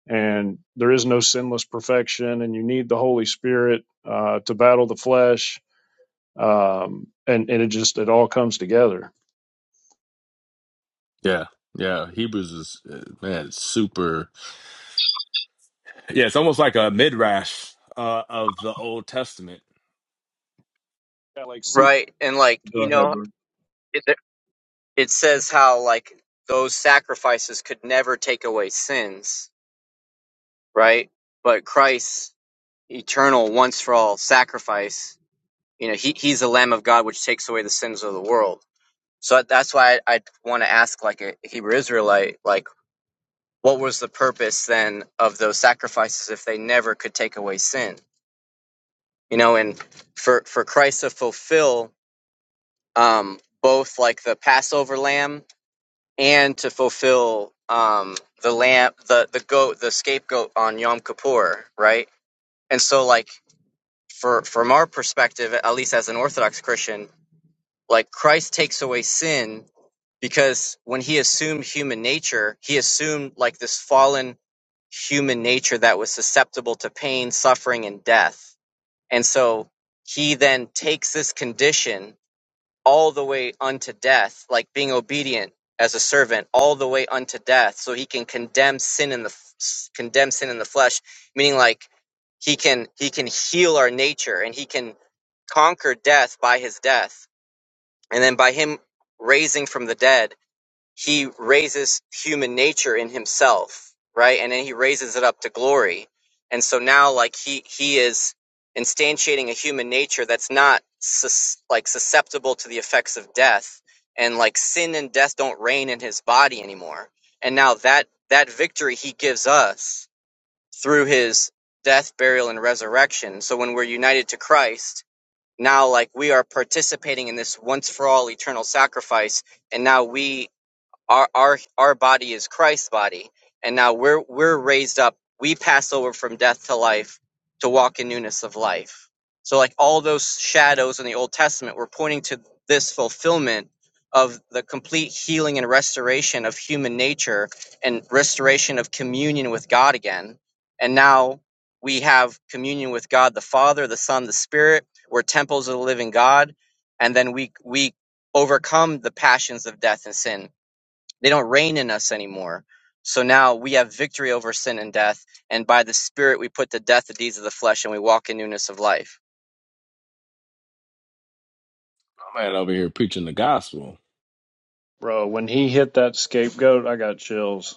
[SPEAKER 14] and there is no sinless perfection and you need the holy spirit uh, to battle the flesh um, and and it just it all comes together
[SPEAKER 13] Yeah, yeah. Hebrews is uh, man, it's super. yeah it's almost like a midrash uh of the old testament
[SPEAKER 14] yeah like see
[SPEAKER 16] Right, and like
[SPEAKER 14] go
[SPEAKER 16] you
[SPEAKER 14] ahead
[SPEAKER 16] know,
[SPEAKER 14] bro
[SPEAKER 16] it it says how like those sacrifices could never take away sins, right? But Christ's eternal once for all sacrifice, you know, he he's the Lamb of God which takes away the sins of the world. So that- that's why I, I want to ask like a Hebrew Israelite, like what was the purpose then of those sacrifices if they never could take away sin? You know, and for for Christ to fulfill um both like the Passover lamb and to fulfill um, the lamb, the the goat, the scapegoat on Yom Kippur, right? And so, like for from our perspective, at least as an Orthodox Christian, like Christ takes away sin because when he assumed human nature, he assumed like this fallen human nature that was susceptible to pain, suffering, and death. And so he then takes this condition all the way unto death, like being obedient as a servant all the way unto death, so he can condemn sin in the f- condemn sin in the flesh, meaning like he can he can heal our nature and he can conquer death by his death, and then by him raising from the dead he raises human nature in himself, right? And then he raises it up to glory. And so now, like he he is instantiating a human nature that's not sus- like susceptible to the effects of death, and like sin and death don't reign in his body anymore. And now that that victory he gives us through his death, burial, and resurrection. So when we're united to Christ, now like we are participating in this once for all eternal sacrifice, and now we our our our body is Christ's body, and now we're we're raised up. We pass over from death to life to walk in newness of life. So like all those shadows in the Old Testament were pointing to this fulfillment of the complete healing and restoration of human nature and restoration of communion with God again. And now we have communion with God the Father, the Son, the Spirit. We're temples of the living God, and then we we overcome the passions of death and sin they don't reign in us anymore. So now we have victory over sin and death, and by the Spirit we put to death the deeds of the flesh, and we walk in newness of life.
[SPEAKER 13] my man over here preaching the gospel
[SPEAKER 14] bro when he hit that scapegoat i got chills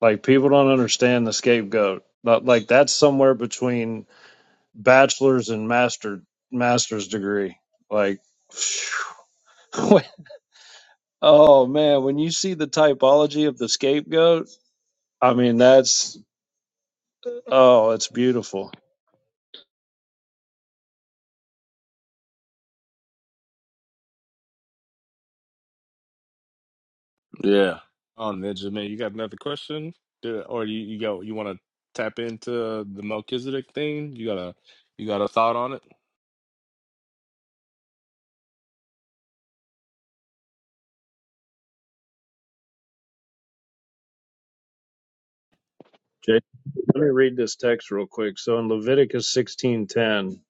[SPEAKER 14] Like people don't understand the scapegoat. But, Like that's somewhere between bachelor's and master master's degree. Like, phew. oh man, when you see the typology of the scapegoat, I mean that's oh, it's beautiful.
[SPEAKER 13] Yeah. on benjamin you got another question Do- or you, you go you want to tap into the melchizedek thing you got a you got a thought on it
[SPEAKER 14] Jay, let me read this text real quick. So in Leviticus sixteen ten.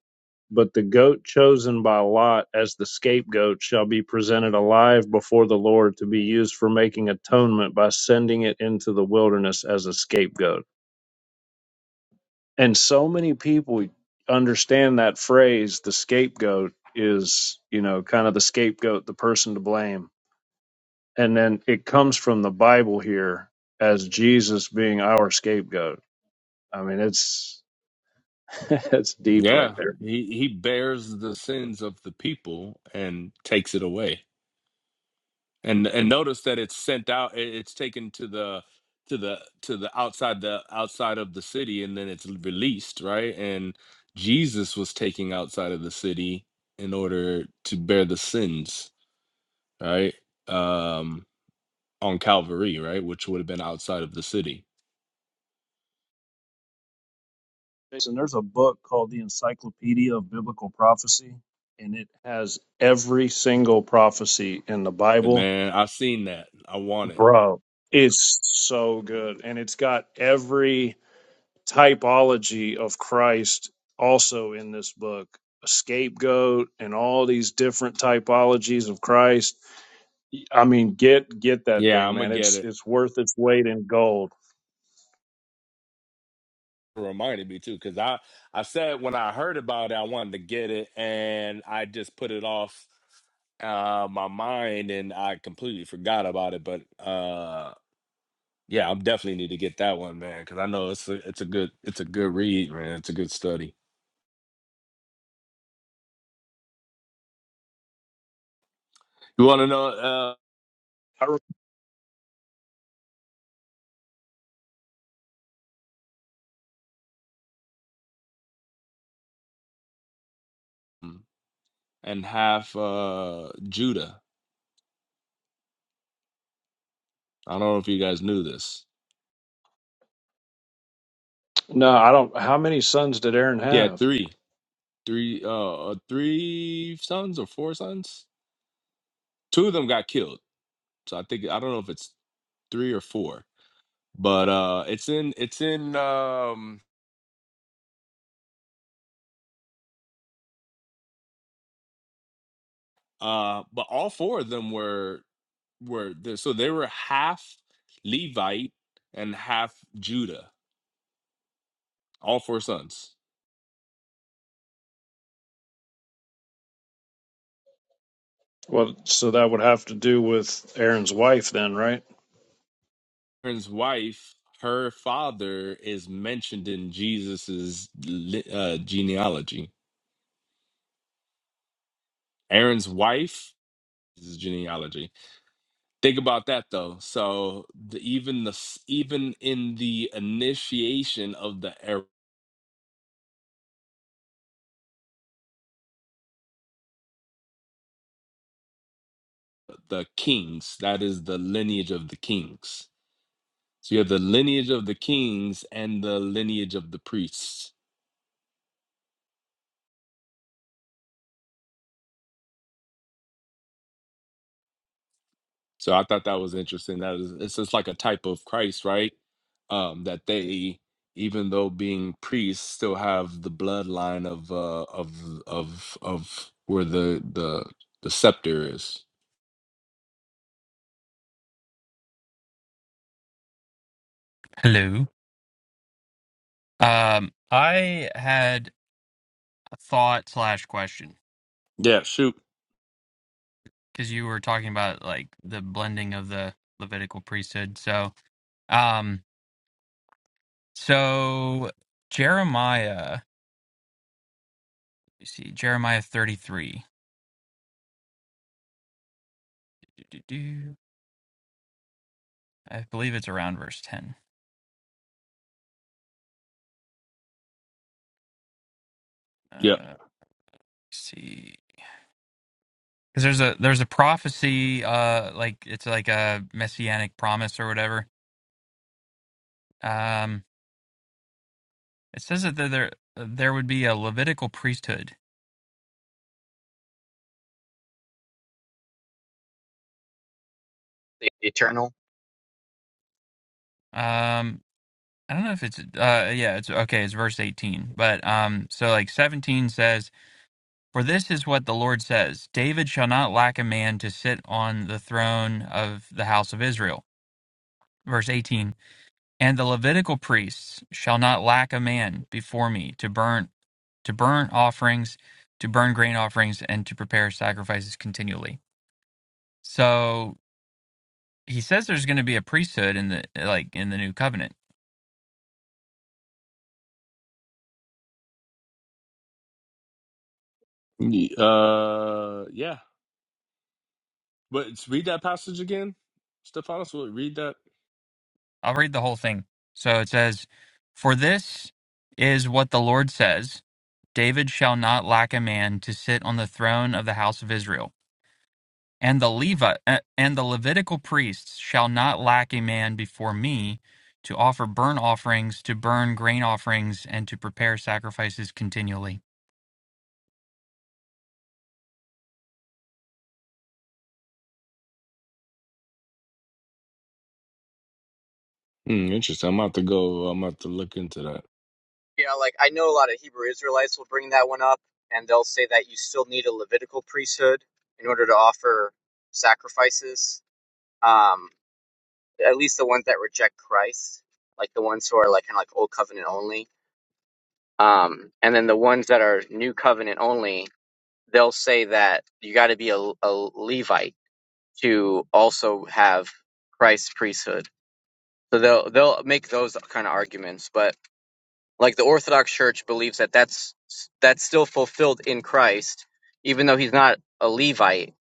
[SPEAKER 14] But the goat chosen by Lot as the scapegoat shall be presented alive before the Lord to be used for making atonement by sending it into the wilderness as a scapegoat. And so many people understand that phrase, the scapegoat is, you know, kind of the scapegoat, the person to blame. And then it comes from the Bible here as Jesus being our scapegoat. I mean, it's it's deep right
[SPEAKER 13] Yeah,
[SPEAKER 14] there.
[SPEAKER 13] he he bears the sins of the people and takes it away. And and notice that it's sent out. it- It's taken to the to the to the outside the outside of the city, and then it's released, right? And Jesus was taking outside of the city in order to bear the sins, right? Um, on Calvary, right, which would have been outside of the city.
[SPEAKER 14] Jason, there's a book called The Encyclopedia of Biblical Prophecy, and it has every single prophecy in the
[SPEAKER 13] And
[SPEAKER 14] Bible.
[SPEAKER 13] man, I've seen that. I want it.
[SPEAKER 14] Bro, it's so good. And it's got every typology of Christ also in this book a scapegoat and all these different typologies of Christ. I mean, get get that
[SPEAKER 13] Yeah,
[SPEAKER 14] thing,
[SPEAKER 13] I'm
[SPEAKER 14] man.
[SPEAKER 13] gonna get
[SPEAKER 14] It's
[SPEAKER 13] it.
[SPEAKER 14] it's worth its weight in gold.
[SPEAKER 13] reminded me too because i i said when i heard about it i wanted to get it and i just put it off uh my mind and i completely forgot about it but uh yeah i definitely need to get that one man because i know it's a, it's a good it's a good read man it's a good study you want to know uh,
[SPEAKER 14] I, re-
[SPEAKER 13] um, and half uh judah i don't know if you guys knew this
[SPEAKER 14] no, I don't. How many sons did Aaron
[SPEAKER 13] yeah
[SPEAKER 14] have?
[SPEAKER 13] three three uh uh, three sons or four sons two of them got killed so i think i don't know if it's three or four. But uh it's in it's in um uh but all four of them were were there so they were half Levite and half Judah, all four sons.
[SPEAKER 14] Well, so that would have to do with Aaron's wife then, right?
[SPEAKER 13] Aaron's wife, her father is mentioned in Jesus's li- uh, genealogy. Aaron's wife is his genealogy. Think about that though. So the, even the s- even in the initiation of the the kings. That is the lineage of the kings. So you have the lineage of the kings and the lineage of the priests. So I thought that was interesting. That is, it's just like a type of Christ, right? Um, that they, even though being priests, still have the bloodline of uh, of of of where the the the scepter is.
[SPEAKER 18] Hello. Um, I had a thought slash question
[SPEAKER 13] Yeah. Shoot.
[SPEAKER 18] because you were talking about like the blending of the Levitical priesthood. So, um, so Jeremiah, you see Jeremiah 33. Do-do-do. I believe it's around verse 10. Uh,
[SPEAKER 13] Yeah.
[SPEAKER 18] let's see. Because there's a there's a prophecy, uh, like it's like a messianic promise or whatever. Um, it says that there there there would be a Levitical priesthood.
[SPEAKER 16] The eternal.
[SPEAKER 18] Um, I don't know if it's uh yeah, it's okay, it's verse 18. But um so like 17 says, "For this is what the Lord says, David shall not lack a man to sit on the throne of the house of Israel." Verse 18, "And the Levitical priests shall not lack a man before me to burn to burn offerings, to burn grain offerings and to prepare sacrifices continually." So he says there's going to be a priesthood in the like in the new covenant
[SPEAKER 13] Ye- Uh. Yeah. But it's- read that passage again, Stephanos. Will read that
[SPEAKER 18] I'll read the whole thing. So it says, For this is what the Lord says David shall not lack a man to sit on the throne of the house of Israel. And the Levi- uh, and the Levitical priests shall not lack a man before me to offer burnt offerings, to burn grain offerings, and to prepare sacrifices continually.
[SPEAKER 13] Mm, interesting. I'm about to go. I'm about to look into that.
[SPEAKER 16] Yeah, like I know a lot of Hebrew Israelites will bring that one up, and they'll say that you still need a Levitical priesthood in order to offer sacrifices. Um, at least the ones that reject Christ, like the ones who are like kind of like old covenant only. Um, and then the ones that are new covenant only, they'll say that you got to be a, a Levite to also have Christ's priesthood. So they'll they'll make those kind of arguments, but like the Orthodox Church believes that that's that's still fulfilled in Christ, even though he's not a Levite.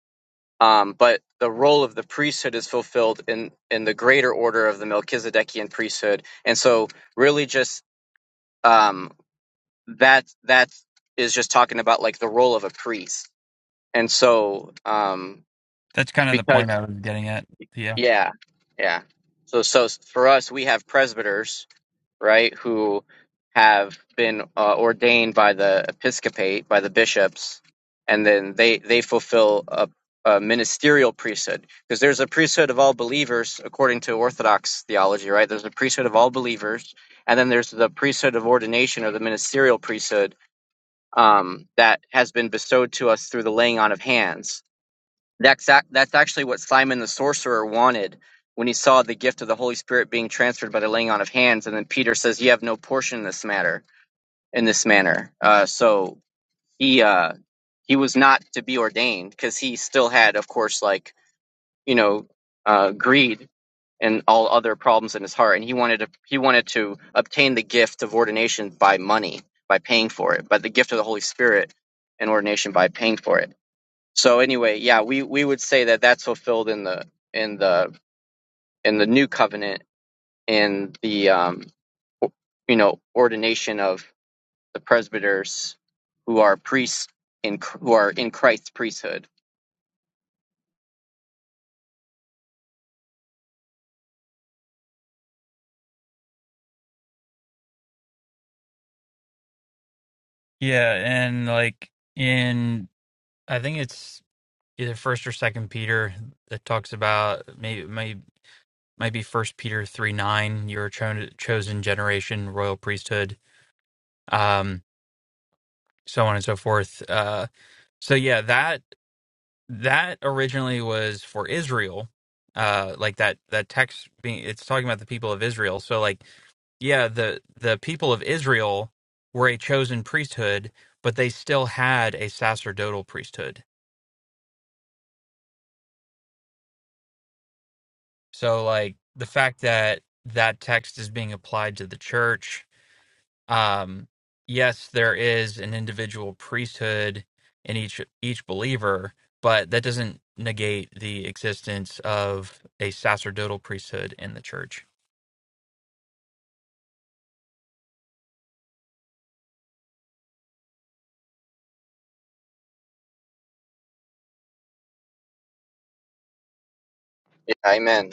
[SPEAKER 16] Um, but the role of the priesthood is fulfilled in in the greater order of the Melchizedekian priesthood, and so really just um, that that is just talking about like the role of a priest, and so um,
[SPEAKER 18] That's kind of the
[SPEAKER 16] because
[SPEAKER 18] point I was getting at. Yeah.
[SPEAKER 16] Yeah, yeah. So, so s- for us, we have presbyters, right, who have been uh, ordained by the episcopate, by the bishops, and then they they fulfill a, a ministerial priesthood because there's a priesthood of all believers according to Orthodox theology, right? There's a priesthood of all believers, and then there's the priesthood of ordination or the ministerial priesthood um, that has been bestowed to us through the laying on of hands that's ac- that's actually what Simon the sorcerer wanted when he saw the gift of the Holy Spirit being transferred by the laying on of hands, and then Peter says, "You have no portion in this matter, in this manner." Uh, so he uh, he was not to be ordained because he still had, of course, like you know, uh, greed and all other problems in his heart, and he wanted to he wanted to obtain the gift of ordination by money, by paying for it, but the gift of the Holy Spirit and ordination by paying for it. So anyway, yeah, we we would say that that's fulfilled in the in the in the new covenant in the um, you know ordination of the presbyters who are priests in Ch- who are in Christ's priesthood.
[SPEAKER 18] Yeah. And like in, I think it's either first or second Peter that talks about maybe, maybe might be First Peter three nine. You're a cho- chosen generation, royal priesthood, um, so on and so forth. Uh, so yeah, that that originally was for Israel. Uh, like that that text being it's talking about the people of Israel. So like yeah, the the people of Israel were a chosen priesthood, but they still had a sacerdotal priesthood. So like the fact that that text is being applied to the church Um, yes, there is an individual priesthood in each each believer, but that doesn't negate the existence of a sacerdotal priesthood in the church.
[SPEAKER 16] Yeah, amen.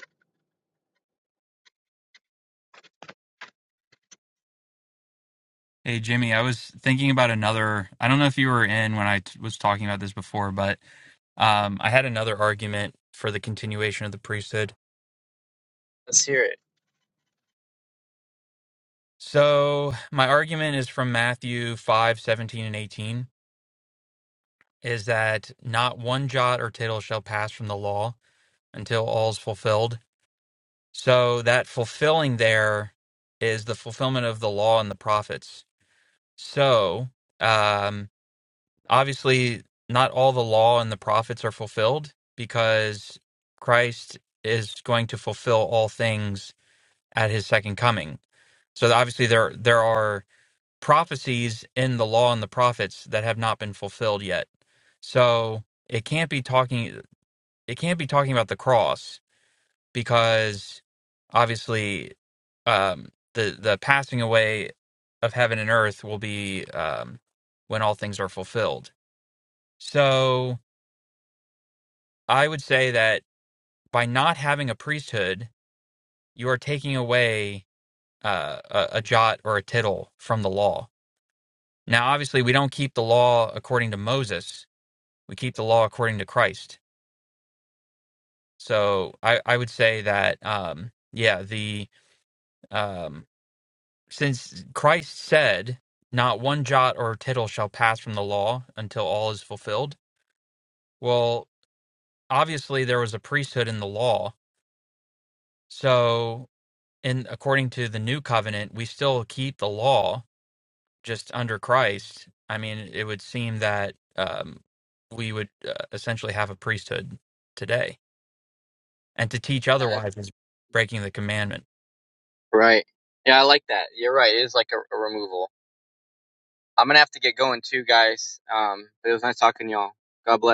[SPEAKER 18] Hey, Jimmy, I was thinking about another. I don't know if you were in when I t- was talking about this before, but um, I had another argument for the continuation of the priesthood.
[SPEAKER 16] Let's hear it.
[SPEAKER 18] So my argument is from Matthew five seventeen and 18 is that not one jot or tittle shall pass from the law until all's fulfilled. So that fulfilling there is the fulfillment of the law and the prophets. So um, obviously, not all the law and the prophets are fulfilled because Christ is going to fulfill all things at his second coming. So obviously, there there are prophecies in the law and the prophets that have not been fulfilled yet. So it can't be talking it can't be talking about the cross because obviously um, the the passing away of heaven and earth will be um, when all things are fulfilled. So I would say that by not having a priesthood, you are taking away uh, a, a jot or a tittle from the law. Now, obviously, we don't keep the law according to Moses; we keep the law according to Christ. So I, I would say that um, yeah, the um, Since Christ said, Not one jot or tittle shall pass from the law until all is fulfilled. Well, obviously, there was a priesthood in the law. So, in, according to the new covenant, we still keep the law just under Christ. I mean, it would seem that um, we would uh, essentially have a priesthood today. And to teach
[SPEAKER 16] Yeah, that's
[SPEAKER 18] otherwise is breaking the commandment.
[SPEAKER 16] right. Yeah, I like that. You're right. It is like a, a removal. I'm gonna have to get going too, guys. Um, but it was nice talking to y'all. God bless.